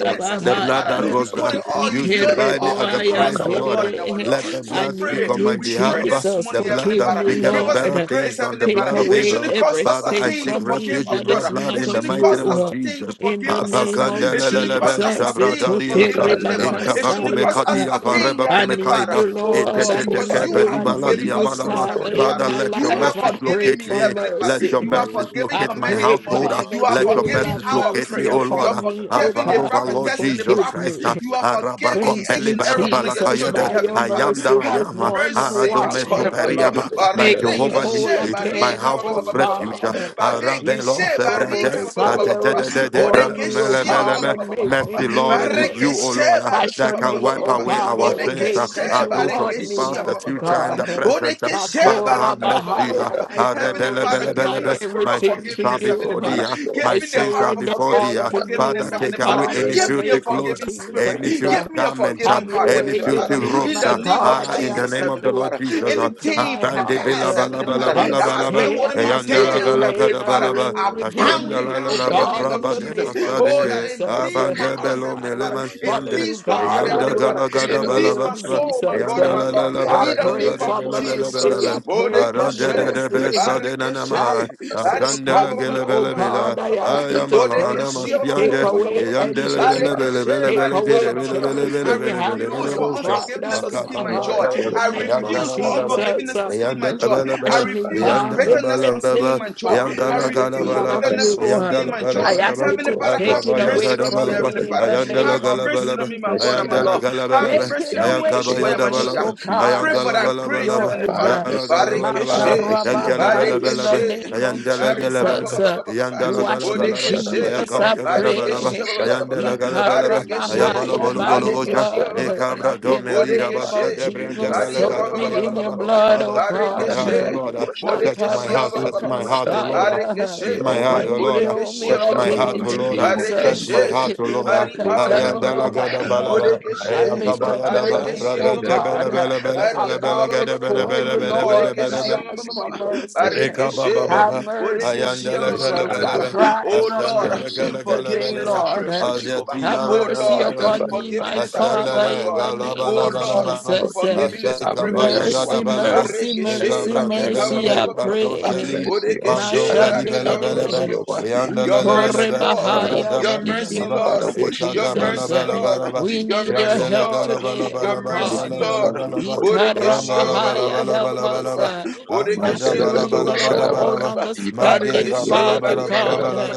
[SPEAKER 8] Lord,
[SPEAKER 5] Robo
[SPEAKER 4] the
[SPEAKER 1] Heavenly
[SPEAKER 8] forgive
[SPEAKER 5] baba
[SPEAKER 8] me,
[SPEAKER 4] blood
[SPEAKER 1] Father.
[SPEAKER 5] bada
[SPEAKER 4] that
[SPEAKER 8] Lord,
[SPEAKER 1] You
[SPEAKER 5] bada
[SPEAKER 4] was uh,
[SPEAKER 1] put it
[SPEAKER 5] bidi
[SPEAKER 8] forgive
[SPEAKER 5] bidi
[SPEAKER 1] all,
[SPEAKER 8] me.
[SPEAKER 5] bidi
[SPEAKER 1] you
[SPEAKER 4] used
[SPEAKER 1] knew
[SPEAKER 4] to
[SPEAKER 5] bidi
[SPEAKER 1] it
[SPEAKER 4] buy
[SPEAKER 5] bidi
[SPEAKER 4] me
[SPEAKER 1] all on
[SPEAKER 4] at
[SPEAKER 5] bidi
[SPEAKER 1] the
[SPEAKER 4] the
[SPEAKER 5] badia
[SPEAKER 4] price,
[SPEAKER 1] cross,
[SPEAKER 4] oh
[SPEAKER 1] our
[SPEAKER 5] badia
[SPEAKER 4] Lord.
[SPEAKER 8] Ekadabada,
[SPEAKER 1] God
[SPEAKER 4] uh,
[SPEAKER 1] and
[SPEAKER 5] badia
[SPEAKER 1] our
[SPEAKER 5] badia
[SPEAKER 1] Lord.
[SPEAKER 4] let
[SPEAKER 2] Ikerebuayandedede.
[SPEAKER 4] the
[SPEAKER 5] badia
[SPEAKER 1] So
[SPEAKER 2] I
[SPEAKER 1] we
[SPEAKER 4] blood
[SPEAKER 5] badia badia
[SPEAKER 4] speak
[SPEAKER 1] pray,
[SPEAKER 2] need
[SPEAKER 4] on
[SPEAKER 5] badia
[SPEAKER 2] you,
[SPEAKER 4] my
[SPEAKER 1] we
[SPEAKER 5] badia ba.
[SPEAKER 1] pray
[SPEAKER 4] behalf. uh,
[SPEAKER 1] this
[SPEAKER 2] Jesus.
[SPEAKER 4] the
[SPEAKER 1] morning,
[SPEAKER 4] blood
[SPEAKER 1] Heavenly
[SPEAKER 2] Forgive
[SPEAKER 4] that
[SPEAKER 5] Robo
[SPEAKER 1] Father.
[SPEAKER 5] da
[SPEAKER 2] me,
[SPEAKER 5] bada
[SPEAKER 4] speaketh
[SPEAKER 1] Give
[SPEAKER 4] of
[SPEAKER 5] bada
[SPEAKER 1] us the
[SPEAKER 5] bidi
[SPEAKER 4] better
[SPEAKER 2] Lord.
[SPEAKER 5] bidi
[SPEAKER 4] things
[SPEAKER 1] grace,
[SPEAKER 4] than
[SPEAKER 5] bidi
[SPEAKER 1] Heavenly
[SPEAKER 4] the
[SPEAKER 5] bidi
[SPEAKER 2] Take
[SPEAKER 1] Father.
[SPEAKER 5] badia
[SPEAKER 4] blood of
[SPEAKER 1] It
[SPEAKER 2] away
[SPEAKER 4] Abel.
[SPEAKER 1] shouldn't
[SPEAKER 5] badia badia
[SPEAKER 1] cost
[SPEAKER 5] badia
[SPEAKER 1] us
[SPEAKER 4] Father,
[SPEAKER 1] a
[SPEAKER 5] bara
[SPEAKER 4] I
[SPEAKER 2] everything
[SPEAKER 1] thing
[SPEAKER 5] pato
[SPEAKER 4] seek
[SPEAKER 1] to
[SPEAKER 2] from
[SPEAKER 5] roboto
[SPEAKER 2] me
[SPEAKER 1] forgive
[SPEAKER 4] refuge
[SPEAKER 1] a
[SPEAKER 4] in
[SPEAKER 2] that
[SPEAKER 4] that
[SPEAKER 2] is
[SPEAKER 1] brother.
[SPEAKER 4] blood
[SPEAKER 5] badia
[SPEAKER 1] It
[SPEAKER 2] not
[SPEAKER 4] in
[SPEAKER 5] bada
[SPEAKER 4] the
[SPEAKER 2] of
[SPEAKER 1] shouldn't
[SPEAKER 4] mighty
[SPEAKER 1] cost
[SPEAKER 4] name
[SPEAKER 1] us
[SPEAKER 4] of
[SPEAKER 2] you.
[SPEAKER 1] a thing
[SPEAKER 4] Jesus.
[SPEAKER 1] to
[SPEAKER 2] In
[SPEAKER 1] forgive
[SPEAKER 2] the
[SPEAKER 1] a
[SPEAKER 5] Mara
[SPEAKER 1] sister.
[SPEAKER 2] name
[SPEAKER 5] baba
[SPEAKER 2] of
[SPEAKER 1] It shouldn't
[SPEAKER 5] baba
[SPEAKER 4] Apakandelelebe
[SPEAKER 1] cost us a
[SPEAKER 2] Jesus,
[SPEAKER 1] thing to forgive
[SPEAKER 4] shabradadiasa.
[SPEAKER 1] a neighbor.
[SPEAKER 8] ekadabada,
[SPEAKER 4] Inta
[SPEAKER 1] It shouldn't
[SPEAKER 8] badabada.
[SPEAKER 4] bakome
[SPEAKER 1] cost us
[SPEAKER 4] kadira
[SPEAKER 1] a
[SPEAKER 2] Ikoteribakasaya.
[SPEAKER 1] thing,
[SPEAKER 4] vareba
[SPEAKER 2] I
[SPEAKER 4] kome
[SPEAKER 1] Heavenly
[SPEAKER 2] need
[SPEAKER 1] Father.
[SPEAKER 2] you,
[SPEAKER 4] kaida.
[SPEAKER 1] Oh Lord.
[SPEAKER 2] Lord.
[SPEAKER 1] Lord,
[SPEAKER 2] I
[SPEAKER 8] Merciful
[SPEAKER 1] because
[SPEAKER 2] need
[SPEAKER 8] Father,
[SPEAKER 1] you
[SPEAKER 2] you.
[SPEAKER 1] have
[SPEAKER 8] may
[SPEAKER 2] I
[SPEAKER 8] you
[SPEAKER 4] belubala
[SPEAKER 2] need
[SPEAKER 1] forgiven
[SPEAKER 8] forgive
[SPEAKER 2] you,
[SPEAKER 8] me,
[SPEAKER 1] us
[SPEAKER 8] Lord
[SPEAKER 1] first,
[SPEAKER 4] liyamalama.
[SPEAKER 8] God
[SPEAKER 2] Father,
[SPEAKER 1] Heavenly
[SPEAKER 8] of
[SPEAKER 2] in
[SPEAKER 1] Father.
[SPEAKER 8] my
[SPEAKER 4] Father,
[SPEAKER 2] my
[SPEAKER 4] let
[SPEAKER 8] sins,
[SPEAKER 4] your
[SPEAKER 1] You have
[SPEAKER 8] Lord.
[SPEAKER 2] life. I
[SPEAKER 4] message
[SPEAKER 2] pray
[SPEAKER 1] forgiven
[SPEAKER 4] locate
[SPEAKER 1] me,
[SPEAKER 2] for
[SPEAKER 4] me.
[SPEAKER 1] Heavenly Father.
[SPEAKER 4] Let
[SPEAKER 2] mercy.
[SPEAKER 8] Forgive
[SPEAKER 4] your
[SPEAKER 1] You
[SPEAKER 8] me,
[SPEAKER 1] have
[SPEAKER 8] O
[SPEAKER 4] message
[SPEAKER 1] forgiven
[SPEAKER 2] I
[SPEAKER 8] God
[SPEAKER 4] locate
[SPEAKER 8] of
[SPEAKER 4] my
[SPEAKER 8] my
[SPEAKER 1] commanding
[SPEAKER 2] pray,
[SPEAKER 1] the morning.
[SPEAKER 4] household. uh.
[SPEAKER 2] God,
[SPEAKER 1] You
[SPEAKER 8] iniquities.
[SPEAKER 2] that
[SPEAKER 1] have
[SPEAKER 4] Let
[SPEAKER 2] you
[SPEAKER 4] your
[SPEAKER 2] will
[SPEAKER 1] forgiven
[SPEAKER 2] have
[SPEAKER 4] message
[SPEAKER 1] our
[SPEAKER 4] locate
[SPEAKER 2] mercy
[SPEAKER 4] me,
[SPEAKER 1] prayer.
[SPEAKER 4] O
[SPEAKER 1] You
[SPEAKER 4] Lord.
[SPEAKER 1] have
[SPEAKER 4] uh.
[SPEAKER 2] upon me, oh
[SPEAKER 1] forgiven the
[SPEAKER 4] Avado
[SPEAKER 2] God,
[SPEAKER 4] va
[SPEAKER 2] and
[SPEAKER 4] Lord
[SPEAKER 1] prophetess and the
[SPEAKER 4] Jesus
[SPEAKER 2] forgive
[SPEAKER 1] prophets.
[SPEAKER 4] Christ.
[SPEAKER 2] me.
[SPEAKER 4] uh.
[SPEAKER 1] You have
[SPEAKER 4] Araba
[SPEAKER 1] forgiven
[SPEAKER 2] Cleanse
[SPEAKER 1] each
[SPEAKER 2] me,
[SPEAKER 4] kompeli
[SPEAKER 1] and every one of
[SPEAKER 4] barabala
[SPEAKER 1] your
[SPEAKER 2] Jesus,
[SPEAKER 1] children,
[SPEAKER 4] kayede.
[SPEAKER 2] by your
[SPEAKER 1] Heavenly
[SPEAKER 4] I
[SPEAKER 1] Father.
[SPEAKER 4] am that
[SPEAKER 2] mercy
[SPEAKER 1] Have
[SPEAKER 4] I
[SPEAKER 2] this
[SPEAKER 4] am. uh.
[SPEAKER 2] morning.
[SPEAKER 1] mercy, my
[SPEAKER 4] Adome
[SPEAKER 2] Wash
[SPEAKER 1] God
[SPEAKER 2] me.
[SPEAKER 1] and my Lord.
[SPEAKER 4] superiaba. My
[SPEAKER 2] Make me
[SPEAKER 4] Jehovah
[SPEAKER 8] Shadabai,
[SPEAKER 2] whole
[SPEAKER 1] Barikeshe,
[SPEAKER 4] Nishi.
[SPEAKER 8] Eva,
[SPEAKER 4] My
[SPEAKER 2] again,
[SPEAKER 1] barika, ba-
[SPEAKER 4] house
[SPEAKER 1] ba-
[SPEAKER 2] O
[SPEAKER 4] of
[SPEAKER 1] ba- ba- ba- ba- ba- ba-
[SPEAKER 4] refuge. uh.
[SPEAKER 2] God.
[SPEAKER 1] ba.
[SPEAKER 8] Shadabai,
[SPEAKER 4] Arabe
[SPEAKER 1] Badekeshe,
[SPEAKER 4] los
[SPEAKER 1] barika,
[SPEAKER 8] Lord
[SPEAKER 1] ba- ba- ba-
[SPEAKER 8] God
[SPEAKER 1] ba-
[SPEAKER 8] of
[SPEAKER 1] ba-
[SPEAKER 2] Ikarobosaya,
[SPEAKER 8] my
[SPEAKER 1] ba- ba.
[SPEAKER 8] sins,
[SPEAKER 2] restore
[SPEAKER 8] Father,
[SPEAKER 2] me, O
[SPEAKER 1] Bodekeshe, ma- ma- ma-
[SPEAKER 2] God,
[SPEAKER 8] mercy,
[SPEAKER 1] ma-
[SPEAKER 2] and
[SPEAKER 1] ma- ma-
[SPEAKER 2] make
[SPEAKER 1] ma-
[SPEAKER 8] Father,
[SPEAKER 1] ma-
[SPEAKER 2] me
[SPEAKER 1] ma.
[SPEAKER 4] Mercy, Lord, it
[SPEAKER 5] baba
[SPEAKER 4] is
[SPEAKER 2] new.
[SPEAKER 4] you, O
[SPEAKER 5] baba,
[SPEAKER 4] Lord,
[SPEAKER 1] Barekeshe,
[SPEAKER 4] uh,
[SPEAKER 8] Father,
[SPEAKER 1] barika,
[SPEAKER 4] that
[SPEAKER 1] ba-
[SPEAKER 2] Fashion
[SPEAKER 4] can
[SPEAKER 1] ba-
[SPEAKER 2] me,
[SPEAKER 1] ba- ba-
[SPEAKER 4] wipe
[SPEAKER 5] Rabba
[SPEAKER 8] forgive
[SPEAKER 1] ba-
[SPEAKER 2] O
[SPEAKER 1] ba.
[SPEAKER 8] me,
[SPEAKER 4] away
[SPEAKER 8] Lord
[SPEAKER 2] God,
[SPEAKER 4] our
[SPEAKER 2] in
[SPEAKER 8] God
[SPEAKER 2] the
[SPEAKER 8] of
[SPEAKER 4] sins,
[SPEAKER 8] my
[SPEAKER 2] way
[SPEAKER 4] uh,
[SPEAKER 1] Bodekeshe,
[SPEAKER 2] that
[SPEAKER 8] sins,
[SPEAKER 4] uh,
[SPEAKER 2] you
[SPEAKER 8] Lord.
[SPEAKER 4] those of
[SPEAKER 2] want
[SPEAKER 4] the
[SPEAKER 8] Forgive
[SPEAKER 2] me,
[SPEAKER 8] me, O
[SPEAKER 4] past, the
[SPEAKER 2] mighty
[SPEAKER 8] God of
[SPEAKER 4] future,
[SPEAKER 8] my
[SPEAKER 4] and the
[SPEAKER 2] God.
[SPEAKER 4] present.
[SPEAKER 8] iniquities.
[SPEAKER 4] uh. Father,
[SPEAKER 2] Makora
[SPEAKER 4] have
[SPEAKER 8] I am
[SPEAKER 4] mercy.
[SPEAKER 8] sorry
[SPEAKER 4] uh,
[SPEAKER 2] Bahaya,
[SPEAKER 8] that I
[SPEAKER 2] I
[SPEAKER 8] am
[SPEAKER 4] uh,
[SPEAKER 1] Heavenly
[SPEAKER 4] rebele-
[SPEAKER 8] a
[SPEAKER 1] Father,
[SPEAKER 4] bele-
[SPEAKER 2] surrender
[SPEAKER 8] sinner
[SPEAKER 1] give
[SPEAKER 4] bele-
[SPEAKER 2] my
[SPEAKER 1] me
[SPEAKER 8] and
[SPEAKER 1] a
[SPEAKER 4] bele.
[SPEAKER 8] I am
[SPEAKER 1] spirit
[SPEAKER 4] My
[SPEAKER 1] of
[SPEAKER 2] everything
[SPEAKER 4] sins
[SPEAKER 8] worthy
[SPEAKER 2] to
[SPEAKER 4] are
[SPEAKER 1] forgiveness,
[SPEAKER 8] of your
[SPEAKER 1] Heavenly
[SPEAKER 4] before
[SPEAKER 2] you.
[SPEAKER 4] thee.
[SPEAKER 1] Father.
[SPEAKER 8] grace,
[SPEAKER 4] uh,
[SPEAKER 8] Lord.
[SPEAKER 1] Give
[SPEAKER 4] My
[SPEAKER 2] I
[SPEAKER 1] me the
[SPEAKER 4] sins
[SPEAKER 1] heart
[SPEAKER 4] are
[SPEAKER 1] of
[SPEAKER 2] surrender
[SPEAKER 4] before
[SPEAKER 1] forgive,
[SPEAKER 2] all
[SPEAKER 4] thee. uh.
[SPEAKER 2] to
[SPEAKER 8] Father, I
[SPEAKER 2] you,
[SPEAKER 1] forgiveness,
[SPEAKER 4] Father,
[SPEAKER 8] give you
[SPEAKER 2] my
[SPEAKER 1] Heavenly
[SPEAKER 4] take
[SPEAKER 8] your
[SPEAKER 1] Father.
[SPEAKER 4] away
[SPEAKER 2] God,
[SPEAKER 4] any
[SPEAKER 2] in the
[SPEAKER 1] Give
[SPEAKER 8] mercy,
[SPEAKER 1] me a
[SPEAKER 8] Lord.
[SPEAKER 4] filthy
[SPEAKER 2] name of
[SPEAKER 1] forgiving
[SPEAKER 4] clothes,
[SPEAKER 1] spirit.
[SPEAKER 4] any
[SPEAKER 2] Jesus.
[SPEAKER 1] Give
[SPEAKER 4] filthy
[SPEAKER 8] Father,
[SPEAKER 1] me a
[SPEAKER 4] garments, uh,
[SPEAKER 1] forgiving
[SPEAKER 2] Have your
[SPEAKER 1] heart,
[SPEAKER 4] any
[SPEAKER 2] way
[SPEAKER 1] Heavenly
[SPEAKER 8] Father,
[SPEAKER 4] filthy
[SPEAKER 2] in
[SPEAKER 1] Father.
[SPEAKER 8] may my
[SPEAKER 2] me,
[SPEAKER 1] In
[SPEAKER 4] robes.
[SPEAKER 1] the
[SPEAKER 2] my
[SPEAKER 4] uh,
[SPEAKER 8] sins be
[SPEAKER 1] name of
[SPEAKER 2] God.
[SPEAKER 8] washed
[SPEAKER 4] uh,
[SPEAKER 2] I
[SPEAKER 4] In
[SPEAKER 8] away,
[SPEAKER 4] the
[SPEAKER 1] Jesus,
[SPEAKER 2] ask
[SPEAKER 4] name
[SPEAKER 2] you
[SPEAKER 4] of
[SPEAKER 1] Heavenly
[SPEAKER 4] the
[SPEAKER 2] to
[SPEAKER 4] Lord
[SPEAKER 1] Father.
[SPEAKER 4] Jesus,
[SPEAKER 2] enter
[SPEAKER 4] ah,
[SPEAKER 8] Jesus.
[SPEAKER 2] into
[SPEAKER 1] Anything
[SPEAKER 2] my
[SPEAKER 4] ah,
[SPEAKER 1] from the
[SPEAKER 4] Yande
[SPEAKER 2] heart
[SPEAKER 4] bela
[SPEAKER 1] past,
[SPEAKER 2] uh,
[SPEAKER 4] bala
[SPEAKER 1] Heavenly
[SPEAKER 8] Shut up
[SPEAKER 4] bala
[SPEAKER 1] Father,
[SPEAKER 2] and
[SPEAKER 4] bala
[SPEAKER 1] that has
[SPEAKER 4] bala ba.
[SPEAKER 1] been
[SPEAKER 2] stay. I
[SPEAKER 1] holding me
[SPEAKER 2] ask
[SPEAKER 4] Yanda
[SPEAKER 2] you
[SPEAKER 4] la
[SPEAKER 2] to
[SPEAKER 1] down,
[SPEAKER 4] gala
[SPEAKER 1] Heavenly
[SPEAKER 2] reign
[SPEAKER 4] gada
[SPEAKER 2] and
[SPEAKER 1] Father,
[SPEAKER 4] bala ba.
[SPEAKER 2] rule
[SPEAKER 1] I
[SPEAKER 2] within
[SPEAKER 1] bound
[SPEAKER 4] Ashanda
[SPEAKER 1] it
[SPEAKER 2] me,
[SPEAKER 4] la la
[SPEAKER 1] now
[SPEAKER 2] oh
[SPEAKER 4] la
[SPEAKER 1] in the
[SPEAKER 4] bara
[SPEAKER 1] name
[SPEAKER 2] God, in
[SPEAKER 1] of
[SPEAKER 4] ba raba
[SPEAKER 2] the
[SPEAKER 4] de
[SPEAKER 1] Jesus.
[SPEAKER 2] name of
[SPEAKER 1] Oh, that
[SPEAKER 4] masade.
[SPEAKER 1] it
[SPEAKER 2] Jesus.
[SPEAKER 1] leaves my
[SPEAKER 2] Uh,
[SPEAKER 4] Abande
[SPEAKER 1] heart,
[SPEAKER 4] belo
[SPEAKER 1] Heavenly
[SPEAKER 2] I
[SPEAKER 4] mele
[SPEAKER 1] Father.
[SPEAKER 2] will
[SPEAKER 1] It
[SPEAKER 2] follow
[SPEAKER 4] masiande.
[SPEAKER 2] you,
[SPEAKER 1] leaves my
[SPEAKER 8] and be
[SPEAKER 1] heart,
[SPEAKER 2] God. I
[SPEAKER 1] Heavenly
[SPEAKER 4] Yanda
[SPEAKER 2] will
[SPEAKER 1] Father.
[SPEAKER 4] gala
[SPEAKER 2] do
[SPEAKER 1] It
[SPEAKER 4] gada
[SPEAKER 2] your
[SPEAKER 1] leaves
[SPEAKER 4] bala
[SPEAKER 1] Release
[SPEAKER 2] will,
[SPEAKER 1] my
[SPEAKER 4] bala ba.
[SPEAKER 1] soul, my
[SPEAKER 2] Jesus.
[SPEAKER 1] God and
[SPEAKER 4] Yanda
[SPEAKER 2] Uh,
[SPEAKER 1] my
[SPEAKER 4] la la
[SPEAKER 8] Padilla,
[SPEAKER 1] Lord.
[SPEAKER 4] la
[SPEAKER 2] I
[SPEAKER 1] In
[SPEAKER 8] Father,
[SPEAKER 4] bara
[SPEAKER 1] the
[SPEAKER 8] in
[SPEAKER 4] ba
[SPEAKER 8] the
[SPEAKER 2] pray
[SPEAKER 1] name
[SPEAKER 4] raba de
[SPEAKER 5] Menos
[SPEAKER 8] name
[SPEAKER 1] of
[SPEAKER 2] for
[SPEAKER 8] of
[SPEAKER 4] bela
[SPEAKER 5] Shaka
[SPEAKER 4] bela
[SPEAKER 1] Jesus.
[SPEAKER 4] bela
[SPEAKER 2] mercy. I
[SPEAKER 4] ba.
[SPEAKER 8] Jesus.
[SPEAKER 5] Tabrakata.
[SPEAKER 2] pray for
[SPEAKER 4] Arande de
[SPEAKER 1] Bodekeshe,
[SPEAKER 5] Show
[SPEAKER 4] de
[SPEAKER 8] Lord,
[SPEAKER 5] us
[SPEAKER 4] de
[SPEAKER 5] mercy.
[SPEAKER 8] mercy,
[SPEAKER 4] besa
[SPEAKER 2] mercy.
[SPEAKER 4] de
[SPEAKER 8] O God,
[SPEAKER 2] Have
[SPEAKER 4] nanama.
[SPEAKER 1] barekeshe,
[SPEAKER 8] have
[SPEAKER 2] mercy
[SPEAKER 8] mercy,
[SPEAKER 4] Asanda
[SPEAKER 1] barika,
[SPEAKER 4] la
[SPEAKER 2] upon
[SPEAKER 1] ba- ba- ba-
[SPEAKER 2] me,
[SPEAKER 4] gela
[SPEAKER 1] ba- ba-
[SPEAKER 2] oh
[SPEAKER 1] ba-
[SPEAKER 4] bela
[SPEAKER 1] ba-
[SPEAKER 4] bela.
[SPEAKER 2] God. I
[SPEAKER 8] Father,
[SPEAKER 2] ask you to
[SPEAKER 4] Ayamala na
[SPEAKER 2] cleanse
[SPEAKER 8] mercy,
[SPEAKER 1] bodekeshe,
[SPEAKER 8] in
[SPEAKER 2] me,
[SPEAKER 8] the
[SPEAKER 2] take
[SPEAKER 4] masiande,
[SPEAKER 8] name of
[SPEAKER 2] away
[SPEAKER 4] Yande le
[SPEAKER 8] Jesus,
[SPEAKER 2] envy.
[SPEAKER 4] bele
[SPEAKER 5] Merciful
[SPEAKER 8] Father,
[SPEAKER 4] bele
[SPEAKER 1] barekeshe,
[SPEAKER 4] bele
[SPEAKER 5] Father,
[SPEAKER 2] Take
[SPEAKER 4] bele
[SPEAKER 5] show us
[SPEAKER 1] barika,
[SPEAKER 2] away
[SPEAKER 4] bele
[SPEAKER 5] mercy.
[SPEAKER 4] bele bele Yandala
[SPEAKER 1] I
[SPEAKER 8] forgive me
[SPEAKER 2] jealousy, anger,
[SPEAKER 8] all
[SPEAKER 1] refuse
[SPEAKER 8] of
[SPEAKER 1] for
[SPEAKER 2] and
[SPEAKER 8] my
[SPEAKER 2] pride
[SPEAKER 8] sins,
[SPEAKER 1] unforgiveness
[SPEAKER 2] out
[SPEAKER 1] to
[SPEAKER 2] of
[SPEAKER 1] steal
[SPEAKER 2] my
[SPEAKER 8] forgive
[SPEAKER 1] my
[SPEAKER 8] me, Lord,
[SPEAKER 1] joy.
[SPEAKER 2] heart in
[SPEAKER 8] all
[SPEAKER 2] the
[SPEAKER 8] of
[SPEAKER 1] I
[SPEAKER 8] my
[SPEAKER 2] name of
[SPEAKER 5] Merciful
[SPEAKER 1] refuse for
[SPEAKER 8] iniquities,
[SPEAKER 5] Father, show
[SPEAKER 2] Jesus.
[SPEAKER 1] unforgiveness
[SPEAKER 5] us
[SPEAKER 1] to steal my
[SPEAKER 5] mercy.
[SPEAKER 1] joy. I
[SPEAKER 2] Wash me,
[SPEAKER 8] Father,
[SPEAKER 1] refuse
[SPEAKER 8] in
[SPEAKER 2] God,
[SPEAKER 8] your
[SPEAKER 1] bitterness from
[SPEAKER 2] everything,
[SPEAKER 1] stealing my
[SPEAKER 5] Merciful
[SPEAKER 1] joy.
[SPEAKER 2] Father,
[SPEAKER 5] Father,
[SPEAKER 1] I
[SPEAKER 2] that
[SPEAKER 8] mercy,
[SPEAKER 2] is
[SPEAKER 5] show
[SPEAKER 8] O
[SPEAKER 5] us
[SPEAKER 1] refuse
[SPEAKER 2] not
[SPEAKER 8] Lord,
[SPEAKER 2] of
[SPEAKER 5] mercy.
[SPEAKER 1] bitterness
[SPEAKER 8] mercy,
[SPEAKER 1] from
[SPEAKER 8] O
[SPEAKER 2] you.
[SPEAKER 1] stealing
[SPEAKER 8] God,
[SPEAKER 1] my joy.
[SPEAKER 2] I
[SPEAKER 8] mercy,
[SPEAKER 2] ask
[SPEAKER 8] O
[SPEAKER 2] you
[SPEAKER 5] Lebe
[SPEAKER 1] Heavenly
[SPEAKER 2] to
[SPEAKER 8] God,
[SPEAKER 1] Father,
[SPEAKER 5] lebe
[SPEAKER 2] take
[SPEAKER 1] have
[SPEAKER 5] lebe
[SPEAKER 2] it
[SPEAKER 8] mercy,
[SPEAKER 1] mercy
[SPEAKER 2] away
[SPEAKER 8] mercy,
[SPEAKER 1] on
[SPEAKER 5] shokoto
[SPEAKER 1] me,
[SPEAKER 8] Spirit
[SPEAKER 2] from
[SPEAKER 5] braga
[SPEAKER 8] of the
[SPEAKER 1] Heavenly
[SPEAKER 2] me
[SPEAKER 5] kai
[SPEAKER 2] in
[SPEAKER 1] Father.
[SPEAKER 2] the
[SPEAKER 8] living
[SPEAKER 5] jala
[SPEAKER 8] God.
[SPEAKER 1] Have
[SPEAKER 2] name
[SPEAKER 5] braga dosh.
[SPEAKER 2] of
[SPEAKER 1] mercy on me, my God
[SPEAKER 2] Jesus.
[SPEAKER 8] Mercy,
[SPEAKER 1] and my
[SPEAKER 8] Adam.
[SPEAKER 1] Lord. Have
[SPEAKER 2] Take
[SPEAKER 8] Mercy,
[SPEAKER 1] mercy
[SPEAKER 2] it
[SPEAKER 5] Me
[SPEAKER 1] on
[SPEAKER 8] James,
[SPEAKER 5] lebe
[SPEAKER 1] me,
[SPEAKER 2] away
[SPEAKER 5] lebe lebe
[SPEAKER 1] Yeshua
[SPEAKER 5] lebe
[SPEAKER 8] James.
[SPEAKER 2] from
[SPEAKER 5] lebe
[SPEAKER 2] me,
[SPEAKER 1] Yamashiach.
[SPEAKER 2] O
[SPEAKER 8] Mercy,
[SPEAKER 5] lebe lebe
[SPEAKER 1] I
[SPEAKER 2] God,
[SPEAKER 5] lebe
[SPEAKER 1] pray
[SPEAKER 2] and
[SPEAKER 5] diye
[SPEAKER 1] for
[SPEAKER 8] Jesus.
[SPEAKER 1] that
[SPEAKER 2] make
[SPEAKER 5] diye
[SPEAKER 2] me
[SPEAKER 5] bara
[SPEAKER 1] grace,
[SPEAKER 5] bara
[SPEAKER 1] Heavenly
[SPEAKER 5] bara
[SPEAKER 2] yours.
[SPEAKER 8] Father,
[SPEAKER 5] bara.
[SPEAKER 1] Father.
[SPEAKER 8] mercy, Lord. Father,
[SPEAKER 1] Barikeshe,
[SPEAKER 8] mercy, Lord.
[SPEAKER 5] Lebe
[SPEAKER 2] Makarabahai,
[SPEAKER 5] braga
[SPEAKER 2] in
[SPEAKER 8] Mercy,
[SPEAKER 5] da
[SPEAKER 2] the
[SPEAKER 5] briya
[SPEAKER 8] Lord.
[SPEAKER 1] Barikeshe,
[SPEAKER 5] da
[SPEAKER 2] name of
[SPEAKER 5] briya da braga do
[SPEAKER 1] Barikaba,
[SPEAKER 2] Jesus.
[SPEAKER 5] braga da briya braga do
[SPEAKER 2] Wash
[SPEAKER 5] braga
[SPEAKER 2] me,
[SPEAKER 5] do
[SPEAKER 4] balaba,
[SPEAKER 5] bosh.
[SPEAKER 4] aya
[SPEAKER 1] Bodekeshe,
[SPEAKER 2] Jesus, I
[SPEAKER 4] kabaya gada balaba,
[SPEAKER 1] Barikeshe,
[SPEAKER 2] pray.
[SPEAKER 8] Shut up.
[SPEAKER 5] Ma
[SPEAKER 4] ayandela
[SPEAKER 1] bababababab,
[SPEAKER 5] ye
[SPEAKER 4] gada
[SPEAKER 5] ke
[SPEAKER 4] balaba,
[SPEAKER 5] chai
[SPEAKER 4] aya
[SPEAKER 8] Lord,
[SPEAKER 5] bara
[SPEAKER 1] Barikeshe,
[SPEAKER 5] bara
[SPEAKER 4] bolo
[SPEAKER 2] Ikarabahaya
[SPEAKER 4] bolo
[SPEAKER 8] forgive
[SPEAKER 5] dosh
[SPEAKER 2] by
[SPEAKER 4] bolo
[SPEAKER 8] me,
[SPEAKER 2] your
[SPEAKER 5] koto
[SPEAKER 8] Lord
[SPEAKER 5] braga
[SPEAKER 4] bocha,
[SPEAKER 1] Barikeshe,
[SPEAKER 5] da.
[SPEAKER 8] God, of
[SPEAKER 4] e
[SPEAKER 2] blood.
[SPEAKER 8] my
[SPEAKER 4] cabra
[SPEAKER 1] bababababab,
[SPEAKER 2] In
[SPEAKER 8] iniquities,
[SPEAKER 2] the
[SPEAKER 4] domeli
[SPEAKER 8] Lord
[SPEAKER 4] raba
[SPEAKER 2] name
[SPEAKER 8] Father.
[SPEAKER 1] Bodekeshe,
[SPEAKER 2] of
[SPEAKER 4] sete
[SPEAKER 5] Lebe
[SPEAKER 8] Forgive me,
[SPEAKER 5] bara
[SPEAKER 4] brente
[SPEAKER 2] Jesus,
[SPEAKER 8] Lord
[SPEAKER 4] bele
[SPEAKER 5] kata
[SPEAKER 8] God,
[SPEAKER 2] soak
[SPEAKER 8] of
[SPEAKER 4] gada
[SPEAKER 1] Barikaba,
[SPEAKER 8] my
[SPEAKER 2] me
[SPEAKER 5] shodo
[SPEAKER 2] in
[SPEAKER 8] sins,
[SPEAKER 5] braga
[SPEAKER 2] your
[SPEAKER 4] bayalaba.
[SPEAKER 5] da
[SPEAKER 8] Lord
[SPEAKER 5] braga
[SPEAKER 2] blood, oh
[SPEAKER 4] Father,
[SPEAKER 5] da.
[SPEAKER 4] search my
[SPEAKER 8] Father. May
[SPEAKER 4] heart, O
[SPEAKER 8] I
[SPEAKER 2] God.
[SPEAKER 1] Barikeshe,
[SPEAKER 8] be
[SPEAKER 4] Lord, ah.
[SPEAKER 8] washed away.
[SPEAKER 4] search
[SPEAKER 8] May
[SPEAKER 4] my
[SPEAKER 1] Bodekeshe,
[SPEAKER 8] my
[SPEAKER 5] Ma
[SPEAKER 4] heart,
[SPEAKER 5] ante
[SPEAKER 8] sins
[SPEAKER 4] search
[SPEAKER 8] be
[SPEAKER 5] braga
[SPEAKER 4] my
[SPEAKER 1] bababababab,
[SPEAKER 5] da
[SPEAKER 8] washed
[SPEAKER 4] heart, O
[SPEAKER 8] away.
[SPEAKER 4] Lord,
[SPEAKER 5] shodo
[SPEAKER 4] ah.
[SPEAKER 5] braga da.
[SPEAKER 2] Makarabakasaya.
[SPEAKER 1] Barikeshe,
[SPEAKER 8] May
[SPEAKER 4] search my
[SPEAKER 8] all my
[SPEAKER 4] heart, O Lord, ah.
[SPEAKER 8] iniquities
[SPEAKER 2] Renew
[SPEAKER 8] be
[SPEAKER 1] Bodekeshe,
[SPEAKER 2] me
[SPEAKER 4] search
[SPEAKER 8] washed
[SPEAKER 4] my
[SPEAKER 8] away
[SPEAKER 5] Forgiving
[SPEAKER 4] heart,
[SPEAKER 8] in
[SPEAKER 2] again,
[SPEAKER 4] O
[SPEAKER 1] bababababab,
[SPEAKER 8] the
[SPEAKER 4] Lord,
[SPEAKER 8] name
[SPEAKER 4] ah.
[SPEAKER 8] of
[SPEAKER 4] search
[SPEAKER 2] Jesus.
[SPEAKER 1] Barikeshe,
[SPEAKER 4] my
[SPEAKER 8] Jesus.
[SPEAKER 4] heart, O Lord, ah. ayandela
[SPEAKER 8] Likarabado
[SPEAKER 4] gada
[SPEAKER 1] Barikaba,
[SPEAKER 2] Ikedebakatarabahaya.
[SPEAKER 4] balaba,
[SPEAKER 8] Shalabadabaya
[SPEAKER 2] I
[SPEAKER 4] aya
[SPEAKER 1] Bodekeshe,
[SPEAKER 2] lift
[SPEAKER 8] Adiba
[SPEAKER 2] up
[SPEAKER 4] kabaya
[SPEAKER 2] your
[SPEAKER 4] daba,
[SPEAKER 8] Basadi
[SPEAKER 2] name,
[SPEAKER 1] barekeshe,
[SPEAKER 2] oh
[SPEAKER 4] rabente bele
[SPEAKER 8] Benderabado
[SPEAKER 2] God.
[SPEAKER 4] bele bele
[SPEAKER 2] I
[SPEAKER 4] bele
[SPEAKER 8] Shalabaya
[SPEAKER 1] Barika,
[SPEAKER 4] bele
[SPEAKER 2] bow
[SPEAKER 4] gada bele
[SPEAKER 8] Lord
[SPEAKER 2] before
[SPEAKER 4] bele
[SPEAKER 2] you,
[SPEAKER 8] God,
[SPEAKER 4] bele bele
[SPEAKER 2] Lord, and
[SPEAKER 4] bele
[SPEAKER 1] Bodekeshe,
[SPEAKER 4] bele
[SPEAKER 2] I
[SPEAKER 8] mercy,
[SPEAKER 2] ask for
[SPEAKER 8] mercy, Lord,
[SPEAKER 5] Father,
[SPEAKER 2] mercy.
[SPEAKER 8] mercy,
[SPEAKER 4] Eka
[SPEAKER 8] O
[SPEAKER 4] ba ba
[SPEAKER 1] Barekeshe,
[SPEAKER 8] God,
[SPEAKER 4] ba
[SPEAKER 2] Have
[SPEAKER 4] ba.
[SPEAKER 2] mercy,
[SPEAKER 4] Ayanda la
[SPEAKER 8] mercy
[SPEAKER 4] kala
[SPEAKER 2] Jesus.
[SPEAKER 4] bala
[SPEAKER 2] I
[SPEAKER 4] ba.
[SPEAKER 8] Adonai,
[SPEAKER 1] Bodekeshe.
[SPEAKER 2] cry
[SPEAKER 1] Oh
[SPEAKER 8] mercy
[SPEAKER 2] for
[SPEAKER 1] Lord,
[SPEAKER 4] Ashanda
[SPEAKER 8] Spirit of
[SPEAKER 4] la
[SPEAKER 8] Sin,
[SPEAKER 2] mercy
[SPEAKER 4] kala kala
[SPEAKER 8] mercy
[SPEAKER 2] today,
[SPEAKER 4] bala
[SPEAKER 1] forgiveness
[SPEAKER 4] ba.
[SPEAKER 8] Lord
[SPEAKER 1] I pray
[SPEAKER 2] Lord.
[SPEAKER 1] for
[SPEAKER 8] Jesus.
[SPEAKER 1] Jehovah.
[SPEAKER 5] merciful
[SPEAKER 4] Azati
[SPEAKER 2] Have
[SPEAKER 4] la la
[SPEAKER 5] Father,
[SPEAKER 1] Oh
[SPEAKER 4] la
[SPEAKER 2] mercy
[SPEAKER 4] la
[SPEAKER 8] Father,
[SPEAKER 1] Lord,
[SPEAKER 4] la la.
[SPEAKER 2] upon
[SPEAKER 8] Father,
[SPEAKER 5] show
[SPEAKER 2] me,
[SPEAKER 5] us
[SPEAKER 2] my
[SPEAKER 8] Father,
[SPEAKER 1] forgiveness I
[SPEAKER 5] mercy.
[SPEAKER 8] Father,
[SPEAKER 1] pray for
[SPEAKER 4] Ashanda
[SPEAKER 2] Father,
[SPEAKER 1] my
[SPEAKER 4] la
[SPEAKER 2] in the
[SPEAKER 1] God.
[SPEAKER 4] ba la ba
[SPEAKER 2] name
[SPEAKER 4] la
[SPEAKER 5] Bekoto
[SPEAKER 1] Oh
[SPEAKER 2] of
[SPEAKER 4] ba la
[SPEAKER 1] Lord,
[SPEAKER 4] ba. ba.
[SPEAKER 5] Bragataba,
[SPEAKER 8] Lord
[SPEAKER 2] Jesus.
[SPEAKER 8] Jesus,
[SPEAKER 1] forgiveness I
[SPEAKER 8] have
[SPEAKER 4] Ashaka
[SPEAKER 1] pray
[SPEAKER 4] ba
[SPEAKER 1] for
[SPEAKER 5] Rebado
[SPEAKER 8] mercy
[SPEAKER 4] ya
[SPEAKER 8] on
[SPEAKER 5] Jada
[SPEAKER 1] Yeshua.
[SPEAKER 4] gada
[SPEAKER 2] Mercy,
[SPEAKER 4] ba
[SPEAKER 8] people,
[SPEAKER 5] Bragada,
[SPEAKER 4] la ba.
[SPEAKER 8] God.
[SPEAKER 2] mercy,
[SPEAKER 4] Eka
[SPEAKER 1] Barekeshe,
[SPEAKER 2] mercy,
[SPEAKER 8] Have
[SPEAKER 4] bra
[SPEAKER 5] Rebedo
[SPEAKER 4] de
[SPEAKER 1] Badika,
[SPEAKER 4] bala
[SPEAKER 8] mercy,
[SPEAKER 2] mercy,
[SPEAKER 8] O
[SPEAKER 4] ba.
[SPEAKER 2] I
[SPEAKER 8] God.
[SPEAKER 4] Aso
[SPEAKER 8] Have
[SPEAKER 2] pray.
[SPEAKER 4] seli.
[SPEAKER 8] mercy, O God.
[SPEAKER 4] Mando
[SPEAKER 1] Bodekeshe,
[SPEAKER 8] Father,
[SPEAKER 5] Rabba
[SPEAKER 4] bali
[SPEAKER 8] make us
[SPEAKER 4] bala
[SPEAKER 8] have
[SPEAKER 4] bala
[SPEAKER 5] Shokoto
[SPEAKER 4] ba.
[SPEAKER 8] mercy
[SPEAKER 2] Mashandedede.
[SPEAKER 8] upon
[SPEAKER 1] Barika.
[SPEAKER 8] us.
[SPEAKER 4] Ayanda la
[SPEAKER 1] Your
[SPEAKER 4] la la
[SPEAKER 5] Bragataba,
[SPEAKER 4] la
[SPEAKER 2] Ikore
[SPEAKER 1] mercy,
[SPEAKER 4] ba.
[SPEAKER 1] Lord.
[SPEAKER 8] Father,
[SPEAKER 4] Shabra
[SPEAKER 2] Bahaya.
[SPEAKER 4] da
[SPEAKER 5] Robo
[SPEAKER 8] wash
[SPEAKER 2] We
[SPEAKER 4] ba
[SPEAKER 1] Your
[SPEAKER 4] la
[SPEAKER 8] me
[SPEAKER 4] ba
[SPEAKER 2] need
[SPEAKER 4] la
[SPEAKER 1] mercy,
[SPEAKER 5] Shokoto
[SPEAKER 2] your
[SPEAKER 8] clean.
[SPEAKER 4] ba.
[SPEAKER 8] Father,
[SPEAKER 1] Lord.
[SPEAKER 2] mercy,
[SPEAKER 5] Bragataba,
[SPEAKER 8] wash
[SPEAKER 4] Eka
[SPEAKER 8] me
[SPEAKER 1] Your
[SPEAKER 4] da
[SPEAKER 8] clean
[SPEAKER 4] ba la
[SPEAKER 2] Jesus.
[SPEAKER 8] in
[SPEAKER 1] mercy mercy,
[SPEAKER 4] ba la
[SPEAKER 8] the name
[SPEAKER 4] ba
[SPEAKER 5] Zabragado
[SPEAKER 8] of
[SPEAKER 4] la
[SPEAKER 1] Lord.
[SPEAKER 4] ba.
[SPEAKER 2] We
[SPEAKER 5] Bragata
[SPEAKER 1] Your
[SPEAKER 2] need
[SPEAKER 5] Bragata.
[SPEAKER 8] Jesus,
[SPEAKER 2] your
[SPEAKER 4] Ayanda
[SPEAKER 1] mercy,
[SPEAKER 8] Lord.
[SPEAKER 4] la
[SPEAKER 2] help
[SPEAKER 4] gala
[SPEAKER 1] Lord.
[SPEAKER 4] ba la
[SPEAKER 2] today,
[SPEAKER 4] ba
[SPEAKER 5] Rumba
[SPEAKER 2] oh
[SPEAKER 1] Your
[SPEAKER 4] la ba la
[SPEAKER 8] Only
[SPEAKER 4] ba
[SPEAKER 1] mercy,
[SPEAKER 8] be
[SPEAKER 4] la
[SPEAKER 2] God.
[SPEAKER 5] do
[SPEAKER 8] seen
[SPEAKER 4] ba
[SPEAKER 1] Lord.
[SPEAKER 4] la ba.
[SPEAKER 8] before you, Lord.
[SPEAKER 1] Bodekeshia
[SPEAKER 4] Ayanda la ba la ba
[SPEAKER 2] Ikarabahaya,
[SPEAKER 4] la ba
[SPEAKER 2] help
[SPEAKER 4] la ba la
[SPEAKER 2] us
[SPEAKER 4] ba.
[SPEAKER 2] uh,
[SPEAKER 1] Bodekeshia
[SPEAKER 2] not
[SPEAKER 4] Abada
[SPEAKER 2] to
[SPEAKER 4] bala
[SPEAKER 2] lean
[SPEAKER 8] Mandelebedo
[SPEAKER 4] bala
[SPEAKER 2] on
[SPEAKER 4] bala
[SPEAKER 2] our
[SPEAKER 8] Shadaba
[SPEAKER 4] bala
[SPEAKER 2] own
[SPEAKER 4] ba
[SPEAKER 8] Diva
[SPEAKER 4] Mande
[SPEAKER 2] understanding,
[SPEAKER 8] Akadia
[SPEAKER 1] Badekeshe
[SPEAKER 2] Father
[SPEAKER 8] Bado
[SPEAKER 1] Badiaka
[SPEAKER 8] Shadab
[SPEAKER 2] God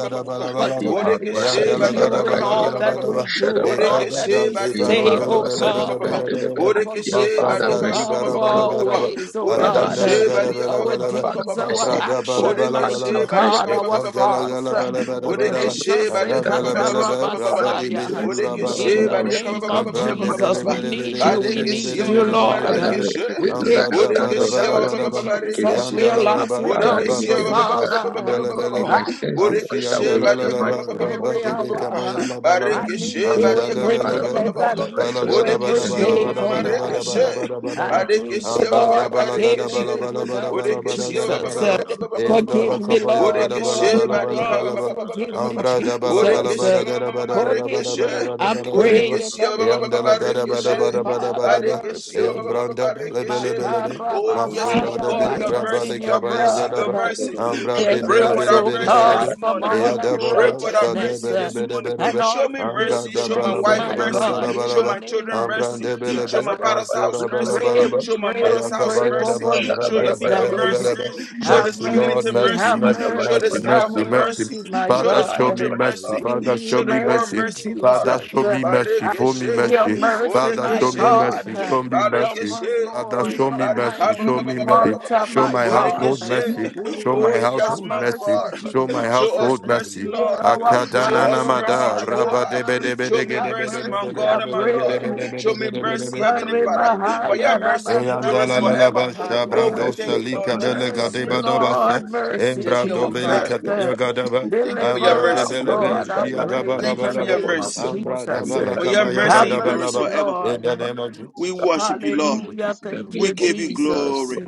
[SPEAKER 2] but to
[SPEAKER 8] Limarwa
[SPEAKER 1] Bodekeshe
[SPEAKER 2] acknowledge
[SPEAKER 8] Sadiva
[SPEAKER 1] Badiaka
[SPEAKER 2] you in
[SPEAKER 8] Akadia
[SPEAKER 2] all that
[SPEAKER 8] Bado
[SPEAKER 2] we
[SPEAKER 4] Eandalagadabalabalaba.
[SPEAKER 2] do and
[SPEAKER 8] Shadabai
[SPEAKER 2] all that
[SPEAKER 4] Ekadada
[SPEAKER 1] Bodekeshe
[SPEAKER 2] we
[SPEAKER 4] sibarobelebelebelebelebe.
[SPEAKER 1] Badiaka
[SPEAKER 2] say, oh
[SPEAKER 8] Limarwa Sadi
[SPEAKER 2] God.
[SPEAKER 8] Bendelebe Andia
[SPEAKER 2] Forgive
[SPEAKER 1] Bodekeshe
[SPEAKER 2] us,
[SPEAKER 8] Father
[SPEAKER 2] oh
[SPEAKER 4] Masamba
[SPEAKER 1] Badiaka
[SPEAKER 8] Mercy
[SPEAKER 2] God,
[SPEAKER 8] O
[SPEAKER 2] for our
[SPEAKER 8] God
[SPEAKER 4] bibarabalagadaba.
[SPEAKER 2] ways, oh
[SPEAKER 8] Father
[SPEAKER 2] God, uh,
[SPEAKER 1] Bodekeshe Badiaka Bodekeshe
[SPEAKER 8] Mercy O God
[SPEAKER 2] our
[SPEAKER 4] Ashandalagadabelebelebe.
[SPEAKER 8] Father
[SPEAKER 2] deeds, our
[SPEAKER 8] Mercy O God
[SPEAKER 2] action,
[SPEAKER 8] Father
[SPEAKER 2] mighty
[SPEAKER 4] Abradabalabalaba.
[SPEAKER 8] have
[SPEAKER 4] Ekandalagalabalabalaba. Arabelebelebe. Rabadibesurabadagadaba. Ambrandebelebelebelebelebelebelebelebe. ba Ekada da si baro bele bele bele bele bele be. Masam ba bi
[SPEAKER 1] Bariaka
[SPEAKER 8] mercy
[SPEAKER 2] God, our
[SPEAKER 4] bara bala gada ba. Ashanda la gada bele bele be. Abrada bala bala bala
[SPEAKER 8] upon me
[SPEAKER 4] ba. Ekanda la
[SPEAKER 2] thoughts.
[SPEAKER 4] gada
[SPEAKER 2] uh,
[SPEAKER 4] bala bala
[SPEAKER 8] according
[SPEAKER 4] bala
[SPEAKER 8] to
[SPEAKER 4] ba.
[SPEAKER 8] your
[SPEAKER 2] Cleanse
[SPEAKER 1] Bodekeshe
[SPEAKER 2] us, eh,
[SPEAKER 4] Ara
[SPEAKER 8] and that
[SPEAKER 4] bele
[SPEAKER 8] mercy
[SPEAKER 4] bele be.
[SPEAKER 8] Lord Father
[SPEAKER 1] Bariaka
[SPEAKER 4] Rabadi
[SPEAKER 8] may you
[SPEAKER 4] be
[SPEAKER 2] Katarabasaya.
[SPEAKER 8] cleanse
[SPEAKER 4] sura
[SPEAKER 8] me Lord
[SPEAKER 4] bada
[SPEAKER 8] may
[SPEAKER 2] in
[SPEAKER 1] Bodekeshe
[SPEAKER 8] you
[SPEAKER 2] the
[SPEAKER 4] gada ba.
[SPEAKER 1] Badia
[SPEAKER 8] wash
[SPEAKER 1] Kaba
[SPEAKER 8] me
[SPEAKER 2] name
[SPEAKER 1] Baba
[SPEAKER 8] clean
[SPEAKER 2] of
[SPEAKER 1] Baba
[SPEAKER 8] in the
[SPEAKER 1] Baba
[SPEAKER 4] Ambrande
[SPEAKER 1] Baba
[SPEAKER 2] Jesus.
[SPEAKER 4] bele
[SPEAKER 8] mighty
[SPEAKER 1] Baba
[SPEAKER 2] We
[SPEAKER 4] bele
[SPEAKER 8] name of
[SPEAKER 4] bele
[SPEAKER 2] need
[SPEAKER 5] jana
[SPEAKER 2] you,
[SPEAKER 4] bele
[SPEAKER 2] we
[SPEAKER 5] prakata
[SPEAKER 8] Jesus
[SPEAKER 4] bele
[SPEAKER 1] Badekeshe
[SPEAKER 2] need
[SPEAKER 4] bele
[SPEAKER 2] you,
[SPEAKER 5] jana
[SPEAKER 1] Mama
[SPEAKER 4] bele
[SPEAKER 1] Mama
[SPEAKER 5] prakata
[SPEAKER 4] bele
[SPEAKER 2] Lord.
[SPEAKER 4] bele
[SPEAKER 8] Father
[SPEAKER 2] Uh,
[SPEAKER 4] be.
[SPEAKER 8] may
[SPEAKER 1] Marekeshe
[SPEAKER 2] We
[SPEAKER 8] everything that
[SPEAKER 2] can't
[SPEAKER 8] I have
[SPEAKER 4] Ambrada
[SPEAKER 2] make
[SPEAKER 8] done
[SPEAKER 2] it
[SPEAKER 4] bada
[SPEAKER 8] Lord
[SPEAKER 1] Bodekeshe
[SPEAKER 5] Rabababa,
[SPEAKER 4] bada
[SPEAKER 1] Baba
[SPEAKER 8] Father
[SPEAKER 2] without you,
[SPEAKER 4] bada
[SPEAKER 1] Baba
[SPEAKER 8] be
[SPEAKER 4] ba.
[SPEAKER 5] Shokoto
[SPEAKER 1] Baba
[SPEAKER 8] forgiven
[SPEAKER 5] Bragada,
[SPEAKER 2] Jesus. We
[SPEAKER 1] Rekeshe
[SPEAKER 2] are lost
[SPEAKER 4] Yandalalaba,
[SPEAKER 8] Father,
[SPEAKER 2] without
[SPEAKER 5] Rombodo,
[SPEAKER 1] Bodekeshe
[SPEAKER 2] you,
[SPEAKER 8] anything
[SPEAKER 5] Jala
[SPEAKER 1] Baba
[SPEAKER 4] rabababe,
[SPEAKER 8] Lord,
[SPEAKER 1] Baba
[SPEAKER 8] that
[SPEAKER 1] Baba
[SPEAKER 5] Bragada,
[SPEAKER 1] Baba
[SPEAKER 2] Father
[SPEAKER 8] I'm
[SPEAKER 1] Baba
[SPEAKER 8] not may
[SPEAKER 1] Baba
[SPEAKER 4] basundelebelebe,
[SPEAKER 8] my sins be
[SPEAKER 5] Robo
[SPEAKER 8] washed
[SPEAKER 1] Bodekeshe
[SPEAKER 8] away
[SPEAKER 5] Shokoto
[SPEAKER 8] in the
[SPEAKER 1] Badia
[SPEAKER 5] Bragada,
[SPEAKER 4] ansiyandalalaba,
[SPEAKER 8] mighty
[SPEAKER 1] Kaba Baba
[SPEAKER 8] name
[SPEAKER 5] Jala
[SPEAKER 1] Baba
[SPEAKER 8] of
[SPEAKER 1] Baba
[SPEAKER 2] every
[SPEAKER 5] Bragada,
[SPEAKER 1] Baba Baba
[SPEAKER 8] Jesus.
[SPEAKER 1] Baba
[SPEAKER 2] hour.
[SPEAKER 4] rabadebekabayalabalaba,
[SPEAKER 2] I
[SPEAKER 5] Rombo
[SPEAKER 8] And You
[SPEAKER 2] need
[SPEAKER 1] Barekeshe
[SPEAKER 5] Shokoto
[SPEAKER 8] cleanse
[SPEAKER 2] you
[SPEAKER 1] Badia
[SPEAKER 8] me,
[SPEAKER 2] every
[SPEAKER 5] Bragada,
[SPEAKER 1] Kaba Baba
[SPEAKER 8] Father,
[SPEAKER 1] Baba
[SPEAKER 4] ansalalelebe,
[SPEAKER 8] from
[SPEAKER 5] Jala
[SPEAKER 2] minute.
[SPEAKER 1] Baba
[SPEAKER 2] I
[SPEAKER 8] all
[SPEAKER 1] Baba
[SPEAKER 5] Bragada,
[SPEAKER 2] need
[SPEAKER 5] Badia
[SPEAKER 2] you
[SPEAKER 8] unrighteousness in
[SPEAKER 5] Baria
[SPEAKER 2] every
[SPEAKER 8] the
[SPEAKER 1] Bodekeshe
[SPEAKER 5] Baria Baria
[SPEAKER 8] name
[SPEAKER 2] day,
[SPEAKER 1] Mama
[SPEAKER 8] of
[SPEAKER 1] Mama
[SPEAKER 2] oh
[SPEAKER 5] Baria
[SPEAKER 8] Jesus.
[SPEAKER 1] Marekeshe
[SPEAKER 5] Bara
[SPEAKER 2] God.
[SPEAKER 5] Bara Bara
[SPEAKER 2] I
[SPEAKER 4] badabalagadabadabadabadabadabadabadabadabadaba,
[SPEAKER 5] Bara Bara
[SPEAKER 2] need
[SPEAKER 5] Bara
[SPEAKER 2] you,
[SPEAKER 1] Badekeshe
[SPEAKER 5] Bara
[SPEAKER 1] Baba
[SPEAKER 2] Lord.
[SPEAKER 1] Baba
[SPEAKER 2] I can't make it without you,
[SPEAKER 5] Nero
[SPEAKER 1] Barekeshe
[SPEAKER 5] Shokoto
[SPEAKER 2] Jesus.
[SPEAKER 4] ambradabalagadabalabalabalabalabalagadabadaba,
[SPEAKER 2] Uh,
[SPEAKER 5] Bragada Badia,
[SPEAKER 2] Forgive me, Lord,
[SPEAKER 5] Rombo
[SPEAKER 2] for
[SPEAKER 5] do
[SPEAKER 2] all
[SPEAKER 1] Borekeshe
[SPEAKER 2] my
[SPEAKER 5] Jala
[SPEAKER 1] barika ba- ba-
[SPEAKER 2] wrongs.
[SPEAKER 4] eyadabakapayagadabalabalabalabalabalaba,
[SPEAKER 5] Bragado
[SPEAKER 1] ba- ba- ba-
[SPEAKER 5] Bragada,
[SPEAKER 2] Forgive
[SPEAKER 1] ba-
[SPEAKER 2] me,
[SPEAKER 1] ba- ba.
[SPEAKER 2] Jesus.
[SPEAKER 1] Borekeshe
[SPEAKER 2] Uh,
[SPEAKER 5] Rombo
[SPEAKER 1] ma- ma- ma-
[SPEAKER 5] Shokoto
[SPEAKER 1] ma-
[SPEAKER 2] Forgive
[SPEAKER 5] Bragada,
[SPEAKER 1] rekeshe.
[SPEAKER 2] me.
[SPEAKER 5] Jala
[SPEAKER 2] I
[SPEAKER 5] Bragado,
[SPEAKER 2] pray
[SPEAKER 4] ambradabalabalabadagadabadabadabadabadabadabadabadaba,
[SPEAKER 5] Jala
[SPEAKER 2] in
[SPEAKER 1] Borekeshe
[SPEAKER 2] the
[SPEAKER 1] ba-
[SPEAKER 5] Bragada,
[SPEAKER 1] ba- ba- ba-
[SPEAKER 2] name
[SPEAKER 1] ba-
[SPEAKER 2] of Jesus,
[SPEAKER 5] Rombo
[SPEAKER 2] Father,
[SPEAKER 5] Shokoto Bragada,
[SPEAKER 1] Barekeshe
[SPEAKER 2] mercy.
[SPEAKER 5] Jala Bragada,
[SPEAKER 4] yandalagadabadabadabadabadaba,
[SPEAKER 5] Yes, yes.
[SPEAKER 1] Oh,
[SPEAKER 8] Oh,
[SPEAKER 1] yes, our
[SPEAKER 4] Masora
[SPEAKER 2] Makarabahaya,
[SPEAKER 4] de
[SPEAKER 1] God,
[SPEAKER 4] be
[SPEAKER 1] your
[SPEAKER 2] wash us
[SPEAKER 4] raba
[SPEAKER 2] in
[SPEAKER 1] mercy,
[SPEAKER 8] shabba-dabba-dabba-dabba.
[SPEAKER 2] your
[SPEAKER 1] your
[SPEAKER 4] kabaya
[SPEAKER 1] mercy, your
[SPEAKER 4] gadaba.
[SPEAKER 2] blood.
[SPEAKER 1] mercy.
[SPEAKER 8] Abandadadadada,
[SPEAKER 4] Ambra
[SPEAKER 1] We
[SPEAKER 4] de
[SPEAKER 2] Cleanse
[SPEAKER 1] pray
[SPEAKER 4] bele
[SPEAKER 8] shabba-dabba,
[SPEAKER 1] for
[SPEAKER 2] us,
[SPEAKER 4] bere
[SPEAKER 1] that
[SPEAKER 2] O
[SPEAKER 4] bere
[SPEAKER 1] mercy
[SPEAKER 4] bere
[SPEAKER 1] this
[SPEAKER 4] be.
[SPEAKER 2] God, from
[SPEAKER 1] morning.
[SPEAKER 2] all
[SPEAKER 8] kabidi-bara-kabidi-yaba,
[SPEAKER 4] Eya
[SPEAKER 8] oh,
[SPEAKER 4] da
[SPEAKER 1] We pray
[SPEAKER 4] baba
[SPEAKER 1] for that
[SPEAKER 8] shabba-dabba,
[SPEAKER 4] shade
[SPEAKER 2] unrighteousness
[SPEAKER 1] mercy
[SPEAKER 4] bere
[SPEAKER 2] uh,
[SPEAKER 1] this
[SPEAKER 4] bere
[SPEAKER 1] morning.
[SPEAKER 4] bere
[SPEAKER 2] and
[SPEAKER 4] be.
[SPEAKER 2] all
[SPEAKER 1] Show me
[SPEAKER 4] Ambra
[SPEAKER 1] mercy.
[SPEAKER 4] da
[SPEAKER 1] Show my
[SPEAKER 4] bala
[SPEAKER 2] filthiness,
[SPEAKER 1] wife
[SPEAKER 4] bala
[SPEAKER 2] my
[SPEAKER 4] bala
[SPEAKER 8] mandiri-bidi-bidi-bidi,
[SPEAKER 1] mercy.
[SPEAKER 4] bala
[SPEAKER 2] God, in
[SPEAKER 4] bala
[SPEAKER 1] Show
[SPEAKER 2] the
[SPEAKER 4] ba.
[SPEAKER 1] my
[SPEAKER 2] name
[SPEAKER 1] children
[SPEAKER 2] of
[SPEAKER 4] Ambra
[SPEAKER 1] mercy.
[SPEAKER 4] de
[SPEAKER 2] Jesus.
[SPEAKER 4] bele
[SPEAKER 1] Show
[SPEAKER 4] be
[SPEAKER 1] my father's house
[SPEAKER 4] masora
[SPEAKER 2] We
[SPEAKER 4] bala
[SPEAKER 1] mercy.
[SPEAKER 8] kadabba-dabba-dabba-dabba-dabba.
[SPEAKER 2] pray,
[SPEAKER 4] bala
[SPEAKER 2] we
[SPEAKER 4] ba.
[SPEAKER 1] Show my
[SPEAKER 8] Ah,
[SPEAKER 2] pray,
[SPEAKER 1] mother's
[SPEAKER 4] Eya
[SPEAKER 2] we
[SPEAKER 1] house
[SPEAKER 2] pray
[SPEAKER 4] kabaya
[SPEAKER 2] for
[SPEAKER 4] da
[SPEAKER 1] mercy.
[SPEAKER 4] ba
[SPEAKER 1] Show your
[SPEAKER 4] rabe
[SPEAKER 2] forgiveness,
[SPEAKER 4] de
[SPEAKER 1] people
[SPEAKER 8] shabba-dabba-dabba,
[SPEAKER 4] bele
[SPEAKER 2] Daddy.
[SPEAKER 4] bele
[SPEAKER 1] mercy.
[SPEAKER 4] be.
[SPEAKER 1] Show
[SPEAKER 2] Have
[SPEAKER 1] this
[SPEAKER 4] Mercy Lord,
[SPEAKER 1] community
[SPEAKER 2] mercy,
[SPEAKER 4] mercy,
[SPEAKER 2] have
[SPEAKER 1] mercy.
[SPEAKER 4] mercy,
[SPEAKER 1] Show
[SPEAKER 4] mercy,
[SPEAKER 2] mercy,
[SPEAKER 1] this
[SPEAKER 2] have
[SPEAKER 4] mercy,
[SPEAKER 1] neighborhood
[SPEAKER 8] madabba-dabba-dabba-dabba,
[SPEAKER 4] mercy.
[SPEAKER 1] mercy.
[SPEAKER 2] mercy, my
[SPEAKER 1] Show
[SPEAKER 4] Father,
[SPEAKER 1] this
[SPEAKER 4] show
[SPEAKER 1] country
[SPEAKER 4] me
[SPEAKER 2] God.
[SPEAKER 4] mercy.
[SPEAKER 8] ikadabba-dabba-dabba.
[SPEAKER 5] Thank
[SPEAKER 1] mercy.
[SPEAKER 2] We
[SPEAKER 5] you,
[SPEAKER 4] Father,
[SPEAKER 2] need
[SPEAKER 4] show
[SPEAKER 1] Show the
[SPEAKER 4] me
[SPEAKER 5] Father,
[SPEAKER 1] world
[SPEAKER 5] for
[SPEAKER 4] mercy.
[SPEAKER 2] mercy,
[SPEAKER 1] mercy,
[SPEAKER 5] sharing us,
[SPEAKER 1] Lord.
[SPEAKER 4] Father,
[SPEAKER 5] mercy.
[SPEAKER 2] Jesus.
[SPEAKER 4] show me mercy.
[SPEAKER 2] I
[SPEAKER 4] Show me
[SPEAKER 2] need
[SPEAKER 1] Barikeshe.
[SPEAKER 2] your
[SPEAKER 4] mercy.
[SPEAKER 2] mercy,
[SPEAKER 5] Thank
[SPEAKER 4] Father,
[SPEAKER 5] you,
[SPEAKER 2] my
[SPEAKER 4] show
[SPEAKER 1] Bodekeshe.
[SPEAKER 4] me
[SPEAKER 5] Father, for
[SPEAKER 4] mercy.
[SPEAKER 2] God.
[SPEAKER 4] Show
[SPEAKER 5] sharing
[SPEAKER 4] me
[SPEAKER 5] us, mercy.
[SPEAKER 2] Help
[SPEAKER 4] mercy.
[SPEAKER 1] Barikeshe.
[SPEAKER 2] us,
[SPEAKER 4] Father,
[SPEAKER 2] Lord.
[SPEAKER 4] show me mercy,
[SPEAKER 2] Sometimes
[SPEAKER 5] In
[SPEAKER 1] Barikaba.
[SPEAKER 4] show
[SPEAKER 2] we
[SPEAKER 5] our
[SPEAKER 4] me mercy,
[SPEAKER 5] lives,
[SPEAKER 2] falter,
[SPEAKER 4] show
[SPEAKER 5] thank
[SPEAKER 2] my
[SPEAKER 5] you
[SPEAKER 4] my
[SPEAKER 5] for
[SPEAKER 2] God.
[SPEAKER 5] sharing
[SPEAKER 4] household
[SPEAKER 5] us,
[SPEAKER 4] mercy,
[SPEAKER 5] mercy.
[SPEAKER 2] We
[SPEAKER 4] show my
[SPEAKER 1] Oh,
[SPEAKER 2] pray for
[SPEAKER 1] yes,
[SPEAKER 4] household
[SPEAKER 1] my
[SPEAKER 2] mercy,
[SPEAKER 4] mercy, show my
[SPEAKER 1] God.
[SPEAKER 2] Jesus.
[SPEAKER 1] Show us
[SPEAKER 5] In
[SPEAKER 4] household
[SPEAKER 5] our
[SPEAKER 1] mercy,
[SPEAKER 4] mercy.
[SPEAKER 5] ministry,
[SPEAKER 2] Hear
[SPEAKER 1] Lord.
[SPEAKER 5] show,
[SPEAKER 2] our
[SPEAKER 5] thank
[SPEAKER 4] Akadana
[SPEAKER 1] Show
[SPEAKER 5] you
[SPEAKER 2] cry,
[SPEAKER 1] us
[SPEAKER 5] for
[SPEAKER 2] O
[SPEAKER 1] mercy,
[SPEAKER 5] sharing
[SPEAKER 4] namada,
[SPEAKER 5] us,
[SPEAKER 2] Lord.
[SPEAKER 4] raba
[SPEAKER 2] Have
[SPEAKER 1] Jehovah.
[SPEAKER 5] mercy.
[SPEAKER 4] debe debe
[SPEAKER 1] Show
[SPEAKER 2] mercy,
[SPEAKER 1] me
[SPEAKER 4] dege
[SPEAKER 2] have
[SPEAKER 4] debe
[SPEAKER 1] mercy,
[SPEAKER 4] debe
[SPEAKER 1] my
[SPEAKER 2] mercy.
[SPEAKER 4] debe
[SPEAKER 1] God
[SPEAKER 2] I
[SPEAKER 1] and
[SPEAKER 4] debe
[SPEAKER 1] my
[SPEAKER 4] dege
[SPEAKER 1] Lord.
[SPEAKER 4] debe
[SPEAKER 2] pray.
[SPEAKER 4] debe
[SPEAKER 1] Show me
[SPEAKER 4] debe debe
[SPEAKER 1] mercy,
[SPEAKER 4] debe.
[SPEAKER 5] In
[SPEAKER 1] Heavenly
[SPEAKER 5] every area of our
[SPEAKER 1] Father. For
[SPEAKER 5] lives,
[SPEAKER 2] Ikarebahaya
[SPEAKER 1] your
[SPEAKER 5] thank you
[SPEAKER 1] mercy
[SPEAKER 5] for sharing
[SPEAKER 4] Eyanda
[SPEAKER 5] us,
[SPEAKER 1] endures
[SPEAKER 4] la la
[SPEAKER 5] mercy.
[SPEAKER 4] la
[SPEAKER 1] forever.
[SPEAKER 4] ba
[SPEAKER 8] Lord, have
[SPEAKER 1] Oh,
[SPEAKER 4] shabra
[SPEAKER 1] we
[SPEAKER 2] rabasakadabahaya.
[SPEAKER 8] mercy
[SPEAKER 4] dosa
[SPEAKER 1] thank you,
[SPEAKER 8] upon my
[SPEAKER 1] Lord
[SPEAKER 4] lika
[SPEAKER 8] life,
[SPEAKER 4] bele
[SPEAKER 8] have
[SPEAKER 1] Jesus.
[SPEAKER 2] Mercy,
[SPEAKER 5] Male
[SPEAKER 4] gadeba
[SPEAKER 8] mercy
[SPEAKER 4] daba
[SPEAKER 8] upon
[SPEAKER 5] brakate
[SPEAKER 4] se.
[SPEAKER 2] Lord,
[SPEAKER 8] my soul,
[SPEAKER 5] brakata
[SPEAKER 2] mercy,
[SPEAKER 1] Thank
[SPEAKER 4] Embra
[SPEAKER 5] brakata
[SPEAKER 1] you, our
[SPEAKER 8] have
[SPEAKER 4] dobe
[SPEAKER 5] brakati
[SPEAKER 1] Father.
[SPEAKER 2] Jesus.
[SPEAKER 4] lika
[SPEAKER 8] mercy
[SPEAKER 5] brakata
[SPEAKER 4] taya
[SPEAKER 8] upon me,
[SPEAKER 5] brakata
[SPEAKER 4] gadaba.
[SPEAKER 8] O
[SPEAKER 1] Thank
[SPEAKER 8] God.
[SPEAKER 1] you for your
[SPEAKER 4] Ambra
[SPEAKER 2] Deliver us,
[SPEAKER 4] debe
[SPEAKER 1] mercy.
[SPEAKER 8] According
[SPEAKER 4] lebe
[SPEAKER 8] to
[SPEAKER 2] Lord, I
[SPEAKER 8] thy
[SPEAKER 4] shia
[SPEAKER 8] love and
[SPEAKER 2] pray
[SPEAKER 4] daba
[SPEAKER 5] Rabba
[SPEAKER 4] la
[SPEAKER 2] in
[SPEAKER 1] Thank you
[SPEAKER 4] ba
[SPEAKER 2] the
[SPEAKER 8] kindness,
[SPEAKER 1] for
[SPEAKER 4] la
[SPEAKER 1] your
[SPEAKER 4] ba.
[SPEAKER 2] name
[SPEAKER 5] shakata
[SPEAKER 8] according to
[SPEAKER 2] of
[SPEAKER 1] mercy.
[SPEAKER 8] the
[SPEAKER 5] brakata.
[SPEAKER 4] Ambra
[SPEAKER 8] multitude
[SPEAKER 2] Jesus.
[SPEAKER 4] daba
[SPEAKER 8] of
[SPEAKER 4] la
[SPEAKER 8] thy
[SPEAKER 1] For your
[SPEAKER 4] kaba
[SPEAKER 8] tender
[SPEAKER 2] Have
[SPEAKER 1] mercy
[SPEAKER 4] gadaba
[SPEAKER 8] mercies,
[SPEAKER 4] la
[SPEAKER 1] endures
[SPEAKER 4] ba.
[SPEAKER 2] mercy,
[SPEAKER 1] forever.
[SPEAKER 4] In
[SPEAKER 2] Lord.
[SPEAKER 4] the name
[SPEAKER 8] Father,
[SPEAKER 4] of
[SPEAKER 8] forgive
[SPEAKER 1] We
[SPEAKER 8] us our
[SPEAKER 4] Jesus.
[SPEAKER 1] worship you,
[SPEAKER 8] many
[SPEAKER 1] Lord.
[SPEAKER 2] Hallelujah.
[SPEAKER 8] iniquities in the
[SPEAKER 2] Thank
[SPEAKER 1] We
[SPEAKER 2] you,
[SPEAKER 8] name of
[SPEAKER 1] give you
[SPEAKER 8] Jesus,
[SPEAKER 2] Jesus.
[SPEAKER 8] Lord.
[SPEAKER 1] glory.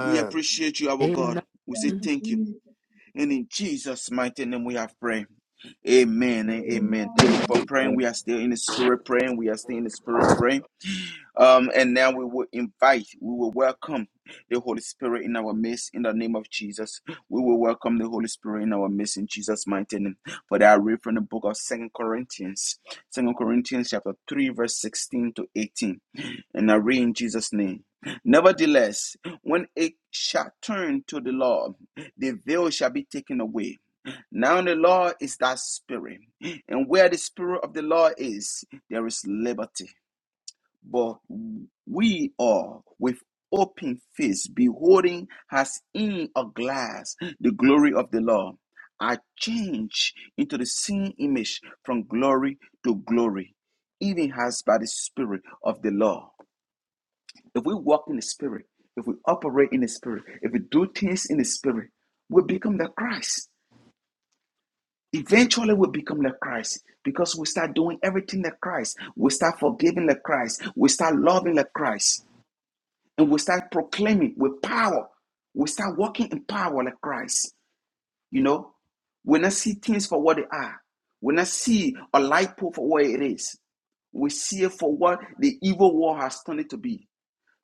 [SPEAKER 1] We appreciate you, our God.
[SPEAKER 2] Amen.
[SPEAKER 1] We say
[SPEAKER 9] Thank you,
[SPEAKER 1] thank you.
[SPEAKER 9] Jesus.
[SPEAKER 1] And in Jesus' mighty name we have prayed. Amen and
[SPEAKER 9] Amen.
[SPEAKER 1] amen. Thank you for praying. We
[SPEAKER 8] Amen.
[SPEAKER 1] are
[SPEAKER 9] Amen.
[SPEAKER 1] still in the spirit praying. We are still in the spirit praying. Um, and now we will invite, we will welcome the Holy Spirit in our midst in the name of Jesus. We will welcome the Holy Spirit in our midst in Jesus' mighty name. For that I read from the book of Second Corinthians, Second Corinthians chapter 3, verse 16 to 18. And I read in Jesus' name. Nevertheless, when it shall turn to the Lord, the veil shall be taken away. Now the Lord is that spirit, and where the spirit of the Lord is, there is liberty but we are with open face beholding as in a glass the glory of the Lord are changed into the same image from glory to glory, even as by the Spirit of the Lord. If we walk in the Spirit, if we operate in the Spirit, if we do things in the Spirit, we become the Christ. Eventually, we become like Christ because we start doing everything like Christ. We start forgiving like Christ. We start loving like Christ and we start proclaiming with power. We start walking in power like Christ. You know, we not see things for what they are. We not see a light pole for what it is. We see it for what the evil world has turned it to be.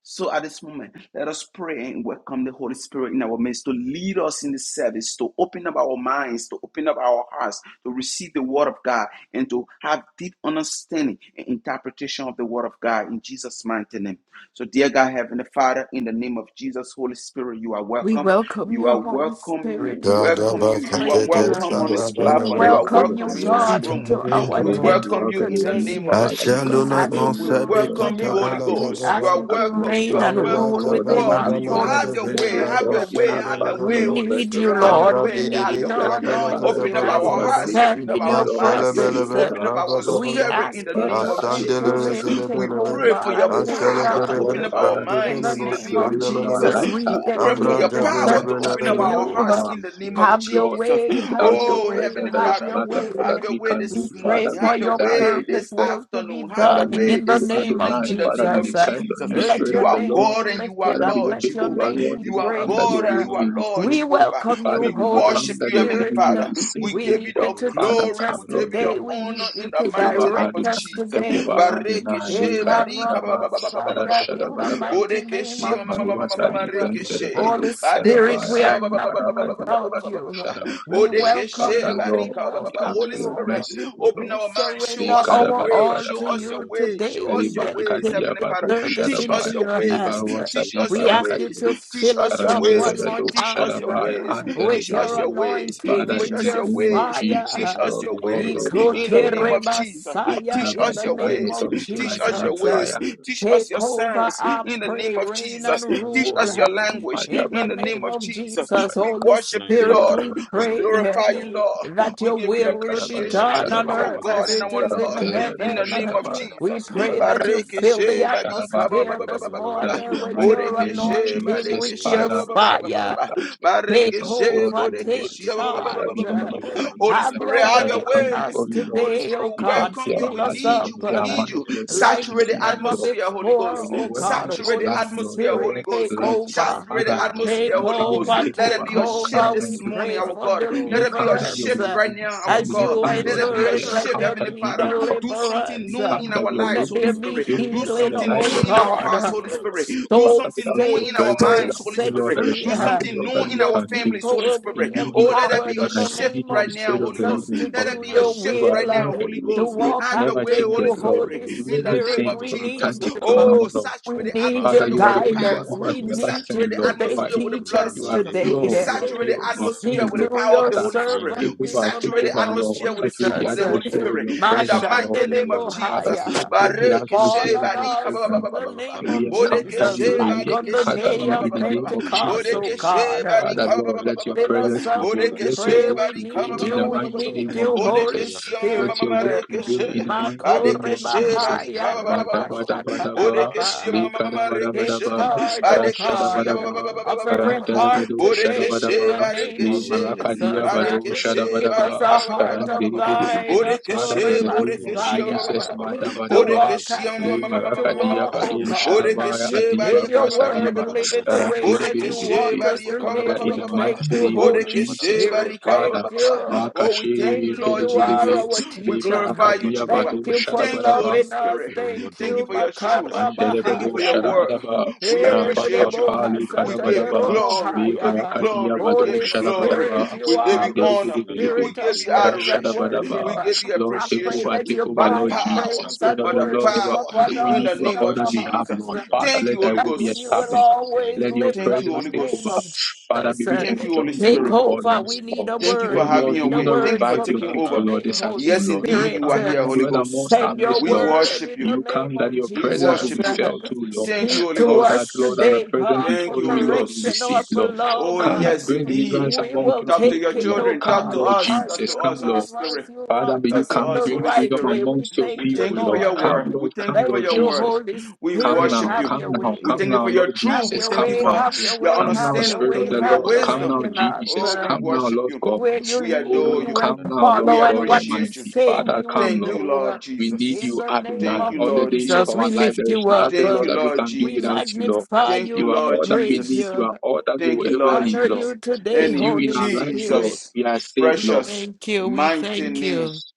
[SPEAKER 1] So at this moment, let us pray and welcome the Holy Spirit in our midst to lead us in the service, to open up our minds, to open up our hearts, to receive the Word of God, and to have deep understanding and interpretation of the Word of God in Jesus' mighty name. So, dear God, Heavenly Father, in the name of Jesus, Holy Spirit, you are
[SPEAKER 2] We
[SPEAKER 1] welcome.
[SPEAKER 2] welcome
[SPEAKER 1] You
[SPEAKER 2] you,
[SPEAKER 1] are
[SPEAKER 2] Holy
[SPEAKER 1] welcome. You
[SPEAKER 2] Spirit, into this
[SPEAKER 1] welcome
[SPEAKER 4] Ashaluna
[SPEAKER 1] you. You
[SPEAKER 2] place.
[SPEAKER 1] are
[SPEAKER 8] Oh,
[SPEAKER 1] welcome
[SPEAKER 8] King
[SPEAKER 1] on
[SPEAKER 8] of
[SPEAKER 1] this
[SPEAKER 2] We
[SPEAKER 8] Kings,
[SPEAKER 1] platform. You
[SPEAKER 8] Lord,
[SPEAKER 1] are
[SPEAKER 8] Spirit
[SPEAKER 2] welcome
[SPEAKER 8] of the
[SPEAKER 2] you,
[SPEAKER 1] welcome in
[SPEAKER 8] Lord,
[SPEAKER 1] this
[SPEAKER 2] God,
[SPEAKER 1] room.
[SPEAKER 2] into
[SPEAKER 8] the
[SPEAKER 2] our
[SPEAKER 1] We
[SPEAKER 8] name is
[SPEAKER 2] temple
[SPEAKER 1] welcome
[SPEAKER 8] Yahweh
[SPEAKER 1] you in the
[SPEAKER 8] Elohim.
[SPEAKER 1] name
[SPEAKER 2] today.
[SPEAKER 1] of
[SPEAKER 8] Father, we
[SPEAKER 2] We
[SPEAKER 8] come
[SPEAKER 1] Jesus.
[SPEAKER 2] ask
[SPEAKER 8] before
[SPEAKER 2] you
[SPEAKER 8] you,
[SPEAKER 1] We
[SPEAKER 5] Thank
[SPEAKER 2] to
[SPEAKER 8] O
[SPEAKER 5] you,
[SPEAKER 4] Monsabe
[SPEAKER 2] live
[SPEAKER 8] God.
[SPEAKER 5] sweet
[SPEAKER 1] welcome you,
[SPEAKER 2] within
[SPEAKER 1] Holy
[SPEAKER 8] Father,
[SPEAKER 2] us.
[SPEAKER 5] spirit
[SPEAKER 4] Katabala
[SPEAKER 5] of
[SPEAKER 8] this
[SPEAKER 2] We
[SPEAKER 1] Ghost.
[SPEAKER 5] God.
[SPEAKER 1] You
[SPEAKER 2] ask
[SPEAKER 1] are
[SPEAKER 4] Gadaba
[SPEAKER 2] you to
[SPEAKER 8] afternoon,
[SPEAKER 1] welcome. You
[SPEAKER 2] reign
[SPEAKER 8] your
[SPEAKER 1] are
[SPEAKER 2] and
[SPEAKER 8] presence
[SPEAKER 4] Ambra
[SPEAKER 1] welcome.
[SPEAKER 8] is
[SPEAKER 2] rule
[SPEAKER 1] We
[SPEAKER 8] all that
[SPEAKER 2] within
[SPEAKER 8] we
[SPEAKER 1] call
[SPEAKER 4] Gabala
[SPEAKER 1] unto
[SPEAKER 2] us,
[SPEAKER 8] need.
[SPEAKER 1] you.
[SPEAKER 8] We have
[SPEAKER 2] Holy
[SPEAKER 1] Have
[SPEAKER 8] no
[SPEAKER 4] Balagada
[SPEAKER 1] your
[SPEAKER 8] mercy,
[SPEAKER 4] Be
[SPEAKER 1] way.
[SPEAKER 8] O
[SPEAKER 2] Spirit.
[SPEAKER 1] Have
[SPEAKER 4] Brado
[SPEAKER 8] God.
[SPEAKER 1] your
[SPEAKER 8] We
[SPEAKER 1] way.
[SPEAKER 8] ask,
[SPEAKER 1] Have
[SPEAKER 8] Father,
[SPEAKER 5] Thank
[SPEAKER 1] your
[SPEAKER 5] you,
[SPEAKER 2] We
[SPEAKER 8] for
[SPEAKER 1] way,
[SPEAKER 8] your
[SPEAKER 4] Shalabala
[SPEAKER 1] Holy
[SPEAKER 5] sweet
[SPEAKER 2] need
[SPEAKER 8] presence,
[SPEAKER 2] you,
[SPEAKER 1] Spirit. Have
[SPEAKER 5] spirit
[SPEAKER 8] Lord.
[SPEAKER 1] your
[SPEAKER 2] Lord.
[SPEAKER 5] of
[SPEAKER 4] Ambra
[SPEAKER 2] We
[SPEAKER 1] way.
[SPEAKER 5] God.
[SPEAKER 1] Have
[SPEAKER 2] need
[SPEAKER 4] Delebe
[SPEAKER 1] your
[SPEAKER 8] We ask
[SPEAKER 2] your
[SPEAKER 1] way.
[SPEAKER 8] that,
[SPEAKER 4] Rabala
[SPEAKER 8] Father, you
[SPEAKER 1] Open
[SPEAKER 2] anointing
[SPEAKER 1] up
[SPEAKER 8] take
[SPEAKER 4] Gadabala
[SPEAKER 2] as
[SPEAKER 1] our
[SPEAKER 8] over
[SPEAKER 2] we
[SPEAKER 4] Balaba
[SPEAKER 1] hearts.
[SPEAKER 8] today's
[SPEAKER 1] Open
[SPEAKER 2] stand
[SPEAKER 1] up
[SPEAKER 2] in
[SPEAKER 8] meeting,
[SPEAKER 2] your
[SPEAKER 1] our
[SPEAKER 8] Lord. Have
[SPEAKER 4] Mashala
[SPEAKER 8] your
[SPEAKER 1] minds.
[SPEAKER 8] way
[SPEAKER 2] presence.
[SPEAKER 8] in
[SPEAKER 2] Uh,
[SPEAKER 4] belebe
[SPEAKER 1] Open
[SPEAKER 8] our
[SPEAKER 1] up
[SPEAKER 5] Thank
[SPEAKER 8] midst,
[SPEAKER 1] our
[SPEAKER 5] you,
[SPEAKER 4] Rababa
[SPEAKER 8] Lord.
[SPEAKER 2] We
[SPEAKER 5] sweet
[SPEAKER 4] Baba
[SPEAKER 1] spirit in
[SPEAKER 2] ask
[SPEAKER 5] spirit
[SPEAKER 1] the
[SPEAKER 2] you
[SPEAKER 5] of
[SPEAKER 8] Father,
[SPEAKER 1] name
[SPEAKER 2] to
[SPEAKER 1] of
[SPEAKER 8] have your way
[SPEAKER 2] enter
[SPEAKER 8] in
[SPEAKER 4] Ashandele
[SPEAKER 1] Jesus.
[SPEAKER 8] our
[SPEAKER 2] in,
[SPEAKER 8] midst,
[SPEAKER 1] We
[SPEAKER 2] take
[SPEAKER 8] Lord.
[SPEAKER 4] Gadabelebe
[SPEAKER 8] We
[SPEAKER 1] pray
[SPEAKER 2] over,
[SPEAKER 1] for
[SPEAKER 8] ask
[SPEAKER 1] your
[SPEAKER 2] and
[SPEAKER 8] for your
[SPEAKER 2] take
[SPEAKER 4] Ashala
[SPEAKER 1] power
[SPEAKER 8] presence,
[SPEAKER 1] to
[SPEAKER 5] God.
[SPEAKER 2] charge.
[SPEAKER 8] Lord.
[SPEAKER 5] Thank
[SPEAKER 1] open
[SPEAKER 2] Uh,
[SPEAKER 4] Gadabe
[SPEAKER 1] up
[SPEAKER 5] you,
[SPEAKER 1] our
[SPEAKER 8] Father,
[SPEAKER 5] Holy
[SPEAKER 2] In the
[SPEAKER 1] minds
[SPEAKER 4] Brandebele
[SPEAKER 1] in
[SPEAKER 5] Spirit.
[SPEAKER 1] the
[SPEAKER 2] name
[SPEAKER 1] name
[SPEAKER 8] your
[SPEAKER 1] of
[SPEAKER 2] of
[SPEAKER 8] way in our
[SPEAKER 1] Jesus.
[SPEAKER 2] Jesus,
[SPEAKER 4] Losiandala
[SPEAKER 8] lives,
[SPEAKER 2] we
[SPEAKER 8] have
[SPEAKER 1] We
[SPEAKER 8] your
[SPEAKER 1] pray for
[SPEAKER 8] way
[SPEAKER 4] Ambra
[SPEAKER 2] dedicate
[SPEAKER 1] your
[SPEAKER 8] in
[SPEAKER 2] this
[SPEAKER 8] our
[SPEAKER 1] power
[SPEAKER 2] service
[SPEAKER 1] to
[SPEAKER 8] minds, have
[SPEAKER 1] open up
[SPEAKER 2] to
[SPEAKER 8] your
[SPEAKER 4] Dabelebelebe
[SPEAKER 2] you.
[SPEAKER 5] Thank
[SPEAKER 1] our
[SPEAKER 8] way
[SPEAKER 5] you,
[SPEAKER 8] in
[SPEAKER 1] hearts
[SPEAKER 2] Uh,
[SPEAKER 8] our
[SPEAKER 1] in
[SPEAKER 5] Holy
[SPEAKER 1] the
[SPEAKER 8] feet,
[SPEAKER 1] name
[SPEAKER 5] Spirit.
[SPEAKER 1] of
[SPEAKER 2] Have your
[SPEAKER 8] Lord.
[SPEAKER 1] Jesus.
[SPEAKER 2] way,
[SPEAKER 8] Without
[SPEAKER 2] have your
[SPEAKER 8] your
[SPEAKER 1] Oh,
[SPEAKER 2] way,
[SPEAKER 1] Heavenly
[SPEAKER 8] presence, there
[SPEAKER 2] have
[SPEAKER 8] is
[SPEAKER 1] Father,
[SPEAKER 2] your
[SPEAKER 8] nothing more
[SPEAKER 1] have
[SPEAKER 2] way.
[SPEAKER 8] that
[SPEAKER 1] your
[SPEAKER 8] we
[SPEAKER 1] way
[SPEAKER 8] can
[SPEAKER 5] Thank
[SPEAKER 8] do,
[SPEAKER 1] this
[SPEAKER 2] We
[SPEAKER 5] you,
[SPEAKER 2] pray
[SPEAKER 1] morning.
[SPEAKER 8] Father.
[SPEAKER 5] Holy
[SPEAKER 8] We
[SPEAKER 1] Have
[SPEAKER 2] for
[SPEAKER 1] your
[SPEAKER 2] your
[SPEAKER 5] Spirit.
[SPEAKER 8] desire
[SPEAKER 1] way
[SPEAKER 8] you, O
[SPEAKER 2] perfect
[SPEAKER 1] this
[SPEAKER 8] God.
[SPEAKER 2] will to be
[SPEAKER 1] afternoon. Have
[SPEAKER 8] Father,
[SPEAKER 1] your
[SPEAKER 2] done
[SPEAKER 8] we
[SPEAKER 1] way
[SPEAKER 8] need
[SPEAKER 2] in the
[SPEAKER 8] you,
[SPEAKER 1] this
[SPEAKER 2] name
[SPEAKER 1] evening
[SPEAKER 2] of
[SPEAKER 8] Adonai.
[SPEAKER 1] in the
[SPEAKER 5] Thank
[SPEAKER 8] Father,
[SPEAKER 5] you,
[SPEAKER 1] name
[SPEAKER 8] we
[SPEAKER 1] of
[SPEAKER 2] Jesus. Uh,
[SPEAKER 5] Holy
[SPEAKER 8] depend on
[SPEAKER 1] Jesus.
[SPEAKER 5] Spirit.
[SPEAKER 8] you,
[SPEAKER 2] Let
[SPEAKER 8] Spirit
[SPEAKER 1] You
[SPEAKER 2] your
[SPEAKER 8] of the
[SPEAKER 1] are
[SPEAKER 2] name
[SPEAKER 8] Lord.
[SPEAKER 2] be
[SPEAKER 1] God and you are
[SPEAKER 2] lifted
[SPEAKER 8] Father,
[SPEAKER 2] up.
[SPEAKER 8] may you
[SPEAKER 1] Lord
[SPEAKER 8] take
[SPEAKER 2] Let your
[SPEAKER 8] over,
[SPEAKER 1] Jehovah.
[SPEAKER 2] name
[SPEAKER 8] Lord.
[SPEAKER 2] be
[SPEAKER 8] May
[SPEAKER 1] You
[SPEAKER 8] you
[SPEAKER 1] are
[SPEAKER 8] come that
[SPEAKER 5] Thank
[SPEAKER 2] praised.
[SPEAKER 8] your
[SPEAKER 1] God and
[SPEAKER 5] you,
[SPEAKER 8] will
[SPEAKER 1] you are
[SPEAKER 8] may
[SPEAKER 5] Holy
[SPEAKER 8] be
[SPEAKER 1] Lord
[SPEAKER 2] We
[SPEAKER 8] seen.
[SPEAKER 5] Spirit.
[SPEAKER 1] Jehovah.
[SPEAKER 2] welcome
[SPEAKER 8] Father,
[SPEAKER 2] you,
[SPEAKER 1] We
[SPEAKER 8] may you
[SPEAKER 2] Holy
[SPEAKER 1] worship
[SPEAKER 8] come that
[SPEAKER 1] you,
[SPEAKER 8] your
[SPEAKER 1] Heavenly
[SPEAKER 2] Spirit.
[SPEAKER 8] glory may
[SPEAKER 1] Father.
[SPEAKER 8] be seen,
[SPEAKER 1] We
[SPEAKER 2] We
[SPEAKER 8] O
[SPEAKER 1] give you
[SPEAKER 2] need
[SPEAKER 1] the
[SPEAKER 8] God.
[SPEAKER 2] you to
[SPEAKER 5] Oh,
[SPEAKER 1] glory
[SPEAKER 8] Father,
[SPEAKER 5] bara
[SPEAKER 2] teach
[SPEAKER 1] glory.
[SPEAKER 8] come,
[SPEAKER 2] us
[SPEAKER 1] We
[SPEAKER 8] Lord.
[SPEAKER 1] give
[SPEAKER 5] shata
[SPEAKER 1] you
[SPEAKER 8] Take,
[SPEAKER 1] the
[SPEAKER 2] today. We
[SPEAKER 5] brakata.
[SPEAKER 1] honor
[SPEAKER 2] need you
[SPEAKER 1] in the
[SPEAKER 2] to
[SPEAKER 8] take over,
[SPEAKER 1] mighty name
[SPEAKER 2] direct
[SPEAKER 1] of
[SPEAKER 2] us
[SPEAKER 8] Adonai.
[SPEAKER 1] Jesus.
[SPEAKER 8] Take
[SPEAKER 2] today.
[SPEAKER 8] over,
[SPEAKER 5] Thank
[SPEAKER 8] Adonai.
[SPEAKER 5] you,
[SPEAKER 1] Barekeshe,
[SPEAKER 5] Holy Spirit.
[SPEAKER 1] barika, ba- ba-
[SPEAKER 8] Lekadabadaba.
[SPEAKER 1] ba-
[SPEAKER 2] Ekarabosaya, In the mighty name
[SPEAKER 1] Borekeshe,
[SPEAKER 2] of
[SPEAKER 8] Maruwa
[SPEAKER 2] Jesus.
[SPEAKER 5] Thank you,
[SPEAKER 8] Salifan
[SPEAKER 5] Holy
[SPEAKER 8] daga Gado
[SPEAKER 2] Holy
[SPEAKER 5] Spirit.
[SPEAKER 2] Spirit,
[SPEAKER 8] Shadabaya
[SPEAKER 2] we are
[SPEAKER 8] Ali
[SPEAKER 2] nothing
[SPEAKER 8] Barakadi
[SPEAKER 2] without
[SPEAKER 8] Abadu
[SPEAKER 2] you.
[SPEAKER 5] Thank
[SPEAKER 8] Shadabaya
[SPEAKER 5] you,
[SPEAKER 2] We
[SPEAKER 5] Holy
[SPEAKER 2] welcome
[SPEAKER 5] Spirit.
[SPEAKER 8] Father
[SPEAKER 2] you. We
[SPEAKER 8] the
[SPEAKER 1] barika,
[SPEAKER 8] we ask
[SPEAKER 2] welcome
[SPEAKER 1] Holy
[SPEAKER 8] for your
[SPEAKER 1] Spirit,
[SPEAKER 2] you.
[SPEAKER 8] mercy, O
[SPEAKER 1] open
[SPEAKER 2] We
[SPEAKER 8] Lord.
[SPEAKER 1] our minds. Show
[SPEAKER 8] Le
[SPEAKER 2] surrender
[SPEAKER 1] us your
[SPEAKER 5] Thank
[SPEAKER 2] our
[SPEAKER 5] you,
[SPEAKER 8] Kadabada
[SPEAKER 1] way.
[SPEAKER 5] sweet
[SPEAKER 2] all
[SPEAKER 8] Bada
[SPEAKER 1] Show
[SPEAKER 2] to
[SPEAKER 1] us
[SPEAKER 5] Spirit
[SPEAKER 1] your
[SPEAKER 2] you
[SPEAKER 5] of
[SPEAKER 1] way.
[SPEAKER 5] God.
[SPEAKER 1] Show
[SPEAKER 2] today.
[SPEAKER 8] Le
[SPEAKER 2] We
[SPEAKER 1] us your ways,
[SPEAKER 2] dedicate
[SPEAKER 8] Markadia
[SPEAKER 1] Heavenly
[SPEAKER 2] the
[SPEAKER 1] Father.
[SPEAKER 8] Bado
[SPEAKER 2] service
[SPEAKER 1] Teach
[SPEAKER 2] into
[SPEAKER 8] Shadabaya
[SPEAKER 1] us your
[SPEAKER 2] your
[SPEAKER 8] Di
[SPEAKER 1] ways.
[SPEAKER 5] Thank
[SPEAKER 2] hands.
[SPEAKER 8] Baruwa
[SPEAKER 5] you,
[SPEAKER 1] Teach
[SPEAKER 5] sweet
[SPEAKER 8] Sadi
[SPEAKER 1] us
[SPEAKER 2] We
[SPEAKER 1] your
[SPEAKER 5] Spirit
[SPEAKER 2] ask
[SPEAKER 5] of
[SPEAKER 2] you
[SPEAKER 1] ways.
[SPEAKER 8] Barakadia
[SPEAKER 5] God.
[SPEAKER 2] to
[SPEAKER 1] Teach
[SPEAKER 2] fill
[SPEAKER 1] us
[SPEAKER 2] us
[SPEAKER 1] your
[SPEAKER 2] up
[SPEAKER 8] Rande de
[SPEAKER 2] one
[SPEAKER 1] ways.
[SPEAKER 2] more
[SPEAKER 8] Bado
[SPEAKER 1] Teach us
[SPEAKER 2] time
[SPEAKER 1] your
[SPEAKER 2] uh,
[SPEAKER 8] Shadabaya
[SPEAKER 1] ways.
[SPEAKER 8] and the
[SPEAKER 5] Thank
[SPEAKER 1] Teach
[SPEAKER 2] with
[SPEAKER 5] you,
[SPEAKER 2] your
[SPEAKER 1] us
[SPEAKER 8] Rebellion.
[SPEAKER 1] your
[SPEAKER 5] Holy
[SPEAKER 1] ways.
[SPEAKER 5] Spirit.
[SPEAKER 2] anointing,
[SPEAKER 8] Father,
[SPEAKER 1] Teach
[SPEAKER 8] in
[SPEAKER 2] with
[SPEAKER 1] us
[SPEAKER 8] the
[SPEAKER 2] your
[SPEAKER 1] your
[SPEAKER 8] name of
[SPEAKER 1] ways. Teach
[SPEAKER 8] Jesus,
[SPEAKER 2] fire.
[SPEAKER 5] Thank
[SPEAKER 1] us
[SPEAKER 8] Lord
[SPEAKER 1] your
[SPEAKER 5] you,
[SPEAKER 8] God
[SPEAKER 1] ways.
[SPEAKER 5] Spirit
[SPEAKER 8] of
[SPEAKER 1] In
[SPEAKER 5] Divine,
[SPEAKER 8] mercy
[SPEAKER 1] the name of
[SPEAKER 8] Almighty,
[SPEAKER 1] Jesus.
[SPEAKER 2] Ikoterebasaya,
[SPEAKER 8] Father,
[SPEAKER 1] Teach
[SPEAKER 8] by
[SPEAKER 2] In
[SPEAKER 1] us
[SPEAKER 2] the
[SPEAKER 1] your
[SPEAKER 8] divine
[SPEAKER 2] name
[SPEAKER 1] ways.
[SPEAKER 2] of
[SPEAKER 5] the
[SPEAKER 8] authority,
[SPEAKER 1] Teach
[SPEAKER 8] by
[SPEAKER 1] us
[SPEAKER 8] divine
[SPEAKER 1] your
[SPEAKER 5] presence
[SPEAKER 2] Jesus,
[SPEAKER 5] of
[SPEAKER 2] uh,
[SPEAKER 5] the
[SPEAKER 1] ways.
[SPEAKER 8] fire,
[SPEAKER 5] Father,
[SPEAKER 1] Teach us
[SPEAKER 2] take
[SPEAKER 1] your
[SPEAKER 2] over,
[SPEAKER 1] signs
[SPEAKER 2] I
[SPEAKER 1] in the name
[SPEAKER 2] pray,
[SPEAKER 1] of
[SPEAKER 2] reign
[SPEAKER 5] the
[SPEAKER 2] and
[SPEAKER 1] Jesus.
[SPEAKER 5] Father
[SPEAKER 1] Teach
[SPEAKER 5] that
[SPEAKER 2] rule.
[SPEAKER 1] us your
[SPEAKER 5] lives in us.
[SPEAKER 1] language
[SPEAKER 8] Father,
[SPEAKER 2] In
[SPEAKER 1] in
[SPEAKER 2] the
[SPEAKER 1] the name
[SPEAKER 2] name
[SPEAKER 1] of
[SPEAKER 2] of
[SPEAKER 1] Jesus.
[SPEAKER 2] Jesus,
[SPEAKER 1] We
[SPEAKER 2] Holy
[SPEAKER 1] worship you,
[SPEAKER 5] Thank
[SPEAKER 8] by
[SPEAKER 2] Spirit,
[SPEAKER 5] you,
[SPEAKER 8] the
[SPEAKER 1] Lord.
[SPEAKER 2] we
[SPEAKER 5] Holy
[SPEAKER 1] We
[SPEAKER 2] pray
[SPEAKER 5] Paracletus.
[SPEAKER 1] glorify you, Lord.
[SPEAKER 2] that
[SPEAKER 1] We
[SPEAKER 2] your
[SPEAKER 1] give you the
[SPEAKER 2] will will be
[SPEAKER 8] Rikarabado
[SPEAKER 1] appreciation,
[SPEAKER 2] done on
[SPEAKER 5] Rabakata
[SPEAKER 1] our
[SPEAKER 8] Shadabadaba,
[SPEAKER 2] earth
[SPEAKER 5] bragada
[SPEAKER 1] God
[SPEAKER 2] as
[SPEAKER 1] and
[SPEAKER 2] it
[SPEAKER 1] our
[SPEAKER 2] is
[SPEAKER 5] bragado
[SPEAKER 2] in
[SPEAKER 1] Lord,
[SPEAKER 5] bragadia
[SPEAKER 1] in
[SPEAKER 8] Delabado
[SPEAKER 1] the
[SPEAKER 5] bragada
[SPEAKER 2] heaven.
[SPEAKER 1] name of
[SPEAKER 5] bragada
[SPEAKER 8] Shadabada,
[SPEAKER 2] We
[SPEAKER 1] Jesus.
[SPEAKER 5] bragada
[SPEAKER 2] pray
[SPEAKER 5] bragada
[SPEAKER 2] that you
[SPEAKER 8] Ibarakadi
[SPEAKER 1] Bareke
[SPEAKER 2] fill the
[SPEAKER 1] she
[SPEAKER 8] Ataru
[SPEAKER 1] badika
[SPEAKER 8] Shadabada,
[SPEAKER 1] ba ba
[SPEAKER 2] atmosphere
[SPEAKER 1] ba ba
[SPEAKER 5] rebede
[SPEAKER 2] this
[SPEAKER 1] ba ba ba
[SPEAKER 5] bede yebe
[SPEAKER 8] that
[SPEAKER 1] ba
[SPEAKER 8] in
[SPEAKER 2] morning
[SPEAKER 8] the
[SPEAKER 1] ba.
[SPEAKER 5] raba
[SPEAKER 2] with
[SPEAKER 8] mighty
[SPEAKER 2] your
[SPEAKER 1] Boreke
[SPEAKER 8] name of
[SPEAKER 1] she
[SPEAKER 5] brogoto
[SPEAKER 2] anointing,
[SPEAKER 8] Jesus,
[SPEAKER 1] bareke
[SPEAKER 2] with
[SPEAKER 5] bragato
[SPEAKER 1] she ba
[SPEAKER 2] your
[SPEAKER 5] utmana
[SPEAKER 8] Father,
[SPEAKER 1] ba ba ba ba ba
[SPEAKER 5] bragadasko
[SPEAKER 2] fire.
[SPEAKER 1] ba
[SPEAKER 8] the
[SPEAKER 1] ba.
[SPEAKER 8] actual
[SPEAKER 1] Bareke
[SPEAKER 2] Take
[SPEAKER 8] presence,
[SPEAKER 1] she
[SPEAKER 8] Lord, to
[SPEAKER 2] over,
[SPEAKER 8] go
[SPEAKER 1] boreke
[SPEAKER 5] rumbo
[SPEAKER 8] on.
[SPEAKER 2] take
[SPEAKER 1] she ba ba ba
[SPEAKER 5] sokoto
[SPEAKER 1] ba
[SPEAKER 8] Father,
[SPEAKER 1] ba
[SPEAKER 2] charge.
[SPEAKER 1] ba
[SPEAKER 8] we
[SPEAKER 1] ba
[SPEAKER 5] bragata
[SPEAKER 1] ba
[SPEAKER 8] need
[SPEAKER 2] uh,
[SPEAKER 8] you
[SPEAKER 5] izele
[SPEAKER 1] ba.
[SPEAKER 8] and you
[SPEAKER 5] bragata
[SPEAKER 1] Holy
[SPEAKER 2] Have
[SPEAKER 8] tonight.
[SPEAKER 1] Spirit,
[SPEAKER 2] your
[SPEAKER 1] have
[SPEAKER 5] bragato
[SPEAKER 8] Father, we
[SPEAKER 1] your
[SPEAKER 2] way
[SPEAKER 8] come
[SPEAKER 5] utmana
[SPEAKER 2] in
[SPEAKER 1] way.
[SPEAKER 2] us
[SPEAKER 8] before you,
[SPEAKER 5] bragadasko
[SPEAKER 8] Lord.
[SPEAKER 1] Holy
[SPEAKER 2] today,
[SPEAKER 1] Spirit,
[SPEAKER 2] oh
[SPEAKER 1] we
[SPEAKER 8] We
[SPEAKER 2] God.
[SPEAKER 8] empty
[SPEAKER 1] welcome you.
[SPEAKER 5] Rabba
[SPEAKER 8] our
[SPEAKER 2] Fill
[SPEAKER 1] We
[SPEAKER 5] Rabba
[SPEAKER 8] hearts,
[SPEAKER 5] Rabba
[SPEAKER 2] us
[SPEAKER 8] we
[SPEAKER 1] need
[SPEAKER 2] up
[SPEAKER 5] Rabba
[SPEAKER 1] you.
[SPEAKER 5] Rabba
[SPEAKER 1] We
[SPEAKER 8] empty our
[SPEAKER 2] uh,
[SPEAKER 1] need
[SPEAKER 8] minds,
[SPEAKER 1] you.
[SPEAKER 5] Rabba
[SPEAKER 8] Lord, ready to
[SPEAKER 2] like
[SPEAKER 1] Saturate the
[SPEAKER 8] receive you,
[SPEAKER 2] never
[SPEAKER 8] Lord.
[SPEAKER 1] atmosphere, Holy
[SPEAKER 8] For
[SPEAKER 2] before,
[SPEAKER 1] Ghost.
[SPEAKER 5] Rabba
[SPEAKER 8] your
[SPEAKER 2] oh
[SPEAKER 8] word
[SPEAKER 2] God.
[SPEAKER 8] is
[SPEAKER 1] Saturate the
[SPEAKER 2] Holy
[SPEAKER 8] life, Lord.
[SPEAKER 1] atmosphere,
[SPEAKER 8] Your
[SPEAKER 2] Spirit,
[SPEAKER 1] Holy
[SPEAKER 8] word is
[SPEAKER 1] Ghost.
[SPEAKER 2] take
[SPEAKER 8] life, Lord.
[SPEAKER 2] over.
[SPEAKER 1] Saturate the
[SPEAKER 8] Father,
[SPEAKER 1] atmosphere,
[SPEAKER 2] Take
[SPEAKER 8] you
[SPEAKER 1] Holy
[SPEAKER 8] come
[SPEAKER 1] Ghost.
[SPEAKER 8] and
[SPEAKER 2] over,
[SPEAKER 8] take
[SPEAKER 1] Let
[SPEAKER 8] over
[SPEAKER 1] it
[SPEAKER 2] take
[SPEAKER 1] be a
[SPEAKER 8] me. You
[SPEAKER 1] shift
[SPEAKER 2] over.
[SPEAKER 8] come
[SPEAKER 2] We
[SPEAKER 8] and
[SPEAKER 1] this
[SPEAKER 8] take over
[SPEAKER 1] morning,
[SPEAKER 2] pray
[SPEAKER 1] our
[SPEAKER 2] for
[SPEAKER 1] God.
[SPEAKER 8] May
[SPEAKER 1] Let
[SPEAKER 8] you
[SPEAKER 1] it be
[SPEAKER 8] come
[SPEAKER 1] a
[SPEAKER 8] that your
[SPEAKER 2] deliverance.
[SPEAKER 1] shift
[SPEAKER 8] will
[SPEAKER 2] uh,
[SPEAKER 1] right
[SPEAKER 8] may be
[SPEAKER 1] now,
[SPEAKER 8] seen.
[SPEAKER 1] our
[SPEAKER 8] May
[SPEAKER 2] As
[SPEAKER 8] you
[SPEAKER 1] God.
[SPEAKER 2] you
[SPEAKER 8] come,
[SPEAKER 1] Let
[SPEAKER 8] Lord,
[SPEAKER 1] it
[SPEAKER 8] that
[SPEAKER 1] be
[SPEAKER 2] enter
[SPEAKER 8] we
[SPEAKER 1] a
[SPEAKER 8] may
[SPEAKER 2] in, let
[SPEAKER 1] shift,
[SPEAKER 2] there
[SPEAKER 1] Heavenly
[SPEAKER 8] encounter
[SPEAKER 2] be
[SPEAKER 8] thee, O
[SPEAKER 1] Father.
[SPEAKER 8] God.
[SPEAKER 1] Do
[SPEAKER 8] May
[SPEAKER 1] something
[SPEAKER 2] deliverance.
[SPEAKER 8] you
[SPEAKER 1] new
[SPEAKER 2] uh,
[SPEAKER 8] come
[SPEAKER 1] in
[SPEAKER 8] that
[SPEAKER 1] our
[SPEAKER 8] your
[SPEAKER 1] lives,
[SPEAKER 8] will
[SPEAKER 2] Let
[SPEAKER 1] Holy
[SPEAKER 2] there
[SPEAKER 8] be
[SPEAKER 2] be
[SPEAKER 1] Spirit.
[SPEAKER 8] prevailed
[SPEAKER 1] Do
[SPEAKER 8] over
[SPEAKER 2] healing,
[SPEAKER 8] the
[SPEAKER 1] something
[SPEAKER 2] oh
[SPEAKER 8] lives
[SPEAKER 1] new
[SPEAKER 8] of
[SPEAKER 1] in
[SPEAKER 8] your
[SPEAKER 1] our
[SPEAKER 2] God.
[SPEAKER 1] hearts,
[SPEAKER 8] people.
[SPEAKER 2] uh,
[SPEAKER 1] Holy Spirit. Do
[SPEAKER 2] Soul
[SPEAKER 8] Father,
[SPEAKER 1] something
[SPEAKER 8] without
[SPEAKER 1] new
[SPEAKER 8] your
[SPEAKER 1] in
[SPEAKER 2] saved,
[SPEAKER 1] our
[SPEAKER 8] presence,
[SPEAKER 2] soul
[SPEAKER 1] minds,
[SPEAKER 8] without
[SPEAKER 1] Holy
[SPEAKER 8] you,
[SPEAKER 2] set
[SPEAKER 8] Lord,
[SPEAKER 1] Spirit.
[SPEAKER 8] there is
[SPEAKER 2] free.
[SPEAKER 1] Do
[SPEAKER 2] uh,
[SPEAKER 8] nothing,
[SPEAKER 1] something being
[SPEAKER 8] Lord, that
[SPEAKER 1] known in
[SPEAKER 8] we
[SPEAKER 2] your
[SPEAKER 1] our
[SPEAKER 8] can do.
[SPEAKER 1] families,
[SPEAKER 2] people
[SPEAKER 1] Holy
[SPEAKER 2] will
[SPEAKER 8] We
[SPEAKER 1] Spirit.
[SPEAKER 2] be
[SPEAKER 8] need
[SPEAKER 1] Oh,
[SPEAKER 8] you,
[SPEAKER 1] let there be
[SPEAKER 2] empowered
[SPEAKER 1] a
[SPEAKER 2] in the
[SPEAKER 8] Adonai. We
[SPEAKER 1] shift
[SPEAKER 8] need
[SPEAKER 2] name
[SPEAKER 8] you,
[SPEAKER 1] right
[SPEAKER 2] of
[SPEAKER 1] now,
[SPEAKER 8] Spirit of
[SPEAKER 1] Holy
[SPEAKER 8] the
[SPEAKER 1] Ghost.
[SPEAKER 2] Jesus
[SPEAKER 8] living
[SPEAKER 2] to
[SPEAKER 1] Let
[SPEAKER 8] God.
[SPEAKER 1] there
[SPEAKER 2] do
[SPEAKER 1] be a
[SPEAKER 2] your
[SPEAKER 1] shift
[SPEAKER 8] You are
[SPEAKER 1] right
[SPEAKER 2] will,
[SPEAKER 8] you
[SPEAKER 2] uh,
[SPEAKER 1] now,
[SPEAKER 8] are the
[SPEAKER 1] Holy
[SPEAKER 8] living
[SPEAKER 2] to
[SPEAKER 1] Ghost.
[SPEAKER 8] Lord.
[SPEAKER 2] walk
[SPEAKER 1] Have
[SPEAKER 8] You
[SPEAKER 1] your
[SPEAKER 8] never
[SPEAKER 2] after
[SPEAKER 1] way,
[SPEAKER 8] change
[SPEAKER 1] Holy
[SPEAKER 8] that,
[SPEAKER 2] you,
[SPEAKER 8] Lord.
[SPEAKER 1] Spirit,
[SPEAKER 2] Holy
[SPEAKER 8] You
[SPEAKER 1] in
[SPEAKER 8] remain
[SPEAKER 1] the
[SPEAKER 8] the
[SPEAKER 1] name
[SPEAKER 2] Spirit.
[SPEAKER 8] same
[SPEAKER 1] of
[SPEAKER 2] We
[SPEAKER 8] from
[SPEAKER 1] Jesus.
[SPEAKER 2] need
[SPEAKER 8] eternity to
[SPEAKER 2] you.
[SPEAKER 8] now,
[SPEAKER 1] Oh,
[SPEAKER 8] Lord.
[SPEAKER 2] We
[SPEAKER 1] saturate the
[SPEAKER 2] need your
[SPEAKER 5] Rabba
[SPEAKER 8] Father,
[SPEAKER 1] atmosphere
[SPEAKER 8] you
[SPEAKER 1] with
[SPEAKER 8] are
[SPEAKER 1] your
[SPEAKER 8] the only one
[SPEAKER 2] guidance.
[SPEAKER 8] who
[SPEAKER 5] Rabba
[SPEAKER 1] power.
[SPEAKER 8] has
[SPEAKER 2] We
[SPEAKER 1] We
[SPEAKER 8] never
[SPEAKER 2] need you
[SPEAKER 5] Rabba
[SPEAKER 8] sinned,
[SPEAKER 1] saturate the
[SPEAKER 8] Lord. You
[SPEAKER 2] today.
[SPEAKER 8] are
[SPEAKER 1] atmosphere
[SPEAKER 8] im,
[SPEAKER 1] with the
[SPEAKER 2] Teach
[SPEAKER 1] blood of
[SPEAKER 2] us
[SPEAKER 8] you are
[SPEAKER 1] Jesus.
[SPEAKER 5] Rambuteis
[SPEAKER 1] We
[SPEAKER 5] all
[SPEAKER 8] pure,
[SPEAKER 2] today.
[SPEAKER 8] you
[SPEAKER 5] over
[SPEAKER 8] are
[SPEAKER 1] saturate the
[SPEAKER 8] pure, you are
[SPEAKER 5] Godobragadus.
[SPEAKER 1] atmosphere
[SPEAKER 2] Speak
[SPEAKER 8] holy,
[SPEAKER 1] with the
[SPEAKER 8] Lord.
[SPEAKER 2] through
[SPEAKER 1] power of
[SPEAKER 2] your
[SPEAKER 1] the
[SPEAKER 8] Father,
[SPEAKER 1] Holy Spirit.
[SPEAKER 5] Thank
[SPEAKER 2] servant
[SPEAKER 8] take
[SPEAKER 5] you,
[SPEAKER 1] We
[SPEAKER 2] in
[SPEAKER 8] over,
[SPEAKER 2] the
[SPEAKER 5] Jesus.
[SPEAKER 8] take
[SPEAKER 1] saturate the
[SPEAKER 2] name
[SPEAKER 8] over,
[SPEAKER 5] Thank you,
[SPEAKER 2] of
[SPEAKER 8] Lord.
[SPEAKER 1] atmosphere with the
[SPEAKER 5] Jesus.
[SPEAKER 8] Saturate
[SPEAKER 1] truth
[SPEAKER 5] Thank
[SPEAKER 8] the
[SPEAKER 1] of
[SPEAKER 2] Jesus.
[SPEAKER 5] you,
[SPEAKER 1] the Holy
[SPEAKER 8] atmosphere
[SPEAKER 5] Jesus.
[SPEAKER 8] with
[SPEAKER 1] Spirit.
[SPEAKER 8] your
[SPEAKER 1] In the
[SPEAKER 8] presence,
[SPEAKER 5] Thank
[SPEAKER 8] Lord.
[SPEAKER 1] mighty
[SPEAKER 5] you,
[SPEAKER 1] name of
[SPEAKER 5] Holy
[SPEAKER 8] Father,
[SPEAKER 1] Jesus.
[SPEAKER 5] Spirit.
[SPEAKER 2] Mashandedebohaya.
[SPEAKER 5] Thank you,
[SPEAKER 8] saturate the
[SPEAKER 5] sweet
[SPEAKER 1] Bareke she
[SPEAKER 5] Spirit
[SPEAKER 2] Fall
[SPEAKER 8] atmosphere
[SPEAKER 5] of
[SPEAKER 8] with
[SPEAKER 2] on
[SPEAKER 8] your
[SPEAKER 1] barika ba
[SPEAKER 2] us
[SPEAKER 1] ba ba ba
[SPEAKER 8] fragrance.
[SPEAKER 2] in
[SPEAKER 1] ba
[SPEAKER 2] the
[SPEAKER 1] ba
[SPEAKER 5] God.
[SPEAKER 1] ba.
[SPEAKER 8] May
[SPEAKER 2] name
[SPEAKER 8] we
[SPEAKER 2] of
[SPEAKER 5] Kaba
[SPEAKER 1] Bodeke
[SPEAKER 8] encounter
[SPEAKER 2] Jesus,
[SPEAKER 1] she
[SPEAKER 5] Yashala
[SPEAKER 8] you, may
[SPEAKER 2] like
[SPEAKER 8] we
[SPEAKER 2] on
[SPEAKER 1] bareke
[SPEAKER 2] the
[SPEAKER 5] Brakataba.
[SPEAKER 1] she ba
[SPEAKER 8] encounter
[SPEAKER 1] ba
[SPEAKER 2] day
[SPEAKER 1] ba
[SPEAKER 8] you
[SPEAKER 2] of
[SPEAKER 1] ba
[SPEAKER 8] in
[SPEAKER 1] ba
[SPEAKER 8] the
[SPEAKER 1] ba
[SPEAKER 8] name
[SPEAKER 1] ba.
[SPEAKER 8] of
[SPEAKER 2] Pentecost,
[SPEAKER 8] Jesus.
[SPEAKER 2] oh
[SPEAKER 5] Magadaba
[SPEAKER 1] Bodeke she
[SPEAKER 5] Yagada.
[SPEAKER 2] God.
[SPEAKER 8] Father,
[SPEAKER 1] barika
[SPEAKER 5] Sokoto
[SPEAKER 1] ba ba
[SPEAKER 8] Lord,
[SPEAKER 1] ba
[SPEAKER 8] let
[SPEAKER 1] ba ba
[SPEAKER 8] your
[SPEAKER 1] ba
[SPEAKER 5] Bragadaba
[SPEAKER 1] ba
[SPEAKER 2] Fill
[SPEAKER 1] ba.
[SPEAKER 2] us
[SPEAKER 8] presence
[SPEAKER 5] Yagada
[SPEAKER 2] up,
[SPEAKER 8] prevail.
[SPEAKER 2] we
[SPEAKER 1] Bodeke
[SPEAKER 5] Bragada.
[SPEAKER 8] Let
[SPEAKER 1] she
[SPEAKER 8] your
[SPEAKER 2] pray.
[SPEAKER 8] will
[SPEAKER 2] We
[SPEAKER 1] barika ba
[SPEAKER 8] prevail
[SPEAKER 2] need
[SPEAKER 1] ba
[SPEAKER 8] in
[SPEAKER 1] ba
[SPEAKER 2] you.
[SPEAKER 8] the
[SPEAKER 5] Robo
[SPEAKER 1] ba
[SPEAKER 2] We
[SPEAKER 1] ba ba
[SPEAKER 8] mighty
[SPEAKER 1] ba ba.
[SPEAKER 2] need
[SPEAKER 8] name
[SPEAKER 5] Sokoto
[SPEAKER 8] of
[SPEAKER 2] you,
[SPEAKER 5] Bragataba
[SPEAKER 1] Bodeke
[SPEAKER 2] Holy
[SPEAKER 8] Jesus.
[SPEAKER 1] she
[SPEAKER 5] Yakapura
[SPEAKER 1] ma
[SPEAKER 2] Spirit.
[SPEAKER 8] Let
[SPEAKER 1] ma
[SPEAKER 8] your
[SPEAKER 1] ma
[SPEAKER 8] will
[SPEAKER 5] Yakataba.
[SPEAKER 1] reke
[SPEAKER 8] prevail
[SPEAKER 1] she.
[SPEAKER 8] in the mighty
[SPEAKER 5] Rabba
[SPEAKER 8] name
[SPEAKER 2] Makore
[SPEAKER 1] Bareke
[SPEAKER 8] of
[SPEAKER 1] she
[SPEAKER 5] Shakata
[SPEAKER 8] Jesus.
[SPEAKER 1] barika
[SPEAKER 2] Mahaya
[SPEAKER 5] Brakato
[SPEAKER 1] ba ba ba ba
[SPEAKER 8] Bada
[SPEAKER 1] ba
[SPEAKER 5] Brakoto
[SPEAKER 1] ba ba.
[SPEAKER 8] bada
[SPEAKER 5] Brakataba
[SPEAKER 8] bada
[SPEAKER 2] Rabashata
[SPEAKER 8] ba,
[SPEAKER 1] Bodeke
[SPEAKER 5] Yakari
[SPEAKER 1] she ma
[SPEAKER 2] Baba.
[SPEAKER 1] ma
[SPEAKER 5] Yakataba
[SPEAKER 1] ma ma
[SPEAKER 8] lekada
[SPEAKER 1] ma
[SPEAKER 8] bada
[SPEAKER 5] Yakata.
[SPEAKER 1] reke
[SPEAKER 8] bada
[SPEAKER 2] Take
[SPEAKER 1] she.
[SPEAKER 8] ba,
[SPEAKER 2] charge, oh
[SPEAKER 1] Bareke
[SPEAKER 8] rashada
[SPEAKER 1] she ba
[SPEAKER 8] bada
[SPEAKER 2] God
[SPEAKER 1] ba ba ba
[SPEAKER 8] ba,
[SPEAKER 5] Mirakete
[SPEAKER 1] ba ba ba
[SPEAKER 2] of
[SPEAKER 5] Brakoto
[SPEAKER 1] ba ba
[SPEAKER 2] every
[SPEAKER 1] ba.
[SPEAKER 8] randada
[SPEAKER 5] Bragata.
[SPEAKER 2] heart
[SPEAKER 8] bado shada
[SPEAKER 1] Bodeke
[SPEAKER 2] today
[SPEAKER 8] bada
[SPEAKER 2] in
[SPEAKER 1] she
[SPEAKER 2] the
[SPEAKER 8] ba,
[SPEAKER 2] name
[SPEAKER 1] bareke
[SPEAKER 5] Robo
[SPEAKER 8] le
[SPEAKER 2] of
[SPEAKER 1] she.
[SPEAKER 5] Nozola
[SPEAKER 8] marakadia
[SPEAKER 2] Jesus. Uh,
[SPEAKER 5] Bragato
[SPEAKER 8] bado
[SPEAKER 1] Bareke
[SPEAKER 5] Zola
[SPEAKER 8] shada
[SPEAKER 1] she
[SPEAKER 8] bada
[SPEAKER 5] Bragata
[SPEAKER 2] Give us
[SPEAKER 8] ba,
[SPEAKER 2] a
[SPEAKER 5] Yakari
[SPEAKER 2] heart of
[SPEAKER 8] randede
[SPEAKER 1] barika
[SPEAKER 5] Yakataba
[SPEAKER 8] bede bede
[SPEAKER 2] thine,
[SPEAKER 8] bede.
[SPEAKER 2] O Kore
[SPEAKER 8] Father, in
[SPEAKER 1] Borekeshe,
[SPEAKER 8] the name of
[SPEAKER 1] Borekeshia,
[SPEAKER 5] Rabadeberia
[SPEAKER 1] ba- ba- ba-
[SPEAKER 5] Baria
[SPEAKER 8] Jesus,
[SPEAKER 2] Messiah,
[SPEAKER 1] ba- ba- ba- ba.
[SPEAKER 8] mada
[SPEAKER 5] Parakato
[SPEAKER 2] to
[SPEAKER 8] bada ba,
[SPEAKER 5] Prokoto
[SPEAKER 2] walk
[SPEAKER 1] Borekeshia,
[SPEAKER 5] Prakata
[SPEAKER 2] after
[SPEAKER 1] ma-
[SPEAKER 8] le
[SPEAKER 1] ma- ma-
[SPEAKER 5] Baria
[SPEAKER 2] you,
[SPEAKER 1] ma- ma- ma-
[SPEAKER 2] to
[SPEAKER 1] ma-
[SPEAKER 5] Baria
[SPEAKER 1] ma- ma- ma-
[SPEAKER 8] marakadia
[SPEAKER 5] Kata
[SPEAKER 2] walk,
[SPEAKER 1] ma.
[SPEAKER 2] oh
[SPEAKER 8] bado
[SPEAKER 5] Baria Kata
[SPEAKER 8] shada
[SPEAKER 2] God,
[SPEAKER 8] ba,
[SPEAKER 1] Borekeshe,
[SPEAKER 8] adiba
[SPEAKER 2] in your
[SPEAKER 1] Bariaka, ba- ba- ba-
[SPEAKER 5] Jala
[SPEAKER 1] ba-
[SPEAKER 2] word,
[SPEAKER 1] ba-
[SPEAKER 8] ruasadiba,
[SPEAKER 1] ba-
[SPEAKER 5] Prakata
[SPEAKER 1] ba-
[SPEAKER 2] live in
[SPEAKER 1] ba.
[SPEAKER 2] the
[SPEAKER 5] Baria
[SPEAKER 2] way
[SPEAKER 8] randede
[SPEAKER 5] Baria
[SPEAKER 2] that you
[SPEAKER 8] bede
[SPEAKER 5] Kopuru
[SPEAKER 8] bede
[SPEAKER 1] Borekeshe,
[SPEAKER 2] want
[SPEAKER 5] Kata
[SPEAKER 8] bede.
[SPEAKER 2] us to
[SPEAKER 5] Prokoto
[SPEAKER 1] Bariaka, ba- ba-
[SPEAKER 8] Father,
[SPEAKER 2] live.
[SPEAKER 5] Prakata
[SPEAKER 1] ba-
[SPEAKER 8] in
[SPEAKER 1] ba-
[SPEAKER 2] We
[SPEAKER 8] the
[SPEAKER 1] ba- ba-
[SPEAKER 8] mighty
[SPEAKER 2] thank
[SPEAKER 5] Yabarakata
[SPEAKER 1] ba.
[SPEAKER 2] you,
[SPEAKER 8] name
[SPEAKER 5] Baria
[SPEAKER 8] of
[SPEAKER 2] Holy
[SPEAKER 5] Kata Bada
[SPEAKER 8] Jesus,
[SPEAKER 1] Borekeshe,
[SPEAKER 5] Kata
[SPEAKER 8] Lord
[SPEAKER 5] Bada
[SPEAKER 2] Spirit.
[SPEAKER 1] Barika,
[SPEAKER 5] Kata
[SPEAKER 1] ba- ba-
[SPEAKER 8] Father,
[SPEAKER 5] Bada
[SPEAKER 2] Thank
[SPEAKER 1] ba-
[SPEAKER 5] Ba
[SPEAKER 1] ba- ba.
[SPEAKER 2] you.
[SPEAKER 8] Maka
[SPEAKER 1] Oh, we thank you,
[SPEAKER 2] Thank
[SPEAKER 8] Shiri
[SPEAKER 2] you,
[SPEAKER 5] Rombo
[SPEAKER 1] Lord
[SPEAKER 2] you
[SPEAKER 5] Dobo Dobo
[SPEAKER 2] are
[SPEAKER 8] Kedibidibi,
[SPEAKER 1] Jesus.
[SPEAKER 5] Dobo
[SPEAKER 2] our
[SPEAKER 1] We
[SPEAKER 5] Shokoto
[SPEAKER 2] teacher.
[SPEAKER 1] glorify
[SPEAKER 8] Rebaraka
[SPEAKER 1] you,
[SPEAKER 5] Prakata
[SPEAKER 8] Dia
[SPEAKER 1] Jehovah.
[SPEAKER 8] Bado
[SPEAKER 2] Thank
[SPEAKER 5] Baria
[SPEAKER 2] you
[SPEAKER 5] Bada Ba
[SPEAKER 2] for
[SPEAKER 1] Thank you,
[SPEAKER 8] Shadabaraba,
[SPEAKER 1] Holy
[SPEAKER 2] loving us.
[SPEAKER 1] Spirit.
[SPEAKER 5] Rombo
[SPEAKER 2] Thank
[SPEAKER 1] Thank
[SPEAKER 5] Dobo
[SPEAKER 1] you
[SPEAKER 2] you,
[SPEAKER 1] for
[SPEAKER 5] Jala
[SPEAKER 1] your
[SPEAKER 5] Prakata
[SPEAKER 1] truth.
[SPEAKER 5] Ishala
[SPEAKER 1] Thank you
[SPEAKER 8] Andelebedo
[SPEAKER 1] for
[SPEAKER 5] Prakata
[SPEAKER 1] your
[SPEAKER 2] Makarabahaya.
[SPEAKER 1] word.
[SPEAKER 8] Shadabadaba,
[SPEAKER 1] We
[SPEAKER 2] Holy
[SPEAKER 5] Yabada
[SPEAKER 1] appreciate
[SPEAKER 5] Ba
[SPEAKER 1] you.
[SPEAKER 8] Rapapapali
[SPEAKER 5] Shokoto
[SPEAKER 1] We
[SPEAKER 5] Prakata
[SPEAKER 1] give you
[SPEAKER 5] Bada
[SPEAKER 8] Kadabadaba,
[SPEAKER 5] Ba
[SPEAKER 1] glory. We
[SPEAKER 5] Shanta
[SPEAKER 1] give you
[SPEAKER 5] Brate
[SPEAKER 8] Lebarakadia
[SPEAKER 1] glory. We
[SPEAKER 8] Bado
[SPEAKER 5] Barabade
[SPEAKER 1] give you
[SPEAKER 5] Barabade
[SPEAKER 1] glory.
[SPEAKER 2] Spirit,
[SPEAKER 8] Shadabadaba,
[SPEAKER 2] you
[SPEAKER 1] We
[SPEAKER 5] Barabade
[SPEAKER 1] give
[SPEAKER 2] are
[SPEAKER 1] you
[SPEAKER 2] the
[SPEAKER 1] honor.
[SPEAKER 5] Thank
[SPEAKER 1] We
[SPEAKER 8] Mandelebedebedebe,
[SPEAKER 5] you,
[SPEAKER 2] spirit
[SPEAKER 1] give
[SPEAKER 2] of
[SPEAKER 5] sweet
[SPEAKER 1] you
[SPEAKER 2] praise
[SPEAKER 5] spirit
[SPEAKER 2] and
[SPEAKER 5] of
[SPEAKER 1] adoration.
[SPEAKER 5] God.
[SPEAKER 2] worship.
[SPEAKER 1] We
[SPEAKER 8] Rashadabadaba.
[SPEAKER 1] give you
[SPEAKER 8] Lord,
[SPEAKER 2] I
[SPEAKER 8] take
[SPEAKER 2] pray
[SPEAKER 1] appreciation
[SPEAKER 8] over,
[SPEAKER 2] that
[SPEAKER 8] take
[SPEAKER 2] you
[SPEAKER 1] by
[SPEAKER 8] over,
[SPEAKER 1] the
[SPEAKER 5] Oh,
[SPEAKER 8] Lord
[SPEAKER 2] bind
[SPEAKER 8] Jesus.
[SPEAKER 2] praise
[SPEAKER 1] power,
[SPEAKER 8] Spirit
[SPEAKER 2] and
[SPEAKER 8] of
[SPEAKER 1] by
[SPEAKER 5] Barasakata
[SPEAKER 8] the
[SPEAKER 1] the
[SPEAKER 8] Lord,
[SPEAKER 5] Prakata
[SPEAKER 2] worship
[SPEAKER 8] you are
[SPEAKER 1] power
[SPEAKER 8] all
[SPEAKER 2] upon
[SPEAKER 8] that we
[SPEAKER 1] in
[SPEAKER 8] need,
[SPEAKER 1] the
[SPEAKER 2] us
[SPEAKER 8] you
[SPEAKER 2] in
[SPEAKER 8] are
[SPEAKER 1] name
[SPEAKER 8] all
[SPEAKER 1] of
[SPEAKER 8] that
[SPEAKER 5] Vala
[SPEAKER 2] our
[SPEAKER 8] we have,
[SPEAKER 5] Prakata
[SPEAKER 1] Jesus.
[SPEAKER 2] hearts.
[SPEAKER 8] Lord.
[SPEAKER 5] Jala
[SPEAKER 8] Father,
[SPEAKER 1] Thank you,
[SPEAKER 8] let thy
[SPEAKER 1] Holy
[SPEAKER 5] Prakata
[SPEAKER 8] will
[SPEAKER 2] That
[SPEAKER 8] be
[SPEAKER 2] we will
[SPEAKER 1] Ghost.
[SPEAKER 8] established.
[SPEAKER 5] Thank
[SPEAKER 2] always
[SPEAKER 8] Let
[SPEAKER 5] you,
[SPEAKER 8] your
[SPEAKER 2] lift
[SPEAKER 5] sweet
[SPEAKER 1] Thank
[SPEAKER 2] up
[SPEAKER 1] you,
[SPEAKER 2] the
[SPEAKER 8] presence
[SPEAKER 1] Holy
[SPEAKER 5] spirit
[SPEAKER 8] take
[SPEAKER 5] of
[SPEAKER 8] over.
[SPEAKER 2] name
[SPEAKER 5] God.
[SPEAKER 2] of
[SPEAKER 1] Ghost.
[SPEAKER 8] Father,
[SPEAKER 2] Jesus.
[SPEAKER 8] may
[SPEAKER 2] Uh,
[SPEAKER 8] we
[SPEAKER 1] Thank you, Holy
[SPEAKER 8] enjoy
[SPEAKER 5] Thank
[SPEAKER 8] you,
[SPEAKER 2] Take
[SPEAKER 5] you,
[SPEAKER 8] O
[SPEAKER 1] Spirit.
[SPEAKER 5] sweet
[SPEAKER 8] God,
[SPEAKER 2] over.
[SPEAKER 8] once
[SPEAKER 2] We
[SPEAKER 5] spirit of
[SPEAKER 2] need
[SPEAKER 8] more.
[SPEAKER 2] a
[SPEAKER 5] God.
[SPEAKER 1] Thank you for
[SPEAKER 2] word.
[SPEAKER 8] Oh
[SPEAKER 2] We
[SPEAKER 1] having
[SPEAKER 8] Lord,
[SPEAKER 1] your
[SPEAKER 2] need
[SPEAKER 8] will
[SPEAKER 2] a
[SPEAKER 8] you
[SPEAKER 1] way.
[SPEAKER 8] not
[SPEAKER 1] Thank you
[SPEAKER 2] word
[SPEAKER 1] for
[SPEAKER 8] revive
[SPEAKER 2] from
[SPEAKER 8] your
[SPEAKER 1] taking
[SPEAKER 5] Slata
[SPEAKER 2] you
[SPEAKER 8] people,
[SPEAKER 1] over.
[SPEAKER 5] brade
[SPEAKER 8] Lord,
[SPEAKER 2] today,
[SPEAKER 8] this
[SPEAKER 5] baraba.
[SPEAKER 2] Holy
[SPEAKER 1] Yes,
[SPEAKER 8] afternoon, Lord? Will you
[SPEAKER 1] indeed, you
[SPEAKER 2] Spirit.
[SPEAKER 1] are
[SPEAKER 8] come
[SPEAKER 2] Uh,
[SPEAKER 1] here,
[SPEAKER 8] and
[SPEAKER 1] Holy
[SPEAKER 8] dwell amongst
[SPEAKER 1] Ghost.
[SPEAKER 8] our
[SPEAKER 2] Send your
[SPEAKER 8] midst,
[SPEAKER 5] Melagada
[SPEAKER 1] We
[SPEAKER 8] Lord?
[SPEAKER 5] baraba.
[SPEAKER 2] word
[SPEAKER 1] worship
[SPEAKER 2] in the
[SPEAKER 1] you.
[SPEAKER 8] you
[SPEAKER 2] name
[SPEAKER 8] come that
[SPEAKER 2] of
[SPEAKER 8] your
[SPEAKER 1] We
[SPEAKER 8] presence will
[SPEAKER 2] Jesus.
[SPEAKER 8] be
[SPEAKER 1] worship
[SPEAKER 5] Thank
[SPEAKER 1] you.
[SPEAKER 5] you,
[SPEAKER 2] Uh,
[SPEAKER 8] felt
[SPEAKER 5] sweet
[SPEAKER 8] too, Lord.
[SPEAKER 5] spirit
[SPEAKER 1] Thank
[SPEAKER 5] of
[SPEAKER 1] you,
[SPEAKER 2] Speak
[SPEAKER 1] Holy
[SPEAKER 5] God.
[SPEAKER 8] And
[SPEAKER 2] to
[SPEAKER 8] all that,
[SPEAKER 2] us
[SPEAKER 1] Ghost.
[SPEAKER 8] Lord, that are
[SPEAKER 2] today,
[SPEAKER 8] present
[SPEAKER 2] God, for
[SPEAKER 1] Thank
[SPEAKER 8] before
[SPEAKER 1] you,
[SPEAKER 8] you,
[SPEAKER 1] Holy
[SPEAKER 8] Lord, will be
[SPEAKER 2] correction or
[SPEAKER 8] seen,
[SPEAKER 1] Ghost.
[SPEAKER 2] for
[SPEAKER 8] Lord.
[SPEAKER 1] Oh,
[SPEAKER 8] Come
[SPEAKER 2] love.
[SPEAKER 8] and
[SPEAKER 1] yes,
[SPEAKER 8] bring deliverance
[SPEAKER 1] indeed.
[SPEAKER 2] We
[SPEAKER 8] among
[SPEAKER 2] will
[SPEAKER 8] your
[SPEAKER 1] Talk to your
[SPEAKER 2] take
[SPEAKER 8] people,
[SPEAKER 2] it,
[SPEAKER 8] Lord.
[SPEAKER 2] oh
[SPEAKER 1] children. Talk
[SPEAKER 8] Come,
[SPEAKER 1] to
[SPEAKER 2] God,
[SPEAKER 8] Lord
[SPEAKER 1] us.
[SPEAKER 2] because
[SPEAKER 1] Talk
[SPEAKER 8] Jesus.
[SPEAKER 1] to
[SPEAKER 2] you
[SPEAKER 8] Come,
[SPEAKER 1] us, Holy
[SPEAKER 8] Lord.
[SPEAKER 2] love
[SPEAKER 1] Spirit.
[SPEAKER 2] us. You
[SPEAKER 8] Father, may
[SPEAKER 2] want
[SPEAKER 8] you
[SPEAKER 1] Talk
[SPEAKER 2] us
[SPEAKER 1] to
[SPEAKER 2] in
[SPEAKER 8] come
[SPEAKER 1] us,
[SPEAKER 2] the
[SPEAKER 8] bring
[SPEAKER 1] Holy
[SPEAKER 2] right
[SPEAKER 8] freedom
[SPEAKER 1] Spirit.
[SPEAKER 2] way. We
[SPEAKER 8] amongst your
[SPEAKER 1] We
[SPEAKER 2] thank you,
[SPEAKER 8] people,
[SPEAKER 1] thank
[SPEAKER 5] Thank
[SPEAKER 1] you for
[SPEAKER 5] you,
[SPEAKER 8] Lord.
[SPEAKER 5] Lord
[SPEAKER 1] your
[SPEAKER 2] Lord.
[SPEAKER 8] Come,
[SPEAKER 1] word.
[SPEAKER 5] Jesus.
[SPEAKER 1] We
[SPEAKER 8] Lord.
[SPEAKER 1] thank you
[SPEAKER 8] Come,
[SPEAKER 1] for
[SPEAKER 8] Lord
[SPEAKER 2] Thank
[SPEAKER 1] your
[SPEAKER 2] you,
[SPEAKER 1] word.
[SPEAKER 8] Jesus.
[SPEAKER 2] Holy
[SPEAKER 1] We
[SPEAKER 8] Come
[SPEAKER 2] Spirit.
[SPEAKER 1] worship
[SPEAKER 8] now,
[SPEAKER 2] Have
[SPEAKER 1] you.
[SPEAKER 5] Thank
[SPEAKER 8] come
[SPEAKER 2] your
[SPEAKER 5] you, Lord
[SPEAKER 8] now,
[SPEAKER 1] We
[SPEAKER 8] come
[SPEAKER 2] way.
[SPEAKER 1] thank you
[SPEAKER 5] Jesus.
[SPEAKER 8] now,
[SPEAKER 1] for your
[SPEAKER 8] Lord
[SPEAKER 1] truth.
[SPEAKER 2] Have
[SPEAKER 1] We
[SPEAKER 8] Jesus.
[SPEAKER 2] your
[SPEAKER 1] thank
[SPEAKER 8] Come
[SPEAKER 1] you
[SPEAKER 2] way,
[SPEAKER 1] for
[SPEAKER 8] now.
[SPEAKER 2] have your
[SPEAKER 1] your
[SPEAKER 2] way,
[SPEAKER 8] Come now,
[SPEAKER 2] have
[SPEAKER 1] understanding.
[SPEAKER 2] your
[SPEAKER 1] We
[SPEAKER 8] Spirit
[SPEAKER 1] thank
[SPEAKER 8] of
[SPEAKER 2] way,
[SPEAKER 1] you
[SPEAKER 8] the
[SPEAKER 1] for
[SPEAKER 2] have
[SPEAKER 1] your
[SPEAKER 5] Thank
[SPEAKER 8] Lord.
[SPEAKER 2] your
[SPEAKER 5] you,
[SPEAKER 8] Come
[SPEAKER 2] way
[SPEAKER 5] Lord
[SPEAKER 1] wisdom.
[SPEAKER 8] now,
[SPEAKER 2] in
[SPEAKER 5] Jesus.
[SPEAKER 8] Jesus.
[SPEAKER 1] Oh,
[SPEAKER 2] us.
[SPEAKER 1] we
[SPEAKER 8] Come now,
[SPEAKER 1] worship
[SPEAKER 8] Lord
[SPEAKER 1] you.
[SPEAKER 8] God.
[SPEAKER 2] Where you
[SPEAKER 1] We
[SPEAKER 2] lead,
[SPEAKER 1] adore
[SPEAKER 8] Oh,
[SPEAKER 2] we
[SPEAKER 5] Shala
[SPEAKER 1] you.
[SPEAKER 2] will
[SPEAKER 8] come
[SPEAKER 5] bragada,
[SPEAKER 8] now,
[SPEAKER 1] We
[SPEAKER 8] Lord
[SPEAKER 2] follow,
[SPEAKER 5] shala
[SPEAKER 2] and
[SPEAKER 8] God
[SPEAKER 2] what
[SPEAKER 5] bragada.
[SPEAKER 2] you
[SPEAKER 1] appreciate you.
[SPEAKER 8] Almighty.
[SPEAKER 2] say,
[SPEAKER 8] Father,
[SPEAKER 2] we will
[SPEAKER 8] come,
[SPEAKER 1] Thank you,
[SPEAKER 8] Lord.
[SPEAKER 2] do.
[SPEAKER 1] Lord
[SPEAKER 8] We need
[SPEAKER 2] In
[SPEAKER 1] Jesus.
[SPEAKER 8] you,
[SPEAKER 2] the name
[SPEAKER 8] Adonai.
[SPEAKER 1] Thank
[SPEAKER 2] of
[SPEAKER 1] you,
[SPEAKER 8] All the
[SPEAKER 1] Lord
[SPEAKER 8] days of
[SPEAKER 2] Jesus,
[SPEAKER 5] Thank
[SPEAKER 2] we
[SPEAKER 8] our
[SPEAKER 5] you,
[SPEAKER 1] Jesus.
[SPEAKER 8] life,
[SPEAKER 2] lift
[SPEAKER 8] there is
[SPEAKER 2] you
[SPEAKER 5] Jesus.
[SPEAKER 2] up.
[SPEAKER 8] nothing,
[SPEAKER 1] Thank
[SPEAKER 8] Lord,
[SPEAKER 1] you,
[SPEAKER 8] that we
[SPEAKER 1] Lord
[SPEAKER 8] can do
[SPEAKER 2] We
[SPEAKER 8] without
[SPEAKER 1] Jesus.
[SPEAKER 8] you, Lord.
[SPEAKER 2] magnify
[SPEAKER 1] Thank
[SPEAKER 2] you.
[SPEAKER 1] you,
[SPEAKER 8] You are
[SPEAKER 2] We
[SPEAKER 1] Lord
[SPEAKER 8] all that we
[SPEAKER 2] praise
[SPEAKER 8] need.
[SPEAKER 1] Jesus.
[SPEAKER 8] You
[SPEAKER 2] you.
[SPEAKER 8] are all that we
[SPEAKER 1] Thank
[SPEAKER 8] will
[SPEAKER 1] you,
[SPEAKER 2] We
[SPEAKER 8] ever
[SPEAKER 1] Lord
[SPEAKER 8] need,
[SPEAKER 2] honor
[SPEAKER 8] Lord.
[SPEAKER 1] Jesus.
[SPEAKER 2] you
[SPEAKER 8] With
[SPEAKER 2] today,
[SPEAKER 1] And in
[SPEAKER 8] you in
[SPEAKER 2] Holy
[SPEAKER 8] our lives, Lord,
[SPEAKER 2] Spirit.
[SPEAKER 1] Jesus'
[SPEAKER 8] we are safe,
[SPEAKER 2] We
[SPEAKER 8] Lord.
[SPEAKER 1] precious
[SPEAKER 2] thank you. We
[SPEAKER 1] mighty
[SPEAKER 2] thank
[SPEAKER 1] name,
[SPEAKER 2] you.
[SPEAKER 8] Jesus.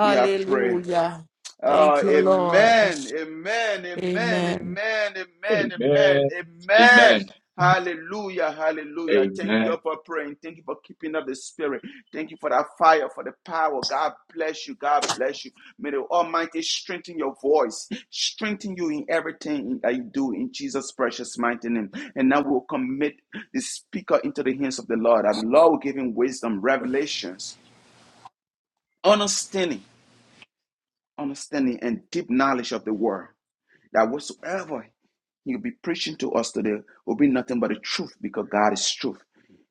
[SPEAKER 1] we have prayed. Oh,
[SPEAKER 2] Thank you, Lord.
[SPEAKER 1] amen, amen, amen,
[SPEAKER 2] Amen.
[SPEAKER 1] amen, amen, amen,
[SPEAKER 8] Amen. Amen.
[SPEAKER 1] amen. Hallelujah, hallelujah. Thank you
[SPEAKER 8] Amen.
[SPEAKER 1] all for praying. Thank you for keeping up the spirit. Thank you for that fire, for the power. God bless you. God bless you. May the Almighty strengthen your voice, strengthen you in everything that you do in Jesus' precious mighty name. And now we'll commit the speaker into the hands of the Lord. That the Lord will give him wisdom, revelations, understanding, understanding, and deep knowledge of the word that whatsoever He'll be preaching to us today will be nothing but the truth because God is truth.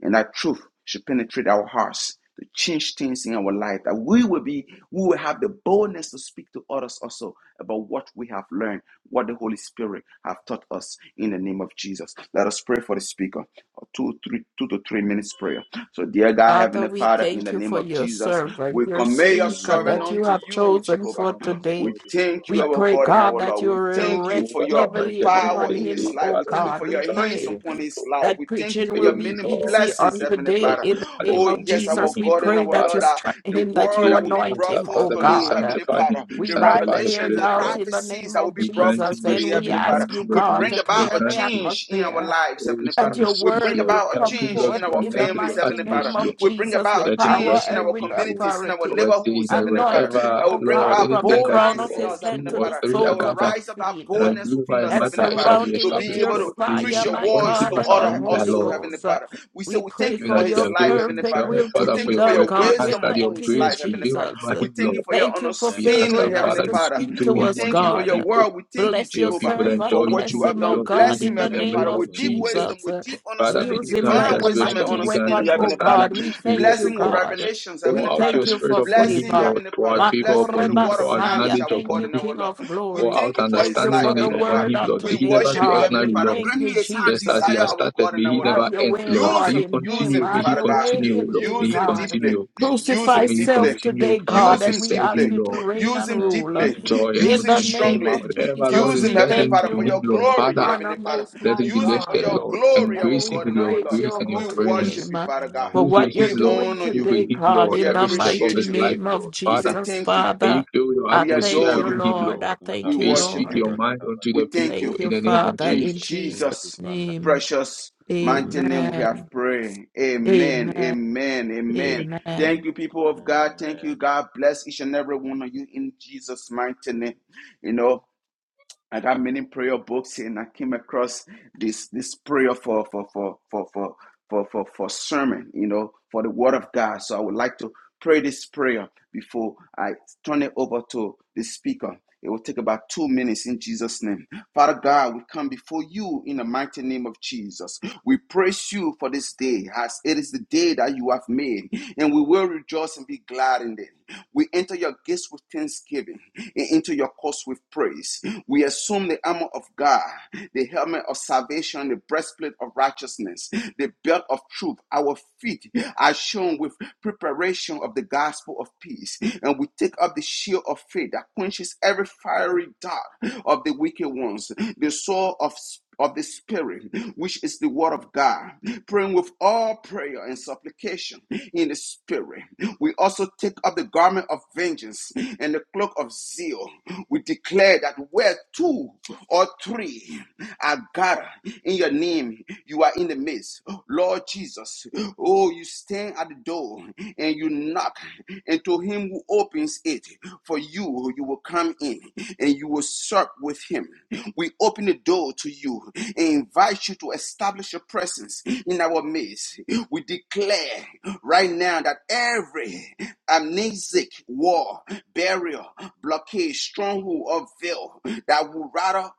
[SPEAKER 1] And that truth should penetrate our hearts to change things in our life. That we will be, we will have the boldness to speak to others also about what we have learned, what the Holy Spirit have taught us in the name of Jesus. Let us pray for the speaker. A Two, three, two to three minutes prayer. So, dear God,
[SPEAKER 2] Father,
[SPEAKER 1] Heavenly
[SPEAKER 2] we
[SPEAKER 1] Father, in
[SPEAKER 2] thank
[SPEAKER 1] the
[SPEAKER 2] you
[SPEAKER 1] name
[SPEAKER 2] for
[SPEAKER 1] of
[SPEAKER 2] your
[SPEAKER 1] Jesus,
[SPEAKER 2] servant,
[SPEAKER 1] we
[SPEAKER 8] Holy
[SPEAKER 2] your
[SPEAKER 8] Spirit
[SPEAKER 1] commit
[SPEAKER 8] of
[SPEAKER 1] your
[SPEAKER 8] the
[SPEAKER 2] speaker
[SPEAKER 1] servant
[SPEAKER 2] that
[SPEAKER 8] Lord,
[SPEAKER 2] you
[SPEAKER 1] unto
[SPEAKER 8] we
[SPEAKER 2] have
[SPEAKER 1] you,
[SPEAKER 8] commit your
[SPEAKER 2] chosen
[SPEAKER 1] Jehovah.
[SPEAKER 2] for
[SPEAKER 8] servant of the
[SPEAKER 2] today.
[SPEAKER 1] We
[SPEAKER 8] Lord into your
[SPEAKER 1] thank you,
[SPEAKER 2] We
[SPEAKER 8] hands.
[SPEAKER 1] our
[SPEAKER 2] pray,
[SPEAKER 1] God and
[SPEAKER 2] God,
[SPEAKER 1] our
[SPEAKER 2] that
[SPEAKER 1] Lord.
[SPEAKER 2] you
[SPEAKER 1] We
[SPEAKER 8] There is
[SPEAKER 1] thank you
[SPEAKER 8] no
[SPEAKER 2] rest
[SPEAKER 1] for your
[SPEAKER 8] other
[SPEAKER 2] heavily
[SPEAKER 8] anointed in
[SPEAKER 1] power
[SPEAKER 2] upon
[SPEAKER 8] this
[SPEAKER 1] in
[SPEAKER 2] him,
[SPEAKER 1] his
[SPEAKER 8] day,
[SPEAKER 1] life.
[SPEAKER 2] O
[SPEAKER 1] We
[SPEAKER 8] Father,
[SPEAKER 1] thank
[SPEAKER 8] to
[SPEAKER 1] you
[SPEAKER 2] God.
[SPEAKER 1] for
[SPEAKER 2] We
[SPEAKER 1] your
[SPEAKER 8] preach unto
[SPEAKER 1] hands
[SPEAKER 8] your
[SPEAKER 2] pray
[SPEAKER 1] upon his
[SPEAKER 8] people.
[SPEAKER 1] life.
[SPEAKER 2] that
[SPEAKER 1] We thank you for
[SPEAKER 2] preaching will
[SPEAKER 1] your
[SPEAKER 8] even
[SPEAKER 2] be
[SPEAKER 1] many
[SPEAKER 8] before
[SPEAKER 2] easy
[SPEAKER 1] blessings,
[SPEAKER 2] on
[SPEAKER 8] you know,
[SPEAKER 1] Heavenly
[SPEAKER 8] Lord,
[SPEAKER 2] today
[SPEAKER 1] Father.
[SPEAKER 8] in
[SPEAKER 2] in
[SPEAKER 8] his
[SPEAKER 2] the
[SPEAKER 8] mother's
[SPEAKER 2] name
[SPEAKER 1] Oh,
[SPEAKER 2] of
[SPEAKER 8] womb, you
[SPEAKER 1] yes,
[SPEAKER 8] knew
[SPEAKER 1] our
[SPEAKER 2] Jesus.
[SPEAKER 8] him,
[SPEAKER 2] We
[SPEAKER 1] God
[SPEAKER 8] Lord.
[SPEAKER 1] and
[SPEAKER 2] pray
[SPEAKER 1] our
[SPEAKER 2] that you
[SPEAKER 1] Lord,
[SPEAKER 8] Father,
[SPEAKER 1] uh,
[SPEAKER 2] strengthen
[SPEAKER 1] the
[SPEAKER 2] him, that
[SPEAKER 1] word
[SPEAKER 2] you
[SPEAKER 8] today
[SPEAKER 1] that will
[SPEAKER 8] we
[SPEAKER 1] be
[SPEAKER 8] ask
[SPEAKER 2] anoint
[SPEAKER 1] brought
[SPEAKER 8] that,
[SPEAKER 2] him,
[SPEAKER 1] forth
[SPEAKER 2] O
[SPEAKER 8] Father, may you
[SPEAKER 1] today,
[SPEAKER 2] God.
[SPEAKER 1] Heavenly
[SPEAKER 8] sanctify
[SPEAKER 1] Father,
[SPEAKER 8] him, may you
[SPEAKER 2] We
[SPEAKER 1] the
[SPEAKER 2] bind
[SPEAKER 8] sanctify his
[SPEAKER 2] fear
[SPEAKER 1] revelations, the
[SPEAKER 8] lips,
[SPEAKER 2] doubt
[SPEAKER 8] Lord.
[SPEAKER 2] in the
[SPEAKER 1] prophecies
[SPEAKER 2] name
[SPEAKER 1] that will
[SPEAKER 2] of
[SPEAKER 1] be
[SPEAKER 8] May you
[SPEAKER 1] brought
[SPEAKER 8] grant
[SPEAKER 1] forth
[SPEAKER 8] him
[SPEAKER 2] Jesus,
[SPEAKER 1] today,
[SPEAKER 2] and
[SPEAKER 8] wisdom,
[SPEAKER 2] we
[SPEAKER 8] may
[SPEAKER 1] Heavenly
[SPEAKER 8] you
[SPEAKER 1] Father
[SPEAKER 2] ask
[SPEAKER 8] grant
[SPEAKER 2] you,
[SPEAKER 8] him
[SPEAKER 1] will
[SPEAKER 2] God,
[SPEAKER 1] bring
[SPEAKER 2] to
[SPEAKER 8] revelation, may
[SPEAKER 1] about
[SPEAKER 8] you
[SPEAKER 2] clear
[SPEAKER 1] a
[SPEAKER 2] the
[SPEAKER 8] grant him
[SPEAKER 1] change in our
[SPEAKER 2] atmosphere
[SPEAKER 1] lives,
[SPEAKER 8] oh,
[SPEAKER 1] Heavenly Father.
[SPEAKER 2] that
[SPEAKER 8] wisdom in
[SPEAKER 2] your
[SPEAKER 1] Will
[SPEAKER 8] speech,
[SPEAKER 1] bring
[SPEAKER 2] word
[SPEAKER 8] Lord.
[SPEAKER 2] will
[SPEAKER 1] about a
[SPEAKER 8] Help
[SPEAKER 2] come
[SPEAKER 8] him,
[SPEAKER 1] change
[SPEAKER 8] Lord,
[SPEAKER 1] in
[SPEAKER 8] to
[SPEAKER 2] forth
[SPEAKER 1] our
[SPEAKER 2] in the
[SPEAKER 8] connect with
[SPEAKER 1] families,
[SPEAKER 8] your
[SPEAKER 2] mighty
[SPEAKER 1] Heavenly Father.
[SPEAKER 2] name
[SPEAKER 8] atmosphere.
[SPEAKER 2] of
[SPEAKER 1] Will bring
[SPEAKER 2] Jesus
[SPEAKER 1] about
[SPEAKER 2] with
[SPEAKER 1] a
[SPEAKER 8] Let him
[SPEAKER 2] power
[SPEAKER 1] change
[SPEAKER 8] bless
[SPEAKER 1] in
[SPEAKER 8] your
[SPEAKER 2] and
[SPEAKER 1] our
[SPEAKER 2] with
[SPEAKER 8] people.
[SPEAKER 1] communities, in our
[SPEAKER 2] authority.
[SPEAKER 8] Our saying
[SPEAKER 1] neighborhoods,
[SPEAKER 8] that
[SPEAKER 1] Heavenly Father.
[SPEAKER 2] Anoint him,
[SPEAKER 8] wherever,
[SPEAKER 1] That
[SPEAKER 2] O
[SPEAKER 1] will bring
[SPEAKER 2] God,
[SPEAKER 8] Lord,
[SPEAKER 1] about
[SPEAKER 2] from the
[SPEAKER 8] anything that
[SPEAKER 2] crown
[SPEAKER 8] two
[SPEAKER 1] boldness
[SPEAKER 2] of
[SPEAKER 1] in
[SPEAKER 8] or
[SPEAKER 2] his
[SPEAKER 5] Thank
[SPEAKER 1] us,
[SPEAKER 8] two
[SPEAKER 2] head
[SPEAKER 5] you,
[SPEAKER 1] Heavenly
[SPEAKER 2] to
[SPEAKER 8] or
[SPEAKER 2] the
[SPEAKER 1] Father.
[SPEAKER 5] Father.
[SPEAKER 8] three
[SPEAKER 1] That
[SPEAKER 8] are
[SPEAKER 2] soles
[SPEAKER 1] will
[SPEAKER 2] of his
[SPEAKER 8] gathered
[SPEAKER 1] rise up that
[SPEAKER 2] feet.
[SPEAKER 8] and
[SPEAKER 1] boldness
[SPEAKER 8] agree
[SPEAKER 1] within
[SPEAKER 8] by
[SPEAKER 1] us,
[SPEAKER 2] And
[SPEAKER 1] Heavenly
[SPEAKER 8] matter,
[SPEAKER 5] Thank
[SPEAKER 8] it
[SPEAKER 5] you,
[SPEAKER 1] Father.
[SPEAKER 8] shall be
[SPEAKER 2] surround
[SPEAKER 5] Father.
[SPEAKER 2] him
[SPEAKER 1] To be
[SPEAKER 2] with
[SPEAKER 8] established,
[SPEAKER 2] your
[SPEAKER 1] able
[SPEAKER 8] Lord.
[SPEAKER 1] to preach
[SPEAKER 8] We
[SPEAKER 2] fire,
[SPEAKER 1] your
[SPEAKER 2] my
[SPEAKER 8] appoint
[SPEAKER 1] words
[SPEAKER 8] him
[SPEAKER 2] God,
[SPEAKER 1] to
[SPEAKER 8] as
[SPEAKER 2] and
[SPEAKER 8] our
[SPEAKER 2] the
[SPEAKER 1] others
[SPEAKER 8] leader,
[SPEAKER 5] Thank
[SPEAKER 2] Holy
[SPEAKER 1] also,
[SPEAKER 8] Lord.
[SPEAKER 5] you,
[SPEAKER 1] Heavenly
[SPEAKER 2] Ghost.
[SPEAKER 5] Father.
[SPEAKER 1] Father. We say
[SPEAKER 2] We
[SPEAKER 1] we
[SPEAKER 2] pray
[SPEAKER 1] thank you
[SPEAKER 8] even
[SPEAKER 2] for
[SPEAKER 1] for
[SPEAKER 8] he
[SPEAKER 1] his
[SPEAKER 2] your
[SPEAKER 1] life,
[SPEAKER 8] avails
[SPEAKER 1] Heavenly
[SPEAKER 2] perfect
[SPEAKER 1] Father.
[SPEAKER 8] himself,
[SPEAKER 2] will to
[SPEAKER 1] We
[SPEAKER 8] Father,
[SPEAKER 2] be
[SPEAKER 1] thank
[SPEAKER 8] for
[SPEAKER 1] you
[SPEAKER 8] your
[SPEAKER 1] for
[SPEAKER 5] Thank
[SPEAKER 2] done,
[SPEAKER 8] word.
[SPEAKER 1] your
[SPEAKER 5] you,
[SPEAKER 8] We
[SPEAKER 2] God.
[SPEAKER 5] Father.
[SPEAKER 2] We're
[SPEAKER 8] ask
[SPEAKER 1] wisdom
[SPEAKER 8] that your
[SPEAKER 1] upon his
[SPEAKER 2] thanking you,
[SPEAKER 1] life,
[SPEAKER 8] grace
[SPEAKER 1] Heavenly
[SPEAKER 8] prevail
[SPEAKER 1] Father.
[SPEAKER 2] Jesus.
[SPEAKER 8] over
[SPEAKER 1] We
[SPEAKER 8] him,
[SPEAKER 1] thank you
[SPEAKER 8] Lord.
[SPEAKER 1] for your
[SPEAKER 2] Thank you for
[SPEAKER 8] We
[SPEAKER 5] Thank you,
[SPEAKER 8] ask
[SPEAKER 1] understanding,
[SPEAKER 8] that,
[SPEAKER 2] favoring us
[SPEAKER 5] Father.
[SPEAKER 1] Heavenly
[SPEAKER 8] Father,
[SPEAKER 2] to
[SPEAKER 8] you
[SPEAKER 1] Father.
[SPEAKER 8] speak
[SPEAKER 2] speak
[SPEAKER 8] through
[SPEAKER 2] to
[SPEAKER 1] We
[SPEAKER 8] him
[SPEAKER 2] us,
[SPEAKER 1] thank
[SPEAKER 8] unto
[SPEAKER 1] you for
[SPEAKER 8] your
[SPEAKER 1] your
[SPEAKER 2] God.
[SPEAKER 8] people.
[SPEAKER 1] word. We thank you,
[SPEAKER 2] Bless
[SPEAKER 8] May
[SPEAKER 2] your
[SPEAKER 8] your
[SPEAKER 1] Jehovah,
[SPEAKER 8] people
[SPEAKER 2] servant.
[SPEAKER 8] enjoy
[SPEAKER 1] for what you
[SPEAKER 2] Bless
[SPEAKER 8] you,
[SPEAKER 1] have
[SPEAKER 2] him, oh
[SPEAKER 1] done.
[SPEAKER 8] Lord, through
[SPEAKER 2] God,
[SPEAKER 1] Bless
[SPEAKER 8] him
[SPEAKER 1] him,
[SPEAKER 2] in the
[SPEAKER 8] in the
[SPEAKER 1] Heavenly
[SPEAKER 5] Thank
[SPEAKER 2] name
[SPEAKER 8] name
[SPEAKER 1] Father,
[SPEAKER 5] you,
[SPEAKER 8] of
[SPEAKER 2] of
[SPEAKER 1] with deep
[SPEAKER 5] Father.
[SPEAKER 8] Jesus.
[SPEAKER 1] wisdom,
[SPEAKER 2] Jesus.
[SPEAKER 1] with
[SPEAKER 2] Uh,
[SPEAKER 1] deep
[SPEAKER 8] Father, may
[SPEAKER 1] understanding,
[SPEAKER 2] Use
[SPEAKER 8] you
[SPEAKER 2] him
[SPEAKER 8] grant
[SPEAKER 1] divine
[SPEAKER 2] like a
[SPEAKER 8] us
[SPEAKER 1] wisdom and
[SPEAKER 8] wisdom,
[SPEAKER 2] mighty
[SPEAKER 8] may you grant
[SPEAKER 1] understanding,
[SPEAKER 8] us
[SPEAKER 2] weapon,
[SPEAKER 5] Thank
[SPEAKER 2] oh
[SPEAKER 1] Heavenly
[SPEAKER 5] you,
[SPEAKER 1] Father.
[SPEAKER 8] understanding
[SPEAKER 2] God.
[SPEAKER 8] to
[SPEAKER 2] We
[SPEAKER 8] hear,
[SPEAKER 2] thank
[SPEAKER 1] Bless
[SPEAKER 8] O
[SPEAKER 2] you,
[SPEAKER 1] him with
[SPEAKER 8] God.
[SPEAKER 5] Father.
[SPEAKER 2] God.
[SPEAKER 1] revelations,
[SPEAKER 2] We
[SPEAKER 1] Heavenly
[SPEAKER 8] Pour out
[SPEAKER 1] Father.
[SPEAKER 2] thank
[SPEAKER 8] your
[SPEAKER 2] you
[SPEAKER 8] spirit
[SPEAKER 2] for
[SPEAKER 8] upon
[SPEAKER 1] Bless
[SPEAKER 8] him,
[SPEAKER 1] him,
[SPEAKER 2] favor.
[SPEAKER 8] Lord.
[SPEAKER 1] Heavenly
[SPEAKER 8] Pour out
[SPEAKER 1] Father.
[SPEAKER 5] Thank you, Father. Thank you,
[SPEAKER 8] favor
[SPEAKER 1] Bless him
[SPEAKER 5] Father.
[SPEAKER 8] upon
[SPEAKER 1] with
[SPEAKER 2] Makore
[SPEAKER 1] the
[SPEAKER 8] him.
[SPEAKER 1] word of
[SPEAKER 8] Pour out
[SPEAKER 1] knowledge,
[SPEAKER 2] Messiah.
[SPEAKER 8] knowledge
[SPEAKER 1] our
[SPEAKER 2] Thank
[SPEAKER 8] upon
[SPEAKER 1] God
[SPEAKER 2] you,
[SPEAKER 1] and our
[SPEAKER 8] him.
[SPEAKER 2] King of
[SPEAKER 1] Lord. We
[SPEAKER 8] Pour
[SPEAKER 2] Glory.
[SPEAKER 1] thank
[SPEAKER 8] out
[SPEAKER 1] you for
[SPEAKER 2] Thank
[SPEAKER 1] his
[SPEAKER 2] you
[SPEAKER 8] understanding
[SPEAKER 1] life,
[SPEAKER 2] for
[SPEAKER 8] on
[SPEAKER 2] the
[SPEAKER 8] it
[SPEAKER 1] Heavenly
[SPEAKER 5] Thank
[SPEAKER 8] upon
[SPEAKER 1] Father.
[SPEAKER 2] word
[SPEAKER 5] you,
[SPEAKER 8] him,
[SPEAKER 2] on
[SPEAKER 8] Lord.
[SPEAKER 1] We
[SPEAKER 8] May
[SPEAKER 5] Father.
[SPEAKER 8] he
[SPEAKER 2] today,
[SPEAKER 8] never
[SPEAKER 1] worship
[SPEAKER 8] be
[SPEAKER 5] Thank
[SPEAKER 1] you,
[SPEAKER 5] you,
[SPEAKER 2] God.
[SPEAKER 8] ordinary,
[SPEAKER 1] Heavenly
[SPEAKER 2] We
[SPEAKER 5] Father.
[SPEAKER 1] Father.
[SPEAKER 8] Lord.
[SPEAKER 2] thank
[SPEAKER 1] Grant
[SPEAKER 2] you,
[SPEAKER 1] He is our
[SPEAKER 8] Just as He
[SPEAKER 2] Jesus.
[SPEAKER 1] desire,
[SPEAKER 8] has
[SPEAKER 1] our
[SPEAKER 8] started,
[SPEAKER 1] God
[SPEAKER 8] may
[SPEAKER 1] and
[SPEAKER 8] He
[SPEAKER 1] our Lord.
[SPEAKER 2] Have
[SPEAKER 8] never
[SPEAKER 5] Thank
[SPEAKER 2] your
[SPEAKER 5] you,
[SPEAKER 8] end,
[SPEAKER 2] way,
[SPEAKER 8] Lord.
[SPEAKER 5] Father.
[SPEAKER 1] Use
[SPEAKER 8] May
[SPEAKER 2] Lord,
[SPEAKER 8] He
[SPEAKER 1] Him,
[SPEAKER 2] in
[SPEAKER 1] use
[SPEAKER 2] him.
[SPEAKER 8] continue,
[SPEAKER 1] Him,
[SPEAKER 8] may
[SPEAKER 2] Have
[SPEAKER 8] He
[SPEAKER 1] Father
[SPEAKER 2] your
[SPEAKER 1] God.
[SPEAKER 2] way
[SPEAKER 8] continue,
[SPEAKER 2] in
[SPEAKER 8] Lord. May
[SPEAKER 2] him,
[SPEAKER 1] Use
[SPEAKER 8] He
[SPEAKER 5] Thank
[SPEAKER 1] Him
[SPEAKER 5] you,
[SPEAKER 2] God.
[SPEAKER 1] deeply.
[SPEAKER 5] Father.
[SPEAKER 8] continue.
[SPEAKER 5] Thank you,
[SPEAKER 1] Use
[SPEAKER 8] So
[SPEAKER 2] Crucify
[SPEAKER 1] Him
[SPEAKER 8] may
[SPEAKER 5] Father.
[SPEAKER 8] He
[SPEAKER 2] self
[SPEAKER 1] deeply.
[SPEAKER 8] continue,
[SPEAKER 2] today,
[SPEAKER 8] Father,
[SPEAKER 2] God,
[SPEAKER 1] Use
[SPEAKER 8] to
[SPEAKER 2] and
[SPEAKER 1] Him
[SPEAKER 2] we
[SPEAKER 8] serve
[SPEAKER 2] ask
[SPEAKER 1] deeply.
[SPEAKER 8] you,
[SPEAKER 2] you to
[SPEAKER 8] Lord,
[SPEAKER 2] reign
[SPEAKER 1] Use
[SPEAKER 2] and
[SPEAKER 1] Him
[SPEAKER 5] Thank
[SPEAKER 2] rule.
[SPEAKER 5] you,
[SPEAKER 8] in
[SPEAKER 1] deeply.
[SPEAKER 5] Father.
[SPEAKER 8] joy and
[SPEAKER 5] Thank
[SPEAKER 1] Use
[SPEAKER 2] In
[SPEAKER 8] not
[SPEAKER 1] Him
[SPEAKER 2] the
[SPEAKER 5] you,
[SPEAKER 8] in
[SPEAKER 5] Father.
[SPEAKER 8] pain.
[SPEAKER 2] name
[SPEAKER 1] strongly.
[SPEAKER 2] of
[SPEAKER 5] Thank you,
[SPEAKER 8] Whatever,
[SPEAKER 2] Jesus,
[SPEAKER 8] Lord,
[SPEAKER 1] Use
[SPEAKER 5] Father.
[SPEAKER 8] is
[SPEAKER 1] Him,
[SPEAKER 2] we
[SPEAKER 1] Heavenly
[SPEAKER 8] burdened
[SPEAKER 2] thank
[SPEAKER 1] Father,
[SPEAKER 8] to
[SPEAKER 2] you.
[SPEAKER 1] for
[SPEAKER 2] We
[SPEAKER 8] him,
[SPEAKER 1] Your
[SPEAKER 8] Lord,
[SPEAKER 2] give you
[SPEAKER 1] glory,
[SPEAKER 8] Father,
[SPEAKER 2] honor,
[SPEAKER 1] Heavenly Father.
[SPEAKER 2] Most
[SPEAKER 8] let
[SPEAKER 2] High
[SPEAKER 8] it be
[SPEAKER 1] Use Him
[SPEAKER 5] Thank
[SPEAKER 1] for
[SPEAKER 5] you,
[SPEAKER 8] lifted,
[SPEAKER 1] Your
[SPEAKER 2] God.
[SPEAKER 5] Lord.
[SPEAKER 8] Lord, and
[SPEAKER 1] glory,
[SPEAKER 5] Jesus.
[SPEAKER 2] And
[SPEAKER 1] our
[SPEAKER 8] grace
[SPEAKER 2] we
[SPEAKER 8] him
[SPEAKER 1] God
[SPEAKER 5] Thank
[SPEAKER 8] with
[SPEAKER 1] and
[SPEAKER 5] you,
[SPEAKER 1] our
[SPEAKER 8] your
[SPEAKER 2] praise
[SPEAKER 1] Lord.
[SPEAKER 5] Father.
[SPEAKER 8] grace
[SPEAKER 2] your
[SPEAKER 8] and your
[SPEAKER 1] We
[SPEAKER 2] holy
[SPEAKER 1] worship
[SPEAKER 8] presence.
[SPEAKER 2] name
[SPEAKER 1] You, Father God.
[SPEAKER 2] for
[SPEAKER 8] Move
[SPEAKER 5] Mata
[SPEAKER 2] what
[SPEAKER 8] with
[SPEAKER 2] you're
[SPEAKER 8] him,
[SPEAKER 1] We
[SPEAKER 5] braga
[SPEAKER 8] Lord.
[SPEAKER 2] doing
[SPEAKER 5] te
[SPEAKER 1] honor
[SPEAKER 8] Move
[SPEAKER 1] You.
[SPEAKER 8] with
[SPEAKER 2] today,
[SPEAKER 5] braga
[SPEAKER 8] him,
[SPEAKER 5] da ba
[SPEAKER 2] God,
[SPEAKER 5] da
[SPEAKER 8] Lord,
[SPEAKER 1] We
[SPEAKER 5] ba
[SPEAKER 2] in
[SPEAKER 5] da.
[SPEAKER 2] the
[SPEAKER 8] every step of
[SPEAKER 2] mighty
[SPEAKER 1] appreciate
[SPEAKER 8] his
[SPEAKER 1] You.
[SPEAKER 8] life,
[SPEAKER 2] name of
[SPEAKER 8] Lord.
[SPEAKER 1] We say
[SPEAKER 8] Father,
[SPEAKER 2] Jesus,
[SPEAKER 1] thank You.
[SPEAKER 8] may you
[SPEAKER 2] Father.
[SPEAKER 5] ba.
[SPEAKER 8] fill your
[SPEAKER 2] I
[SPEAKER 1] We
[SPEAKER 5] Raba
[SPEAKER 2] thank
[SPEAKER 5] da
[SPEAKER 1] adore
[SPEAKER 8] atmosphere
[SPEAKER 2] you,
[SPEAKER 5] ba
[SPEAKER 8] around
[SPEAKER 1] You.
[SPEAKER 8] him,
[SPEAKER 5] de
[SPEAKER 2] Lord.
[SPEAKER 8] Lord.
[SPEAKER 2] I
[SPEAKER 5] braga ta
[SPEAKER 1] We
[SPEAKER 2] thank
[SPEAKER 8] May
[SPEAKER 2] you,
[SPEAKER 8] you
[SPEAKER 5] braga
[SPEAKER 1] worship
[SPEAKER 8] speak
[SPEAKER 5] to
[SPEAKER 1] You.
[SPEAKER 8] your
[SPEAKER 2] Lord.
[SPEAKER 5] braga
[SPEAKER 8] mind
[SPEAKER 5] ta ba
[SPEAKER 8] unto
[SPEAKER 5] da
[SPEAKER 1] We
[SPEAKER 8] the
[SPEAKER 5] ba.
[SPEAKER 1] thank
[SPEAKER 8] people
[SPEAKER 1] You.
[SPEAKER 2] Thank
[SPEAKER 8] in
[SPEAKER 2] you,
[SPEAKER 8] the name of
[SPEAKER 2] Father,
[SPEAKER 1] In
[SPEAKER 2] in
[SPEAKER 8] Jesus.
[SPEAKER 2] Jesus'
[SPEAKER 5] Thank you,
[SPEAKER 1] Jesus'
[SPEAKER 5] Father.
[SPEAKER 2] name.
[SPEAKER 1] precious mighty name we have
[SPEAKER 2] Amen.
[SPEAKER 1] prayed. Amen.
[SPEAKER 2] Amen.
[SPEAKER 1] Amen. Amen. Thank
[SPEAKER 2] Amen.
[SPEAKER 1] you, people of God. Thank you.
[SPEAKER 5] Amen.
[SPEAKER 1] God bless each and every one of you in Jesus' mighty name. You know. I got many prayer books and I came across this this prayer for for for for for for for, for sermon, you know, for the word of God. So I would like to pray this prayer before I turn it over to the speaker. It will take about two minutes in Jesus' name. Father God, we come before you in the mighty name of Jesus. We praise you for this day, as it is the day that you have made, and we will rejoice and be glad in it. We enter your gates with thanksgiving and into your courts with praise. We assume the armor of God, the helmet of salvation, the breastplate of righteousness, the belt of truth. Our feet are shown with preparation of the gospel of peace. And we take up the shield of faith that quenches every fiery dart of the wicked ones, the sword of of the Spirit, which is the Word of God, praying with all prayer and supplication in the Spirit. We also take up the garment of vengeance and the cloak of zeal. We declare that where two or three are gathered in your name, you. You are in the midst. Lord Jesus, oh, you stand at the door and you knock, and to him who opens it, for you, you will come in and you will sup with him. We open the door to you and invite you to establish your presence in our midst. We declare right now that every amnesic war, burial, blockade, stronghold, or veil that will rattle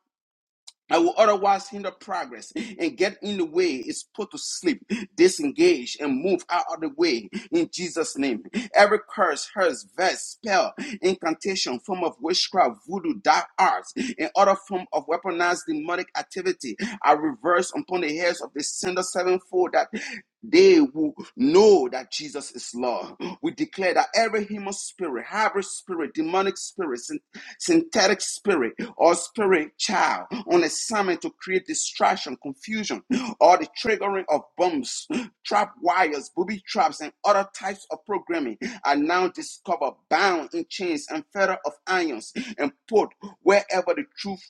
[SPEAKER 1] I will otherwise hinder progress and get in the way is put to sleep, disengage, and move out of the way in Jesus' name. Every curse, curse, verse, spell, incantation, form of witchcraft, voodoo, dark arts, and other form of weaponized demonic activity are reversed upon the heads of the sender sevenfold that they will know that Jesus is Lord. We declare that every human spirit, hybrid spirit, demonic spirit, synthetic spirit or spirit child on assignment to create distraction, confusion, or the triggering of bombs, trap wires, booby traps, and other types of programming are now discovered, bound in chains and fetter of irons, and put wherever the truth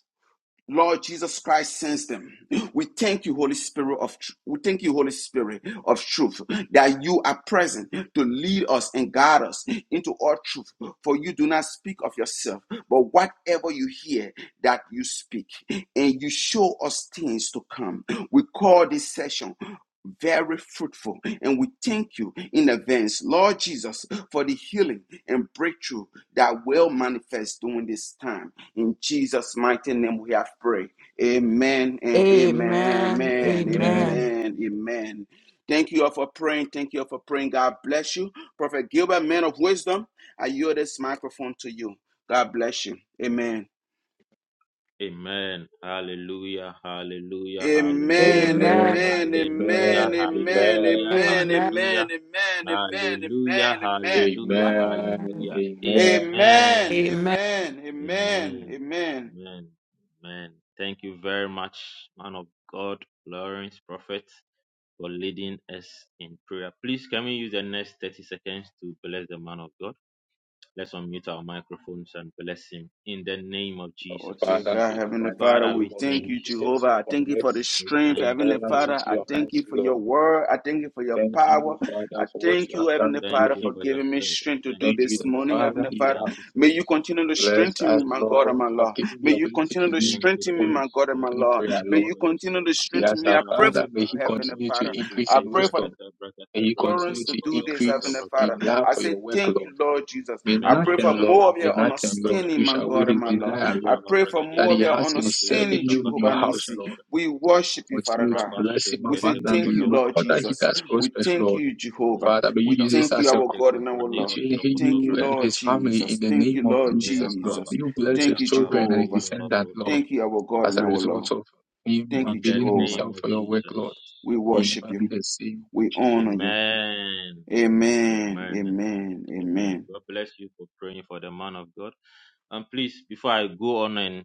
[SPEAKER 1] Lord Jesus Christ sends them. We thank you, Holy Spirit of tr- we thank you, Holy Spirit of truth, that you are present to lead us and guide us into all truth. For you do not speak of yourself, but whatever you hear, that you speak, and you show us things to come. We call this session very fruitful. And we thank you in advance, Lord Jesus, for the healing and breakthrough that will manifest during this time. In Jesus' mighty name, we have prayed. Amen and
[SPEAKER 2] Amen.
[SPEAKER 1] amen, amen,
[SPEAKER 8] Amen.
[SPEAKER 2] Amen.
[SPEAKER 1] amen, amen. Thank you all for praying. Thank you all for praying. God bless you. Prophet Gilbert, man of wisdom, I yield this microphone to you. God bless you. Amen.
[SPEAKER 5] Amen. Hallelujah. Hallelujah. Hallelujah.
[SPEAKER 1] Amen,
[SPEAKER 2] Amen.
[SPEAKER 8] Amen.
[SPEAKER 5] Hallelujah.
[SPEAKER 1] amen, amen, amen,
[SPEAKER 8] Amen.
[SPEAKER 1] amen,
[SPEAKER 8] Amen.
[SPEAKER 2] Amen.
[SPEAKER 5] Hallelujah.
[SPEAKER 1] amen,
[SPEAKER 2] Amen.
[SPEAKER 5] Hallelujah.
[SPEAKER 1] amen, amen,
[SPEAKER 5] Hallelujah.
[SPEAKER 1] amen, amen.
[SPEAKER 5] Hallelujah.
[SPEAKER 8] Amen.
[SPEAKER 5] Hallelujah.
[SPEAKER 8] Amen.
[SPEAKER 5] Amen.
[SPEAKER 1] Amen,
[SPEAKER 2] Amen.
[SPEAKER 1] amen, amen,
[SPEAKER 5] Amen.
[SPEAKER 1] amen.
[SPEAKER 5] Amen. Amen. Thank you very much, man of God, Lawrence Prophet, for leading us in prayer. Please, can we use the next 30 seconds to bless the man of God? Let's unmute our microphones and bless him in the name of
[SPEAKER 8] Oh,
[SPEAKER 1] Oh, dear
[SPEAKER 5] Jesus.
[SPEAKER 8] Father,
[SPEAKER 1] God,
[SPEAKER 8] in the
[SPEAKER 1] Heavenly
[SPEAKER 8] mighty
[SPEAKER 1] Father,
[SPEAKER 5] Father,
[SPEAKER 8] name
[SPEAKER 1] we
[SPEAKER 5] we
[SPEAKER 8] of
[SPEAKER 1] thank
[SPEAKER 5] thank
[SPEAKER 1] you,
[SPEAKER 5] you.
[SPEAKER 1] Jehovah.
[SPEAKER 8] Jesus, we
[SPEAKER 1] I thank you
[SPEAKER 8] commit
[SPEAKER 1] for the
[SPEAKER 5] We
[SPEAKER 1] strength,
[SPEAKER 8] the
[SPEAKER 5] thank
[SPEAKER 1] Heavenly
[SPEAKER 5] you for
[SPEAKER 8] servant
[SPEAKER 5] your
[SPEAKER 1] Father.
[SPEAKER 8] into
[SPEAKER 1] I
[SPEAKER 8] your
[SPEAKER 5] servant.
[SPEAKER 1] thank
[SPEAKER 8] hands,
[SPEAKER 1] you for your
[SPEAKER 8] Lord.
[SPEAKER 1] word. I thank you for your
[SPEAKER 8] Thank
[SPEAKER 1] power.
[SPEAKER 8] you, Father,
[SPEAKER 1] I
[SPEAKER 8] for what
[SPEAKER 1] thank
[SPEAKER 8] you have
[SPEAKER 1] you, Heavenly
[SPEAKER 8] done
[SPEAKER 5] Thank
[SPEAKER 8] through
[SPEAKER 1] Father,
[SPEAKER 5] you
[SPEAKER 1] for
[SPEAKER 8] him.
[SPEAKER 5] for your
[SPEAKER 1] giving me
[SPEAKER 5] servant.
[SPEAKER 1] strength to do
[SPEAKER 5] Thank
[SPEAKER 8] Thank
[SPEAKER 5] you
[SPEAKER 8] you
[SPEAKER 1] this
[SPEAKER 5] for
[SPEAKER 8] that,
[SPEAKER 5] your
[SPEAKER 1] morning,
[SPEAKER 8] Father,
[SPEAKER 1] Heavenly
[SPEAKER 5] servant.
[SPEAKER 8] you
[SPEAKER 1] Father.
[SPEAKER 5] Thank
[SPEAKER 8] have
[SPEAKER 5] you for
[SPEAKER 1] May
[SPEAKER 5] your
[SPEAKER 1] you
[SPEAKER 5] servant.
[SPEAKER 1] continue to
[SPEAKER 5] Thank you
[SPEAKER 8] blessed
[SPEAKER 5] for
[SPEAKER 1] strengthen me,
[SPEAKER 8] us,
[SPEAKER 5] your
[SPEAKER 1] my God
[SPEAKER 5] servant.
[SPEAKER 1] and
[SPEAKER 8] Lord.
[SPEAKER 1] my
[SPEAKER 8] You have
[SPEAKER 1] Lord.
[SPEAKER 8] given
[SPEAKER 1] May
[SPEAKER 8] the
[SPEAKER 1] you
[SPEAKER 8] ability
[SPEAKER 1] continue
[SPEAKER 8] to
[SPEAKER 1] to
[SPEAKER 8] do
[SPEAKER 5] Thank you
[SPEAKER 8] the
[SPEAKER 1] strengthen
[SPEAKER 5] for
[SPEAKER 1] me,
[SPEAKER 5] your
[SPEAKER 8] holy
[SPEAKER 1] my God and my
[SPEAKER 5] servant.
[SPEAKER 8] opening
[SPEAKER 1] Lord.
[SPEAKER 8] prayer,
[SPEAKER 5] Thank
[SPEAKER 1] May
[SPEAKER 5] you
[SPEAKER 8] Lord.
[SPEAKER 1] you
[SPEAKER 5] for your
[SPEAKER 1] continue to
[SPEAKER 5] servant.
[SPEAKER 8] We
[SPEAKER 1] strengthen
[SPEAKER 8] ask
[SPEAKER 1] me.
[SPEAKER 8] our
[SPEAKER 1] I pray
[SPEAKER 8] Father,
[SPEAKER 5] Malaka ta
[SPEAKER 8] may
[SPEAKER 1] for
[SPEAKER 8] he
[SPEAKER 5] ta
[SPEAKER 1] Heavenly
[SPEAKER 8] continue
[SPEAKER 5] ba
[SPEAKER 8] to
[SPEAKER 5] te
[SPEAKER 1] Father.
[SPEAKER 5] ki
[SPEAKER 8] increase
[SPEAKER 1] I
[SPEAKER 5] te
[SPEAKER 8] in
[SPEAKER 1] pray for
[SPEAKER 8] wisdom.
[SPEAKER 5] brakata
[SPEAKER 8] May
[SPEAKER 5] brakata
[SPEAKER 8] he
[SPEAKER 5] bragodo
[SPEAKER 1] Endurance
[SPEAKER 8] continue
[SPEAKER 1] to
[SPEAKER 8] to
[SPEAKER 1] do
[SPEAKER 5] bragodo
[SPEAKER 1] this,
[SPEAKER 5] shata
[SPEAKER 1] Heavenly
[SPEAKER 8] increase in
[SPEAKER 1] Father.
[SPEAKER 5] bragodo
[SPEAKER 8] love
[SPEAKER 1] I
[SPEAKER 8] for
[SPEAKER 1] say,
[SPEAKER 8] your work,
[SPEAKER 1] Thank you,
[SPEAKER 8] Lord.
[SPEAKER 1] Lord Jesus.
[SPEAKER 8] May
[SPEAKER 1] I pray
[SPEAKER 5] Menos
[SPEAKER 8] nothing,
[SPEAKER 1] for more
[SPEAKER 8] Lord.
[SPEAKER 5] shata
[SPEAKER 1] of
[SPEAKER 8] may
[SPEAKER 1] your
[SPEAKER 5] brakata
[SPEAKER 8] nothing, Lord.
[SPEAKER 5] brakato
[SPEAKER 1] understanding,
[SPEAKER 8] Push
[SPEAKER 1] my
[SPEAKER 8] away
[SPEAKER 1] God
[SPEAKER 5] bragodo
[SPEAKER 1] and
[SPEAKER 8] his
[SPEAKER 1] my Lord.
[SPEAKER 5] brakata
[SPEAKER 8] desire,
[SPEAKER 1] I
[SPEAKER 8] Lord,
[SPEAKER 5] isala
[SPEAKER 1] pray for
[SPEAKER 8] that
[SPEAKER 1] more
[SPEAKER 5] bragadido
[SPEAKER 8] he
[SPEAKER 1] of your
[SPEAKER 8] has in
[SPEAKER 5] shapratido
[SPEAKER 8] serving
[SPEAKER 1] understanding,
[SPEAKER 8] you in
[SPEAKER 5] shakata
[SPEAKER 1] Jehovah
[SPEAKER 8] your house,
[SPEAKER 1] Nissi.
[SPEAKER 8] Lord.
[SPEAKER 5] bragadeshka.
[SPEAKER 1] We worship you, Father
[SPEAKER 8] Continue to
[SPEAKER 1] God.
[SPEAKER 8] bless him
[SPEAKER 1] We
[SPEAKER 5] Rabashinkete
[SPEAKER 1] say,
[SPEAKER 8] abundantly.
[SPEAKER 1] Thank you,
[SPEAKER 8] Lord.
[SPEAKER 5] bragodo
[SPEAKER 1] Lord
[SPEAKER 8] All
[SPEAKER 5] jala
[SPEAKER 8] that he
[SPEAKER 1] Jesus.
[SPEAKER 8] does
[SPEAKER 5] bragadeshka.
[SPEAKER 1] We
[SPEAKER 8] prospers,
[SPEAKER 1] thank
[SPEAKER 8] Lord.
[SPEAKER 1] you, Jehovah.
[SPEAKER 8] Father,
[SPEAKER 5] Lego
[SPEAKER 8] may you
[SPEAKER 1] We
[SPEAKER 8] use this
[SPEAKER 5] shaka
[SPEAKER 1] thank you,
[SPEAKER 8] as a
[SPEAKER 1] our
[SPEAKER 8] co-
[SPEAKER 5] prate
[SPEAKER 1] God and our Lord.
[SPEAKER 5] kubraniro
[SPEAKER 8] between him,
[SPEAKER 5] shokoto
[SPEAKER 1] Thank
[SPEAKER 8] you
[SPEAKER 1] you,
[SPEAKER 8] and
[SPEAKER 1] Lord
[SPEAKER 8] his
[SPEAKER 5] bragadeshka.
[SPEAKER 8] family in
[SPEAKER 1] Jesus.
[SPEAKER 8] the
[SPEAKER 1] Thank
[SPEAKER 8] name
[SPEAKER 1] you,
[SPEAKER 8] of
[SPEAKER 1] Lord
[SPEAKER 8] Jesus, Lord.
[SPEAKER 5] Meakaba.
[SPEAKER 8] May
[SPEAKER 1] Jesus.
[SPEAKER 8] you bless
[SPEAKER 1] Thank
[SPEAKER 8] his
[SPEAKER 1] you,
[SPEAKER 5] Meakaba.
[SPEAKER 8] children and his
[SPEAKER 1] Jehovah.
[SPEAKER 5] Diva la
[SPEAKER 8] descendants, Lord,
[SPEAKER 1] Thank you, our God
[SPEAKER 8] as
[SPEAKER 1] and
[SPEAKER 8] a
[SPEAKER 1] our
[SPEAKER 8] result
[SPEAKER 1] Lord.
[SPEAKER 8] of him
[SPEAKER 1] Thank you,
[SPEAKER 5] In the
[SPEAKER 8] availing
[SPEAKER 1] Jehovah.
[SPEAKER 5] name
[SPEAKER 8] himself
[SPEAKER 5] of
[SPEAKER 8] for your work, Lord.
[SPEAKER 5] Jesus.
[SPEAKER 1] We
[SPEAKER 8] May He will
[SPEAKER 1] worship
[SPEAKER 8] never
[SPEAKER 1] you.
[SPEAKER 8] be the same.
[SPEAKER 1] We honor
[SPEAKER 8] Jesus.
[SPEAKER 1] you.
[SPEAKER 5] Amen.
[SPEAKER 1] Amen.
[SPEAKER 5] Amen.
[SPEAKER 1] Amen.
[SPEAKER 5] Amen.
[SPEAKER 1] Amen.
[SPEAKER 5] God bless you for praying for the man of God. And please, before I go on and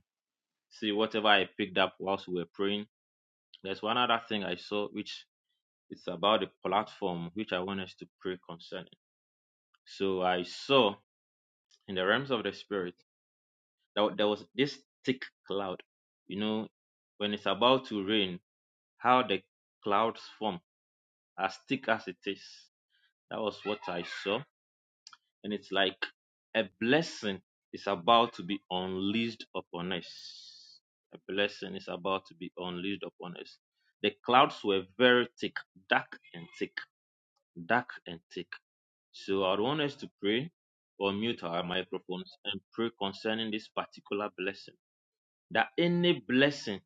[SPEAKER 5] see whatever I picked up whilst we were praying, there's one other thing I saw, which is about the platform which I want us to pray concerning. So I saw in the realms of the spirit that there was this thick cloud. You know, when it's about to rain, how the clouds form as thick as it is. That was what I saw. and it's like a blessing is about to be unleashed upon us. A blessing is about to be unleashed upon us. The clouds were very thick, dark and thick, dark and thick. So I want us to pray or mute our microphones and pray concerning this particular blessing. That any blessing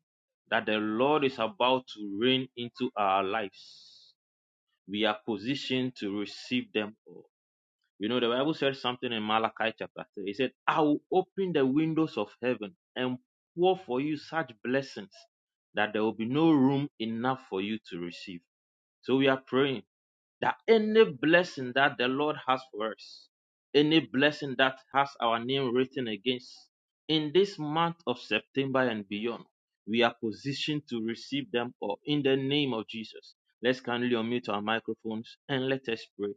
[SPEAKER 5] that the Lord is about to rain into our lives, we are positioned to receive them all you know, the Bible said something in Malachi chapter 3. It said, I will open the windows of heaven and pour for you such blessings that there will be no room enough for you to receive. So we are praying that any blessing that the Lord has for us, any blessing that has our name written against, in this month of September and beyond, we are positioned to receive them all in the name of Jesus. Let's kindly unmute our microphones and let us pray.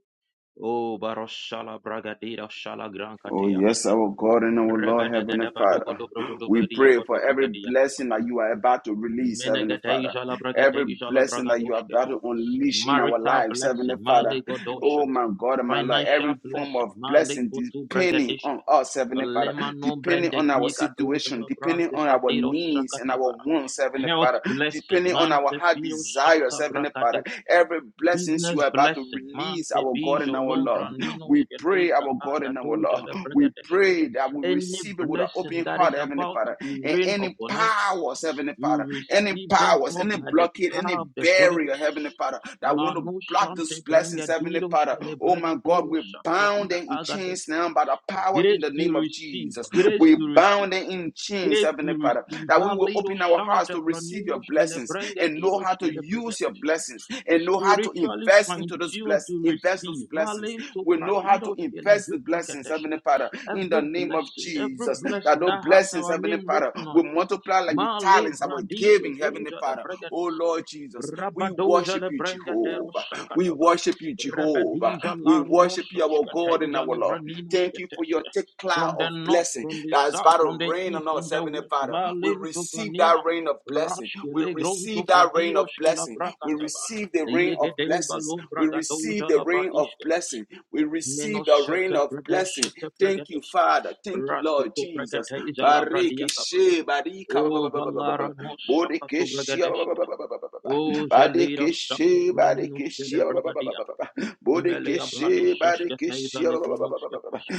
[SPEAKER 5] Oh, baroshala bragadira shala
[SPEAKER 1] Oh,
[SPEAKER 5] grankatea.
[SPEAKER 1] yes, our God and our Lord, Heavenly
[SPEAKER 5] Revedegede badogo
[SPEAKER 1] Father.
[SPEAKER 5] dobro godo
[SPEAKER 1] We
[SPEAKER 5] beria
[SPEAKER 1] pray
[SPEAKER 5] kodo
[SPEAKER 1] for every
[SPEAKER 5] bragadia
[SPEAKER 1] blessing
[SPEAKER 5] kapana.
[SPEAKER 1] that you are about to release, Heavenly
[SPEAKER 5] Menegede
[SPEAKER 1] Father.
[SPEAKER 5] jala bragade
[SPEAKER 1] Every
[SPEAKER 5] jala
[SPEAKER 1] blessing that you are
[SPEAKER 5] bragadoshke.
[SPEAKER 1] about to unleash in our
[SPEAKER 5] Marital
[SPEAKER 1] lives, Heavenly
[SPEAKER 5] blessing,
[SPEAKER 1] Father.
[SPEAKER 5] mali
[SPEAKER 1] Oh, my
[SPEAKER 5] godoshata.
[SPEAKER 1] God, and my Lord. Every
[SPEAKER 5] Financial
[SPEAKER 1] form
[SPEAKER 5] blessing,
[SPEAKER 1] of
[SPEAKER 5] mali
[SPEAKER 1] blessing
[SPEAKER 5] koto
[SPEAKER 1] depending on
[SPEAKER 5] bragadishke.
[SPEAKER 1] us, Heavenly Father.
[SPEAKER 5] Lema no
[SPEAKER 1] Depending
[SPEAKER 5] brende
[SPEAKER 1] on our
[SPEAKER 5] giga doja
[SPEAKER 1] situation,
[SPEAKER 5] la
[SPEAKER 1] depending
[SPEAKER 5] brante
[SPEAKER 1] on our
[SPEAKER 5] fradiro
[SPEAKER 1] needs and our
[SPEAKER 5] shakataba.
[SPEAKER 1] wants, Heavenly
[SPEAKER 5] Health
[SPEAKER 1] Father.
[SPEAKER 5] blessing,
[SPEAKER 1] Depending on our
[SPEAKER 5] mante
[SPEAKER 1] heart
[SPEAKER 5] fio shata
[SPEAKER 1] desires, Heavenly Father.
[SPEAKER 5] brakadesh.
[SPEAKER 1] Every blessings you
[SPEAKER 5] Business
[SPEAKER 1] are about to
[SPEAKER 5] blessing.
[SPEAKER 1] release release
[SPEAKER 5] Mante
[SPEAKER 1] our God and
[SPEAKER 5] bijo
[SPEAKER 1] our love,
[SPEAKER 5] lombrandino
[SPEAKER 1] We pray
[SPEAKER 5] shkedeta
[SPEAKER 1] our God and our
[SPEAKER 5] agadoja
[SPEAKER 1] love, We
[SPEAKER 5] lebregadesh.
[SPEAKER 1] pray that we
[SPEAKER 5] Any
[SPEAKER 1] receive it with an
[SPEAKER 5] blessing
[SPEAKER 1] open
[SPEAKER 5] that is
[SPEAKER 1] heart, Heavenly
[SPEAKER 5] about to
[SPEAKER 1] Father.
[SPEAKER 5] be
[SPEAKER 1] And
[SPEAKER 5] rained
[SPEAKER 1] any
[SPEAKER 5] upon us,
[SPEAKER 1] powers, Heavenly
[SPEAKER 5] we
[SPEAKER 1] Father, any
[SPEAKER 5] receive them
[SPEAKER 1] powers,
[SPEAKER 5] all
[SPEAKER 1] any
[SPEAKER 5] by the
[SPEAKER 1] blockade,
[SPEAKER 5] power
[SPEAKER 1] any
[SPEAKER 5] of the Holy
[SPEAKER 1] barrier, Heavenly
[SPEAKER 5] Ghost.
[SPEAKER 1] Father, that want to
[SPEAKER 5] Rano
[SPEAKER 1] block those
[SPEAKER 5] shante
[SPEAKER 1] blessings, Heavenly
[SPEAKER 5] brengadido
[SPEAKER 1] Father. Oh my God,
[SPEAKER 5] shkelebregadido
[SPEAKER 1] we bound
[SPEAKER 5] shapradida
[SPEAKER 1] them in
[SPEAKER 5] agado.
[SPEAKER 1] chains now by the power in
[SPEAKER 5] Grace
[SPEAKER 1] the
[SPEAKER 5] to
[SPEAKER 1] name of
[SPEAKER 5] receive,
[SPEAKER 1] Jesus.
[SPEAKER 5] grace
[SPEAKER 1] We
[SPEAKER 5] to receive,
[SPEAKER 1] bound them in chains,
[SPEAKER 5] grace to
[SPEAKER 1] Heavenly Father,
[SPEAKER 5] receive.
[SPEAKER 1] that we will
[SPEAKER 5] Valido
[SPEAKER 1] open our hearts
[SPEAKER 5] shante
[SPEAKER 1] to receive your
[SPEAKER 5] pranino
[SPEAKER 1] blessings and and know
[SPEAKER 5] shkelebregadido
[SPEAKER 1] how to use your
[SPEAKER 5] shkelebregadesh
[SPEAKER 1] blessings and know how to
[SPEAKER 5] spiritually
[SPEAKER 1] invest into those
[SPEAKER 5] fine-tuned to
[SPEAKER 1] blessings, invest those
[SPEAKER 5] receive.
[SPEAKER 1] blessings.
[SPEAKER 5] Alento
[SPEAKER 1] We know how to
[SPEAKER 5] pradiros
[SPEAKER 1] invest
[SPEAKER 5] kelejo
[SPEAKER 1] the blessings,
[SPEAKER 5] praketeshka.
[SPEAKER 1] Heavenly Father, in the
[SPEAKER 5] Every
[SPEAKER 1] name of
[SPEAKER 5] blessing, every
[SPEAKER 1] Jesus. That
[SPEAKER 5] blessing
[SPEAKER 1] those
[SPEAKER 5] that has
[SPEAKER 1] blessings,
[SPEAKER 5] our
[SPEAKER 1] Heavenly
[SPEAKER 5] name
[SPEAKER 1] Father,
[SPEAKER 5] written on
[SPEAKER 1] will
[SPEAKER 5] it.
[SPEAKER 1] multiply like the
[SPEAKER 5] Male
[SPEAKER 1] talents that were
[SPEAKER 5] bradigo
[SPEAKER 1] giving, Heavenly
[SPEAKER 5] doja le
[SPEAKER 1] Father. Oh Lord Jesus, we
[SPEAKER 5] Rabadoja
[SPEAKER 1] worship
[SPEAKER 5] le
[SPEAKER 1] you,
[SPEAKER 5] brenga dero
[SPEAKER 1] Jehovah. We
[SPEAKER 5] shakataba.
[SPEAKER 1] worship you, Jehovah.
[SPEAKER 5] Rebedija
[SPEAKER 1] We
[SPEAKER 5] laruno
[SPEAKER 1] worship you, our God and our
[SPEAKER 5] shoshkateja le
[SPEAKER 1] Lord.
[SPEAKER 5] branino
[SPEAKER 1] Thank you for your
[SPEAKER 5] shkateshka.
[SPEAKER 1] thick cloud
[SPEAKER 5] From the
[SPEAKER 1] of
[SPEAKER 5] north,
[SPEAKER 1] blessing
[SPEAKER 5] from the
[SPEAKER 1] that is
[SPEAKER 5] south,
[SPEAKER 1] about
[SPEAKER 5] from
[SPEAKER 1] to
[SPEAKER 5] the
[SPEAKER 1] rain on
[SPEAKER 5] east, from
[SPEAKER 1] us, us,
[SPEAKER 5] the
[SPEAKER 1] Heavenly
[SPEAKER 5] west,
[SPEAKER 1] Father. We
[SPEAKER 5] Valin to
[SPEAKER 1] receive
[SPEAKER 5] Panina,
[SPEAKER 1] that rain of blessing. We
[SPEAKER 5] Rashkele Gronto
[SPEAKER 1] receive that rain of
[SPEAKER 5] Pradiroshke la
[SPEAKER 1] blessing. We
[SPEAKER 5] Brakataba,
[SPEAKER 1] receive the rain of
[SPEAKER 5] Yegedei
[SPEAKER 1] blessings.
[SPEAKER 5] Balo
[SPEAKER 1] We receive
[SPEAKER 5] Bragadoja
[SPEAKER 1] the
[SPEAKER 5] la
[SPEAKER 1] rain of
[SPEAKER 5] Bradishke,
[SPEAKER 1] blessing. We receive the rain
[SPEAKER 5] Menoshete
[SPEAKER 1] of blessing.
[SPEAKER 5] Pradeshete
[SPEAKER 1] Thank you,
[SPEAKER 5] Pregadeshke,
[SPEAKER 1] Father. Thank you, Lord
[SPEAKER 5] Ratuko
[SPEAKER 1] Jesus.
[SPEAKER 5] Pregateja la
[SPEAKER 1] Bareke
[SPEAKER 5] Bradiakaba,
[SPEAKER 1] barika ba-
[SPEAKER 5] O
[SPEAKER 1] ba- ba- ba- ba- ba- ba-
[SPEAKER 5] Valara no Shakato O Jalira Shakto Pranino Shele Bragadia, Melia Brade Sheshke Teva Lebrono Sketesh,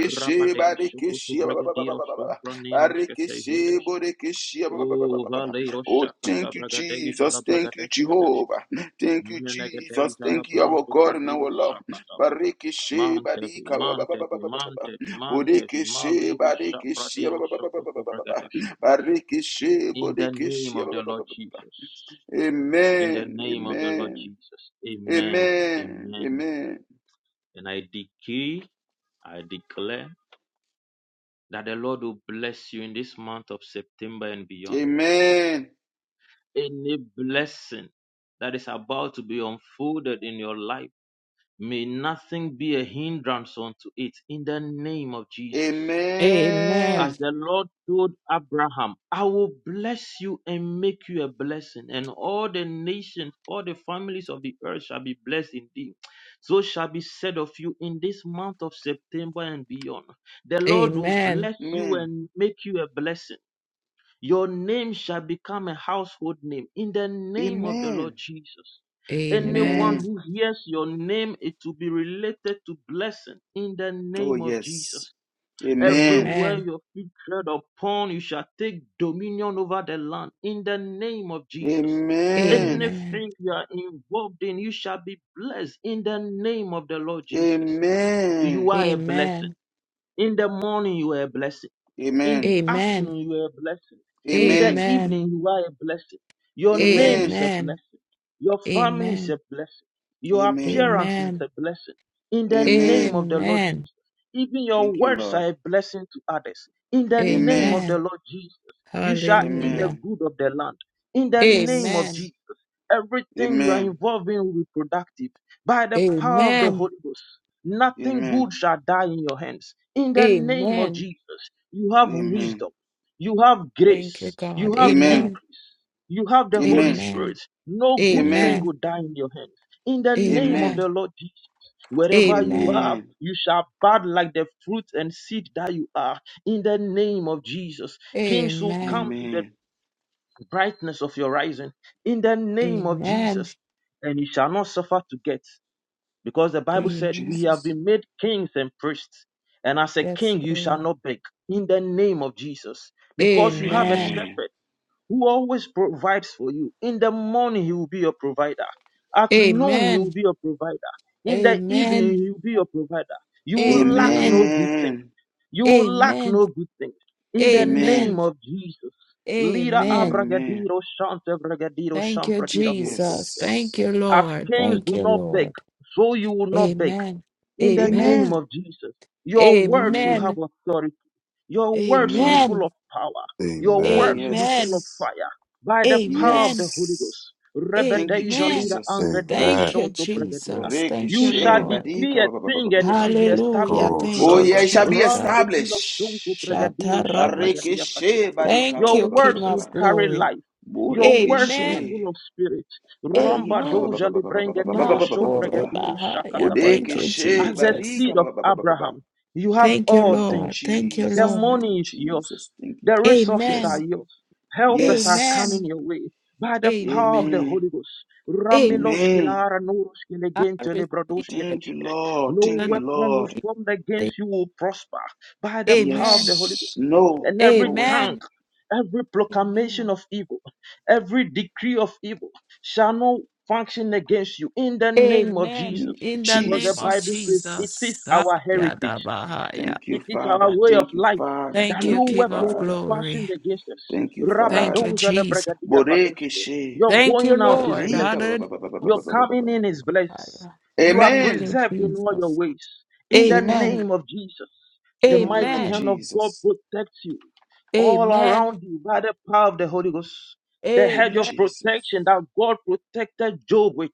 [SPEAKER 5] Rabade Shukutu Bragadiro Shum Pranino Skete
[SPEAKER 1] Barikishe,
[SPEAKER 5] Yedesh,
[SPEAKER 1] borikishe, ba- ba- ba- ba-
[SPEAKER 5] O
[SPEAKER 1] ba- ba- ba.
[SPEAKER 5] Valero
[SPEAKER 1] Oh,
[SPEAKER 5] Shakata
[SPEAKER 1] thank you,
[SPEAKER 5] Bragadeja
[SPEAKER 1] Jesus.
[SPEAKER 5] la
[SPEAKER 1] Thank you,
[SPEAKER 5] Bragadeshka Deshka,
[SPEAKER 1] Jehovah. Thank you, Jesus.
[SPEAKER 5] Menegadeja la
[SPEAKER 1] Thank you, our
[SPEAKER 5] Branto
[SPEAKER 1] God and
[SPEAKER 5] Fradiro
[SPEAKER 1] our Lord.
[SPEAKER 5] Shakata,
[SPEAKER 1] Barikishe, badika,
[SPEAKER 5] Mantevi,
[SPEAKER 1] ba- ba- ba- ba- ba-
[SPEAKER 5] Mantevi,
[SPEAKER 1] ba- ba- ba- ba.
[SPEAKER 5] Mantevi, Mantevi,
[SPEAKER 1] Borikishe,
[SPEAKER 5] Malero
[SPEAKER 1] barikishe, ba-
[SPEAKER 5] Shapradiro
[SPEAKER 1] ba- ba- ba- ba- ba-
[SPEAKER 5] Shokutu
[SPEAKER 1] ba- ba- ba.
[SPEAKER 5] Bragadeshka.
[SPEAKER 1] Barikishe,
[SPEAKER 5] In the name
[SPEAKER 1] borikishe,
[SPEAKER 5] of
[SPEAKER 1] ba-
[SPEAKER 5] the
[SPEAKER 1] ba- ba-
[SPEAKER 5] Lord
[SPEAKER 1] ba- ba- ba.
[SPEAKER 5] Jesus. In the
[SPEAKER 1] Amen.
[SPEAKER 5] name of the Lord
[SPEAKER 1] Amen.
[SPEAKER 5] Jesus. Amen.
[SPEAKER 1] Amen.
[SPEAKER 5] Amen.
[SPEAKER 1] Amen.
[SPEAKER 5] And I decree, I declare that the Lord will bless you in this month of September and beyond.
[SPEAKER 1] Amen. Amen.
[SPEAKER 5] Any blessing that is about to be unfolded in your life, may nothing be a hindrance unto it in the name of Jesus.
[SPEAKER 2] Amen.
[SPEAKER 5] as
[SPEAKER 2] Amen.
[SPEAKER 5] the Lord told Abraham, I will bless you and make you a blessing, and all the nations, all the families of the earth shall be blessed in thee. So shall be said of you in this month of September and beyond. The Lord will
[SPEAKER 2] Amen.
[SPEAKER 5] bless you and make you a blessing. Your name shall become a household name in the name of the Lord
[SPEAKER 1] Amen.
[SPEAKER 5] Jesus. Anyone
[SPEAKER 2] Amen.
[SPEAKER 1] Amen.
[SPEAKER 5] who hears your name, it will be related to blessing in the
[SPEAKER 1] Oh,
[SPEAKER 5] name of Jesus.
[SPEAKER 1] yes. Amen.
[SPEAKER 5] Everywhere
[SPEAKER 2] Amen.
[SPEAKER 5] your feet tread upon, you shall take dominion over the land in the name of Jesus.
[SPEAKER 1] Amen.
[SPEAKER 2] Amen.
[SPEAKER 5] Anything you are involved in, you shall be blessed in the name of the Lord Jesus. You
[SPEAKER 1] Amen.
[SPEAKER 2] Amen.
[SPEAKER 5] are a blessing.
[SPEAKER 2] Amen.
[SPEAKER 5] In the morning, you are a blessing. In
[SPEAKER 1] Amen.
[SPEAKER 5] the afternoon, you are a blessing. In the
[SPEAKER 1] Amen.
[SPEAKER 5] evening, you are a blessing. Your name is
[SPEAKER 1] Amen.
[SPEAKER 5] a blessing. Your family is a blessing. Your
[SPEAKER 1] Amen.
[SPEAKER 5] appearance is
[SPEAKER 2] Amen.
[SPEAKER 5] a blessing. In the name
[SPEAKER 1] Amen.
[SPEAKER 5] of the Lord
[SPEAKER 2] Amen. Amen.
[SPEAKER 5] Jesus. Even your
[SPEAKER 1] Thank you,
[SPEAKER 5] words
[SPEAKER 1] Lord.
[SPEAKER 5] are a blessing to others. In the name
[SPEAKER 1] Amen.
[SPEAKER 5] of the
[SPEAKER 2] Amen.
[SPEAKER 5] Lord Jesus. You shall eat the
[SPEAKER 2] Hallelujah.
[SPEAKER 1] Amen.
[SPEAKER 5] good of the land. In the name of
[SPEAKER 2] Amen.
[SPEAKER 1] Yes.
[SPEAKER 5] Jesus. Everything you are
[SPEAKER 1] Amen.
[SPEAKER 5] involved in will be productive by the power of the
[SPEAKER 2] Amen.
[SPEAKER 5] Holy Ghost. Nothing good
[SPEAKER 1] Amen.
[SPEAKER 5] shall die in your hands. In the name of
[SPEAKER 2] Amen.
[SPEAKER 5] Jesus, you have
[SPEAKER 1] Amen.
[SPEAKER 5] wisdom, you have
[SPEAKER 2] Thank you,
[SPEAKER 5] grace, you
[SPEAKER 2] God.
[SPEAKER 5] have
[SPEAKER 1] Amen.
[SPEAKER 2] Amen.
[SPEAKER 5] increase, you have the Holy
[SPEAKER 1] Amen.
[SPEAKER 2] Amen.
[SPEAKER 5] Spirit. No good
[SPEAKER 1] Amen.
[SPEAKER 5] thing
[SPEAKER 2] Amen.
[SPEAKER 5] will die in your hands. In the name of
[SPEAKER 1] Amen.
[SPEAKER 2] Amen.
[SPEAKER 5] the Lord Jesus, wherever you
[SPEAKER 2] Amen.
[SPEAKER 5] are,
[SPEAKER 1] Amen.
[SPEAKER 5] you shall bud like the fruit and seed that you are. In the name of Jesus, kings will come
[SPEAKER 2] Amen.
[SPEAKER 5] to the
[SPEAKER 1] Amen.
[SPEAKER 5] brightness of your rising in the name of
[SPEAKER 2] Amen.
[SPEAKER 5] Jesus. And you shall not suffer to get, because the Bible
[SPEAKER 1] Thank you,
[SPEAKER 5] said,
[SPEAKER 2] Amen.
[SPEAKER 5] We have
[SPEAKER 1] Jesus.
[SPEAKER 5] been made kings and priests. And as a
[SPEAKER 2] Yes,
[SPEAKER 5] king, you shall
[SPEAKER 2] Lord.
[SPEAKER 5] not beg in the name of Jesus, because you have a
[SPEAKER 2] Amen.
[SPEAKER 1] Amen.
[SPEAKER 5] shepherd who always provides for you. In the morning, he will be your provider. At noon, he will
[SPEAKER 2] Amen.
[SPEAKER 5] be your provider. In the
[SPEAKER 2] Amen.
[SPEAKER 5] evening, he will be your provider. You will lack no
[SPEAKER 2] Amen.
[SPEAKER 5] good thing
[SPEAKER 1] Amen.
[SPEAKER 5] you will lack
[SPEAKER 2] Amen.
[SPEAKER 5] no good thing. In the
[SPEAKER 1] Amen.
[SPEAKER 5] name
[SPEAKER 2] Amen.
[SPEAKER 5] of Jesus. Lira
[SPEAKER 2] Amen.
[SPEAKER 1] Amen.
[SPEAKER 5] abragadiro shante bragadiro
[SPEAKER 2] Thank you,
[SPEAKER 5] shampradira
[SPEAKER 2] Jesus.
[SPEAKER 5] kotoske.
[SPEAKER 2] Thank you,
[SPEAKER 1] Yes.
[SPEAKER 5] As
[SPEAKER 2] Lord.
[SPEAKER 5] kings
[SPEAKER 2] Thank
[SPEAKER 5] do
[SPEAKER 2] you,
[SPEAKER 5] not beg,
[SPEAKER 2] Lord.
[SPEAKER 5] so you will not beg.
[SPEAKER 2] Amen.
[SPEAKER 5] In the
[SPEAKER 2] Amen.
[SPEAKER 5] name
[SPEAKER 1] Amen.
[SPEAKER 5] of Jesus. Your words will
[SPEAKER 1] Amen.
[SPEAKER 5] have
[SPEAKER 2] Amen.
[SPEAKER 5] authority. Your words will be
[SPEAKER 1] Amen.
[SPEAKER 5] full
[SPEAKER 2] Amen.
[SPEAKER 5] of power. Your
[SPEAKER 7] Amen.
[SPEAKER 5] words will be full
[SPEAKER 2] Amen.
[SPEAKER 5] of
[SPEAKER 1] Yes.
[SPEAKER 5] fire by the power of
[SPEAKER 2] Amen.
[SPEAKER 5] the Holy
[SPEAKER 1] Yes.
[SPEAKER 5] Ghost.
[SPEAKER 1] Thank you,
[SPEAKER 5] Rebedeja
[SPEAKER 2] Amen.
[SPEAKER 5] lira
[SPEAKER 1] Jesus.
[SPEAKER 5] angredido
[SPEAKER 2] Thank you,
[SPEAKER 7] Amen.
[SPEAKER 5] shonto pregedia.
[SPEAKER 2] Jesus.
[SPEAKER 1] Boreke
[SPEAKER 2] Thank
[SPEAKER 5] You
[SPEAKER 2] you,
[SPEAKER 5] shall
[SPEAKER 1] she
[SPEAKER 2] Lord.
[SPEAKER 5] decree
[SPEAKER 1] badika
[SPEAKER 5] a
[SPEAKER 1] ba ba ba ba ba
[SPEAKER 5] thing
[SPEAKER 1] ba
[SPEAKER 5] and
[SPEAKER 1] ba
[SPEAKER 5] it will be
[SPEAKER 2] Hallelujah.
[SPEAKER 5] established
[SPEAKER 7] Go
[SPEAKER 5] unto
[SPEAKER 2] Thank
[SPEAKER 1] Oh,
[SPEAKER 2] you,
[SPEAKER 5] you.
[SPEAKER 1] yeah,
[SPEAKER 7] shada
[SPEAKER 1] it shall be
[SPEAKER 7] bra.
[SPEAKER 5] Run
[SPEAKER 2] Jesus.
[SPEAKER 5] to feel of shonto
[SPEAKER 1] established.
[SPEAKER 5] pregedido
[SPEAKER 2] Shatarabos.
[SPEAKER 1] Bareke
[SPEAKER 5] shapregedia
[SPEAKER 1] she
[SPEAKER 5] kadosh.
[SPEAKER 1] badika
[SPEAKER 2] Thank
[SPEAKER 1] ba
[SPEAKER 5] Your
[SPEAKER 1] ba
[SPEAKER 2] you,
[SPEAKER 1] ba ba ba ba
[SPEAKER 5] words
[SPEAKER 2] King
[SPEAKER 1] ba
[SPEAKER 5] will
[SPEAKER 2] of
[SPEAKER 1] ba.
[SPEAKER 5] carry
[SPEAKER 2] Glory.
[SPEAKER 5] life. Your
[SPEAKER 1] Boreke
[SPEAKER 5] words will be
[SPEAKER 2] Amen.
[SPEAKER 5] full
[SPEAKER 1] she
[SPEAKER 5] of spirit.
[SPEAKER 1] barika
[SPEAKER 5] Romba
[SPEAKER 1] ba ba ba
[SPEAKER 2] Amen.
[SPEAKER 1] ba
[SPEAKER 5] doja
[SPEAKER 1] ba ba ba ba ba ba ba ba
[SPEAKER 5] librengetiro
[SPEAKER 1] ba ba ba ba ba.
[SPEAKER 5] shompregediro
[SPEAKER 2] Makorebahaya. Thank
[SPEAKER 5] shakatabadia.
[SPEAKER 1] Bodeke
[SPEAKER 2] you,
[SPEAKER 1] she
[SPEAKER 5] As the
[SPEAKER 2] Jesus.
[SPEAKER 1] barika
[SPEAKER 5] seed of
[SPEAKER 1] ba ba ba ba ba ba ba.
[SPEAKER 5] Abraham, you have
[SPEAKER 2] Thank you,
[SPEAKER 5] all
[SPEAKER 1] Thank you,
[SPEAKER 5] things.
[SPEAKER 2] Lord. Thank you,
[SPEAKER 5] The
[SPEAKER 1] Jesus.
[SPEAKER 2] Lord.
[SPEAKER 1] Thank you,
[SPEAKER 5] money is
[SPEAKER 1] Jesus.
[SPEAKER 5] yours.
[SPEAKER 1] Thank you.
[SPEAKER 5] The
[SPEAKER 1] Je-
[SPEAKER 5] resources are
[SPEAKER 1] Yes.
[SPEAKER 2] Amen.
[SPEAKER 5] yours. Helpers are
[SPEAKER 1] Yes.
[SPEAKER 5] coming
[SPEAKER 2] Amen.
[SPEAKER 5] your way by the power of the
[SPEAKER 2] Amen.
[SPEAKER 1] Amen.
[SPEAKER 5] Holy Ghost.
[SPEAKER 2] Amen.
[SPEAKER 5] Ramiloshki
[SPEAKER 1] Amen.
[SPEAKER 5] lara noroshki
[SPEAKER 2] I
[SPEAKER 5] legente
[SPEAKER 2] receive
[SPEAKER 5] lebradoshki
[SPEAKER 2] it.
[SPEAKER 1] Thank you,
[SPEAKER 5] dishke.
[SPEAKER 1] Lord.
[SPEAKER 5] No
[SPEAKER 2] in
[SPEAKER 1] Thank
[SPEAKER 2] the name
[SPEAKER 1] you,
[SPEAKER 5] weapon will
[SPEAKER 1] Lord.
[SPEAKER 2] of
[SPEAKER 5] formed
[SPEAKER 2] Jesus.
[SPEAKER 5] against you will prosper by the power of
[SPEAKER 2] Amen.
[SPEAKER 5] the Holy
[SPEAKER 1] Yes.
[SPEAKER 5] Ghost.
[SPEAKER 1] No,
[SPEAKER 5] And
[SPEAKER 1] no
[SPEAKER 5] every
[SPEAKER 1] weapon.
[SPEAKER 5] tongue,
[SPEAKER 2] Amen.
[SPEAKER 5] every proclamation
[SPEAKER 2] Amen.
[SPEAKER 5] of evil, every decree of evil shall not function against you in the name of
[SPEAKER 1] Mm.
[SPEAKER 2] Amen.
[SPEAKER 5] Jesus.
[SPEAKER 2] In the
[SPEAKER 5] Because
[SPEAKER 2] name
[SPEAKER 5] the
[SPEAKER 2] of
[SPEAKER 5] Bible says it
[SPEAKER 2] Jesus.
[SPEAKER 5] is
[SPEAKER 2] Ah,
[SPEAKER 1] Jesus.
[SPEAKER 5] our heritage.
[SPEAKER 2] yada bahaya.
[SPEAKER 1] Thank you,
[SPEAKER 5] It is our
[SPEAKER 1] Father.
[SPEAKER 5] way of
[SPEAKER 1] Thank you,
[SPEAKER 5] life
[SPEAKER 1] Father.
[SPEAKER 5] that
[SPEAKER 2] Thank you,
[SPEAKER 1] Thank
[SPEAKER 5] no
[SPEAKER 1] you,
[SPEAKER 2] King of
[SPEAKER 5] weapon is
[SPEAKER 1] Father.
[SPEAKER 2] Glory.
[SPEAKER 5] fashioned against us.
[SPEAKER 1] Thank you,
[SPEAKER 2] Thank you,
[SPEAKER 1] Father.
[SPEAKER 5] Rabadoja
[SPEAKER 2] Jesus.
[SPEAKER 5] lebregadia kadoshke.
[SPEAKER 1] Borekeshe.
[SPEAKER 5] Your
[SPEAKER 2] Thank you,
[SPEAKER 5] going out is
[SPEAKER 2] Lord.
[SPEAKER 1] Barika. ba- ba-
[SPEAKER 2] Hallelujah.
[SPEAKER 5] blessed.
[SPEAKER 1] ba- ba- ba- ba-
[SPEAKER 5] Your
[SPEAKER 1] ba- ba- ba- ba-
[SPEAKER 5] coming
[SPEAKER 1] ba.
[SPEAKER 5] in is
[SPEAKER 2] Ah,
[SPEAKER 5] blessed.
[SPEAKER 2] yeah.
[SPEAKER 5] You are
[SPEAKER 2] Thank
[SPEAKER 1] Amen.
[SPEAKER 2] you,
[SPEAKER 5] preserved in all your
[SPEAKER 2] Jesus.
[SPEAKER 5] ways. In the
[SPEAKER 2] Amen.
[SPEAKER 5] name
[SPEAKER 1] Amen.
[SPEAKER 5] of Jesus, the
[SPEAKER 1] In the name
[SPEAKER 5] mighty
[SPEAKER 1] of
[SPEAKER 2] Amen.
[SPEAKER 5] hand of God
[SPEAKER 1] Jesus.
[SPEAKER 5] protects you all
[SPEAKER 2] Amen.
[SPEAKER 5] around you by the power of the Holy Ghost the
[SPEAKER 1] Thank you,
[SPEAKER 5] hedge
[SPEAKER 2] Amen.
[SPEAKER 5] of
[SPEAKER 1] Jesus.
[SPEAKER 5] protection that God protected Job with.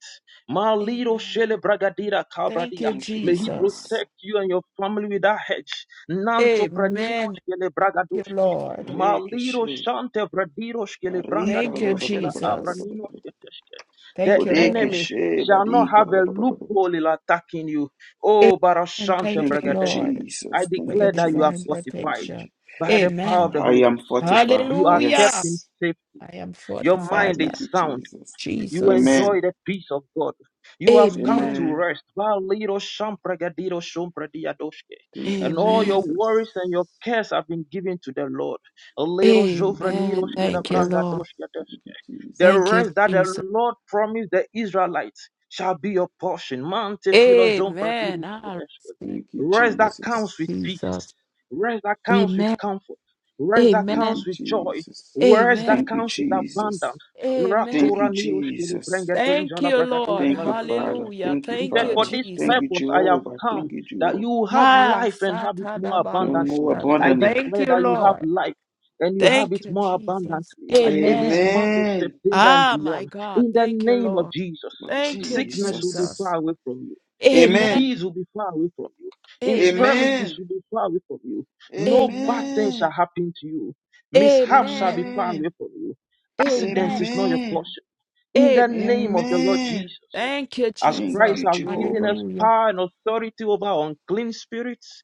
[SPEAKER 5] Malido
[SPEAKER 2] Amen.
[SPEAKER 5] shele bragadira
[SPEAKER 2] Thank you,
[SPEAKER 5] kabradia.
[SPEAKER 1] Thank you,
[SPEAKER 5] May He
[SPEAKER 2] Jesus.
[SPEAKER 1] Father.
[SPEAKER 5] protect you and your family with that hedge. Nanto pranino
[SPEAKER 2] Amen.
[SPEAKER 5] shele
[SPEAKER 2] Thank you,
[SPEAKER 5] bragadoshke.
[SPEAKER 2] Lord.
[SPEAKER 5] Malido
[SPEAKER 1] Barekeshe.
[SPEAKER 5] shante bradiro shkele
[SPEAKER 1] Barika. ba-
[SPEAKER 2] Thank you,
[SPEAKER 5] brangadiro
[SPEAKER 1] ba- ba- ba- ba-
[SPEAKER 5] shkele
[SPEAKER 1] ba- ba- ba- ba- ba-
[SPEAKER 2] Jesus.
[SPEAKER 1] ba-
[SPEAKER 5] abranino
[SPEAKER 1] ba.
[SPEAKER 5] shketeshke. The
[SPEAKER 2] Thank you,
[SPEAKER 1] Bodeke
[SPEAKER 2] Lord.
[SPEAKER 5] enemy
[SPEAKER 1] she
[SPEAKER 5] shall not
[SPEAKER 1] badika.
[SPEAKER 5] have a loophole in attacking you. Oh,
[SPEAKER 2] Amen.
[SPEAKER 5] barashante
[SPEAKER 2] Thank you,
[SPEAKER 1] Thank you,
[SPEAKER 5] bragadeshke.
[SPEAKER 2] Lord.
[SPEAKER 5] I
[SPEAKER 1] Jesus.
[SPEAKER 2] for
[SPEAKER 1] Thank
[SPEAKER 2] your
[SPEAKER 1] you,
[SPEAKER 5] declare that you are
[SPEAKER 2] divine
[SPEAKER 1] Jesus. Thank
[SPEAKER 5] fortified
[SPEAKER 1] you,
[SPEAKER 2] protection.
[SPEAKER 1] Jesus.
[SPEAKER 5] by the power of
[SPEAKER 2] Amen.
[SPEAKER 5] the
[SPEAKER 1] I
[SPEAKER 5] Holy
[SPEAKER 1] am
[SPEAKER 5] Ghost.
[SPEAKER 1] fortified.
[SPEAKER 5] You are kept
[SPEAKER 2] Hallelujah.
[SPEAKER 5] in
[SPEAKER 1] Yes.
[SPEAKER 5] safety
[SPEAKER 2] I am
[SPEAKER 5] your
[SPEAKER 2] fortified
[SPEAKER 5] mind
[SPEAKER 2] by
[SPEAKER 1] Thank you,
[SPEAKER 5] is sound.
[SPEAKER 1] Jesus.
[SPEAKER 5] You
[SPEAKER 2] Jesus.
[SPEAKER 1] Amen.
[SPEAKER 5] enjoy the peace of God. You have come
[SPEAKER 2] Amen.
[SPEAKER 5] to
[SPEAKER 1] Amen.
[SPEAKER 5] rest. Valido shampragadiro shompradiadoshke.
[SPEAKER 1] Thank you,
[SPEAKER 5] And all your
[SPEAKER 2] Amen.
[SPEAKER 1] Jesus.
[SPEAKER 5] worries and your cares have been given to the Lord. Alero
[SPEAKER 1] Thank you,
[SPEAKER 5] jovraniro
[SPEAKER 2] Amen. Thank
[SPEAKER 1] Jesus.
[SPEAKER 2] you,
[SPEAKER 5] skelabranga
[SPEAKER 2] Lord.
[SPEAKER 5] doshke
[SPEAKER 1] Thank you,
[SPEAKER 5] the
[SPEAKER 2] Thank
[SPEAKER 1] Jesus.
[SPEAKER 2] you,
[SPEAKER 5] rest that the
[SPEAKER 2] Jesus.
[SPEAKER 5] Lord promised the Israelites shall be your portion. Mante philo zon
[SPEAKER 2] Amen.
[SPEAKER 5] pradiros
[SPEAKER 2] I
[SPEAKER 5] kedeshke.
[SPEAKER 2] receive
[SPEAKER 1] Thank you,
[SPEAKER 2] the
[SPEAKER 5] Rest
[SPEAKER 2] name
[SPEAKER 5] that
[SPEAKER 2] of
[SPEAKER 5] comes with
[SPEAKER 1] Jesus.
[SPEAKER 5] peace.
[SPEAKER 2] Jesus.
[SPEAKER 5] Rest that comes with
[SPEAKER 2] Amen.
[SPEAKER 5] comfort. Rest that
[SPEAKER 1] Thank you,
[SPEAKER 5] comes
[SPEAKER 2] Amen.
[SPEAKER 5] with joy.
[SPEAKER 1] Jesus.
[SPEAKER 5] Rest that
[SPEAKER 2] Amen.
[SPEAKER 1] Thank you,
[SPEAKER 5] comes with
[SPEAKER 1] Jesus.
[SPEAKER 5] abundance.
[SPEAKER 1] Thank you,
[SPEAKER 5] Ratura
[SPEAKER 2] Amen.
[SPEAKER 5] niroshke
[SPEAKER 1] Jesus.
[SPEAKER 5] lebrenga deja
[SPEAKER 2] Thank
[SPEAKER 5] la
[SPEAKER 2] you, Lord.
[SPEAKER 1] Thank you, Father.
[SPEAKER 2] Hallelujah.
[SPEAKER 1] Thank you,
[SPEAKER 5] He
[SPEAKER 2] Thank
[SPEAKER 5] said,
[SPEAKER 2] you,
[SPEAKER 5] For
[SPEAKER 1] Father.
[SPEAKER 5] this
[SPEAKER 1] Thank
[SPEAKER 2] Jesus.
[SPEAKER 1] you,
[SPEAKER 5] purpose I have
[SPEAKER 1] Jehovah.
[SPEAKER 5] come,
[SPEAKER 1] Thank you,
[SPEAKER 5] that
[SPEAKER 1] Jehovah.
[SPEAKER 5] you will have
[SPEAKER 2] Ah,
[SPEAKER 5] life and have it more
[SPEAKER 1] and more
[SPEAKER 5] abundantly.
[SPEAKER 2] Satadabakushanda.
[SPEAKER 5] I
[SPEAKER 1] abundantly.
[SPEAKER 2] Thank
[SPEAKER 5] declare
[SPEAKER 2] you,
[SPEAKER 5] that you have
[SPEAKER 2] Lord.
[SPEAKER 5] life and you have
[SPEAKER 2] Thank
[SPEAKER 5] it
[SPEAKER 2] you,
[SPEAKER 5] more
[SPEAKER 2] Jesus.
[SPEAKER 5] abundantly in this
[SPEAKER 2] Amen.
[SPEAKER 5] month of
[SPEAKER 1] Amen.
[SPEAKER 5] September and
[SPEAKER 2] Ah, my
[SPEAKER 5] beyond.
[SPEAKER 2] God.
[SPEAKER 5] In the
[SPEAKER 2] Thank you,
[SPEAKER 5] name of
[SPEAKER 2] Lord.
[SPEAKER 5] Jesus,
[SPEAKER 1] Of
[SPEAKER 2] Thank you,
[SPEAKER 5] sickness will be
[SPEAKER 1] Jesus.
[SPEAKER 2] Jesus.
[SPEAKER 5] far away from you.
[SPEAKER 2] Amen.
[SPEAKER 1] Amen.
[SPEAKER 5] Disease will be far away from you.
[SPEAKER 2] Amen.
[SPEAKER 5] Infirmities
[SPEAKER 1] Amen.
[SPEAKER 5] will be far away from you. No bad
[SPEAKER 2] Amen.
[SPEAKER 5] thing
[SPEAKER 1] Amen.
[SPEAKER 5] shall happen to you. Mishap shall be
[SPEAKER 2] Amen.
[SPEAKER 5] far
[SPEAKER 1] Amen.
[SPEAKER 5] away from you. Accident is
[SPEAKER 2] Amen.
[SPEAKER 5] not your
[SPEAKER 1] Amen.
[SPEAKER 5] portion. In the
[SPEAKER 2] Amen.
[SPEAKER 5] name of the Lord
[SPEAKER 1] Amen.
[SPEAKER 5] Jesus.
[SPEAKER 2] Thank you,
[SPEAKER 5] As
[SPEAKER 1] Thank
[SPEAKER 2] Jesus.
[SPEAKER 5] Christ
[SPEAKER 1] you,
[SPEAKER 5] has given
[SPEAKER 1] Jehovah.
[SPEAKER 5] us
[SPEAKER 2] Hallelujah.
[SPEAKER 5] power and authority over unclean spirits,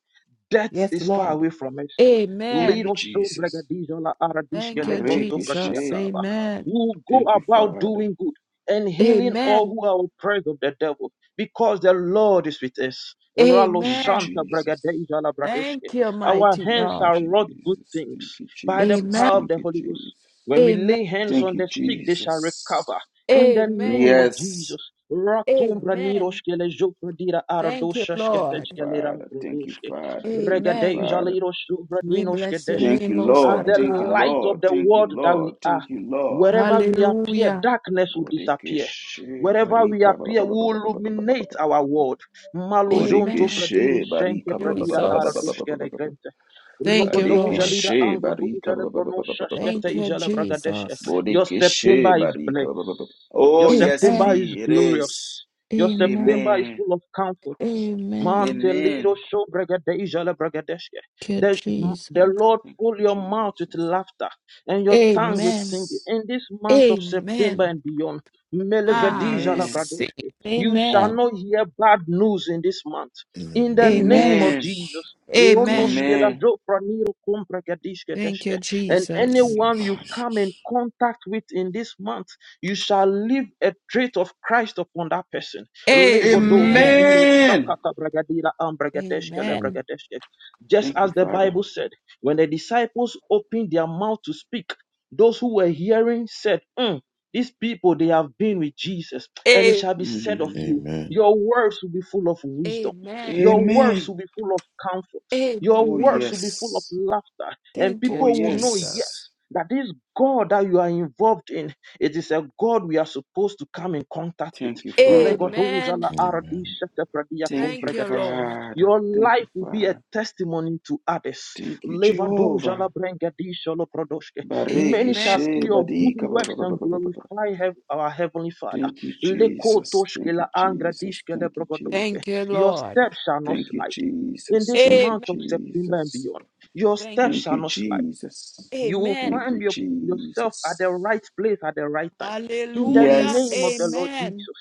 [SPEAKER 5] death
[SPEAKER 2] Yes,
[SPEAKER 5] is far
[SPEAKER 2] Lord.
[SPEAKER 5] away from us.
[SPEAKER 1] Thank you,
[SPEAKER 2] Amen.
[SPEAKER 5] Little so
[SPEAKER 1] Jesus.
[SPEAKER 5] bregadizola
[SPEAKER 2] Thank
[SPEAKER 5] aradishkele
[SPEAKER 2] you,
[SPEAKER 5] gronto
[SPEAKER 2] Jesus.
[SPEAKER 1] Marekeshe.
[SPEAKER 5] fradiakaba.
[SPEAKER 2] Amen.
[SPEAKER 5] We will go
[SPEAKER 1] Thank you,
[SPEAKER 5] about
[SPEAKER 1] Father.
[SPEAKER 5] doing good and healing all
[SPEAKER 2] Amen.
[SPEAKER 5] who are oppressed of the devil, because the Lord is with us. Ralo
[SPEAKER 1] Thank you,
[SPEAKER 2] Amen.
[SPEAKER 5] shanta
[SPEAKER 1] Jesus.
[SPEAKER 5] bregadeizola bradoshke.
[SPEAKER 2] Thank you,
[SPEAKER 5] Our
[SPEAKER 2] mighty
[SPEAKER 1] Thank
[SPEAKER 5] hands
[SPEAKER 1] you,
[SPEAKER 2] God.
[SPEAKER 5] are wrought good
[SPEAKER 1] Jesus. Thank
[SPEAKER 5] things
[SPEAKER 1] you,
[SPEAKER 5] by the
[SPEAKER 1] Jesus.
[SPEAKER 2] Amen.
[SPEAKER 5] power of
[SPEAKER 1] Thank
[SPEAKER 5] the
[SPEAKER 1] you,
[SPEAKER 5] Holy Ghost.
[SPEAKER 1] Jesus.
[SPEAKER 5] When we
[SPEAKER 2] Amen.
[SPEAKER 5] lay hands
[SPEAKER 1] Thank
[SPEAKER 5] on
[SPEAKER 1] you,
[SPEAKER 5] the sick, they shall
[SPEAKER 1] Jesus.
[SPEAKER 5] recover. In the name
[SPEAKER 2] Amen.
[SPEAKER 5] of
[SPEAKER 1] Yes.
[SPEAKER 5] Jesus, Ratumbra
[SPEAKER 2] Amen.
[SPEAKER 5] Niroshkele Jopradira
[SPEAKER 2] Thank you,
[SPEAKER 1] Thank you,
[SPEAKER 2] Lord.
[SPEAKER 5] Ardoshashketeshkele
[SPEAKER 1] Father. Thank you,
[SPEAKER 5] Rankrodoshke,
[SPEAKER 1] Father. Thank you,
[SPEAKER 2] Amen.
[SPEAKER 5] Regadeja
[SPEAKER 1] Father.
[SPEAKER 5] Liroshubra
[SPEAKER 2] We bless your
[SPEAKER 5] Ninoshkedeshke.
[SPEAKER 1] Thank
[SPEAKER 2] name,
[SPEAKER 1] you,
[SPEAKER 2] Most
[SPEAKER 5] As
[SPEAKER 1] Lord.
[SPEAKER 2] High
[SPEAKER 1] Thank you,
[SPEAKER 5] the
[SPEAKER 2] God.
[SPEAKER 5] light of
[SPEAKER 1] Lord.
[SPEAKER 5] the
[SPEAKER 1] Thank
[SPEAKER 5] world
[SPEAKER 1] you,
[SPEAKER 5] that
[SPEAKER 1] Lord.
[SPEAKER 5] we are,
[SPEAKER 1] Thank you, Lord.
[SPEAKER 5] wherever we appear,
[SPEAKER 2] Hallelujah.
[SPEAKER 5] darkness will disappear.
[SPEAKER 1] Bodekeshe
[SPEAKER 5] Wherever we
[SPEAKER 1] barika ba- ba-
[SPEAKER 5] appear,
[SPEAKER 1] ba-
[SPEAKER 5] we
[SPEAKER 1] ba- ba-
[SPEAKER 5] will
[SPEAKER 1] ba- ba- ba- ba- ba- ba-
[SPEAKER 5] illuminate
[SPEAKER 1] ba.
[SPEAKER 5] our world. Malojonto
[SPEAKER 2] Amen.
[SPEAKER 5] Fradiro
[SPEAKER 1] Bodekeshe
[SPEAKER 5] Shenke
[SPEAKER 1] barika ba- ba- ba- ba-
[SPEAKER 5] Pradira
[SPEAKER 1] ba- ba- ba- ba- ba-
[SPEAKER 2] Jesus.
[SPEAKER 1] ba- ba-
[SPEAKER 5] Ardoshkele
[SPEAKER 1] ba- ba.
[SPEAKER 5] Grente.
[SPEAKER 2] Thank you,
[SPEAKER 1] Bodekeshe
[SPEAKER 5] Rogodoja
[SPEAKER 2] Lord.
[SPEAKER 5] Lida
[SPEAKER 1] barika
[SPEAKER 5] Angrodoja
[SPEAKER 1] ba- ba- ba- ba- ba- ba- ba- ba- ba- ba-
[SPEAKER 2] Thank
[SPEAKER 1] ba-
[SPEAKER 2] you,
[SPEAKER 1] ba.
[SPEAKER 5] Lebronoshashketeja Lebragadeshke.
[SPEAKER 2] Jesus.
[SPEAKER 5] Your
[SPEAKER 1] Bodekeshe
[SPEAKER 5] September is
[SPEAKER 1] barika
[SPEAKER 5] blessed.
[SPEAKER 1] ba- ba- ba- ba- ba.
[SPEAKER 5] Your
[SPEAKER 1] Oh, yes,
[SPEAKER 5] September
[SPEAKER 2] Amen.
[SPEAKER 5] is
[SPEAKER 1] indeed, it is.
[SPEAKER 5] glorious. Your
[SPEAKER 2] Amen.
[SPEAKER 5] September is
[SPEAKER 1] Amen.
[SPEAKER 5] full of comforts.
[SPEAKER 2] Amen.
[SPEAKER 5] Mantelido
[SPEAKER 1] Amen.
[SPEAKER 5] shobregadeja lebregadeshke.
[SPEAKER 2] Thank you,
[SPEAKER 5] The, the
[SPEAKER 2] Jesus.
[SPEAKER 5] Lord
[SPEAKER 1] Thank you,
[SPEAKER 5] fill your mouth with
[SPEAKER 1] Jesus.
[SPEAKER 5] laughter and your tongue with
[SPEAKER 2] Amen.
[SPEAKER 5] singing
[SPEAKER 1] Yes.
[SPEAKER 5] in this month of September
[SPEAKER 2] Amen.
[SPEAKER 5] and beyond.
[SPEAKER 2] Ah,
[SPEAKER 5] melevedija la
[SPEAKER 1] Amen.
[SPEAKER 2] receive.
[SPEAKER 5] bradoshke. You shall
[SPEAKER 2] Amen.
[SPEAKER 5] not hear bad news in this month.
[SPEAKER 7] In
[SPEAKER 5] In
[SPEAKER 7] the
[SPEAKER 5] the
[SPEAKER 7] name of
[SPEAKER 5] name
[SPEAKER 2] Amen.
[SPEAKER 5] of
[SPEAKER 1] Amen.
[SPEAKER 7] Jesus.
[SPEAKER 5] Jesus.
[SPEAKER 2] Amen.
[SPEAKER 5] Ronoshke
[SPEAKER 1] Amen.
[SPEAKER 5] lazopraniro kompregadishke
[SPEAKER 2] Thank you,
[SPEAKER 5] deshke. And
[SPEAKER 1] Thank
[SPEAKER 2] Jesus.
[SPEAKER 7] Thank
[SPEAKER 1] you,
[SPEAKER 7] you,
[SPEAKER 5] anyone you
[SPEAKER 1] Father.
[SPEAKER 5] come in
[SPEAKER 7] Jesus.
[SPEAKER 5] contact with in this month, you shall leave a trait of Christ upon that person.
[SPEAKER 7] Amen.
[SPEAKER 2] Amen.
[SPEAKER 5] Legodovredido
[SPEAKER 1] Amen.
[SPEAKER 5] shakata bragadira ambregadeshke
[SPEAKER 2] Amen.
[SPEAKER 5] lebregadeshke. Just
[SPEAKER 1] Thank you,
[SPEAKER 5] as the
[SPEAKER 1] Father.
[SPEAKER 5] Bible said, when the disciples opened their mouth to speak, those who were hearing said, "Mm, These people, they have been with Jesus, and it shall be said of
[SPEAKER 1] Mm.
[SPEAKER 5] you,
[SPEAKER 7] Amen.
[SPEAKER 5] Your words will be full of wisdom,
[SPEAKER 2] Amen.
[SPEAKER 5] your words
[SPEAKER 1] Amen.
[SPEAKER 5] will be full of comfort, your
[SPEAKER 1] Oh,
[SPEAKER 2] Amen.
[SPEAKER 5] words will be full of
[SPEAKER 1] yes.
[SPEAKER 5] laughter, and
[SPEAKER 2] Thank
[SPEAKER 1] Oh,
[SPEAKER 2] you,
[SPEAKER 5] people will know, yes,
[SPEAKER 2] Jesus.
[SPEAKER 1] yes.
[SPEAKER 5] that this God that you are involved in. It is a God we are supposed to come in contact with.
[SPEAKER 1] Thank you, Father.
[SPEAKER 2] Amen.
[SPEAKER 7] Amen.
[SPEAKER 1] Thank you,
[SPEAKER 2] Thank you, Lord.
[SPEAKER 1] Father.
[SPEAKER 5] Your
[SPEAKER 1] Thank
[SPEAKER 5] life
[SPEAKER 1] you,
[SPEAKER 5] will be a
[SPEAKER 1] Father.
[SPEAKER 5] testimony to others.
[SPEAKER 1] Thank you, Jehovah. Bareke
[SPEAKER 5] Many
[SPEAKER 2] Amen.
[SPEAKER 5] shall see
[SPEAKER 1] she
[SPEAKER 5] your good
[SPEAKER 1] badika ba- ba-
[SPEAKER 5] works
[SPEAKER 1] ba- ba-
[SPEAKER 5] and
[SPEAKER 1] ba- ba- ba- ba.
[SPEAKER 5] glorify heav- our Heavenly Father.
[SPEAKER 1] Thank you, Jesus. Thank you, Jesus. Thank you,
[SPEAKER 2] Thank
[SPEAKER 1] Jesus.
[SPEAKER 2] you,
[SPEAKER 5] Your
[SPEAKER 2] Lord.
[SPEAKER 5] steps shall not
[SPEAKER 1] Thank you,
[SPEAKER 5] slide. In
[SPEAKER 1] Jesus.
[SPEAKER 5] this
[SPEAKER 1] Thank you,
[SPEAKER 5] month
[SPEAKER 2] Amen.
[SPEAKER 5] of September and
[SPEAKER 1] Jesus.
[SPEAKER 5] beyond, your
[SPEAKER 2] Thank you.
[SPEAKER 5] steps
[SPEAKER 1] Thank
[SPEAKER 5] shall
[SPEAKER 1] you,
[SPEAKER 5] not slide
[SPEAKER 1] Jesus.
[SPEAKER 5] you will
[SPEAKER 2] Amen.
[SPEAKER 1] Thank
[SPEAKER 5] find
[SPEAKER 1] you,
[SPEAKER 5] your, yourself at the
[SPEAKER 1] Jesus.
[SPEAKER 5] right place at the right time. In the
[SPEAKER 2] Hallelujah.
[SPEAKER 5] name of the
[SPEAKER 1] Yes.
[SPEAKER 5] Lord
[SPEAKER 2] Amen.
[SPEAKER 5] Jesus.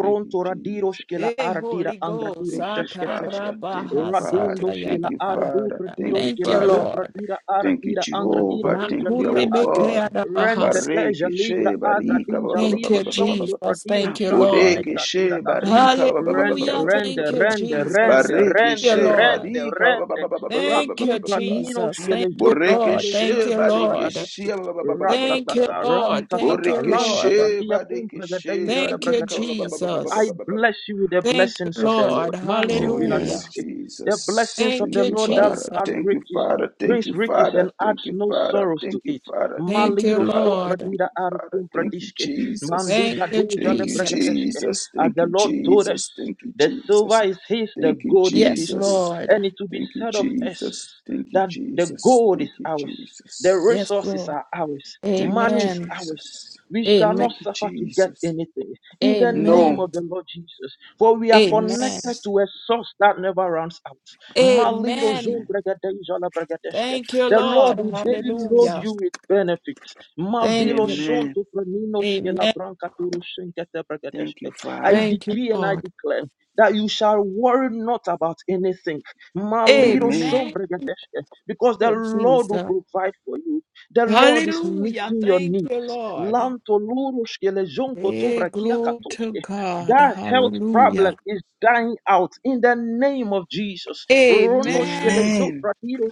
[SPEAKER 1] Thank you,
[SPEAKER 5] radiro
[SPEAKER 1] Jesus.
[SPEAKER 5] shkela
[SPEAKER 2] Hey,
[SPEAKER 5] ardira
[SPEAKER 2] Holy Ghost.
[SPEAKER 5] angradiro
[SPEAKER 1] Thank you,
[SPEAKER 5] sheshke teshke.
[SPEAKER 1] Father. Thank you,
[SPEAKER 2] Akarabaha
[SPEAKER 5] Radundo
[SPEAKER 1] Father. Thank
[SPEAKER 5] shkela
[SPEAKER 1] you,
[SPEAKER 2] satayadabaha.
[SPEAKER 5] ardu
[SPEAKER 1] Father.
[SPEAKER 5] radiro
[SPEAKER 1] Thank you,
[SPEAKER 2] Thank you,
[SPEAKER 5] shkele zon
[SPEAKER 1] Father.
[SPEAKER 2] Lord.
[SPEAKER 5] pradira
[SPEAKER 1] Thank you,
[SPEAKER 5] ardira angradiro
[SPEAKER 1] Jehovah. Thank you,
[SPEAKER 5] ushalira
[SPEAKER 1] our
[SPEAKER 5] ate.
[SPEAKER 1] God.
[SPEAKER 5] Rente
[SPEAKER 2] Makuribekeadabaha.
[SPEAKER 5] teja
[SPEAKER 1] Bareke
[SPEAKER 5] ligra
[SPEAKER 1] she barika ba-
[SPEAKER 5] adradija
[SPEAKER 1] ba- ba-
[SPEAKER 2] Thank
[SPEAKER 1] ba- ba-
[SPEAKER 5] liro
[SPEAKER 2] you,
[SPEAKER 1] ba- ba- ba- ba-
[SPEAKER 5] shontu
[SPEAKER 1] ba-
[SPEAKER 2] Jesus.
[SPEAKER 5] pradiro
[SPEAKER 2] Thank
[SPEAKER 1] ba.
[SPEAKER 2] you,
[SPEAKER 5] shashke
[SPEAKER 1] Bodeke
[SPEAKER 2] Lord.
[SPEAKER 5] tegradira
[SPEAKER 1] she
[SPEAKER 5] dashke.
[SPEAKER 1] barika ba- ba- ba- ba- ba- ba-
[SPEAKER 5] Rende,
[SPEAKER 2] Hallelujah.
[SPEAKER 1] ba- ba- ba- ba-
[SPEAKER 2] Thank
[SPEAKER 5] rende,
[SPEAKER 1] ba-
[SPEAKER 2] you,
[SPEAKER 5] rende,
[SPEAKER 1] ba.
[SPEAKER 2] Jesus.
[SPEAKER 5] rende,
[SPEAKER 2] Thank
[SPEAKER 1] Bareke
[SPEAKER 2] you,
[SPEAKER 5] rende,
[SPEAKER 1] she
[SPEAKER 5] rende,
[SPEAKER 2] Lord.
[SPEAKER 1] barika ba- ba-
[SPEAKER 5] rende,
[SPEAKER 1] ba- ba- ba- ba- ba- ba- ba-
[SPEAKER 2] Thank
[SPEAKER 1] ba-
[SPEAKER 2] you,
[SPEAKER 5] Ratum
[SPEAKER 1] ba- ba- ba.
[SPEAKER 2] Jesus.
[SPEAKER 5] praninoshke
[SPEAKER 2] Thank
[SPEAKER 5] lejo
[SPEAKER 2] you, Lord.
[SPEAKER 5] pratiros
[SPEAKER 1] Borekeshe
[SPEAKER 2] Thank you,
[SPEAKER 5] shatata
[SPEAKER 2] Lord.
[SPEAKER 1] badekeshe
[SPEAKER 5] bragadoshke
[SPEAKER 1] ba- ba- ba- ba- ba- ba- ba- ba-
[SPEAKER 2] Thank
[SPEAKER 1] ba.
[SPEAKER 2] you,
[SPEAKER 5] ratatata
[SPEAKER 2] Lord. Thank
[SPEAKER 5] rantatata
[SPEAKER 2] you, Lord.
[SPEAKER 1] Borekeshe
[SPEAKER 5] rantatatia tum
[SPEAKER 1] badekeshe
[SPEAKER 5] pragadeja la
[SPEAKER 2] Thank you,
[SPEAKER 1] barika ba ba
[SPEAKER 5] bragadeske.
[SPEAKER 1] ba ba ba ba
[SPEAKER 5] I
[SPEAKER 2] Jesus.
[SPEAKER 1] ba ba ba.
[SPEAKER 5] bless you with the
[SPEAKER 2] Thank you,
[SPEAKER 5] blessings of the
[SPEAKER 2] Lord.
[SPEAKER 5] Lord. Mante
[SPEAKER 1] Oh, yes,
[SPEAKER 7] Amen.
[SPEAKER 2] Hallelujah.
[SPEAKER 5] piladoshke. The
[SPEAKER 1] Jesus.
[SPEAKER 5] blessings of
[SPEAKER 2] Thank
[SPEAKER 5] the
[SPEAKER 1] Thank
[SPEAKER 2] you,
[SPEAKER 1] you,
[SPEAKER 5] Lord that
[SPEAKER 1] Father.
[SPEAKER 2] Jesus.
[SPEAKER 5] add
[SPEAKER 1] Thank you,
[SPEAKER 5] riches,
[SPEAKER 1] Father. Thank
[SPEAKER 5] brings
[SPEAKER 1] you,
[SPEAKER 5] riches
[SPEAKER 1] Father.
[SPEAKER 5] and adds
[SPEAKER 1] Thank you,
[SPEAKER 5] no
[SPEAKER 1] Father.
[SPEAKER 5] sorrows to
[SPEAKER 1] Thank you,
[SPEAKER 5] it.
[SPEAKER 1] Father. Thank
[SPEAKER 2] Thank
[SPEAKER 1] you,
[SPEAKER 2] you,
[SPEAKER 5] Maliro
[SPEAKER 1] Father.
[SPEAKER 2] Lord.
[SPEAKER 1] Thank
[SPEAKER 5] shofradira
[SPEAKER 1] you, Father.
[SPEAKER 5] arukum
[SPEAKER 1] Thank you,
[SPEAKER 5] pradishke.
[SPEAKER 1] Jesus.
[SPEAKER 5] Mandi
[SPEAKER 2] Thank you,
[SPEAKER 5] gadoja le
[SPEAKER 1] Thank you,
[SPEAKER 2] Jesus.
[SPEAKER 5] bragadeske.
[SPEAKER 1] Jesus.
[SPEAKER 5] As
[SPEAKER 1] Thank
[SPEAKER 5] the
[SPEAKER 1] you,
[SPEAKER 5] Lord told us,
[SPEAKER 1] Jesus. Thank you,
[SPEAKER 5] the silver
[SPEAKER 1] Jesus.
[SPEAKER 5] is his, the
[SPEAKER 1] Thank you,
[SPEAKER 5] gold is
[SPEAKER 2] Yes,
[SPEAKER 5] his too.
[SPEAKER 1] Jesus.
[SPEAKER 2] Lord.
[SPEAKER 5] And it will be
[SPEAKER 1] Thank you,
[SPEAKER 5] said of us
[SPEAKER 1] Jesus. Thank you,
[SPEAKER 5] that the
[SPEAKER 1] Jesus.
[SPEAKER 5] gold is
[SPEAKER 1] Thank you,
[SPEAKER 5] ours, the
[SPEAKER 1] Jesus.
[SPEAKER 2] Yes,
[SPEAKER 5] resources
[SPEAKER 2] Lord.
[SPEAKER 5] are ours,
[SPEAKER 1] Thank you,
[SPEAKER 5] money is
[SPEAKER 2] Amen.
[SPEAKER 5] ours.
[SPEAKER 1] Jesus.
[SPEAKER 5] We shall
[SPEAKER 2] Amen.
[SPEAKER 5] not
[SPEAKER 1] Thank you,
[SPEAKER 5] suffer to get
[SPEAKER 1] Jesus.
[SPEAKER 5] anything in the name
[SPEAKER 1] No.
[SPEAKER 2] Amen.
[SPEAKER 5] of the Lord Jesus, for we are
[SPEAKER 2] Amen.
[SPEAKER 5] connected
[SPEAKER 1] Yes.
[SPEAKER 5] to a source that never runs out. Malido
[SPEAKER 2] Amen.
[SPEAKER 5] zom
[SPEAKER 1] Amen.
[SPEAKER 5] bregadeja la bregadeshke.
[SPEAKER 2] Thank you,
[SPEAKER 5] The
[SPEAKER 2] Lord.
[SPEAKER 5] Lord will daily load
[SPEAKER 1] Jesus.
[SPEAKER 2] Hallelujah.
[SPEAKER 5] you with benefits.
[SPEAKER 2] Thank
[SPEAKER 5] Mavilo
[SPEAKER 2] you.
[SPEAKER 1] Amen.
[SPEAKER 5] shonto pranino skela
[SPEAKER 2] Amen.
[SPEAKER 5] branca turu shenkete
[SPEAKER 1] Thank you,
[SPEAKER 5] bregadeshke. I
[SPEAKER 1] Father.
[SPEAKER 2] Thank you,
[SPEAKER 5] decree and I
[SPEAKER 2] Lord.
[SPEAKER 5] declare that you shall worry not about anything Malido
[SPEAKER 1] Amen.
[SPEAKER 2] Amen.
[SPEAKER 5] sombregadeshke, Because the
[SPEAKER 2] Thank you,
[SPEAKER 5] Lord will
[SPEAKER 2] Jesus.
[SPEAKER 5] provide for you. The Lord is
[SPEAKER 2] Hallelujah.
[SPEAKER 5] meeting your
[SPEAKER 2] Thank
[SPEAKER 5] needs.
[SPEAKER 2] you, Lord.
[SPEAKER 5] Lanto lurushke lejonko
[SPEAKER 2] Hey,
[SPEAKER 5] tobrakia
[SPEAKER 2] glory to
[SPEAKER 5] katoshke.
[SPEAKER 2] God.
[SPEAKER 5] That health problem
[SPEAKER 2] Hallelujah.
[SPEAKER 5] is dying out in the name of Jesus. Ronoshke
[SPEAKER 2] Amen.
[SPEAKER 1] Amen.
[SPEAKER 5] lejofradido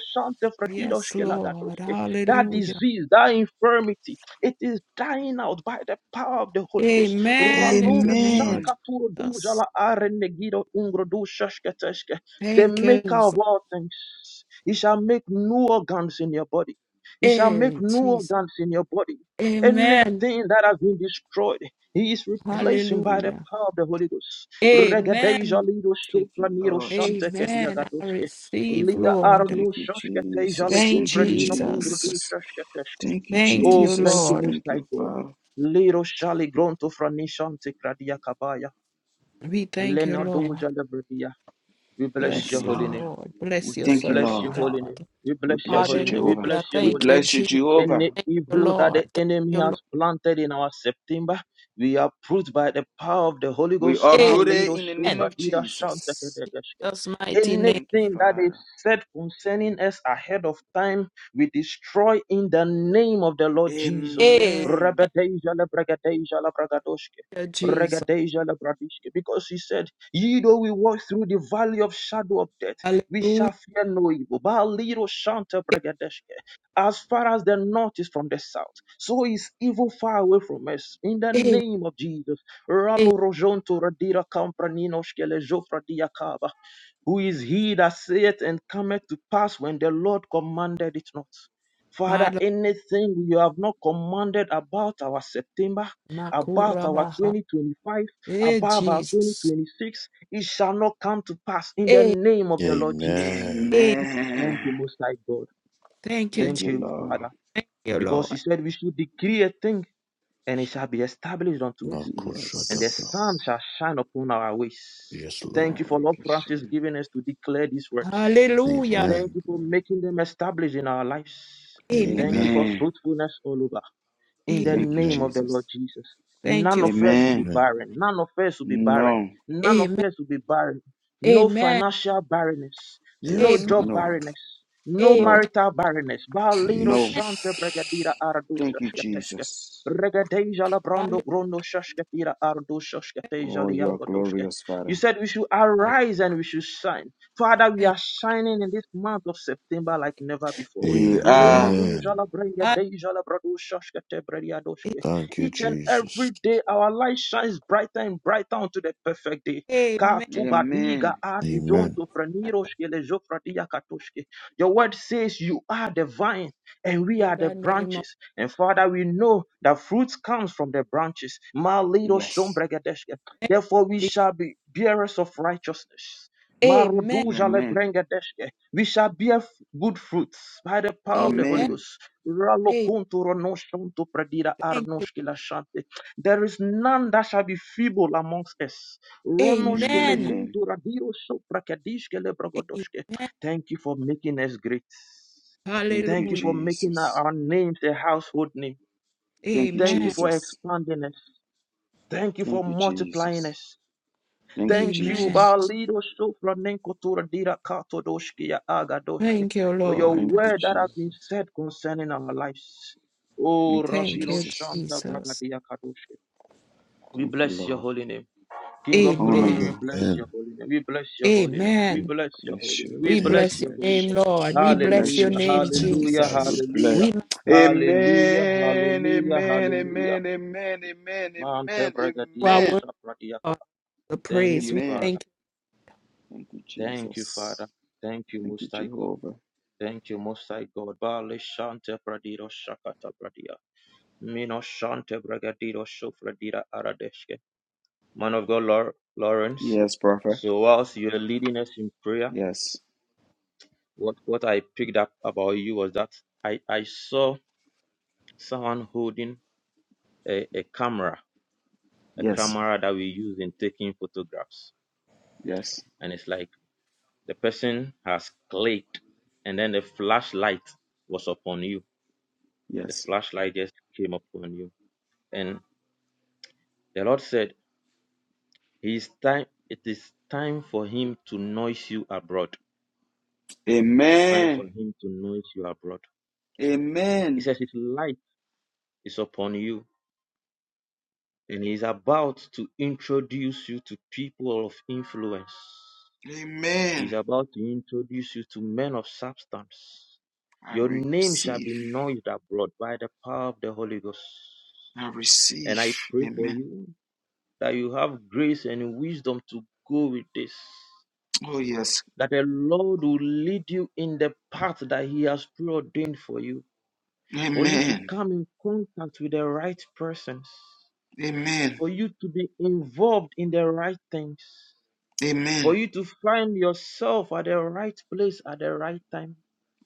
[SPEAKER 2] Yes,
[SPEAKER 5] shantefradidoshke
[SPEAKER 2] Lord.
[SPEAKER 5] lagadoshke. That
[SPEAKER 2] Hallelujah.
[SPEAKER 5] disease, that infirmity, it is dying out by the power of the Holy Ghost.
[SPEAKER 2] Amen. In
[SPEAKER 5] Raluro
[SPEAKER 2] the name of
[SPEAKER 1] Amen.
[SPEAKER 5] shankaturo
[SPEAKER 2] Jesus.
[SPEAKER 5] dujala are negido ungro du shashketeshke the
[SPEAKER 2] Thank you,
[SPEAKER 5] maker of
[SPEAKER 2] Jesus.
[SPEAKER 5] all things. He shall make new organs in your body. He shall make
[SPEAKER 2] Hey,
[SPEAKER 5] new
[SPEAKER 2] Jesus.
[SPEAKER 5] organs in your body.
[SPEAKER 2] Amen.
[SPEAKER 5] Anything that has been destroyed, he is replacing by the
[SPEAKER 2] Hallelujah.
[SPEAKER 5] power of the Holy Ghost. Regadeja
[SPEAKER 2] Amen.
[SPEAKER 5] lido
[SPEAKER 1] Thank you,
[SPEAKER 5] sopra niro
[SPEAKER 1] Lord
[SPEAKER 2] Amen.
[SPEAKER 1] Jesus.
[SPEAKER 2] I
[SPEAKER 5] diagadoske.
[SPEAKER 2] receive,
[SPEAKER 5] Lira
[SPEAKER 2] Lord.
[SPEAKER 1] Thank
[SPEAKER 5] arno
[SPEAKER 1] you,
[SPEAKER 5] shoshke le
[SPEAKER 1] Jesus.
[SPEAKER 2] Thank
[SPEAKER 1] Thank
[SPEAKER 5] uvre
[SPEAKER 1] you,
[SPEAKER 2] Jesus.
[SPEAKER 5] ungrudu
[SPEAKER 1] Jesus.
[SPEAKER 5] shoshke
[SPEAKER 1] Thank you,
[SPEAKER 2] Thank
[SPEAKER 5] Oh,
[SPEAKER 2] you,
[SPEAKER 5] thank
[SPEAKER 1] Jesus.
[SPEAKER 5] you,
[SPEAKER 2] Lord.
[SPEAKER 5] Most
[SPEAKER 1] Thank
[SPEAKER 5] High
[SPEAKER 1] you,
[SPEAKER 5] God.
[SPEAKER 1] Father.
[SPEAKER 5] Liro shali gronto franishante kradia kabaya.
[SPEAKER 2] We thank you,
[SPEAKER 5] Leno
[SPEAKER 2] Lord.
[SPEAKER 5] doja lebredia. We bless
[SPEAKER 1] Thank
[SPEAKER 5] your
[SPEAKER 2] Bless
[SPEAKER 1] you,
[SPEAKER 5] holy
[SPEAKER 2] you,
[SPEAKER 5] name.
[SPEAKER 1] Lord.
[SPEAKER 2] Lord.
[SPEAKER 1] We
[SPEAKER 2] Bless your
[SPEAKER 5] We
[SPEAKER 1] thank you,
[SPEAKER 5] bless
[SPEAKER 2] servant,
[SPEAKER 5] your
[SPEAKER 1] Lord.
[SPEAKER 5] holy
[SPEAKER 2] God.
[SPEAKER 5] name. We
[SPEAKER 1] We
[SPEAKER 5] bless your
[SPEAKER 1] bless you,
[SPEAKER 5] holy name. We
[SPEAKER 1] Jehovah.
[SPEAKER 5] bless
[SPEAKER 2] Hallelujah.
[SPEAKER 5] your
[SPEAKER 1] We
[SPEAKER 2] Thank
[SPEAKER 5] holy
[SPEAKER 2] you,
[SPEAKER 5] name.
[SPEAKER 1] bless you,
[SPEAKER 2] Jesus.
[SPEAKER 1] Jehovah.
[SPEAKER 5] Any
[SPEAKER 2] Thank you,
[SPEAKER 5] evil that
[SPEAKER 2] Lord.
[SPEAKER 5] the
[SPEAKER 2] Thank
[SPEAKER 5] enemy
[SPEAKER 2] you,
[SPEAKER 5] has planted in our September, we are proved by the power of the Holy
[SPEAKER 1] We
[SPEAKER 5] Ghost. Ma
[SPEAKER 2] Lord.
[SPEAKER 1] uproot it
[SPEAKER 5] lido
[SPEAKER 1] in the name
[SPEAKER 2] Amen.
[SPEAKER 5] shubra
[SPEAKER 1] of
[SPEAKER 5] dida shanta
[SPEAKER 1] Jesus.
[SPEAKER 5] kede
[SPEAKER 2] That's mighty name.
[SPEAKER 1] Thank you,
[SPEAKER 5] Anything that is
[SPEAKER 1] Father.
[SPEAKER 5] said concerning us ahead of time, we destroy in the name of the Lord Jesus.
[SPEAKER 2] Amen,
[SPEAKER 1] Amen.
[SPEAKER 5] Rebedeja lebregedeja lebregadoshke.
[SPEAKER 2] Jesus.
[SPEAKER 5] Regedeja lebradishke. Because he said, Ye though we walk through the valley of shadow of death. We
[SPEAKER 2] Hallelujah.
[SPEAKER 5] shall fear no evil. Ba liro shanta bragadeshke. As far as the north is from the south, so is evil far away from us. In the
[SPEAKER 2] Amen.
[SPEAKER 5] name of Jesus. Ralo rojonto radira kampraninoshke le jofra diakaba. Who is he that saith and cometh to pass when the Lord commanded it not?
[SPEAKER 2] My
[SPEAKER 5] Father,
[SPEAKER 2] Lord.
[SPEAKER 5] anything you have not commanded about our September, about
[SPEAKER 2] Makura
[SPEAKER 5] our
[SPEAKER 2] Baha.
[SPEAKER 5] 2025,
[SPEAKER 2] Eh,
[SPEAKER 5] above our
[SPEAKER 2] Jesus.
[SPEAKER 5] 2026, it shall not come to pass in the
[SPEAKER 2] Amen.
[SPEAKER 5] name of the Lord Jesus.
[SPEAKER 7] Amen.
[SPEAKER 1] Amen.
[SPEAKER 5] Thank you, Most High God.
[SPEAKER 2] Thank you,
[SPEAKER 1] Thank
[SPEAKER 2] Jesus.
[SPEAKER 5] Thank
[SPEAKER 1] you,
[SPEAKER 5] you,
[SPEAKER 1] Lord.
[SPEAKER 5] Father,
[SPEAKER 2] Thank you,
[SPEAKER 5] because
[SPEAKER 2] Lord.
[SPEAKER 5] you said we should decree a thing and it shall be established unto us,
[SPEAKER 7] Lako
[SPEAKER 5] and
[SPEAKER 7] shada
[SPEAKER 5] the
[SPEAKER 7] bra.
[SPEAKER 5] sun
[SPEAKER 1] Yes.
[SPEAKER 5] shall shine upon our ways.
[SPEAKER 7] Yes,
[SPEAKER 5] Thank
[SPEAKER 7] Lord.
[SPEAKER 5] you for
[SPEAKER 1] Hallelujah.
[SPEAKER 5] Lord Francis giving us to declare these words.
[SPEAKER 2] Hallelujah.
[SPEAKER 5] Thank
[SPEAKER 1] Thank
[SPEAKER 7] Amen.
[SPEAKER 5] you for
[SPEAKER 1] you.
[SPEAKER 5] making them established in our lives.
[SPEAKER 2] Amen.
[SPEAKER 5] Thank you
[SPEAKER 7] Amen.
[SPEAKER 5] for
[SPEAKER 1] Amen.
[SPEAKER 5] fruitfulness all over in the
[SPEAKER 2] Amen.
[SPEAKER 1] Thank you,
[SPEAKER 5] name
[SPEAKER 7] Amen.
[SPEAKER 5] of the Lord
[SPEAKER 1] Jesus.
[SPEAKER 5] Jesus.
[SPEAKER 2] Thank
[SPEAKER 5] None
[SPEAKER 2] you.
[SPEAKER 5] of us will be
[SPEAKER 1] Amen.
[SPEAKER 7] Amen.
[SPEAKER 5] barren. None of us will be barren.
[SPEAKER 1] No,
[SPEAKER 5] None of
[SPEAKER 2] Amen.
[SPEAKER 5] us will be barren. No
[SPEAKER 2] Amen.
[SPEAKER 5] financial barrenness, no
[SPEAKER 7] Yes,
[SPEAKER 2] Amen.
[SPEAKER 5] job
[SPEAKER 7] Lord.
[SPEAKER 1] no,
[SPEAKER 5] barrenness, no
[SPEAKER 1] no,
[SPEAKER 2] Amen.
[SPEAKER 5] marital barrenness. Baliro
[SPEAKER 1] no.
[SPEAKER 5] shante bregadira
[SPEAKER 7] Jesus.
[SPEAKER 5] ardu
[SPEAKER 1] Thank you,
[SPEAKER 5] shashkateshke.
[SPEAKER 1] Jesus.
[SPEAKER 5] Regadeja la brando
[SPEAKER 2] Hallelujah.
[SPEAKER 5] grondo shashkatira ardu shashkateja
[SPEAKER 1] Oh, you are
[SPEAKER 5] liango doshke.
[SPEAKER 1] glorious,
[SPEAKER 5] You
[SPEAKER 1] Father.
[SPEAKER 5] said we should arise and we should shine. Father, we
[SPEAKER 2] Thank
[SPEAKER 5] are shining in this month of September like never before.
[SPEAKER 1] We are.
[SPEAKER 5] Lemonuja
[SPEAKER 7] Amen.
[SPEAKER 5] la brenga
[SPEAKER 2] God.
[SPEAKER 5] deja la bradushashka te brediadoshke.
[SPEAKER 7] Thank you,
[SPEAKER 5] Each and
[SPEAKER 7] Jesus.
[SPEAKER 5] every day our light shines brighter and brighter unto the perfect day. Ka
[SPEAKER 2] Amen.
[SPEAKER 5] tu badiga
[SPEAKER 1] Amen.
[SPEAKER 5] adu
[SPEAKER 7] Amen.
[SPEAKER 5] jonto freniroshke le jofradia katoshke. Your word says you are the vine and we
[SPEAKER 2] In
[SPEAKER 5] are the
[SPEAKER 2] the name of
[SPEAKER 5] branches. And Father, we know that fruits comes from the branches. Ma lido
[SPEAKER 1] Yes.
[SPEAKER 5] shombregedeshke.
[SPEAKER 2] thank
[SPEAKER 5] Therefore we
[SPEAKER 2] you.
[SPEAKER 5] shall be bearers of righteousness.
[SPEAKER 2] Amen.
[SPEAKER 5] Maruduja le
[SPEAKER 1] Amen.
[SPEAKER 5] brenga deshke. We shall bear f- good fruits by the power of the Holy
[SPEAKER 2] Amen.
[SPEAKER 1] Amen.
[SPEAKER 5] Ghost.
[SPEAKER 2] Amen.
[SPEAKER 5] Ralokonto ronoshonto pradira
[SPEAKER 2] Thank you.
[SPEAKER 5] arnoshke lashante. There is none that shall be feeble amongst us. Ronoshke
[SPEAKER 2] Amen.
[SPEAKER 1] Amen.
[SPEAKER 5] legonto radio sopra kadishke lebrogodoshke.
[SPEAKER 2] Amen.
[SPEAKER 5] Thank you for making us great.
[SPEAKER 1] Thank you,
[SPEAKER 5] Thank you
[SPEAKER 2] Hallelujah.
[SPEAKER 5] for making our
[SPEAKER 1] Jesus.
[SPEAKER 5] our names a household name.
[SPEAKER 1] Thank you,
[SPEAKER 5] Thank you
[SPEAKER 2] Amen.
[SPEAKER 5] for
[SPEAKER 1] Jesus.
[SPEAKER 5] expanding us. Thank you for
[SPEAKER 1] Thank you,
[SPEAKER 5] multiplying
[SPEAKER 1] Jesus.
[SPEAKER 5] us.
[SPEAKER 1] Thank you,
[SPEAKER 5] Thank you,
[SPEAKER 2] Amen.
[SPEAKER 1] Jesus.
[SPEAKER 5] Balido Sofranenko Dira Kato Doshki Agadoshki,
[SPEAKER 2] Thank you,
[SPEAKER 5] for your
[SPEAKER 1] Thank
[SPEAKER 2] Lord.
[SPEAKER 1] you,
[SPEAKER 5] word that has been
[SPEAKER 1] Jesus.
[SPEAKER 5] said concerning our lives. Oh,
[SPEAKER 1] Thank you,
[SPEAKER 2] Thank
[SPEAKER 5] Ravino
[SPEAKER 2] you,
[SPEAKER 1] Jesus.
[SPEAKER 5] Shanta
[SPEAKER 2] Jesus.
[SPEAKER 5] Bragadia Kadoshki. We
[SPEAKER 1] Thank you,
[SPEAKER 5] bless your
[SPEAKER 1] Lord.
[SPEAKER 5] holy name. King
[SPEAKER 1] We
[SPEAKER 5] of
[SPEAKER 1] honor
[SPEAKER 5] glory, we
[SPEAKER 2] Amen.
[SPEAKER 1] you.
[SPEAKER 5] bless your
[SPEAKER 7] Amen.
[SPEAKER 5] holy name. We bless your holy name. We
[SPEAKER 2] Amen.
[SPEAKER 5] bless your
[SPEAKER 1] Bless
[SPEAKER 5] holy
[SPEAKER 1] you.
[SPEAKER 5] name. We
[SPEAKER 2] We
[SPEAKER 1] We
[SPEAKER 7] Thank
[SPEAKER 5] bless
[SPEAKER 7] you.
[SPEAKER 2] bless your
[SPEAKER 5] your holy
[SPEAKER 1] bless
[SPEAKER 2] name,
[SPEAKER 1] you.
[SPEAKER 5] name.
[SPEAKER 2] Lord.
[SPEAKER 1] We
[SPEAKER 2] We bless
[SPEAKER 1] bless
[SPEAKER 2] your
[SPEAKER 1] you,
[SPEAKER 5] Hallelujah,
[SPEAKER 2] name,
[SPEAKER 1] Jesus.
[SPEAKER 7] Thank you,
[SPEAKER 5] hallelujah,
[SPEAKER 1] We
[SPEAKER 2] Jesus.
[SPEAKER 1] bless.
[SPEAKER 7] Jesus.
[SPEAKER 5] hallelujah,
[SPEAKER 2] We.
[SPEAKER 5] hallelujah,
[SPEAKER 1] Amen.
[SPEAKER 5] hallelujah,
[SPEAKER 1] Amen.
[SPEAKER 5] hallelujah.
[SPEAKER 1] Amen. Amen. Amen.
[SPEAKER 5] Mante
[SPEAKER 1] Amen.
[SPEAKER 2] Our
[SPEAKER 5] Bragadiro
[SPEAKER 1] Amen.
[SPEAKER 2] word
[SPEAKER 5] Shabradiaka.
[SPEAKER 2] of the
[SPEAKER 5] Thank
[SPEAKER 2] praise.
[SPEAKER 5] you,
[SPEAKER 2] We
[SPEAKER 1] Amen.
[SPEAKER 5] Father.
[SPEAKER 2] thank
[SPEAKER 1] Thank you,
[SPEAKER 5] Thank you,
[SPEAKER 1] Jesus.
[SPEAKER 5] Father. Thank you,
[SPEAKER 1] Thank you,
[SPEAKER 5] Most High God.
[SPEAKER 1] Jehovah.
[SPEAKER 5] Thank you, Most High God. Bale shante bradido shakata bradia. Mino shante bragadido shofradira aradeshke. Man of God, Lor- Lawrence.
[SPEAKER 1] Yes, Prophet.
[SPEAKER 5] So whilst you were leading us in prayer,
[SPEAKER 1] Yes.
[SPEAKER 5] what, what I picked up about you was that I, I saw someone holding a, a camera, a
[SPEAKER 1] Yes.
[SPEAKER 5] camera that we use in taking photographs.
[SPEAKER 1] Yes.
[SPEAKER 5] And it's like the person has clicked and then the flashlight was upon you The
[SPEAKER 1] Yes.
[SPEAKER 5] flashlight just came upon you. And the Lord said, He is time, it is time for him to noise you abroad. It is time for
[SPEAKER 1] Amen.
[SPEAKER 5] him to noise you abroad. He
[SPEAKER 1] Amen.
[SPEAKER 5] says his light is upon you, and he is about to introduce you to people of influence. He is
[SPEAKER 1] Amen.
[SPEAKER 5] about to introduce you to men of substance.
[SPEAKER 1] I
[SPEAKER 5] Your name shall
[SPEAKER 1] receive.
[SPEAKER 5] be noised abroad by the power of the Holy Ghost.
[SPEAKER 1] I
[SPEAKER 5] And
[SPEAKER 1] receive.
[SPEAKER 5] I pray for
[SPEAKER 1] Amen.
[SPEAKER 5] you that you have grace and wisdom to go with this.
[SPEAKER 1] Oh, yes.
[SPEAKER 5] That the Lord will lead you in the path that He has preordained for you, for you to
[SPEAKER 1] Amen.
[SPEAKER 5] come in contact with the right persons,
[SPEAKER 1] Amen.
[SPEAKER 5] for you to be involved in the right things, for
[SPEAKER 1] Amen.
[SPEAKER 5] you to find yourself at the right place at the right time.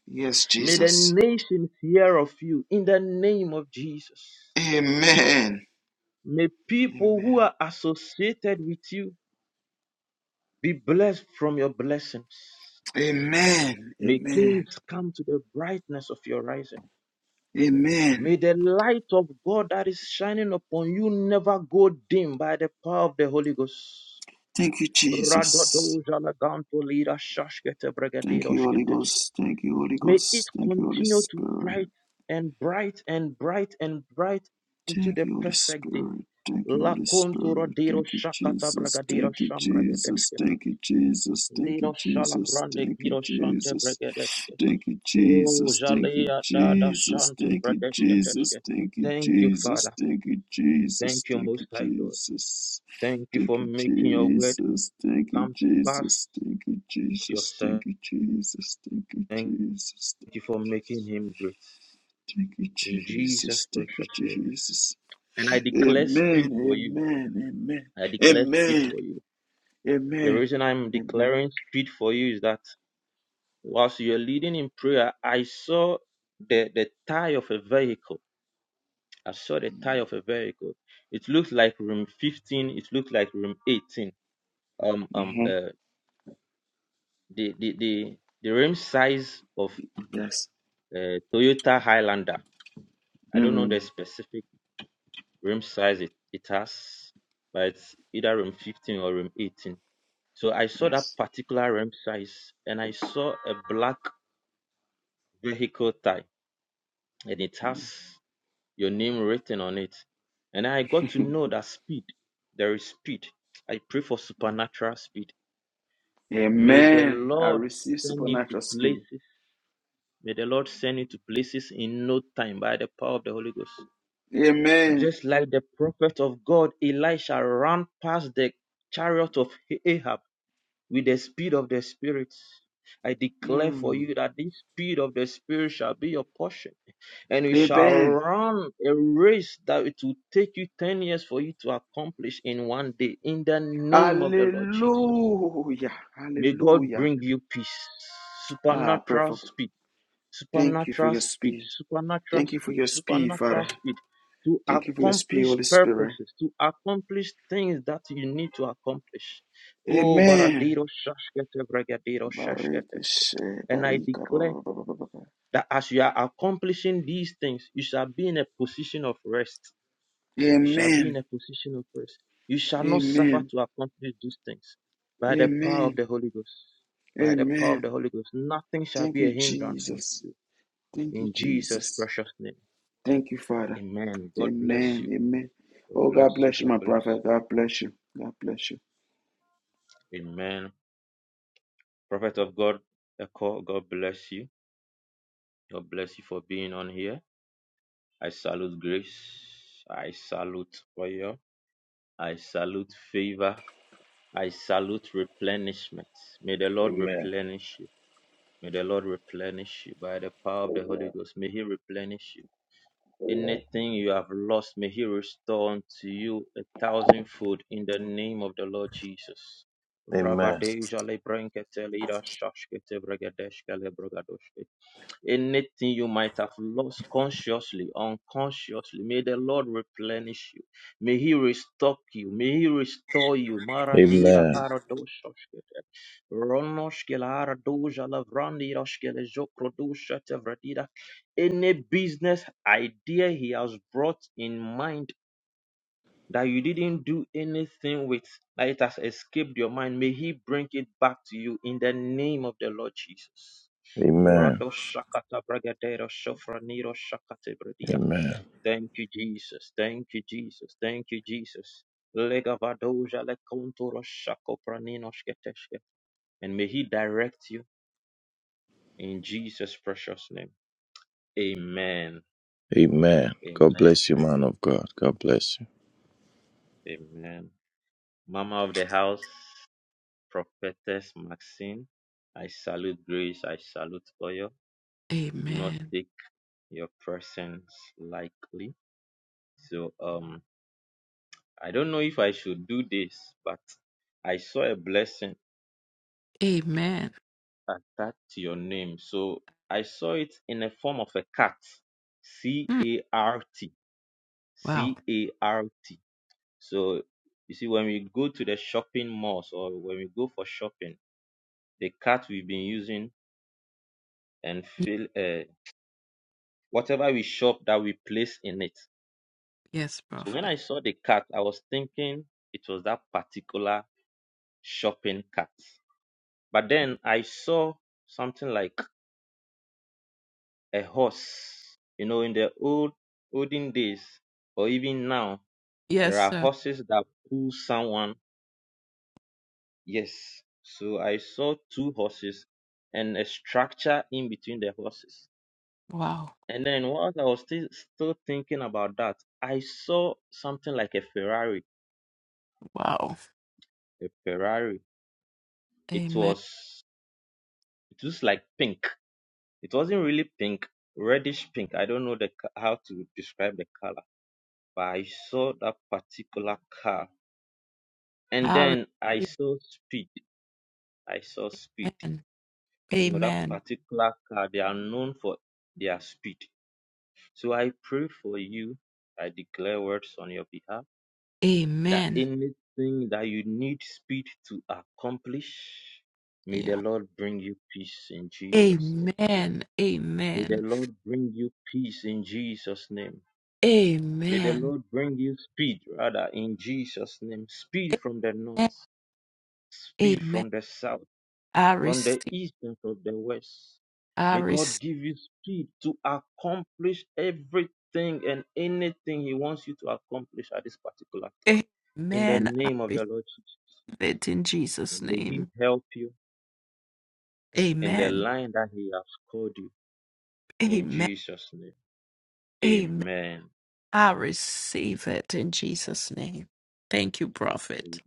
[SPEAKER 1] Yes,
[SPEAKER 5] May the
[SPEAKER 1] Jesus.
[SPEAKER 5] nations hear of you in the name of Jesus.
[SPEAKER 1] Amen.
[SPEAKER 5] May people who
[SPEAKER 1] Amen.
[SPEAKER 5] are associated with you be blessed from your blessings.
[SPEAKER 1] Amen.
[SPEAKER 5] May
[SPEAKER 1] Amen.
[SPEAKER 5] kings come to the brightness of your rising.
[SPEAKER 1] Amen.
[SPEAKER 5] May the light of God that is shining upon you never go dim by the power of the Holy Ghost.
[SPEAKER 1] Thank you, Jesus.
[SPEAKER 5] Radodozalaganto lira shashkete
[SPEAKER 1] Thank you, Holy
[SPEAKER 5] bregadiroshketeshke.
[SPEAKER 1] Ghost. Thank you, Holy
[SPEAKER 5] May it
[SPEAKER 1] Ghost. Thank you, Holy
[SPEAKER 5] continue to
[SPEAKER 1] Spirit.
[SPEAKER 5] bright and bright and bright and bright into
[SPEAKER 1] Thank
[SPEAKER 5] the
[SPEAKER 1] you, Holy
[SPEAKER 5] perfect day.
[SPEAKER 1] Spirit. Thank you, Holy
[SPEAKER 5] Lakonto
[SPEAKER 1] Spirit.
[SPEAKER 5] rodiro
[SPEAKER 1] Thank you,
[SPEAKER 5] shakata
[SPEAKER 1] Jesus.
[SPEAKER 5] bragadiro
[SPEAKER 1] Thank you, Jesus.
[SPEAKER 5] shambragadeshke.
[SPEAKER 1] Thank you, Jesus. Thank you,
[SPEAKER 5] Liro
[SPEAKER 1] Jesus.
[SPEAKER 5] shalavrande
[SPEAKER 1] Thank you,
[SPEAKER 5] giro shante
[SPEAKER 1] Jesus.
[SPEAKER 5] bregadeshke.
[SPEAKER 1] Thank you,
[SPEAKER 5] Oh,
[SPEAKER 1] Jesus. Thank you,
[SPEAKER 5] Jalea Dada
[SPEAKER 1] Jesus.
[SPEAKER 5] Shanti
[SPEAKER 1] Thank you,
[SPEAKER 5] Pradeshka Teshka.
[SPEAKER 1] Jesus. Thank you,
[SPEAKER 5] Thank you,
[SPEAKER 1] Jesus.
[SPEAKER 5] Father.
[SPEAKER 1] Thank you, Jesus.
[SPEAKER 5] Thank you,
[SPEAKER 1] Thank
[SPEAKER 5] Most
[SPEAKER 1] you,
[SPEAKER 5] High God.
[SPEAKER 1] Jesus.
[SPEAKER 5] Thank you
[SPEAKER 1] Thank
[SPEAKER 5] for
[SPEAKER 1] you,
[SPEAKER 5] making your word
[SPEAKER 1] Jesus. Thank you,
[SPEAKER 5] come to pass
[SPEAKER 1] Jesus. Thank you, Jesus. Thank
[SPEAKER 5] yourself.
[SPEAKER 1] you, Jesus. Thank you,
[SPEAKER 5] Thank
[SPEAKER 1] Jesus.
[SPEAKER 5] you for making him great.
[SPEAKER 1] Thank you,
[SPEAKER 5] In Jesus'
[SPEAKER 1] Jesus. Thank you,
[SPEAKER 5] precious name.
[SPEAKER 1] Jesus.
[SPEAKER 5] And I declare speed for
[SPEAKER 1] Amen.
[SPEAKER 5] you.
[SPEAKER 1] Amen.
[SPEAKER 5] I declare speed
[SPEAKER 1] Amen.
[SPEAKER 5] for you. The
[SPEAKER 1] Amen.
[SPEAKER 5] reason I'm
[SPEAKER 1] Amen. Amen.
[SPEAKER 5] declaring speed for you is that whilst you're leading in prayer, I saw the, the tie of a vehicle I saw the tire of a vehicle. It looked like room 15. It looked like room 18. Um, um,
[SPEAKER 1] hmm
[SPEAKER 5] uh, the the the the rim size of
[SPEAKER 1] Yes.
[SPEAKER 5] uh, Toyota Highlander. I don't know the
[SPEAKER 1] Mhm.
[SPEAKER 5] specific rim size it, it has, but it's either room 15 or room 18. So I saw that
[SPEAKER 1] Yes.
[SPEAKER 5] particular rim size, and I saw a black vehicle type, and it has your name written on it. And I got to know that speed. There is speed. I pray for supernatural speed May the
[SPEAKER 1] Amen. I
[SPEAKER 5] Lord
[SPEAKER 1] receive
[SPEAKER 5] send you to
[SPEAKER 1] supernatural speed.
[SPEAKER 5] places. May the Lord send you to places in no time by the power of the Holy Ghost.
[SPEAKER 1] Amen.
[SPEAKER 5] Just like the prophet of God, Elisha ran past the chariot of Ahab with the speed of the Spirit. I declare for
[SPEAKER 1] Mm.
[SPEAKER 5] you that this speed of the Spirit shall be your portion, and you shall
[SPEAKER 1] Amen.
[SPEAKER 5] run a race that it will take you 10 years for you to accomplish in one day, in the name of the Lord Jesus.
[SPEAKER 1] Hallelujah.
[SPEAKER 5] May God
[SPEAKER 1] Hallelujah.
[SPEAKER 5] bring you peace,
[SPEAKER 1] Ah, pray
[SPEAKER 5] supernatural
[SPEAKER 1] for
[SPEAKER 5] speed,
[SPEAKER 1] Thank you for
[SPEAKER 5] supernatural
[SPEAKER 1] your
[SPEAKER 5] speed,
[SPEAKER 1] speed.
[SPEAKER 5] supernatural
[SPEAKER 1] Thank you for
[SPEAKER 5] speed,
[SPEAKER 1] your speed,
[SPEAKER 5] supernatural
[SPEAKER 1] Father.
[SPEAKER 5] speed to
[SPEAKER 1] Thank you for your speed,
[SPEAKER 5] accomplish
[SPEAKER 1] Holy Spirit.
[SPEAKER 5] purposes, to accomplish things that you need to accomplish. Oh,
[SPEAKER 1] Amen.
[SPEAKER 5] Baradero Shashkete Bregadero Shashkete.
[SPEAKER 1] Barikishe,
[SPEAKER 5] And I
[SPEAKER 1] barika,
[SPEAKER 5] declare
[SPEAKER 1] ba- ba- ba- ba- ba- ba- ba.
[SPEAKER 5] that as you are accomplishing these things, you shall be in a position of rest you shall be in
[SPEAKER 1] Amen.
[SPEAKER 5] a position of rest. You shall not suffer
[SPEAKER 1] Amen.
[SPEAKER 5] to accomplish these things by the power of
[SPEAKER 1] Amen.
[SPEAKER 5] the Holy Ghost. By the power of the
[SPEAKER 1] Amen.
[SPEAKER 5] Holy Ghost, nothing shall
[SPEAKER 1] Thank
[SPEAKER 5] be a
[SPEAKER 1] you,
[SPEAKER 5] hindrance unto
[SPEAKER 1] Jesus.
[SPEAKER 5] you.
[SPEAKER 1] Thank you,
[SPEAKER 5] In Jesus'
[SPEAKER 1] Jesus.
[SPEAKER 5] precious name.
[SPEAKER 1] Thank you, Father.
[SPEAKER 5] Amen. God bless
[SPEAKER 1] Amen.
[SPEAKER 5] you.
[SPEAKER 1] Amen.
[SPEAKER 5] God
[SPEAKER 1] Oh, God
[SPEAKER 5] bless you.
[SPEAKER 1] bless you,
[SPEAKER 5] God
[SPEAKER 1] my
[SPEAKER 5] bless
[SPEAKER 1] prophet.
[SPEAKER 5] you.
[SPEAKER 1] God bless you. God bless you.
[SPEAKER 5] Amen. Prophet of God, Echo, God bless you. God bless you for being on here. I salute grace. I salute oil. I salute favor. I salute replenishment. May the Lord
[SPEAKER 10] Amen.
[SPEAKER 5] replenish you. May the Lord replenish you by the power of the Holy Ghost. May He replenish you. Anything you have lost, may He restore unto you a thousandfold in the name of the Lord Jesus.
[SPEAKER 10] Amen.
[SPEAKER 5] Rabadeja lebrenkete lira shashkete bregedeshke Anything you might have lost consciously, unconsciously, may the Lord replenish you. May He restock you. May He restore you. Maradira
[SPEAKER 10] Amen.
[SPEAKER 5] aradoshoshkete. Ronoshkele aradoja lavrandiroshkele jokrodosha tevradira. Any business idea He has brought in mind that you didn't do anything with, that it has escaped your mind, may He bring it back to you in the name of the Lord Jesus.
[SPEAKER 10] Amen.
[SPEAKER 5] Rado Shakata Bragadero Shofraniro Shakate Bradia.
[SPEAKER 10] Amen.
[SPEAKER 5] Thank you, Jesus. Thank you, Jesus. Thank you, Jesus. Lega Vadoja Lekontoro Shako Pranino Shketeshke. And may He direct you in Jesus' precious name. Amen.
[SPEAKER 10] Amen. God
[SPEAKER 5] Amen.
[SPEAKER 10] bless you, man of God. God bless you.
[SPEAKER 5] Amen. Mama of the house, Prophetess Maxine, I salute grace. I salute oil.
[SPEAKER 2] you.
[SPEAKER 5] We do not
[SPEAKER 2] Amen.
[SPEAKER 5] take your presence lightly. So, um, I don't know if I should do this, but I saw a blessing
[SPEAKER 2] Amen.
[SPEAKER 5] attached to your name. So I saw it in the form of a cat. C
[SPEAKER 2] Hmm.
[SPEAKER 5] A R T.
[SPEAKER 2] Wow.
[SPEAKER 5] C A R T. So you see, when we go to the shopping malls or when we go for shopping, the cart we've been using and
[SPEAKER 2] Y-
[SPEAKER 5] fill uh, whatever we shop that we place in it.
[SPEAKER 2] Yes,
[SPEAKER 5] So when
[SPEAKER 2] prophet.
[SPEAKER 5] I saw the cart, I was thinking it was that particular shopping cart. But then I saw something like a horse. You know, in the old olden days, or even now, there
[SPEAKER 2] Yes,
[SPEAKER 5] are
[SPEAKER 2] sir.
[SPEAKER 5] horses that pull someone. Yes. So I saw two horses and a structure in between the horses.
[SPEAKER 2] Wow.
[SPEAKER 5] And then whilst I was still still thinking about that, I saw something like a Ferrari.
[SPEAKER 2] Wow.
[SPEAKER 5] A Ferrari. It
[SPEAKER 2] Amen.
[SPEAKER 5] was it was like pink. It wasn't really pink, reddish pink. I don't know the co- how to describe the color, but I saw that particular car And
[SPEAKER 2] I
[SPEAKER 5] then I
[SPEAKER 2] receive.
[SPEAKER 5] saw speed. I saw speed.
[SPEAKER 2] Amen.
[SPEAKER 5] You know, that
[SPEAKER 2] Amen.
[SPEAKER 5] particular car, they are known for their speed. So I pray for you. I declare words on your behalf that
[SPEAKER 2] Amen.
[SPEAKER 5] anything that you need speed to accomplish, may the
[SPEAKER 2] Yeah.
[SPEAKER 5] Lord bring you peace in Jesus' name.
[SPEAKER 2] Amen.
[SPEAKER 5] May the
[SPEAKER 2] Amen.
[SPEAKER 5] Lord bring you peace in Jesus' name. May the
[SPEAKER 2] Amen.
[SPEAKER 5] Lord bring you speed, rather, in Jesus' name. Speed from the north,
[SPEAKER 2] Amen.
[SPEAKER 5] speed
[SPEAKER 2] Amen.
[SPEAKER 5] from the south
[SPEAKER 2] I
[SPEAKER 5] from the
[SPEAKER 2] receive.
[SPEAKER 5] east and from the west.
[SPEAKER 2] I
[SPEAKER 5] May God
[SPEAKER 2] receive.
[SPEAKER 5] give you speed to accomplish everything and anything He wants you to accomplish at this particular time. In the
[SPEAKER 2] Amen. I
[SPEAKER 5] name of the
[SPEAKER 2] receive
[SPEAKER 5] Lord Jesus.
[SPEAKER 2] it in Jesus'
[SPEAKER 5] And may He
[SPEAKER 2] name.
[SPEAKER 5] help you in the
[SPEAKER 2] Amen.
[SPEAKER 5] line that He has called you. In
[SPEAKER 2] Amen.
[SPEAKER 5] Jesus' name.
[SPEAKER 2] Amen.
[SPEAKER 5] Amen.
[SPEAKER 2] I receive it in Jesus' name. Thank you, Prophet.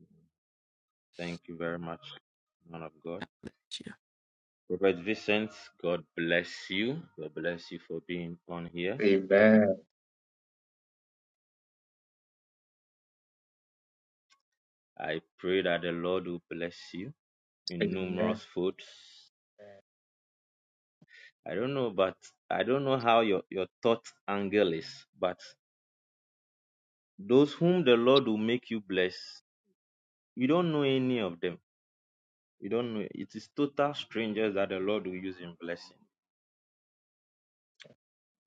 [SPEAKER 5] Thank you very much, man of God. Prophet Vincent, God bless you. God bless you for being on here. I pray that the Lord will bless you in numerous folds I don't know, but I don't know how your, your thought angle is. But those whom the Lord will make you bless, you don't know any of them. You don't know. It is total strangers that the Lord will use in blessing.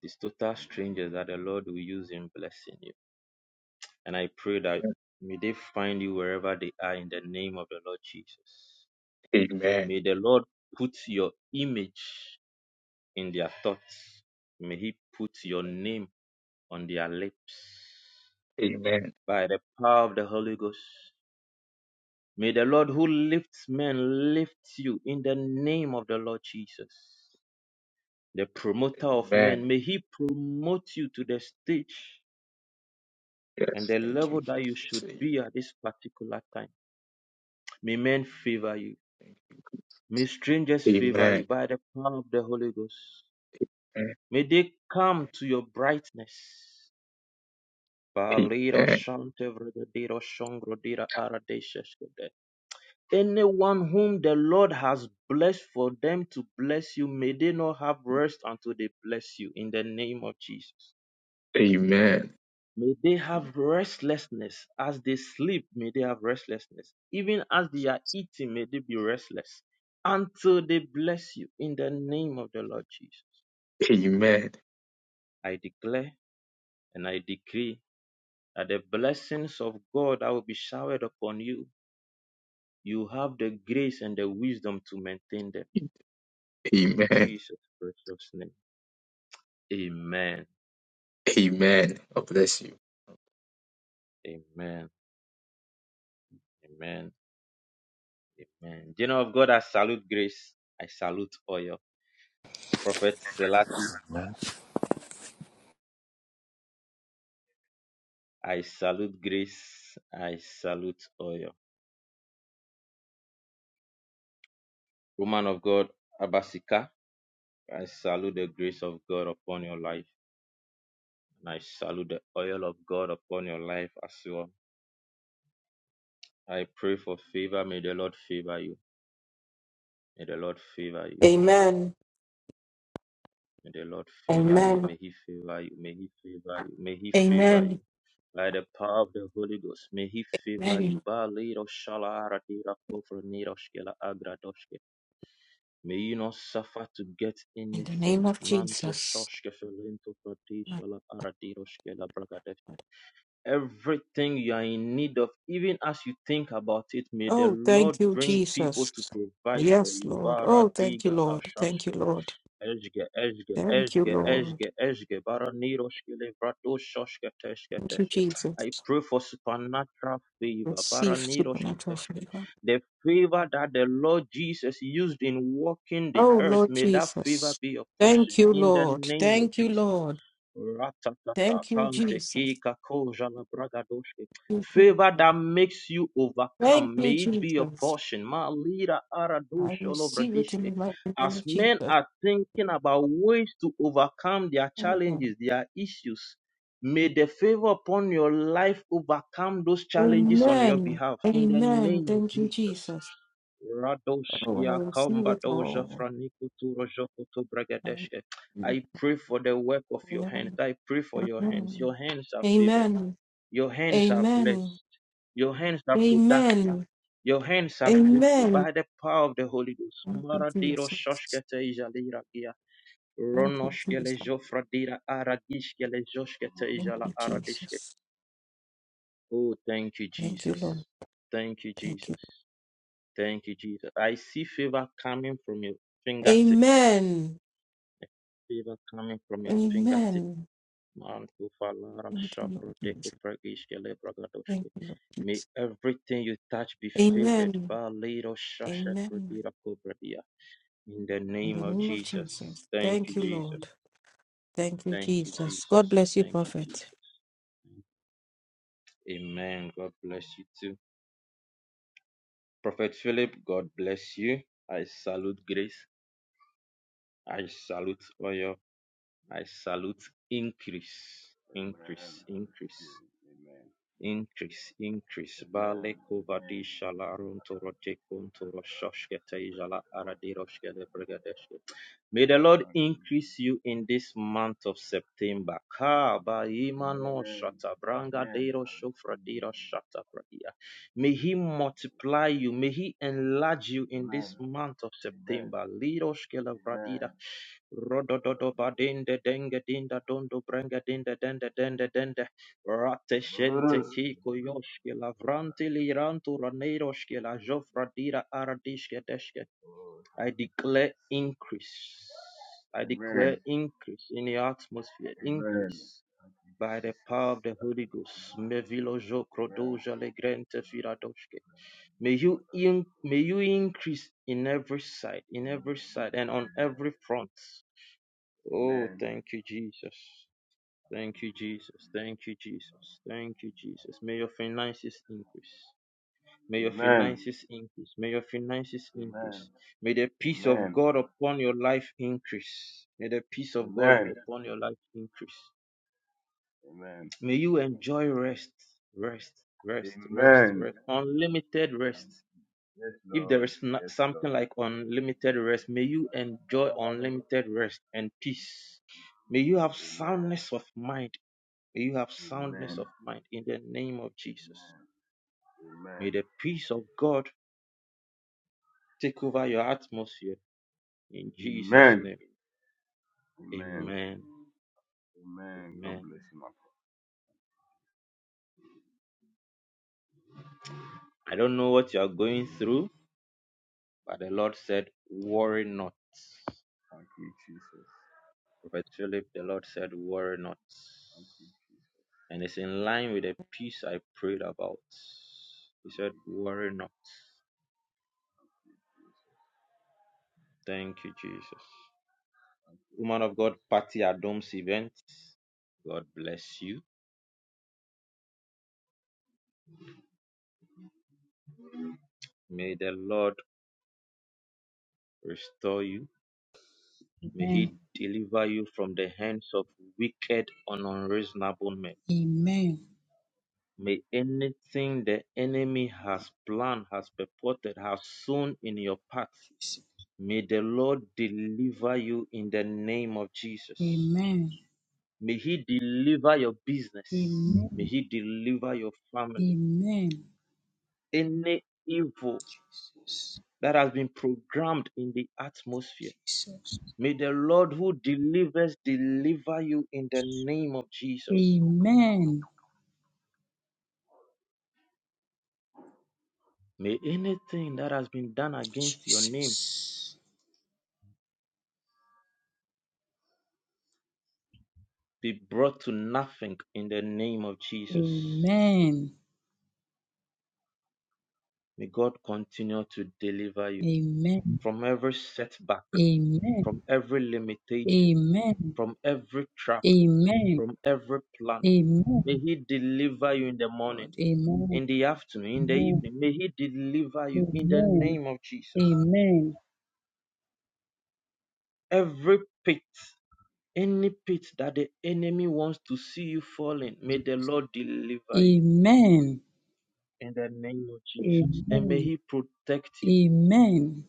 [SPEAKER 5] It is total strangers that the Lord will use in blessing you. And I pray that may they find you wherever they are in the name of the Lord Jesus. May the Lord put your image in their thoughts. May He put your name on their lips.
[SPEAKER 8] Amen.
[SPEAKER 5] by the power of the Holy Ghost. May the Lord who lifts men lift you in the name of the Lord Jesus, the promoter of men.
[SPEAKER 8] Amen.
[SPEAKER 5] May he promote you to the stage and
[SPEAKER 8] Yes.
[SPEAKER 5] the
[SPEAKER 8] Thank you,
[SPEAKER 5] level that you
[SPEAKER 8] Jesus.
[SPEAKER 5] should be at this particular time. May men favor you. May strangers favor you
[SPEAKER 8] Amen.
[SPEAKER 5] by the power of the Holy Ghost.
[SPEAKER 8] Amen.
[SPEAKER 5] May they come to your brightness.
[SPEAKER 8] Amen.
[SPEAKER 5] Anyone whom the Lord has blessed, for them to bless you, may they not have rest until they bless you in the name of Jesus.
[SPEAKER 8] Amen.
[SPEAKER 5] May they have restlessness as they sleep, may they have restlessness. Even as they are eating, may they be restless until they bless you in the name of the Lord Jesus.
[SPEAKER 8] Amen.
[SPEAKER 5] I declare and I decree that the blessings of God that will be showered upon you, you have the grace and the wisdom to maintain them in
[SPEAKER 8] Amen.
[SPEAKER 5] Jesus' precious name. Amen.
[SPEAKER 8] Amen. God bless you.
[SPEAKER 5] Amen. Amen. Amen. General of God, I salute grace. I salute oil. Prophet Selati,
[SPEAKER 7] Amen.
[SPEAKER 5] I salute grace. I salute oil. Woman of God, Abasika, I salute the grace of God upon your life. And I salute the oil of God upon your life as well. I pray for favor. May the Lord favor you. May the Lord favor you.
[SPEAKER 11] Amen.
[SPEAKER 5] May the Lord favor you.
[SPEAKER 11] Amen.
[SPEAKER 5] May He favor you. May He favor you. May He favor you.
[SPEAKER 11] Amen.
[SPEAKER 5] By the power of the Holy Ghost, may He favor
[SPEAKER 11] Amen.
[SPEAKER 5] you. Ba lero shala ratira kofra nero shkela agra doshke. May you not suffer to get
[SPEAKER 11] In the
[SPEAKER 5] anything.
[SPEAKER 11] name of
[SPEAKER 5] Manto
[SPEAKER 11] Jesus.
[SPEAKER 5] shoshke felento prati
[SPEAKER 11] My
[SPEAKER 5] shala aratiro shkela bragadesh.
[SPEAKER 11] God.
[SPEAKER 5] Everything you are in need of, even as you think about it, may the
[SPEAKER 11] Oh,
[SPEAKER 5] Lord
[SPEAKER 11] thank you,
[SPEAKER 5] bring people to
[SPEAKER 11] Jesus.
[SPEAKER 5] provide for
[SPEAKER 11] Yes,
[SPEAKER 5] you.
[SPEAKER 11] Lord. Oh, thank you,
[SPEAKER 5] Baradiga
[SPEAKER 11] Lord. Thank you, Lord.
[SPEAKER 5] Ezge, ezge,
[SPEAKER 11] Thank you,
[SPEAKER 5] ezge,
[SPEAKER 11] Lord.
[SPEAKER 5] ezge, ezge, baraniroshkele, bradoshashke, teshke,
[SPEAKER 11] Thank you,
[SPEAKER 5] teshke.
[SPEAKER 11] Jesus.
[SPEAKER 5] I pray for supernatural favor.
[SPEAKER 11] Receive
[SPEAKER 5] baraniroshke,
[SPEAKER 11] supernatural
[SPEAKER 5] teshke.
[SPEAKER 11] favor.
[SPEAKER 5] The favor that the Lord Jesus used in walking the
[SPEAKER 11] Oh,
[SPEAKER 5] earth,
[SPEAKER 11] Lord
[SPEAKER 5] may that favor
[SPEAKER 11] Jesus.
[SPEAKER 5] be your portion
[SPEAKER 11] Thank you,
[SPEAKER 5] in the
[SPEAKER 11] Lord.
[SPEAKER 5] name of
[SPEAKER 11] Thank you,
[SPEAKER 5] Jesus.
[SPEAKER 11] Lord.
[SPEAKER 5] Ratatata,
[SPEAKER 11] Thank you, Jesus.
[SPEAKER 5] kika, koja, na braga,
[SPEAKER 11] Thank you,
[SPEAKER 5] Favor
[SPEAKER 11] Jesus.
[SPEAKER 5] that makes you
[SPEAKER 11] Thank
[SPEAKER 5] overcome.
[SPEAKER 11] you,
[SPEAKER 5] May it be your
[SPEAKER 11] Jesus.
[SPEAKER 5] portion. Ma lira ara
[SPEAKER 11] I
[SPEAKER 5] all over
[SPEAKER 11] receive it in the
[SPEAKER 5] dishke.
[SPEAKER 11] mighty name
[SPEAKER 5] As
[SPEAKER 11] of
[SPEAKER 5] men
[SPEAKER 11] Jesus.
[SPEAKER 5] are thinking about ways to overcome their challenges, their issues, may the favor upon your life overcome those challenges on your
[SPEAKER 11] Amen.
[SPEAKER 5] behalf. In the
[SPEAKER 11] Amen.
[SPEAKER 5] name of
[SPEAKER 11] Thank you,
[SPEAKER 5] Jesus.
[SPEAKER 11] Jesus.
[SPEAKER 5] Radosh,
[SPEAKER 11] Oh, I
[SPEAKER 5] ya
[SPEAKER 11] receive
[SPEAKER 5] kamba
[SPEAKER 11] it
[SPEAKER 5] doja,
[SPEAKER 11] all.
[SPEAKER 5] franiko, turo, joko, to braga,
[SPEAKER 11] Thank you.
[SPEAKER 5] I pray for the work of your hands.
[SPEAKER 11] Amen.
[SPEAKER 5] I pray for your hands.
[SPEAKER 11] Amen.
[SPEAKER 5] Your hands are favored.
[SPEAKER 11] Amen.
[SPEAKER 5] Your hands are
[SPEAKER 11] Amen.
[SPEAKER 5] blessed. Your hands are productive.
[SPEAKER 11] Amen.
[SPEAKER 5] Your hands are fruitful
[SPEAKER 11] Amen.
[SPEAKER 5] by the power of the Holy Ghost.
[SPEAKER 11] Thank you,
[SPEAKER 5] Maradiro
[SPEAKER 11] Jesus.
[SPEAKER 5] shoshkete ijalira gia.
[SPEAKER 11] Thank you,
[SPEAKER 5] Ronoshkele
[SPEAKER 11] Jesus.
[SPEAKER 5] jofradira aradishkele joshkete
[SPEAKER 11] Thank
[SPEAKER 5] ijala
[SPEAKER 11] you,
[SPEAKER 5] aradishke.
[SPEAKER 11] Jesus.
[SPEAKER 5] Oh, thank you,
[SPEAKER 11] Thank you, Lord.
[SPEAKER 5] Jesus. Thank you,
[SPEAKER 11] Thank you.
[SPEAKER 5] Jesus. Thank you, Jesus. I see favor coming from your fingertips.
[SPEAKER 11] Amen.
[SPEAKER 5] Favor coming from your fingertips
[SPEAKER 11] Amen.
[SPEAKER 5] Mantu falara
[SPEAKER 11] Thank you, Lord
[SPEAKER 5] shapra teko
[SPEAKER 11] Jesus.
[SPEAKER 5] pragish kele
[SPEAKER 11] Thank
[SPEAKER 5] bragadoshke.
[SPEAKER 11] you, Lord
[SPEAKER 5] May
[SPEAKER 11] Jesus.
[SPEAKER 5] everything you touch be favored.
[SPEAKER 11] Amen.
[SPEAKER 5] Balido shasha
[SPEAKER 11] Amen.
[SPEAKER 5] fradira kobradia. In the
[SPEAKER 11] In the
[SPEAKER 5] name of
[SPEAKER 11] name of
[SPEAKER 5] Jesus.
[SPEAKER 11] Jesus.
[SPEAKER 5] Thank you,
[SPEAKER 11] Thank you, Lord.
[SPEAKER 5] Jesus.
[SPEAKER 11] Thank you,
[SPEAKER 5] Thank you,
[SPEAKER 11] Jesus. God
[SPEAKER 5] Jesus.
[SPEAKER 11] bless you,
[SPEAKER 5] Thank you,
[SPEAKER 11] Prophet.
[SPEAKER 5] Jesus. Amen. God bless you too. Prophet Philip, God bless you. I salute grace. I salute oil. I salute increase.
[SPEAKER 12] Amen.
[SPEAKER 5] Increase.
[SPEAKER 12] I
[SPEAKER 5] Increase.
[SPEAKER 12] receive. Amen.
[SPEAKER 5] Increase, increase.
[SPEAKER 12] Amen.
[SPEAKER 5] Vale kovadi
[SPEAKER 12] Amen.
[SPEAKER 5] shala aruntoro tekuntoro shoshkete jala
[SPEAKER 12] The Lord,
[SPEAKER 5] aradiroshkele brigadeshke. May the Lord
[SPEAKER 12] thank you, Jesus.
[SPEAKER 5] increase you in this month of September. Ka ba imano
[SPEAKER 12] Amen.
[SPEAKER 5] shata branga
[SPEAKER 12] Amen.
[SPEAKER 5] dero
[SPEAKER 12] I
[SPEAKER 5] shofra
[SPEAKER 12] receive.
[SPEAKER 5] dero shata bradia. May He multiply you. May He enlarge you in
[SPEAKER 12] Amen.
[SPEAKER 5] this month of
[SPEAKER 12] Amen. Amen.
[SPEAKER 5] September. Liroshkele bradira
[SPEAKER 12] Oh,
[SPEAKER 5] Rodododo
[SPEAKER 12] thank you, Jesus.
[SPEAKER 5] badinde denge dinda dondo brenga dinda dende dende dende rate
[SPEAKER 12] Amen.
[SPEAKER 5] shente
[SPEAKER 12] Amen. Thank
[SPEAKER 5] kiko yoshke lavranti lirantu raneiroshke la jofra dira aradishke deshke. I
[SPEAKER 12] you, Jesus.
[SPEAKER 5] declare increase. I
[SPEAKER 12] Amen.
[SPEAKER 5] declare increase in the atmosphere,
[SPEAKER 12] Amen. Amen.
[SPEAKER 5] increase by the power of the Holy Ghost. Mevilo jokro
[SPEAKER 12] Amen.
[SPEAKER 5] legrente firadoshke. May you in, may you increase in every side, in every side, and on every front. Oh, thank you, Jesus. Thank you, Jesus. Thank you, Jesus. Thank you, Jesus. May your finances increase. May your finances increase. May your finances
[SPEAKER 12] Amen.
[SPEAKER 5] increase. May the
[SPEAKER 12] Amen.
[SPEAKER 5] peace
[SPEAKER 12] Amen.
[SPEAKER 5] of God upon your life increase. May the peace of God
[SPEAKER 12] Amen.
[SPEAKER 5] upon your life increase.
[SPEAKER 12] Amen. Amen.
[SPEAKER 5] May you
[SPEAKER 12] Thank
[SPEAKER 5] enjoy
[SPEAKER 12] you.
[SPEAKER 5] rest, rest, rest, rest,
[SPEAKER 12] Amen.
[SPEAKER 5] rest,
[SPEAKER 12] Thank you.
[SPEAKER 5] unlimited
[SPEAKER 12] Thank
[SPEAKER 5] rest.
[SPEAKER 12] Yes,
[SPEAKER 5] If there
[SPEAKER 12] Lord.
[SPEAKER 5] is not
[SPEAKER 12] Yes,
[SPEAKER 5] something
[SPEAKER 12] Lord.
[SPEAKER 5] like unlimited rest, may you
[SPEAKER 12] Amen.
[SPEAKER 5] enjoy
[SPEAKER 12] Amen.
[SPEAKER 5] unlimited rest and peace. May you have soundness of mind. May you have soundness
[SPEAKER 12] Amen.
[SPEAKER 5] of mind in the name of Jesus. May the peace of God take over your atmosphere in Jesus'
[SPEAKER 12] Amen.
[SPEAKER 5] name.
[SPEAKER 12] Amen.
[SPEAKER 5] Amen.
[SPEAKER 12] Amen. God
[SPEAKER 5] Amen.
[SPEAKER 12] bless you, my Father.
[SPEAKER 5] I don't know what you are going through, but the Lord said, worry not.
[SPEAKER 12] Thank you, Jesus.
[SPEAKER 5] Prophet Philip, the Lord said, worry not.
[SPEAKER 12] Thank you, Jesus.
[SPEAKER 5] And it's in line with the peace I prayed about. He
[SPEAKER 12] Thank
[SPEAKER 5] said,
[SPEAKER 12] you,
[SPEAKER 5] Worry
[SPEAKER 12] Jesus.
[SPEAKER 5] not.
[SPEAKER 12] Thank you, Jesus.
[SPEAKER 5] Thank you, Jesus.
[SPEAKER 12] Thank you,
[SPEAKER 5] Woman of
[SPEAKER 12] Jesus.
[SPEAKER 5] God, Patty Adom's event. God bless you. May the Lord restore you. May
[SPEAKER 13] Amen.
[SPEAKER 5] He deliver you from the hands of wicked and unreasonable men.
[SPEAKER 13] Amen.
[SPEAKER 5] May anything the enemy has planned, has purported, has sown in your path,
[SPEAKER 13] Jesus.
[SPEAKER 5] may the Lord deliver you in the name of Jesus.
[SPEAKER 13] Amen.
[SPEAKER 5] May He deliver your business. May
[SPEAKER 13] Amen.
[SPEAKER 5] He deliver your family.
[SPEAKER 13] Amen.
[SPEAKER 5] Any evil
[SPEAKER 13] Jesus.
[SPEAKER 5] that has been programmed in the atmosphere,
[SPEAKER 13] Jesus.
[SPEAKER 5] may the Lord who delivers deliver you in the name of Jesus.
[SPEAKER 13] Amen.
[SPEAKER 5] May anything that has been done against your name
[SPEAKER 13] Jesus.
[SPEAKER 5] be brought to nothing in the name of Jesus.
[SPEAKER 13] Amen.
[SPEAKER 5] May God continue to deliver you
[SPEAKER 13] Amen.
[SPEAKER 5] from every setback,
[SPEAKER 13] Amen.
[SPEAKER 5] from every limitation,
[SPEAKER 13] Amen.
[SPEAKER 5] from every trap
[SPEAKER 13] Amen.
[SPEAKER 5] from every plan. May
[SPEAKER 13] Amen.
[SPEAKER 5] He deliver you in the morning,
[SPEAKER 13] Lord. Amen.
[SPEAKER 5] in the afternoon, in the evening. May He deliver you in the
[SPEAKER 13] Amen.
[SPEAKER 5] name of Jesus.
[SPEAKER 13] Amen.
[SPEAKER 5] Every pit, any pit that the enemy wants to see you fall in, may the Lord deliver you in the name of Jesus. And may
[SPEAKER 13] Amen.
[SPEAKER 5] He protect you.
[SPEAKER 13] Amen.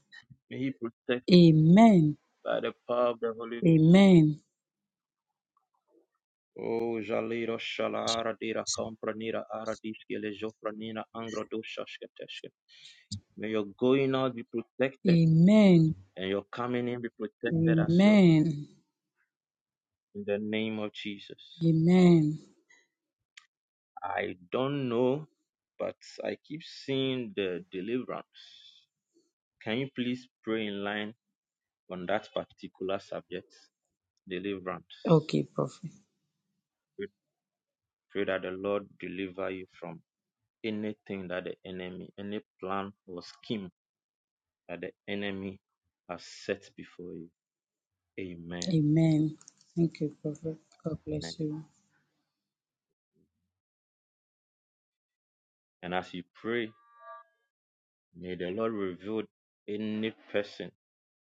[SPEAKER 5] May He protect you
[SPEAKER 13] Amen.
[SPEAKER 5] by the power of the Holy
[SPEAKER 13] Amen.
[SPEAKER 5] Ghost.
[SPEAKER 13] Amen.
[SPEAKER 5] Oh, Jaliro Shalara Dira Compranira Aradiske Lejofranina Angro Doshaskateshke. May your going out be protected
[SPEAKER 13] Amen. Amen.
[SPEAKER 5] and your coming in be protected as well
[SPEAKER 13] Amen.
[SPEAKER 5] in the name of Jesus.
[SPEAKER 13] Amen.
[SPEAKER 5] I don't know, but I keep seeing the deliverance. Can you please pray in line on that particular subject? Deliverance.
[SPEAKER 13] Okay, Prophet.
[SPEAKER 5] We pray that the Lord deliver you from anything that the enemy, any plan or scheme that the enemy has set before you. Amen.
[SPEAKER 13] Amen. Thank you, Prophet. God
[SPEAKER 5] Amen.
[SPEAKER 13] bless you.
[SPEAKER 5] And as you pray, may the Lord reveal any person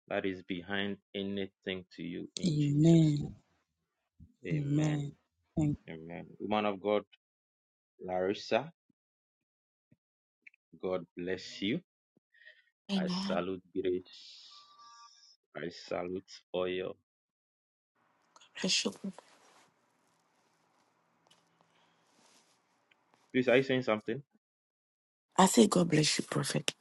[SPEAKER 5] that is behind anything to you in Jesus'
[SPEAKER 13] Amen.
[SPEAKER 5] name. Amen.
[SPEAKER 13] Amen. Thank.
[SPEAKER 5] Amen. Woman of God, Larissa, God bless you. I
[SPEAKER 14] Amen.
[SPEAKER 5] salute grace. I salute oil.
[SPEAKER 14] Bless you.
[SPEAKER 5] Please, are you saying something?
[SPEAKER 14] I say God bless you, Prophet.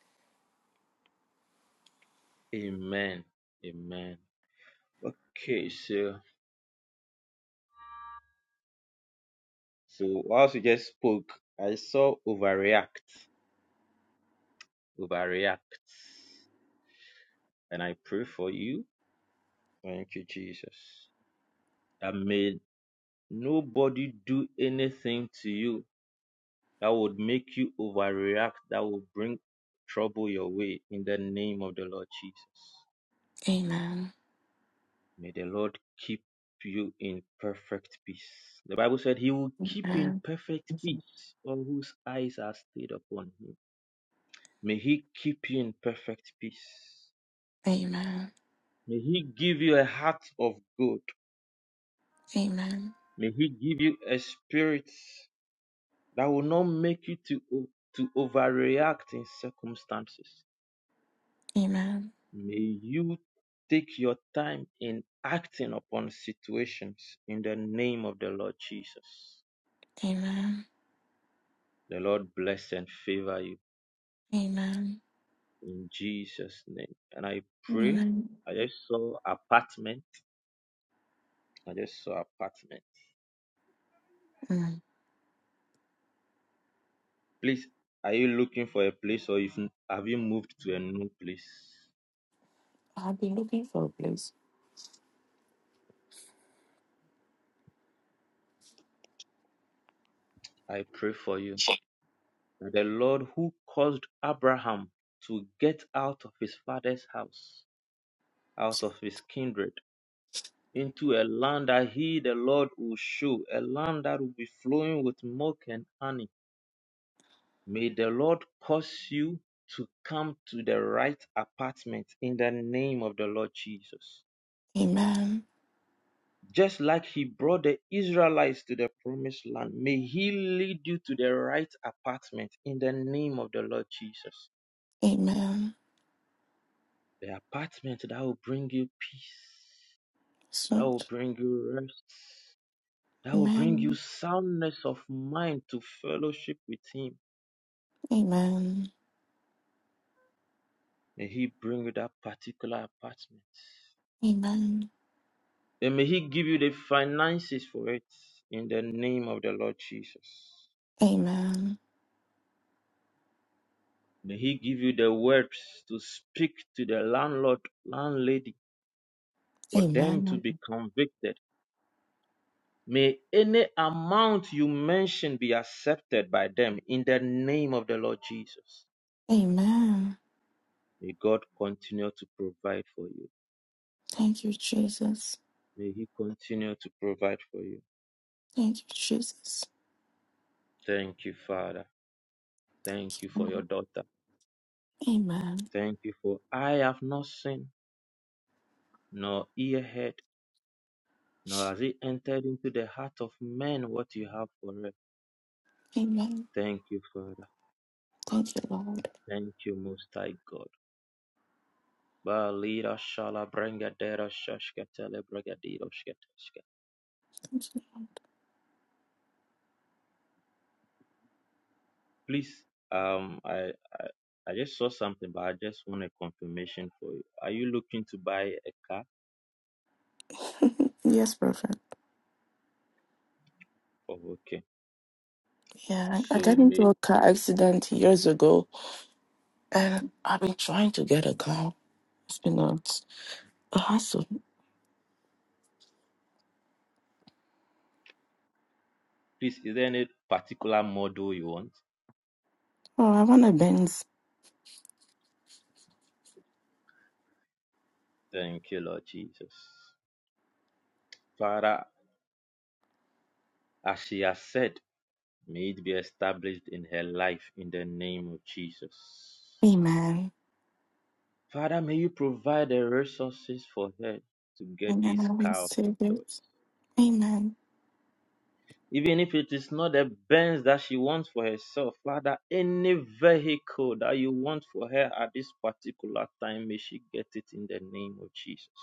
[SPEAKER 5] Amen. Amen. Okay, so so whilst you just spoke, I saw overreact. Overreact. And I pray for you. Thank you, Jesus. I may nobody do anything to you that would make you overreact, that will bring trouble your way in the name of the Lord Jesus.
[SPEAKER 14] Amen.
[SPEAKER 5] May the Lord keep you in perfect peace. The Bible said he will keep in
[SPEAKER 14] Amen.
[SPEAKER 5] perfect peace all whose eyes are stayed upon him. May he keep you in perfect peace.
[SPEAKER 14] Amen.
[SPEAKER 5] May he give you a heart of gold.
[SPEAKER 14] Amen.
[SPEAKER 5] May he give you a spirit that will not make you to, to overreact in circumstances.
[SPEAKER 14] Amen.
[SPEAKER 5] May you take your time in acting upon situations in the name of the Lord Jesus.
[SPEAKER 14] Amen.
[SPEAKER 5] The Lord bless and favor you
[SPEAKER 14] Amen.
[SPEAKER 5] in Jesus' name. And I pray.
[SPEAKER 14] Amen.
[SPEAKER 5] I just saw apartment. I just saw apartment.
[SPEAKER 14] Mm.
[SPEAKER 5] Please, are you looking for a place or if have you moved to a new place?
[SPEAKER 14] I've been looking for a place.
[SPEAKER 5] I pray for you. The Lord who caused Abraham to get out of his father's house, out of his kindred into a land that he, the Lord, will show, a land that will be flowing with milk and honey. May the Lord cause you to come to the right apartment in the name of the Lord Jesus.
[SPEAKER 14] Amen.
[SPEAKER 5] Just like he brought the Israelites to the promised land, may he lead you to the right apartment in the name of the Lord Jesus.
[SPEAKER 14] Amen.
[SPEAKER 5] The apartment that will bring you peace, that
[SPEAKER 14] So,
[SPEAKER 5] will bring you rest, that will bring you
[SPEAKER 14] amen.
[SPEAKER 5] soundness of mind to fellowship with Him.
[SPEAKER 14] Amen.
[SPEAKER 5] May He bring you that particular apartment.
[SPEAKER 14] Amen.
[SPEAKER 5] And may He give you the finances for it in the name of the Lord Jesus.
[SPEAKER 14] Amen.
[SPEAKER 5] May He give you the words to speak to the landlord, landlady, for them to
[SPEAKER 14] Amen.
[SPEAKER 5] be convicted. May any amount you mention be accepted by them in the name of the Lord Jesus.
[SPEAKER 14] Amen.
[SPEAKER 5] May God continue to provide for you.
[SPEAKER 14] Thank you, Jesus.
[SPEAKER 5] May He continue to provide for you.
[SPEAKER 14] Thank you, Jesus.
[SPEAKER 5] Thank you, Father. Thank you for your daughter.
[SPEAKER 14] Amen.
[SPEAKER 5] Thank you for I have not seen, nor ear heard, nor has it entered into the heart of man what you have for her.
[SPEAKER 14] Amen.
[SPEAKER 5] Thank you, Father.
[SPEAKER 14] Thank you, Lord.
[SPEAKER 5] Thank you, Most High God. Balira shala brenga dera shashka brega dero shketeshka.
[SPEAKER 14] Thank you, Lord.
[SPEAKER 5] Please, um, I, I I just saw something, but I just want a confirmation for you. Are you looking to buy a car?
[SPEAKER 14] Yes, Prophet.
[SPEAKER 5] Oh, okay.
[SPEAKER 14] Yeah, I I got
[SPEAKER 5] So may
[SPEAKER 14] into a car accident years ago, and I've been trying to get a car. It's been a, a hassle.
[SPEAKER 5] Please, is there any particular model you want?
[SPEAKER 14] Oh, I want a Benz.
[SPEAKER 5] Thank you, Lord Jesus. Father, as she has said, may it be established in her life in the name of Jesus.
[SPEAKER 14] Amen.
[SPEAKER 5] Father, may you provide the resources for her to get
[SPEAKER 14] Amen.
[SPEAKER 5] this
[SPEAKER 14] I
[SPEAKER 5] car of her
[SPEAKER 14] receive
[SPEAKER 5] choice.
[SPEAKER 14] it. Amen.
[SPEAKER 5] Even if it is not the Benz that she wants for herself, Father, any vehicle that you want for her at this particular time, may she get it in the name of Jesus.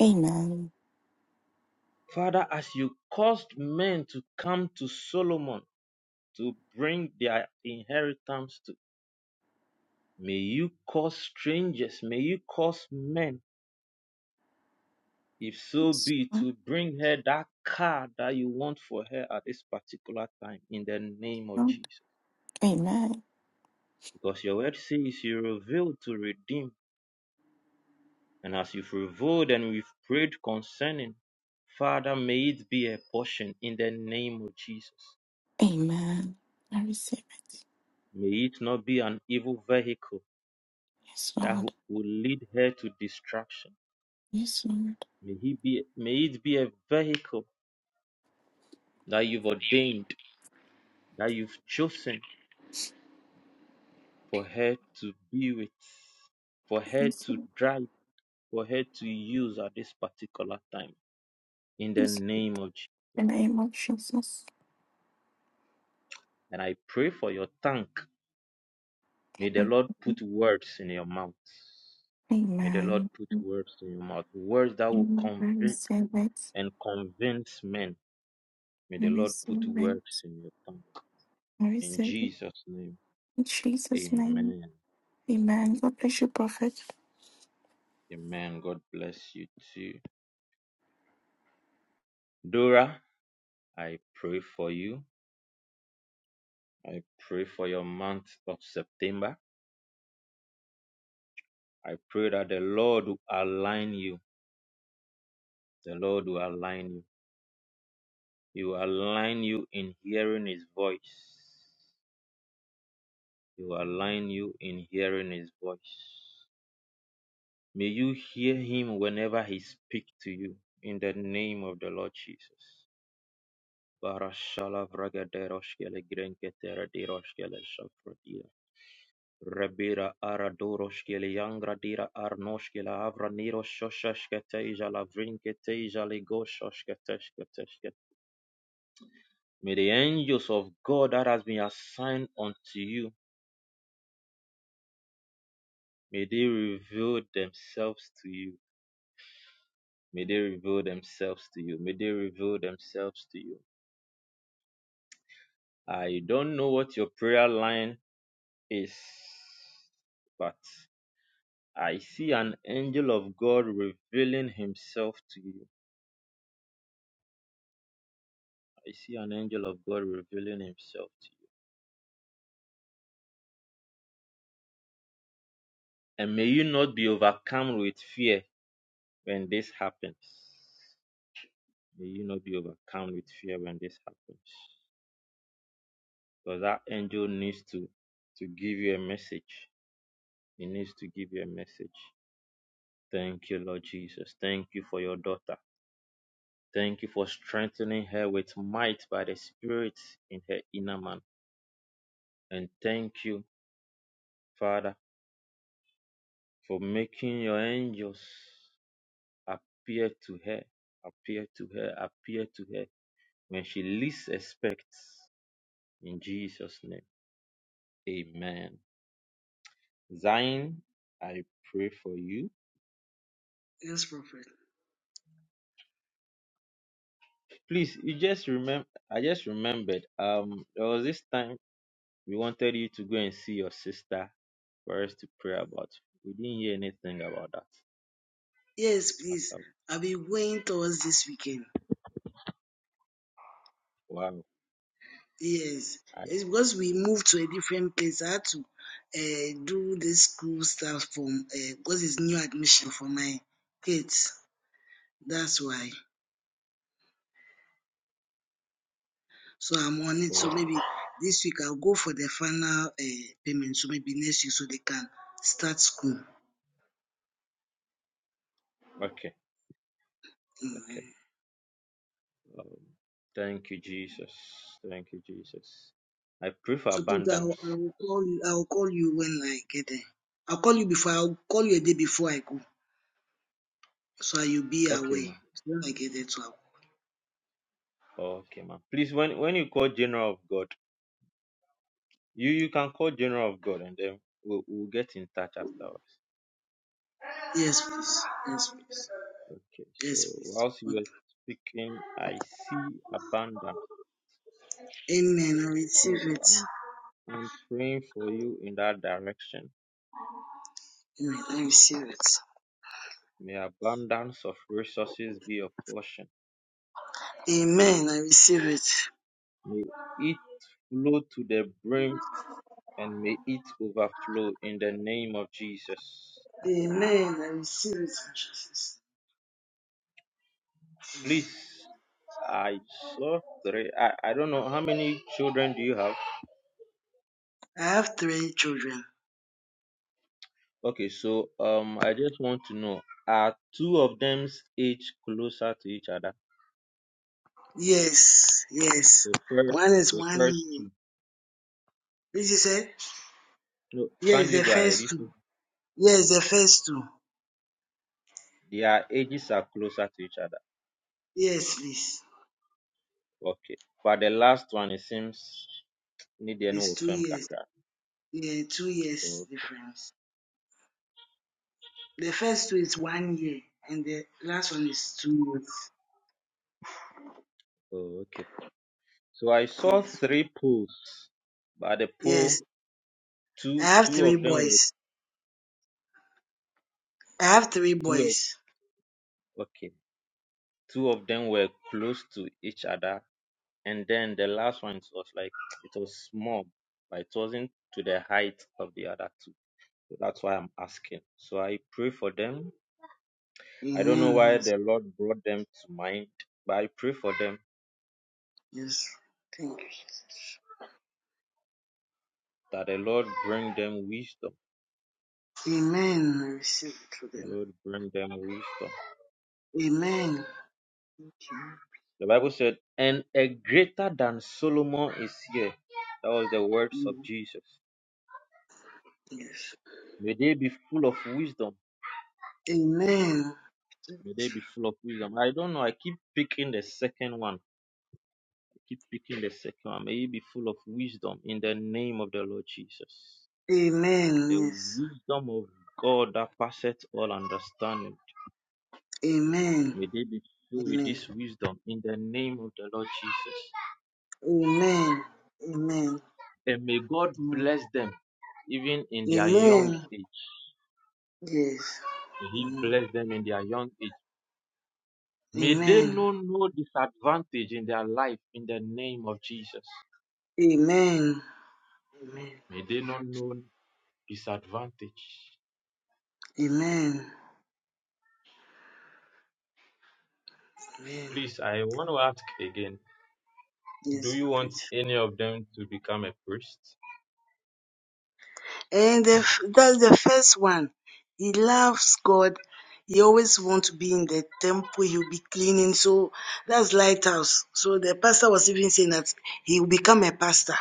[SPEAKER 14] Amen.
[SPEAKER 5] Father, as you caused men to come to Solomon to bring their inheritance to, may you cause strangers, may you cause men, if so
[SPEAKER 14] Yes,
[SPEAKER 5] be, to bring her that car that you want for her at this particular time in the name of
[SPEAKER 14] Lord.
[SPEAKER 5] Jesus.
[SPEAKER 14] Amen.
[SPEAKER 5] Because your word says you revealed to redeem, and as you've revealed and we've prayed concerning, Father, may it be a portion in the name of Jesus.
[SPEAKER 14] Amen. I receive it.
[SPEAKER 5] May it not be an evil vehicle
[SPEAKER 14] Yes,
[SPEAKER 5] that
[SPEAKER 14] Lord.
[SPEAKER 5] who- will lead her to destruction.
[SPEAKER 14] Yes, Lord.
[SPEAKER 5] May he be may it be a vehicle that you've ordained, that you've chosen for her to be with, for her
[SPEAKER 14] Yes,
[SPEAKER 5] to
[SPEAKER 14] Lord.
[SPEAKER 5] drive, for her to use at this particular time. In the
[SPEAKER 14] Yes.
[SPEAKER 5] name of Jesus.
[SPEAKER 14] In the name of Jesus.
[SPEAKER 5] And I pray for your tongue. May the
[SPEAKER 14] Amen.
[SPEAKER 5] Lord put words in your mouth. May the Lord
[SPEAKER 14] Amen.
[SPEAKER 5] put words in your mouth. Words that will
[SPEAKER 14] I
[SPEAKER 5] convict
[SPEAKER 14] receive it.
[SPEAKER 5] and convince men. May
[SPEAKER 14] I
[SPEAKER 5] the Lord put
[SPEAKER 14] receive
[SPEAKER 5] words
[SPEAKER 14] it.
[SPEAKER 5] in your tongue.
[SPEAKER 14] I
[SPEAKER 5] In
[SPEAKER 14] receive it.
[SPEAKER 5] Jesus' name.
[SPEAKER 14] In Jesus' name.
[SPEAKER 5] Amen.
[SPEAKER 14] Amen. God bless you, Prophet.
[SPEAKER 5] Amen. God bless you too. Dora, I pray for you. I pray for your month of September. I pray that the Lord will align you. The Lord will align you. He will align you in hearing His voice. He will align you in hearing His voice. May you hear Him whenever He speaks to you. In the name of the Lord Jesus. Barashala vragaderoshkele grenketere deroshkele shafrodira. Rebira ara doroshkeli yangra avra niro shosheshketeja lavrinketeja legoshoshketeshketeshke. May the angels of God that has been assigned unto you, may they reveal themselves to you. May they reveal themselves to you. May they reveal themselves to you. I don't know what your prayer line is, but I see an angel of God revealing himself to you. I see an angel of God revealing himself to you. And may you not be overcome with fear when this happens. May you not be overcome with fear when this happens. Because that angel needs to, to give you a message. He needs to give you a message. Thank you, Lord Jesus. Thank you for your daughter. Thank you for strengthening her with might by the Spirit in her inner man. And thank you, Father, for making your angels. appear to her, appear to her, appear to her when she least expects. In Jesus' name, amen. Zion, I pray for you.
[SPEAKER 3] Yes, Prophet.
[SPEAKER 5] Please, you just remember, I just remembered, um, there was this time we wanted you to go and see your sister for us to pray about. We didn't hear anything about that
[SPEAKER 3] Yes, please.
[SPEAKER 5] after.
[SPEAKER 3] I'll be going towards this weekend.
[SPEAKER 5] Wow.
[SPEAKER 3] Yes.
[SPEAKER 5] I,
[SPEAKER 3] It's because we moved to a different place. I had to uh, do the school stuff from uh, because it's new admission for my kids. That's why. So I'm on it. So
[SPEAKER 5] okay,
[SPEAKER 3] maybe this week I'll go for the final uh, payment. So maybe next week so they can start school.
[SPEAKER 5] okay.
[SPEAKER 3] Mm,
[SPEAKER 5] okay. Um, thank you, Jesus. Thank you, Jesus. I pray for
[SPEAKER 3] So please, I'll,
[SPEAKER 5] abundance.
[SPEAKER 3] I'll call you. I'll call you when I get there. I'll call you before. I'll call you a day before I go, so you'll be
[SPEAKER 5] Okay,
[SPEAKER 3] away.
[SPEAKER 5] ma'am.
[SPEAKER 3] So when I get there, so I'll,
[SPEAKER 5] Okay, ma'am. Please, when when you call General of God, you you can call General of God, and then we'll, we'll get in touch afterwards.
[SPEAKER 3] yes, please. Yes, please.
[SPEAKER 5] Okay. So
[SPEAKER 3] Yes, please.
[SPEAKER 5] whilst you were
[SPEAKER 3] Okay.
[SPEAKER 5] speaking, I see abundance.
[SPEAKER 3] Amen. I receive
[SPEAKER 5] So
[SPEAKER 3] it.
[SPEAKER 5] I'm I'm praying for you in that direction.
[SPEAKER 3] Amen. I receive it.
[SPEAKER 5] May abundance of resources be your portion.
[SPEAKER 3] Amen. I receive it.
[SPEAKER 5] May it flow to the brim, and may it overflow in the name of Jesus.
[SPEAKER 3] Amen. I receive it. in Jesus.
[SPEAKER 5] Please, I saw three. I, I don't know how many children do you have?
[SPEAKER 3] I have three children.
[SPEAKER 5] Okay, so um, I just want to know, are two of them's age closer to each other?
[SPEAKER 3] Yes. Yes.
[SPEAKER 5] The first,
[SPEAKER 3] One is
[SPEAKER 5] the
[SPEAKER 3] one
[SPEAKER 5] first
[SPEAKER 3] year.
[SPEAKER 5] two.
[SPEAKER 3] Did you say?
[SPEAKER 5] No,
[SPEAKER 3] Yes,
[SPEAKER 5] kindly
[SPEAKER 3] the
[SPEAKER 5] go ahead.
[SPEAKER 3] first
[SPEAKER 5] You
[SPEAKER 3] two.
[SPEAKER 5] two.
[SPEAKER 3] Yes, the first two.
[SPEAKER 5] Their ages are closer to each other.
[SPEAKER 3] Yes, please.
[SPEAKER 5] Okay, but the last one it seems need the
[SPEAKER 3] It's
[SPEAKER 5] no
[SPEAKER 3] two
[SPEAKER 5] firm
[SPEAKER 3] years.
[SPEAKER 5] kakra.
[SPEAKER 3] Yeah, two years
[SPEAKER 5] Oh,
[SPEAKER 3] difference. The first two is one year, and the last one is two
[SPEAKER 5] oh, okay. So I
[SPEAKER 3] years.
[SPEAKER 5] saw
[SPEAKER 3] Yes.
[SPEAKER 5] three pools, but the pool
[SPEAKER 3] Yes. I
[SPEAKER 5] two
[SPEAKER 3] have
[SPEAKER 5] two
[SPEAKER 3] three
[SPEAKER 5] of them were
[SPEAKER 3] boys. I have three
[SPEAKER 5] two. of-
[SPEAKER 3] boys.
[SPEAKER 5] Okay, Two of them were close to each other, and then the last one was like it was small, but it wasn't to the height of the other two. So that's why I'm asking. So I pray for them. I don't know
[SPEAKER 3] Amen.
[SPEAKER 5] why
[SPEAKER 3] Yes.
[SPEAKER 5] the Lord brought them to mind, but I pray for them
[SPEAKER 3] yes. Thank you, Jesus.
[SPEAKER 5] that the Lord bring them wisdom.
[SPEAKER 3] Amen. I receive it for
[SPEAKER 5] The
[SPEAKER 3] them.
[SPEAKER 5] Lord bring them wisdom.
[SPEAKER 3] Amen. Thank you.
[SPEAKER 5] The Bible said, and a greater than Solomon is here. That was the words of
[SPEAKER 3] Yeah.
[SPEAKER 5] Jesus.
[SPEAKER 3] Yes.
[SPEAKER 5] May they be full of wisdom
[SPEAKER 3] Amen.
[SPEAKER 5] May they be full of wisdom. I don't know. I keep picking the second one. I keep picking the second one. May you be full of wisdom in the name of the Lord Jesus. The
[SPEAKER 3] Amen. Yes.
[SPEAKER 5] wisdom of God that passeth all understanding.
[SPEAKER 3] Amen.
[SPEAKER 5] May they be filled with
[SPEAKER 3] Amen.
[SPEAKER 5] this wisdom in the name of the Lord Jesus.
[SPEAKER 3] Amen. Amen.
[SPEAKER 5] And may God
[SPEAKER 3] Amen.
[SPEAKER 5] bless them even in their young
[SPEAKER 3] Amen.
[SPEAKER 5] age.
[SPEAKER 3] Yes.
[SPEAKER 5] May He
[SPEAKER 3] Amen.
[SPEAKER 5] bless them in their young age. May they know
[SPEAKER 3] Amen.
[SPEAKER 5] no disadvantage in their life in the name of Jesus.
[SPEAKER 3] Amen. Amen.
[SPEAKER 5] May they not know disadvantage.
[SPEAKER 3] Amen. Amen.
[SPEAKER 5] Please, I want to ask again, do
[SPEAKER 3] Yes,
[SPEAKER 5] you
[SPEAKER 3] Prophet.
[SPEAKER 5] want any of them to become a priest?
[SPEAKER 3] And the, f- that's the first one. He loves God. He always want to be in the temple. He'll be cleaning. So that's lighthouse. So the pastor was even saying that he will become a pastor.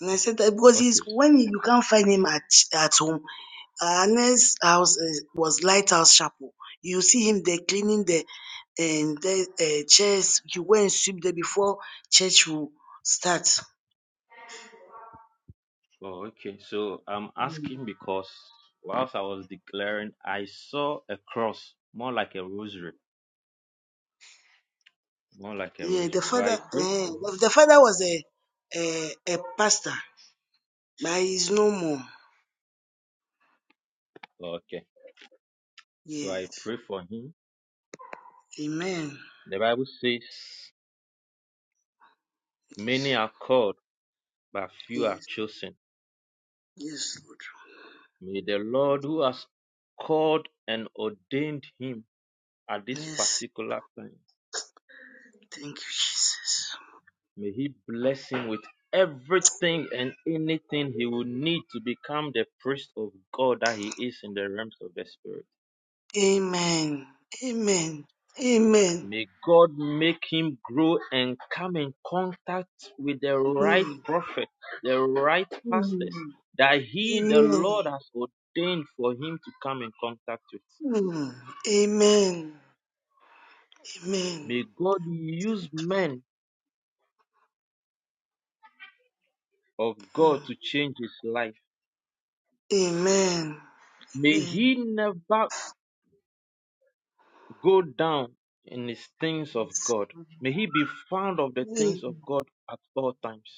[SPEAKER 3] And I said that because he's
[SPEAKER 5] Okay.
[SPEAKER 3] when you can't find him at at home, Anna's house uh, was Lighthouse Chapel. You see him there cleaning the and the uh, chairs. He went and sweep there before church will start.
[SPEAKER 5] Oh, okay. So I'm asking because whilst I was declaring, I saw a cross, more like a rosary, more like a
[SPEAKER 3] Yeah, the
[SPEAKER 5] rosary. So
[SPEAKER 3] father,
[SPEAKER 5] I pray
[SPEAKER 3] eh,
[SPEAKER 5] for him.
[SPEAKER 3] the the father was a, a a pastor, but he's no more.
[SPEAKER 5] Oh, okay. So I
[SPEAKER 3] Yes,
[SPEAKER 5] pray for him.
[SPEAKER 3] Amen.
[SPEAKER 5] The Bible says, Many are called, but few are
[SPEAKER 3] Yes,
[SPEAKER 5] chosen.
[SPEAKER 3] yes, Lord.
[SPEAKER 5] May the Lord who has called and ordained him at this
[SPEAKER 3] Yes,
[SPEAKER 5] particular time.
[SPEAKER 3] thank you, Jesus.
[SPEAKER 5] May He bless him with everything and anything he will need to become the priest of God that he is in the realms of the Spirit.
[SPEAKER 3] Amen. Amen. Amen.
[SPEAKER 5] May God make him grow and come in contact with the right
[SPEAKER 3] Mm.
[SPEAKER 5] prophet, the right pastors
[SPEAKER 3] Amen.
[SPEAKER 5] that he, the
[SPEAKER 3] Amen.
[SPEAKER 5] Lord, has ordained for him to come in contact with.
[SPEAKER 3] Mm. Amen. Amen.
[SPEAKER 5] May God use
[SPEAKER 3] Exactly.
[SPEAKER 5] men of God
[SPEAKER 3] Mm.
[SPEAKER 5] to change his life.
[SPEAKER 3] Amen.
[SPEAKER 5] May
[SPEAKER 3] Amen.
[SPEAKER 5] he never go down in his things of God. May he be found of the things
[SPEAKER 3] Amen.
[SPEAKER 5] of God at all times.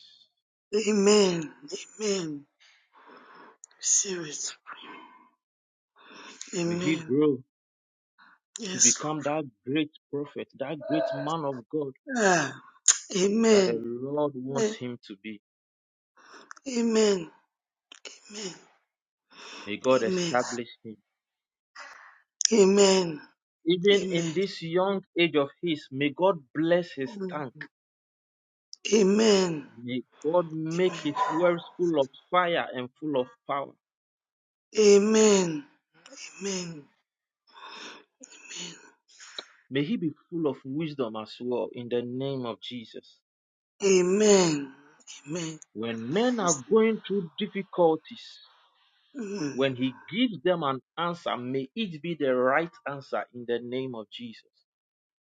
[SPEAKER 3] Amen. Amen. Receive it.
[SPEAKER 5] May he
[SPEAKER 3] Amen.
[SPEAKER 5] grow to
[SPEAKER 3] Yes, Lord.
[SPEAKER 5] become that great prophet, that great man of God
[SPEAKER 3] Ah.
[SPEAKER 5] that the
[SPEAKER 3] Amen.
[SPEAKER 5] Lord wants
[SPEAKER 3] Amen.
[SPEAKER 5] him to be.
[SPEAKER 3] Amen.
[SPEAKER 5] May God
[SPEAKER 3] Amen.
[SPEAKER 5] establish him.
[SPEAKER 3] Amen.
[SPEAKER 5] Even in
[SPEAKER 3] Amen.
[SPEAKER 5] this young age of his, may God bless his
[SPEAKER 3] Amen. Mm.
[SPEAKER 5] tank.
[SPEAKER 3] Amen.
[SPEAKER 5] May God make
[SPEAKER 3] Amen.
[SPEAKER 5] his words full of fire and full of power.
[SPEAKER 3] Amen. Amen. Amen.
[SPEAKER 5] May he be full of wisdom as well in the name of Jesus.
[SPEAKER 3] Amen. Amen.
[SPEAKER 5] When men are going through difficulties,
[SPEAKER 3] Receive.
[SPEAKER 5] when he gives them an answer, may it be the right answer in the name of Jesus.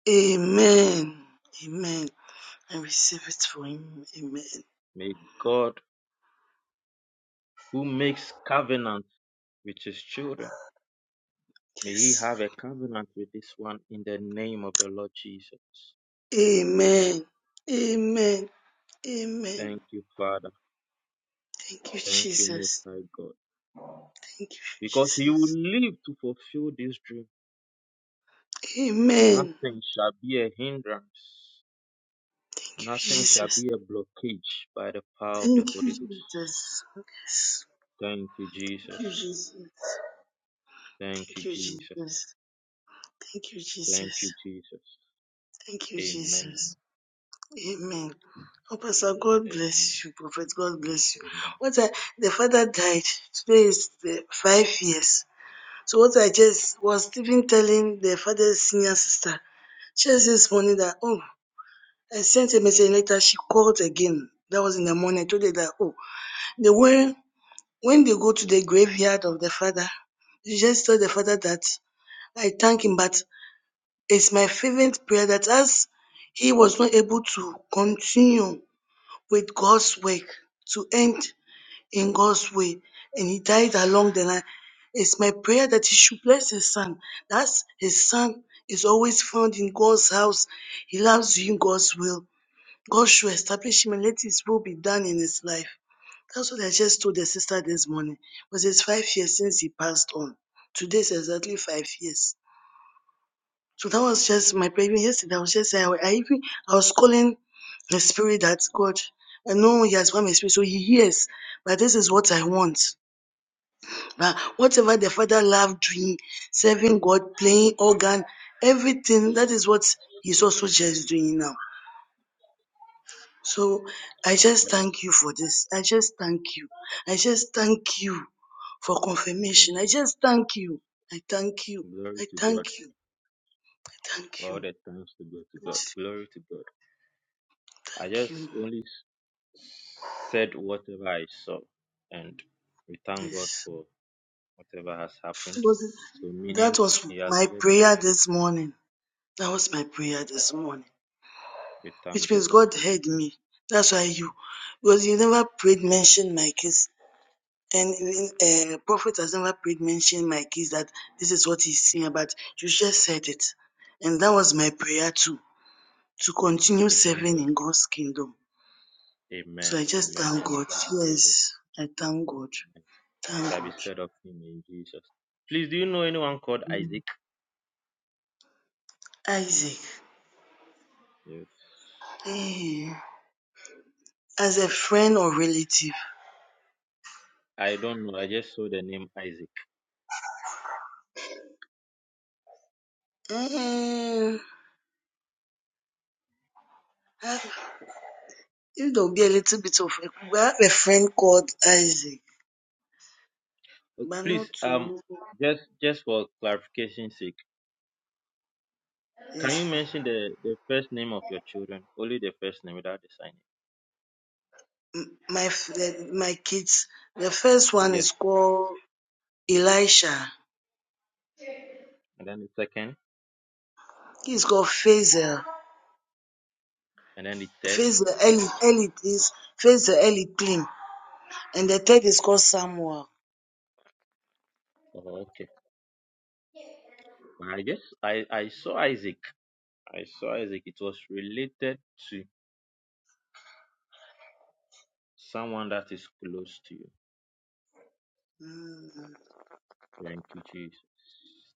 [SPEAKER 3] Amen. Amen. I receive it for him. Amen.
[SPEAKER 5] May God, who makes covenant with his children, may he
[SPEAKER 3] Yes.
[SPEAKER 5] have a covenant with this one in the name of the Lord Jesus.
[SPEAKER 3] Amen. Amen. Amen.
[SPEAKER 5] Thank you, Father.
[SPEAKER 3] Thank you,
[SPEAKER 5] Thank you, Most
[SPEAKER 3] Jesus.
[SPEAKER 5] High God.
[SPEAKER 3] Thank you,
[SPEAKER 5] Because he will
[SPEAKER 3] Jesus.
[SPEAKER 5] live to fulfill this dream.
[SPEAKER 3] Amen.
[SPEAKER 5] Nothing shall be a hindrance.
[SPEAKER 3] Thank you,
[SPEAKER 5] Nothing shall
[SPEAKER 3] Jesus.
[SPEAKER 5] be a blockage by the power of the
[SPEAKER 3] Thank you,
[SPEAKER 5] Holy Ghost.
[SPEAKER 3] Jesus. Yes.
[SPEAKER 5] Thank you, Jesus.
[SPEAKER 3] Thank you, Jesus.
[SPEAKER 5] Thank
[SPEAKER 3] Thank
[SPEAKER 5] you,
[SPEAKER 3] you,
[SPEAKER 5] Jesus.
[SPEAKER 3] Jesus. Thank you,
[SPEAKER 5] Thank you,
[SPEAKER 3] Jesus.
[SPEAKER 5] Jesus.
[SPEAKER 3] Thank you,
[SPEAKER 5] Amen.
[SPEAKER 3] Jesus. Amen. Oh, Pastor, God
[SPEAKER 5] Amen.
[SPEAKER 3] bless you, Prophet. God bless you.
[SPEAKER 5] Amen.
[SPEAKER 3] What I, the father died. Today is the five years. So what I just was even telling the father's senior sister just this morning that oh I sent a message later she called again. That was in the morning. I told her that oh the when when they go to the graveyard of the father, you just tell the father that I thank him, but it's my fervent prayer that as he was not able to continue with God's work to end in God's way and he died along the line. It's my prayer that he should bless his son. That's his son is always found in God's house. He loves doing God's will. God should establish him and let his will be done in his life. That's what I just told the sister this morning. Because it's five years since he passed on. Today's exactly five years. So that was just my prayer. Even Yesterday, I was just saying, I even I was calling the spirit that God. I know He has one spirit, so He hears. But this is what I want. Uh, whatever the father loved doing, serving God, playing organ, everything, that is what he's also just doing now. So I just
[SPEAKER 5] Glory
[SPEAKER 3] thank you for this. I just thank you. I just thank you for
[SPEAKER 5] mm,
[SPEAKER 3] confirmation. I just thank you. I thank you.
[SPEAKER 5] glory
[SPEAKER 3] I
[SPEAKER 5] to God.
[SPEAKER 3] thank you. I thank
[SPEAKER 5] All
[SPEAKER 3] you.
[SPEAKER 5] the thanks to go to God.
[SPEAKER 3] Yes,
[SPEAKER 5] Glory to God. I
[SPEAKER 3] Thank you.
[SPEAKER 5] just only s- said whatever I saw, and we thank God
[SPEAKER 3] Yes.
[SPEAKER 5] for whatever has
[SPEAKER 3] It
[SPEAKER 5] happened.
[SPEAKER 3] was-
[SPEAKER 5] So, meaning,
[SPEAKER 3] That was
[SPEAKER 5] He has
[SPEAKER 3] my
[SPEAKER 5] said,
[SPEAKER 3] prayer this morning. That was my prayer this morning.
[SPEAKER 5] we
[SPEAKER 3] which
[SPEAKER 5] thank
[SPEAKER 3] means
[SPEAKER 5] God.
[SPEAKER 3] God
[SPEAKER 5] We
[SPEAKER 3] heard
[SPEAKER 5] thank,
[SPEAKER 3] me. That's why you, because you never prayed mention my case, and uh, prophet has never prayed mention my case that this is what he's saying about. You just said it, and that was my prayer too to continue
[SPEAKER 5] we thank
[SPEAKER 3] serving
[SPEAKER 5] God.
[SPEAKER 3] in God's kingdom. So
[SPEAKER 5] Amen.
[SPEAKER 3] I just
[SPEAKER 5] Amen.
[SPEAKER 3] thank
[SPEAKER 5] And it
[SPEAKER 3] God.
[SPEAKER 5] shall be said of
[SPEAKER 3] Yes, I thank God.
[SPEAKER 5] It
[SPEAKER 3] Thank
[SPEAKER 5] shall be
[SPEAKER 3] God.
[SPEAKER 5] said of him in Jesus. Please, do you know anyone called
[SPEAKER 3] Mm.
[SPEAKER 5] Isaac?
[SPEAKER 3] Isaac,
[SPEAKER 5] Yes.
[SPEAKER 3] eh, as a friend or relative,
[SPEAKER 5] I don't know. I just saw the name Isaac.
[SPEAKER 3] eh, if will be a little bit of a, we have a friend called Isaac.
[SPEAKER 5] Uh,
[SPEAKER 3] but not
[SPEAKER 5] Please, um,
[SPEAKER 3] too
[SPEAKER 5] just just for clarification's sake, can you
[SPEAKER 3] yes.
[SPEAKER 5] mention the the first name of your children? Only the first name without the sign.
[SPEAKER 3] My f- the, my kids. The first one
[SPEAKER 5] Yes.
[SPEAKER 3] is called Elisha.
[SPEAKER 5] And then the second,
[SPEAKER 3] He's called Faisal.
[SPEAKER 5] and then the third.
[SPEAKER 3] Faisal Eli Eli is Faisal Eli Clean. And the third is called Samuel.
[SPEAKER 5] Oh, okay. I guess I I saw Isaac. I saw Isaac. It was related to someone that is close to you.
[SPEAKER 3] Mm,
[SPEAKER 5] Thank you, Jesus.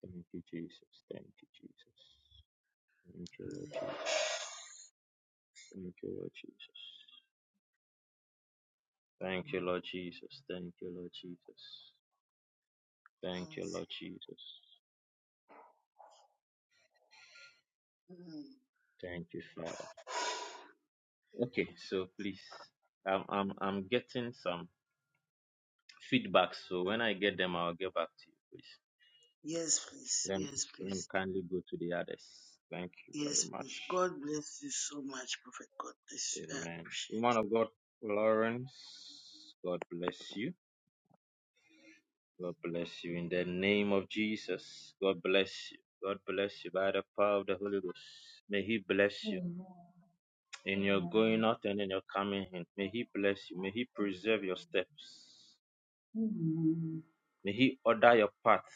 [SPEAKER 5] Thank you, Jesus. Thank you, Jesus. Thank you, Lord Jesus. Thank you, Lord Jesus. Thank you, Lord Jesus. Thank you, Lord Jesus. Thank you, Lord Jesus.
[SPEAKER 3] mm.
[SPEAKER 5] Thank you, Father. Okay, so please, I'm I'm I'm getting some feedback. So when I get them, I'll get back to you, please.
[SPEAKER 3] Yes, please.
[SPEAKER 5] Let me-
[SPEAKER 3] Yes,
[SPEAKER 5] let me
[SPEAKER 3] please.
[SPEAKER 5] kindly go to the others. Thank you very
[SPEAKER 3] Yes, please.
[SPEAKER 5] much.
[SPEAKER 3] God bless you so much, Prophet. God bless you.
[SPEAKER 5] Amen. Woman of God, Lawrence, God bless you. God bless you in the name of Jesus. God bless you. God bless you by the power of the Holy Ghost. May He
[SPEAKER 9] Amen. Amen. Amen.
[SPEAKER 5] bless you in your going
[SPEAKER 9] Amen.
[SPEAKER 5] out and in your coming in. May He bless you. May He preserve your steps.
[SPEAKER 9] Amen. Amen. Amen. Amen.
[SPEAKER 5] May He order your path.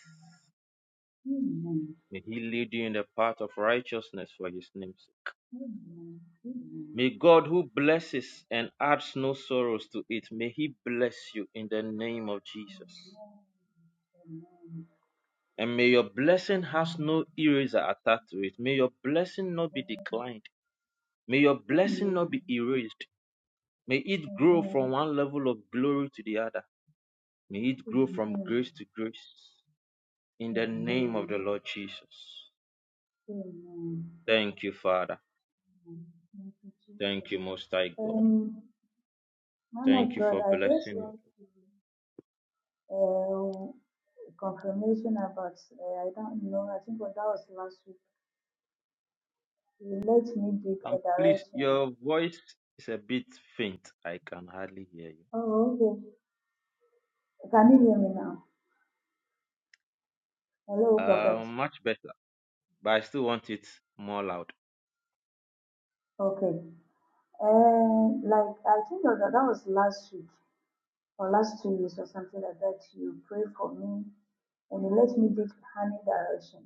[SPEAKER 5] May He lead you in the path of righteousness for His name's sake. May God, who blesses and adds no sorrows to it, may He bless you in the name of Jesus. And may your blessing has no eraser attached to it. May your blessing not be declined. May your blessing not be erased. May it grow from one level of glory to the other. May it grow from
[SPEAKER 9] Amen.
[SPEAKER 5] grace to grace. In the name of the Lord Jesus. Thank you, Father.
[SPEAKER 9] Mm, Thank you,
[SPEAKER 5] Thank
[SPEAKER 9] Jesus.
[SPEAKER 5] you, Most High God.
[SPEAKER 9] Um, man
[SPEAKER 5] Thank
[SPEAKER 9] of
[SPEAKER 5] you
[SPEAKER 9] God,
[SPEAKER 5] for
[SPEAKER 9] I just
[SPEAKER 5] blessing you.
[SPEAKER 9] want uh, confirmation about, uh, I don't know, I think that was last week. You let me give
[SPEAKER 5] And
[SPEAKER 9] a
[SPEAKER 5] please,
[SPEAKER 9] direction.
[SPEAKER 5] your voice is a bit faint. I can hardly hear you.
[SPEAKER 9] Oh, okay. Can you hear me now? Hello, Prophet.
[SPEAKER 5] Uh, much better, but I still want it more loud.
[SPEAKER 9] Okay. Uh, like, I think that that was last week or last two weeks or something like that. You prayed for me and you let me give honey direction.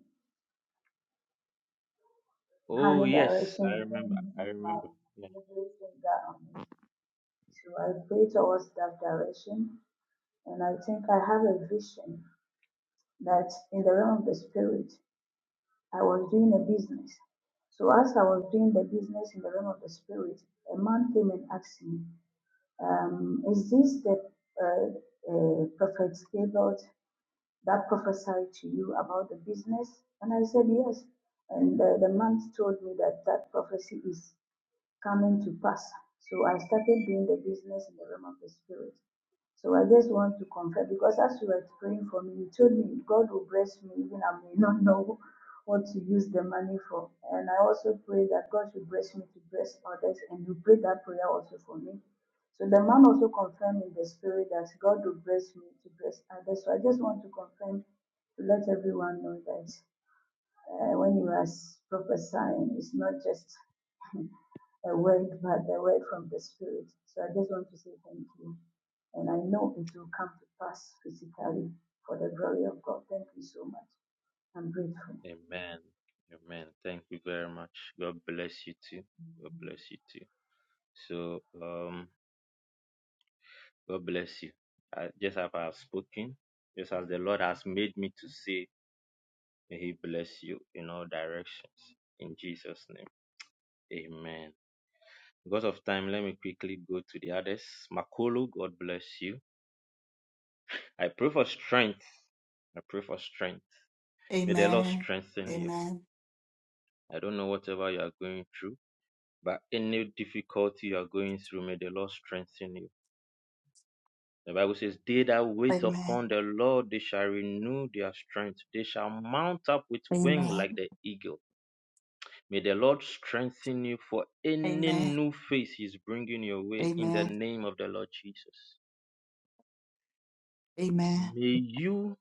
[SPEAKER 9] Her
[SPEAKER 5] Oh, yes, I
[SPEAKER 9] direction
[SPEAKER 5] remember.
[SPEAKER 9] even
[SPEAKER 5] I
[SPEAKER 9] if my
[SPEAKER 5] remember.
[SPEAKER 9] middle finger on it. So I pray towards that direction and I think I have a vision that in the realm of the spirit I was doing a business. So as I was doing the business in the realm of the spirit, a man came and asked me, um, is this the uh, uh, prophet Gabriel that prophesied to you about the business? And I said, yes. And uh, the man told me that that prophecy is coming to pass. So I started doing the business in the realm of the spirit. So I just want to confess because as you were praying for me, you told me God will bless me even I may not know what to use the money for. And I also pray that God should bless me to bless others and you prayed that prayer also for me. So the man also confirmed in the spirit that God will bless me to bless others. So I just want to confirm to let everyone know that uh, when you are prophesying, it's not just a word, but a word from the Spirit. So I just want to say thank you. And I know it will come to pass physically for the glory of God. Thank you so much. I'm grateful.
[SPEAKER 5] Amen. Amen. Thank you very much. God bless you too. God bless you too. So, um, God bless you. I, just as I have spoken, just as the Lord has made me to say, may He bless you in all directions. In Jesus' name. Amen. Because of time, let me quickly go to the others. Makolo, God bless you. I pray for strength. I pray for strength. May the Lord
[SPEAKER 15] Amen.
[SPEAKER 5] strengthen you.
[SPEAKER 15] Amen.
[SPEAKER 5] I don't know whatever you are going through. But any difficulty you are going through, may the Lord strengthen you. The Bible says, They that wait
[SPEAKER 15] Amen.
[SPEAKER 5] upon the Lord, they shall renew their strength. They shall mount up with wing
[SPEAKER 15] Amen.
[SPEAKER 5] like the eagle. May the Lord strengthen you for any
[SPEAKER 15] Amen.
[SPEAKER 5] new phase He's bringing your way in the
[SPEAKER 15] Amen.
[SPEAKER 5] name of the Lord Jesus.
[SPEAKER 15] Amen. Amen.
[SPEAKER 5] May you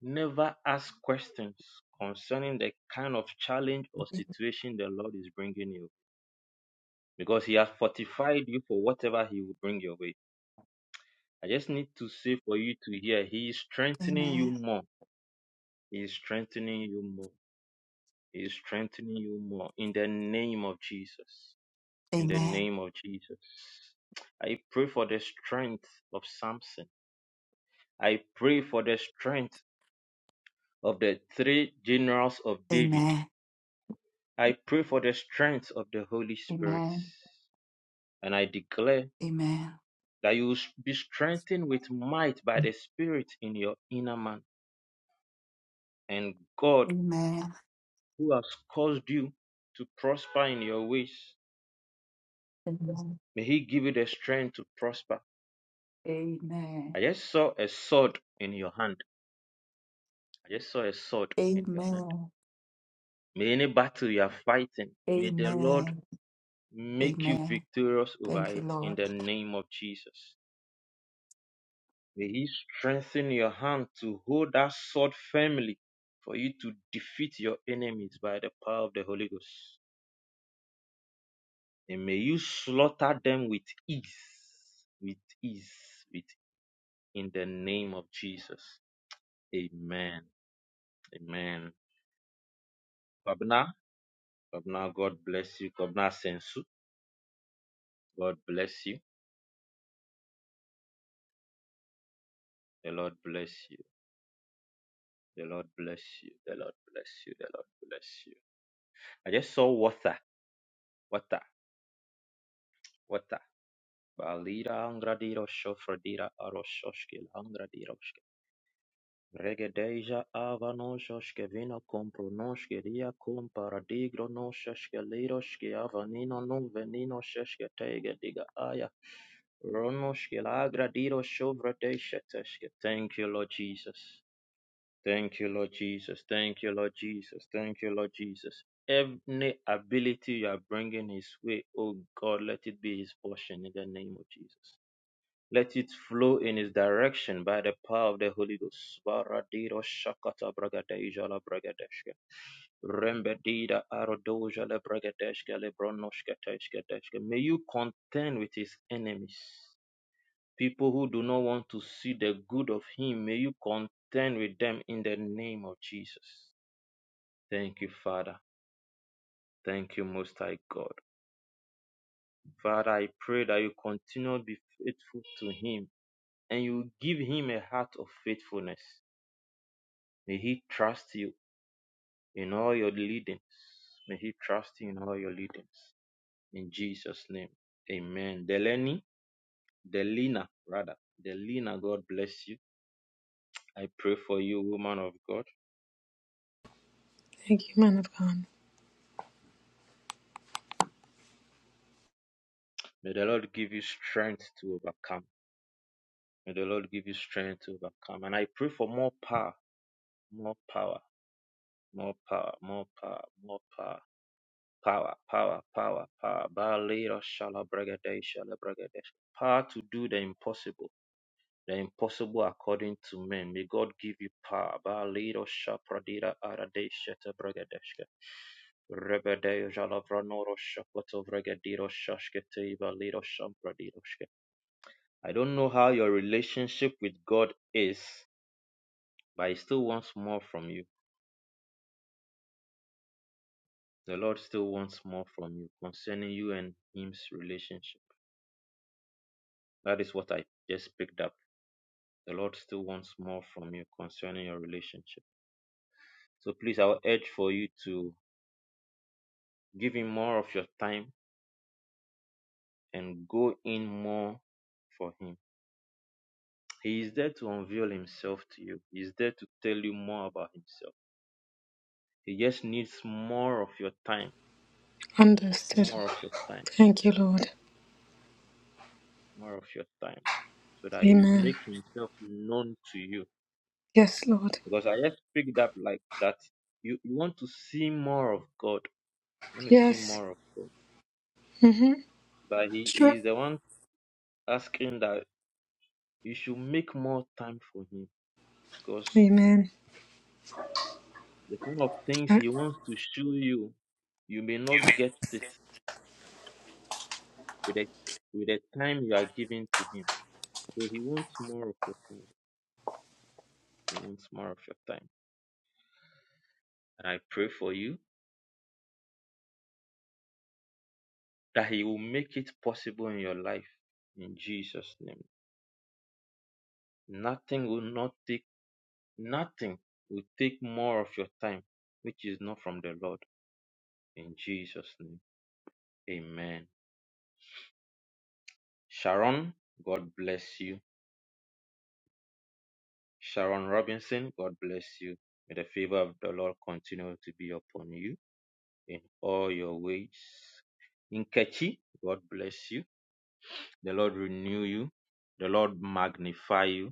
[SPEAKER 5] never ask questions concerning the kind of challenge or situation the Lord is bringing you because He has fortified you for whatever He will bring your way. I just need to say for you to hear, He is strengthening you
[SPEAKER 15] Amen.
[SPEAKER 5] more. He is strengthening you more. He is strengthening you more. In the name of Jesus. In the
[SPEAKER 15] Amen.
[SPEAKER 5] name of Jesus. I pray for the strength of Samson. I pray for the strength of the three generals of
[SPEAKER 15] Amen.
[SPEAKER 5] David.
[SPEAKER 15] Amen.
[SPEAKER 5] I pray for the strength of the Holy
[SPEAKER 15] Amen.
[SPEAKER 5] Spirit.
[SPEAKER 15] Amen.
[SPEAKER 5] And I declare that you will be strengthened with might by the Spirit in your inner man. And God who has caused you to prosper in your ways.
[SPEAKER 15] Amen.
[SPEAKER 5] May he give you the strength to prosper. I just saw a sword in your hand. I just saw a sword in your hand.
[SPEAKER 15] Amen.
[SPEAKER 5] May any battle you are fighting, may the Lord
[SPEAKER 15] Amen.
[SPEAKER 5] make you
[SPEAKER 15] Amen.
[SPEAKER 5] victorious over
[SPEAKER 15] Thank you,
[SPEAKER 5] it in
[SPEAKER 15] Lord.
[SPEAKER 5] the name of Jesus. May he strengthen your hand to hold that sword firmly for you to defeat your enemies by the power of the Holy Ghost. And may you slaughter them with ease, with ease, with in the name of Jesus. Amen. Amen. Babna, Babna, God bless you. Babna Sensu, God bless you. The Lord bless you. The Lord bless you. The Lord bless you. The Lord bless you. I just saw water, water, water. Balira angradiro shofradira aroshoshkil angradiroshke. Regedeja avanoshoshke vino kompronoshke ria komparadigro noshoshke liroshke avanino no venino sheshke tege diga aya. Ronoshkela agradiro shovrate sheteshke. Thank you, Lord Jesus. Thank you, Lord Jesus. Thank you, Lord Jesus. Thank you, Lord Jesus. Any ability you are bringing His way, oh God, let it be His portion in the name of Jesus. Let it flow in His direction by the power of the Holy Ghost. Baradiro shakata bragadeja la bragadeshke. Rembedida arodoja le bragadeshke le bronoshke teshke deshke. May you contend with His enemies. People who do not want to see the good of Him, may you contend with them in the name of Jesus. Thank you, Father. Thank you, Most High God. Father, I pray that you continue to be faithful to Him and you give Him a heart of faithfulness. May He trust you in all your leadings. May He trust you in all your leadings. In Jesus' name, Amen. Deleni, Delina, rather. Delina, God bless you. I pray for you, woman of God.
[SPEAKER 16] Thank you, man of God.
[SPEAKER 5] May the Lord give you strength to overcome. May the Lord give you strength to overcome. And I pray for more power, more power, more power, more power, more power. Power, power, power, power. Balira shala shala bragade. Power to do the impossible. The impossible according to men. May God give you power. Balira shapradira arade shete bragadeshke. Rebede jala vranoro shakoto vragadiro shashkete ibaliro I don't know how your relationship with God is, but He still wants more from you. The Lord still wants more from you concerning you and Him's relationship. That is what I just picked up. The Lord still wants more from you concerning your relationship. So please, I will urge for you to give Him more of your time and go in more for Him. He is there to unveil Himself to you, He is there to tell you more about Himself. He just needs more of your time,
[SPEAKER 16] Understood.
[SPEAKER 5] more of your time
[SPEAKER 16] Thank you, Lord.
[SPEAKER 5] more of your time so that he would
[SPEAKER 16] Amen.
[SPEAKER 5] make himself known to you.
[SPEAKER 16] Yes, Lord.
[SPEAKER 5] Because I just picked up like that. You, you want to see more of God. You want to see
[SPEAKER 16] Yes.
[SPEAKER 5] more of God.
[SPEAKER 16] Mm-hmm.
[SPEAKER 5] But he, he
[SPEAKER 16] Sure.
[SPEAKER 5] is the one asking that you should make more time for him. Because
[SPEAKER 16] Amen.
[SPEAKER 5] the kind of things
[SPEAKER 16] Uh,
[SPEAKER 5] he wants to show you, you may not get it with the, with the time you are giving to him. So he wants more of your time. He wants more of your time. And I pray for you that He will make it possible in your life in Jesus' name. Nothing will not take, nothing will take more of your time, which is not from the Lord in Jesus' name. Amen. Sharon, God bless you. Sharon Robinson, God bless you. May the favor of the Lord continue to be upon you in all your ways. In God bless you. The Lord renew you. The Lord magnify you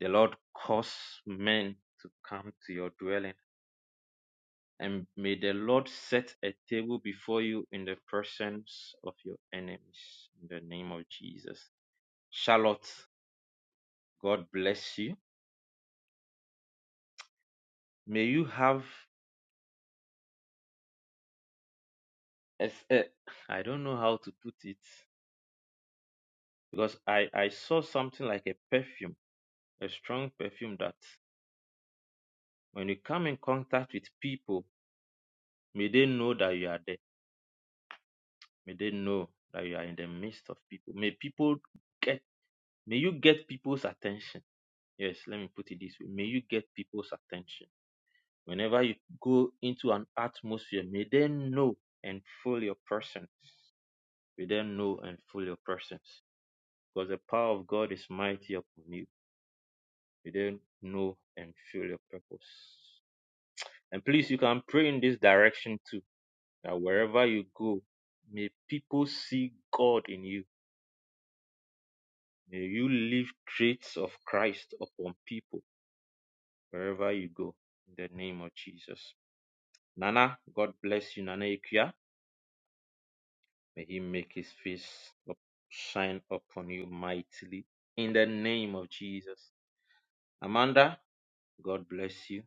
[SPEAKER 5] The Lord cause men to come to your dwelling, and may the Lord set a table before you in the presence of your enemies. In the name of Jesus. Charlotte, God bless you. May you have, a, a, I don't know how to put it, because I, I saw something like a perfume, a strong perfume that when you come in contact with people, may they know that you are there. May they know that you are in the midst of people. May people get May you get people's attention. Yes, let me put it this way. May you get people's attention. Whenever you go into an atmosphere, may they know and feel your presence. May they know and feel your presence. Because the power of God is mighty upon you. May they know and feel your purpose. And please, you can pray in this direction too. That wherever you go, may people see God in you. May you leave traits of Christ upon people wherever you go in the name of Jesus. Nana, God bless you, Nana Ikuya. May He make His face up- shine upon you mightily in the name of Jesus. Amanda, God bless you.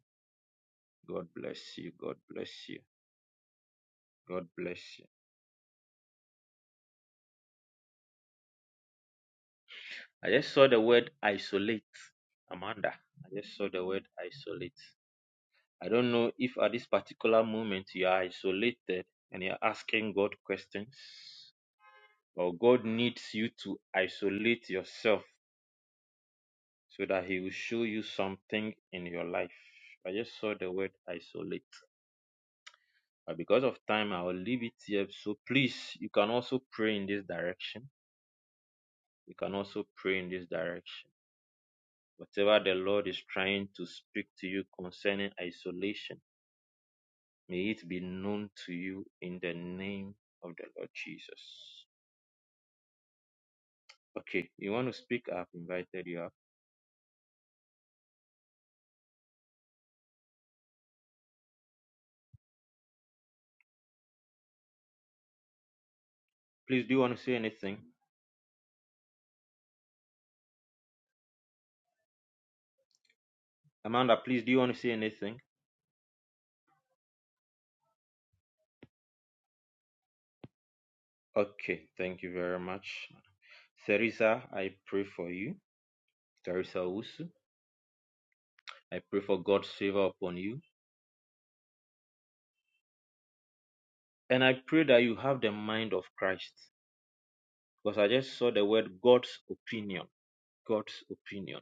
[SPEAKER 5] God bless you. God bless you. God bless you. I just saw the word isolate. Amanda, I just saw the word isolate. I don't know if at this particular moment you are isolated and you're asking God questions, or God needs you to isolate yourself so that he will show you something in your life. I just saw the word isolate. But because of time, I will leave it here. So please, you can also pray in this direction. You can also pray in this direction. Whatever the Lord is trying to speak to you concerning isolation, may it be known to you in the name of the Lord Jesus. Okay, you want to speak? I've invited you up. Please, do you want to say anything? Amanda, please, do you want to say anything? Okay, thank you very much. Theresa, I pray for you. Theresa Usu, I pray for God's favor upon you. And I pray that you have the mind of Christ. Because I just saw the word God's opinion. God's opinion.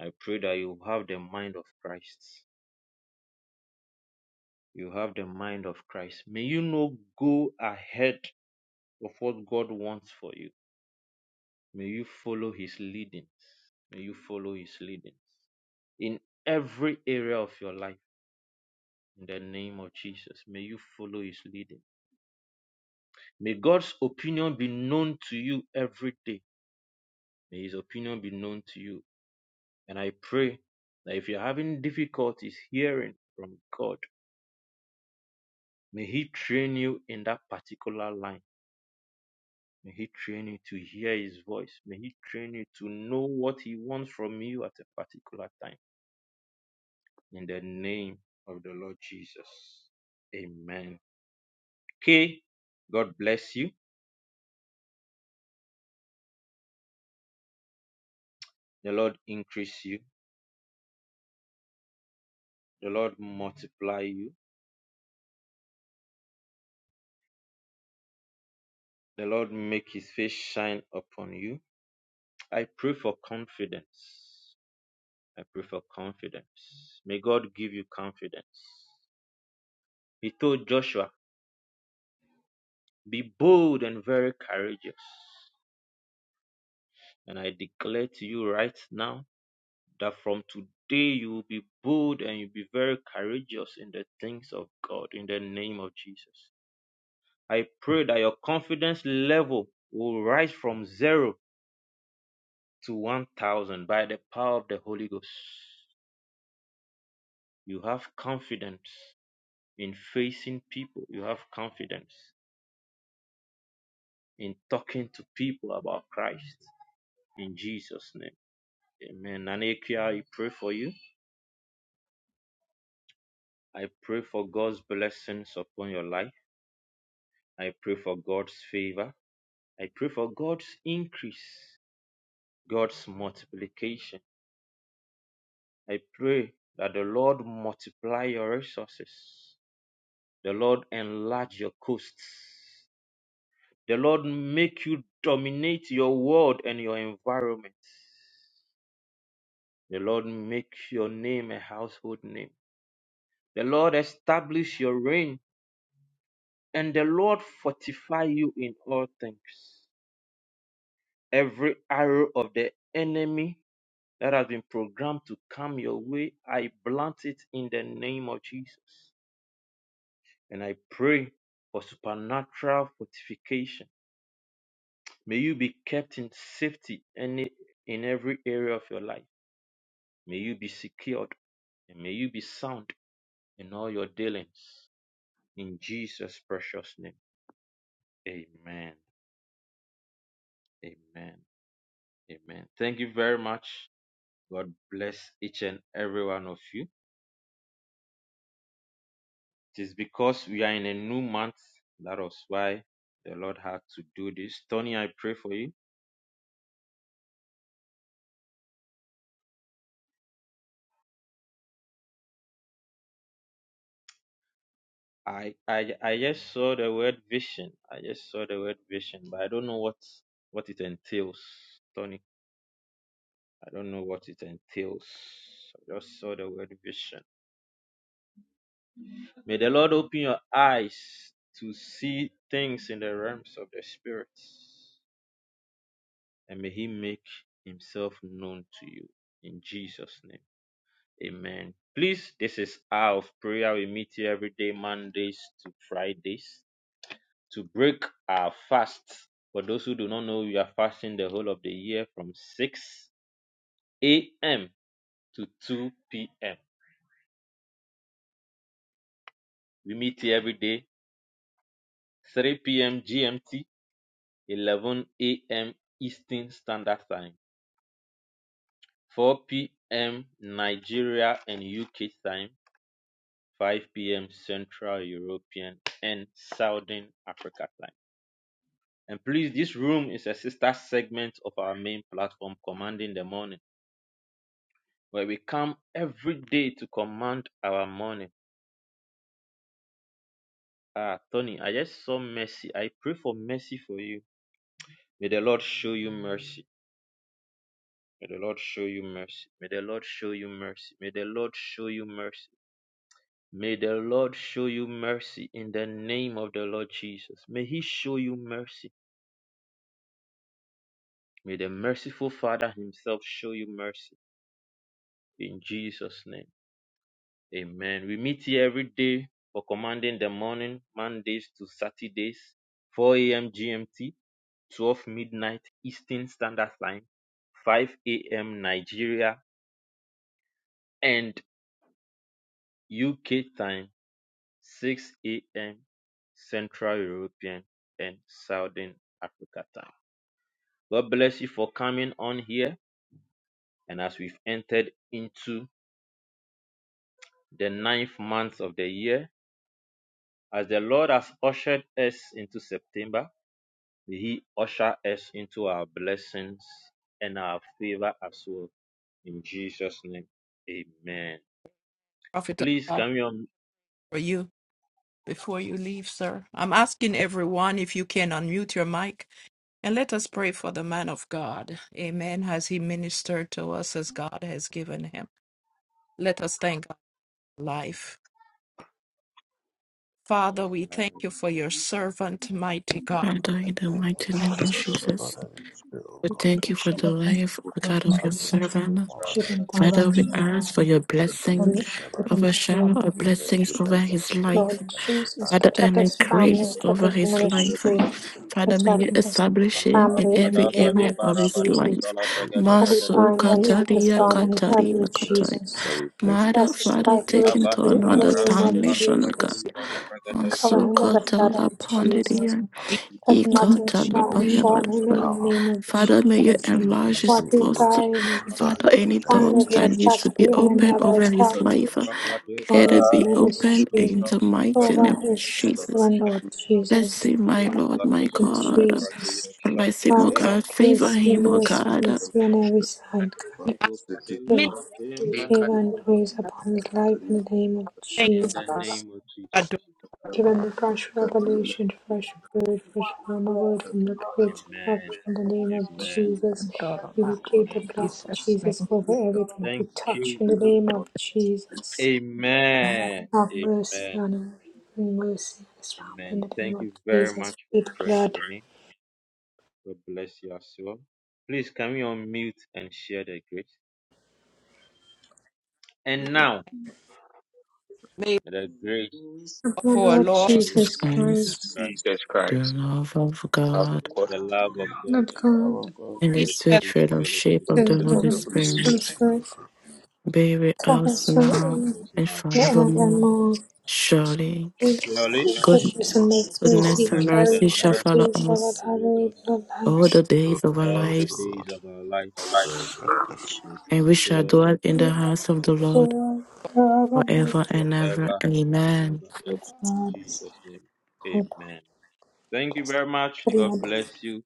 [SPEAKER 5] I pray that you have the mind of Christ. You have the mind of Christ. May you not go ahead of what God wants for you. May you follow his leadings. May you follow his leadings in every area of your life. In the name of Jesus, may you follow his leading. May God's opinion be known to you every day. May His opinion be known to you. And I pray that if you're having difficulties hearing from God, may He train you in that particular line. May He train you to hear His voice. May He train you to know what He wants from you at a particular time. In the name of the Lord Jesus. Amen. Okay. God bless you. The Lord increase you. The Lord multiply you The Lord make his face shine upon you. I pray for confidence. I pray for confidence. May God give you confidence. He told Joshua, Be bold and very courageous. And I declare to you right now that from today you will be bold and you'll be very courageous in the things of God in the name of Jesus. I pray that your confidence level will rise from zero to 1,000 by the power of the Holy Ghost. You have confidence in facing people. You have confidence in talking to people about Christ. In Jesus' name. Amen. Nanekia, I pray for you. I pray for God's blessings upon your life. I pray for God's favor. I pray for God's increase, God's multiplication. I pray that the Lord multiply your resources. The Lord enlarge your coasts. The Lord make you dominate your world and your environment. The Lord make your name a household name. The Lord establish your reign and the Lord fortify you in all things. Every arrow of the enemy that has been programmed to come your way, I blunt it in the name of Jesus. And I pray for supernatural fortification. May you be kept in safety and in every area of your life. May you be secured and may you be sound in all your dealings. In Jesus' precious name. Amen. Amen. Amen. Thank you very much. God bless each and every one of you. It is because we are in a new month. That was why the Lord had to do this. Tony, I pray for you. I, I I just saw the word vision. I just saw the word vision, but I don't know what what it entails. Tony, I don't know what it entails. I just saw the word vision. May the Lord open your eyes to see things in the realms of the spirit, and may He make Himself known to you. In Jesus' name, Amen. Please, this is hour of prayer. We meet here every day, Mondays to Fridays, to break our fast. For those who do not know, we are fasting the whole of the year from 6 a.m. to 2 p.m. We meet here every day 3 p.m. GMT, 11 a.m. Eastern Standard Time, 4 p.m. Nigeria and UK time, 5 p.m. Central European and Southern Africa time. And please, this room is a sister segment of our main platform, Commanding the Morning, where we come every day to command our morning. Ah, Tony, I just saw mercy. I pray for mercy for you. May the Lord show you mercy May the Lord show you mercy. May the Lord show you mercy. May the Lord show you mercy. May the Lord show you mercy in the name of the Lord Jesus. May He show you mercy. May the merciful Father Himself show you mercy in Jesus' name. Amen. We meet here every day for commanding the morning, Mondays to Saturdays, 4 a.m. GMT, 12 midnight Eastern Standard Time, 5 a.m. Nigeria and UK time. six a.m. Central European and Southern Africa time. God bless you for coming on here. And as we've entered into the ninth month of the year, as the Lord has ushered us into September, may He usher us into our blessings and our favor as well. In Jesus' name, amen.
[SPEAKER 2] Prophet of
[SPEAKER 5] Please,
[SPEAKER 2] God,
[SPEAKER 5] come on.
[SPEAKER 2] for you before you leave, sir. I'm asking everyone if you can unmute your mic and let us pray for the man of God. Amen. As he ministered to us as God has given him. Let us thank God for life. Father, we thank you for your servant, mighty God.
[SPEAKER 14] Father, in the
[SPEAKER 7] Thank you,
[SPEAKER 14] mighty
[SPEAKER 7] Jesus.
[SPEAKER 16] God,
[SPEAKER 14] name of Jesus,
[SPEAKER 7] Father, we pray, oh
[SPEAKER 14] we
[SPEAKER 16] you
[SPEAKER 7] God,
[SPEAKER 16] could put
[SPEAKER 14] thank you for
[SPEAKER 7] this
[SPEAKER 14] the
[SPEAKER 16] over his
[SPEAKER 14] life,
[SPEAKER 16] life,
[SPEAKER 14] O
[SPEAKER 16] Lord
[SPEAKER 14] God, of your
[SPEAKER 16] Jesus.
[SPEAKER 14] servant.
[SPEAKER 7] more
[SPEAKER 16] Give
[SPEAKER 7] honor.
[SPEAKER 16] him
[SPEAKER 14] Father, we
[SPEAKER 16] direction, God.
[SPEAKER 14] ask for your
[SPEAKER 7] Thank you,
[SPEAKER 16] Give
[SPEAKER 7] Jesus,
[SPEAKER 14] blessing,
[SPEAKER 16] him,
[SPEAKER 3] I
[SPEAKER 16] give
[SPEAKER 7] servant.
[SPEAKER 16] him
[SPEAKER 14] over
[SPEAKER 7] Lord.
[SPEAKER 14] shower
[SPEAKER 16] favor.
[SPEAKER 14] of
[SPEAKER 7] Thank you that
[SPEAKER 14] blessings
[SPEAKER 7] you
[SPEAKER 3] appreciate
[SPEAKER 14] over
[SPEAKER 7] have
[SPEAKER 3] it.
[SPEAKER 7] left
[SPEAKER 14] his life.
[SPEAKER 16] Lord
[SPEAKER 7] and may you
[SPEAKER 16] Jesus,
[SPEAKER 7] add
[SPEAKER 14] Father,
[SPEAKER 16] protect
[SPEAKER 14] and
[SPEAKER 16] his family,
[SPEAKER 14] increase
[SPEAKER 16] protect
[SPEAKER 14] over
[SPEAKER 16] his
[SPEAKER 14] his
[SPEAKER 17] Thank
[SPEAKER 14] life.
[SPEAKER 16] ministry,
[SPEAKER 14] Father, may
[SPEAKER 16] protect
[SPEAKER 14] you
[SPEAKER 16] his
[SPEAKER 7] that
[SPEAKER 14] establish him
[SPEAKER 7] may
[SPEAKER 14] in
[SPEAKER 16] family in
[SPEAKER 14] every
[SPEAKER 16] the name
[SPEAKER 14] area
[SPEAKER 16] of
[SPEAKER 14] of his
[SPEAKER 16] Jesus.
[SPEAKER 14] life.
[SPEAKER 7] you increase
[SPEAKER 16] Holy
[SPEAKER 14] Maso
[SPEAKER 7] the
[SPEAKER 16] find
[SPEAKER 7] virtue of
[SPEAKER 16] and eat his
[SPEAKER 14] Kataria
[SPEAKER 16] bond
[SPEAKER 7] life.
[SPEAKER 16] and head
[SPEAKER 14] Kataria
[SPEAKER 16] with
[SPEAKER 14] Kataria.
[SPEAKER 16] Jesus.
[SPEAKER 7] Father, we pray for
[SPEAKER 14] Mother,
[SPEAKER 16] Bless his
[SPEAKER 14] Father,
[SPEAKER 16] life
[SPEAKER 14] take him to
[SPEAKER 16] richly in the
[SPEAKER 14] another
[SPEAKER 16] name of
[SPEAKER 14] dimension, O God.
[SPEAKER 16] Jesus. Cover him with the blood of Jesus,
[SPEAKER 14] Masukatalapandidia,
[SPEAKER 7] honor.
[SPEAKER 16] that nothing shall
[SPEAKER 7] all wisdom
[SPEAKER 16] befall
[SPEAKER 7] and
[SPEAKER 16] him
[SPEAKER 14] Ikatalapayabaraba.
[SPEAKER 16] in the
[SPEAKER 7] power.
[SPEAKER 16] name of
[SPEAKER 14] Father, may you
[SPEAKER 16] Jesus.
[SPEAKER 7] May you
[SPEAKER 14] enlarge
[SPEAKER 7] use
[SPEAKER 14] his
[SPEAKER 7] it,
[SPEAKER 16] What
[SPEAKER 7] O
[SPEAKER 16] we
[SPEAKER 7] Lord,
[SPEAKER 14] cost.
[SPEAKER 7] to
[SPEAKER 16] bind is
[SPEAKER 7] perfect thy-
[SPEAKER 14] Father, any
[SPEAKER 7] In the name
[SPEAKER 16] bind
[SPEAKER 14] doors
[SPEAKER 7] of
[SPEAKER 16] every
[SPEAKER 14] that needs
[SPEAKER 16] attack
[SPEAKER 7] Jesus,
[SPEAKER 14] to
[SPEAKER 16] of
[SPEAKER 14] be
[SPEAKER 16] the enemy
[SPEAKER 14] open
[SPEAKER 16] of our
[SPEAKER 14] over his
[SPEAKER 16] health,
[SPEAKER 14] life, uh, let
[SPEAKER 16] over
[SPEAKER 14] it
[SPEAKER 16] his
[SPEAKER 14] be open
[SPEAKER 16] ministry,
[SPEAKER 14] in the mighty
[SPEAKER 16] over
[SPEAKER 14] name of
[SPEAKER 16] his
[SPEAKER 14] Jesus.
[SPEAKER 16] children, Lord
[SPEAKER 14] Bless
[SPEAKER 16] Jesus.
[SPEAKER 14] him, my
[SPEAKER 5] Oh,
[SPEAKER 14] Lord,
[SPEAKER 5] Baros,
[SPEAKER 14] my
[SPEAKER 16] And
[SPEAKER 14] God.
[SPEAKER 16] Jesus,
[SPEAKER 5] Afratiros,
[SPEAKER 14] Bless him,
[SPEAKER 16] have
[SPEAKER 14] O God.
[SPEAKER 5] Shafroniros,
[SPEAKER 14] Favor
[SPEAKER 16] mercy,
[SPEAKER 14] him, O
[SPEAKER 16] mercy,
[SPEAKER 14] God.
[SPEAKER 16] mercy on every
[SPEAKER 8] And
[SPEAKER 16] side, God.
[SPEAKER 5] Ego Bade,
[SPEAKER 16] Give
[SPEAKER 2] We
[SPEAKER 5] Shafim,
[SPEAKER 8] may
[SPEAKER 9] Favor,
[SPEAKER 5] Bani,
[SPEAKER 8] God,
[SPEAKER 16] favor and
[SPEAKER 9] favor,
[SPEAKER 16] grace upon his life in the name of
[SPEAKER 2] thank you
[SPEAKER 5] In
[SPEAKER 2] for
[SPEAKER 5] the
[SPEAKER 9] favor
[SPEAKER 16] Jesus.
[SPEAKER 5] name of
[SPEAKER 2] adoration.
[SPEAKER 5] Jesus.
[SPEAKER 16] Give
[SPEAKER 9] in
[SPEAKER 16] him
[SPEAKER 9] the
[SPEAKER 16] the
[SPEAKER 9] name of
[SPEAKER 16] fresh
[SPEAKER 9] Jesus.
[SPEAKER 16] revelation, fresh word, fresh
[SPEAKER 9] One,
[SPEAKER 16] rhema
[SPEAKER 9] dwell,
[SPEAKER 16] word from the
[SPEAKER 9] dwell in
[SPEAKER 16] gates of
[SPEAKER 9] the
[SPEAKER 16] heaven
[SPEAKER 5] Amen.
[SPEAKER 9] place of
[SPEAKER 16] in the
[SPEAKER 9] the
[SPEAKER 16] name
[SPEAKER 9] Most
[SPEAKER 16] of
[SPEAKER 9] High
[SPEAKER 5] Amen.
[SPEAKER 9] God. In
[SPEAKER 16] Jesus.
[SPEAKER 9] the
[SPEAKER 6] Kontoro ma.
[SPEAKER 16] We
[SPEAKER 9] name of
[SPEAKER 16] plead the
[SPEAKER 5] Amen.
[SPEAKER 16] blood
[SPEAKER 9] Jesus.
[SPEAKER 16] of
[SPEAKER 6] Jesus'
[SPEAKER 16] Jesus
[SPEAKER 6] name.
[SPEAKER 9] In the
[SPEAKER 16] over
[SPEAKER 9] name of
[SPEAKER 16] everything he
[SPEAKER 5] Thank
[SPEAKER 9] Jesus.
[SPEAKER 16] touched
[SPEAKER 5] you.
[SPEAKER 16] in the name
[SPEAKER 17] you.
[SPEAKER 16] of Jesus. God,
[SPEAKER 5] Amen.
[SPEAKER 16] have mercy
[SPEAKER 5] Amen.
[SPEAKER 16] on him. Bring mercy on his family in
[SPEAKER 5] Amen.
[SPEAKER 16] the
[SPEAKER 5] Thank
[SPEAKER 16] name of
[SPEAKER 5] you very
[SPEAKER 16] Jesus.
[SPEAKER 5] much for
[SPEAKER 16] With the
[SPEAKER 5] praying
[SPEAKER 16] blood
[SPEAKER 5] for me. God bless you as well. Please, can we unmute and share the grace? And now,
[SPEAKER 2] May
[SPEAKER 5] may the
[SPEAKER 3] And
[SPEAKER 5] grace
[SPEAKER 3] those
[SPEAKER 16] of our
[SPEAKER 2] for our
[SPEAKER 16] Lord
[SPEAKER 3] of
[SPEAKER 5] of
[SPEAKER 2] Lord.
[SPEAKER 3] a
[SPEAKER 5] our
[SPEAKER 14] Jesus
[SPEAKER 5] Lord
[SPEAKER 16] Jesus
[SPEAKER 14] Christ,
[SPEAKER 5] Jesus
[SPEAKER 16] Christ,
[SPEAKER 3] voice
[SPEAKER 5] Christ,
[SPEAKER 8] Jesus
[SPEAKER 14] the
[SPEAKER 8] Christ,
[SPEAKER 14] love of
[SPEAKER 8] our
[SPEAKER 3] the
[SPEAKER 14] God,
[SPEAKER 8] God,
[SPEAKER 5] the
[SPEAKER 3] love of
[SPEAKER 5] love of God,
[SPEAKER 16] Lord
[SPEAKER 12] The love
[SPEAKER 16] God,
[SPEAKER 12] of God.
[SPEAKER 14] and
[SPEAKER 5] and
[SPEAKER 14] the
[SPEAKER 2] Each
[SPEAKER 5] the
[SPEAKER 14] sweet
[SPEAKER 2] other.
[SPEAKER 5] sweet
[SPEAKER 8] receive
[SPEAKER 14] fellowship
[SPEAKER 5] fellowship
[SPEAKER 8] the
[SPEAKER 14] of
[SPEAKER 5] of
[SPEAKER 14] the
[SPEAKER 16] the
[SPEAKER 8] receive
[SPEAKER 5] the
[SPEAKER 16] blood
[SPEAKER 8] of
[SPEAKER 14] Holy
[SPEAKER 8] the
[SPEAKER 16] of
[SPEAKER 5] Holy
[SPEAKER 16] the
[SPEAKER 8] Holy
[SPEAKER 7] build
[SPEAKER 16] Son
[SPEAKER 8] Spirit.
[SPEAKER 5] Spirit,
[SPEAKER 14] Spirit
[SPEAKER 16] of
[SPEAKER 7] us now
[SPEAKER 16] God,
[SPEAKER 7] for
[SPEAKER 14] be with
[SPEAKER 16] cover
[SPEAKER 14] us
[SPEAKER 16] us
[SPEAKER 5] remain
[SPEAKER 14] now
[SPEAKER 16] from
[SPEAKER 5] with us
[SPEAKER 14] and
[SPEAKER 5] now
[SPEAKER 7] sure.
[SPEAKER 5] and
[SPEAKER 14] forevermore.
[SPEAKER 5] forever.
[SPEAKER 16] forevermore.
[SPEAKER 7] As
[SPEAKER 14] Surely,
[SPEAKER 16] His
[SPEAKER 5] Surely,
[SPEAKER 3] goodness,
[SPEAKER 7] us
[SPEAKER 14] good,
[SPEAKER 3] the
[SPEAKER 16] Goodness and
[SPEAKER 3] goodness,
[SPEAKER 16] mercy will
[SPEAKER 7] all
[SPEAKER 14] goodness
[SPEAKER 16] seek
[SPEAKER 14] and
[SPEAKER 5] goodness
[SPEAKER 3] the love,
[SPEAKER 16] carry
[SPEAKER 14] mercy
[SPEAKER 7] that
[SPEAKER 16] us
[SPEAKER 5] and
[SPEAKER 16] all
[SPEAKER 14] shall
[SPEAKER 16] the
[SPEAKER 14] follow
[SPEAKER 5] mercy
[SPEAKER 16] days of our
[SPEAKER 14] us
[SPEAKER 5] follows
[SPEAKER 16] glory in
[SPEAKER 5] us
[SPEAKER 16] our
[SPEAKER 7] we
[SPEAKER 14] all
[SPEAKER 7] shall
[SPEAKER 14] the
[SPEAKER 16] lives.
[SPEAKER 7] do,
[SPEAKER 14] days of our
[SPEAKER 5] all
[SPEAKER 3] goodness,
[SPEAKER 7] also,
[SPEAKER 5] the
[SPEAKER 14] lives,
[SPEAKER 5] days
[SPEAKER 7] Lord,
[SPEAKER 5] of our life
[SPEAKER 3] goodness,
[SPEAKER 7] forever and ever.
[SPEAKER 3] goodness,
[SPEAKER 5] They
[SPEAKER 14] and
[SPEAKER 5] shall
[SPEAKER 14] we
[SPEAKER 3] goodness,
[SPEAKER 14] shall
[SPEAKER 5] dwell
[SPEAKER 14] dwell in
[SPEAKER 5] in
[SPEAKER 14] the
[SPEAKER 5] the
[SPEAKER 14] house
[SPEAKER 5] house
[SPEAKER 14] of
[SPEAKER 5] of
[SPEAKER 14] the
[SPEAKER 5] the
[SPEAKER 14] Lord
[SPEAKER 5] Lord
[SPEAKER 3] the love
[SPEAKER 16] Forevermore.
[SPEAKER 14] forever
[SPEAKER 3] of
[SPEAKER 14] and ever.
[SPEAKER 5] forever and
[SPEAKER 14] Amen.
[SPEAKER 5] ever. In
[SPEAKER 3] goodness,
[SPEAKER 5] Jesus' name,
[SPEAKER 16] God,
[SPEAKER 5] amen. Thank you very much. God
[SPEAKER 16] God,
[SPEAKER 3] the love of
[SPEAKER 5] bless you.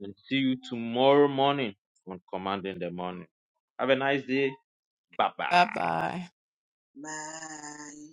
[SPEAKER 5] And see you tomorrow morning on Command in the Morning. Have a nice day. Bye
[SPEAKER 2] bye
[SPEAKER 5] bye.
[SPEAKER 2] bye.
[SPEAKER 3] goodness,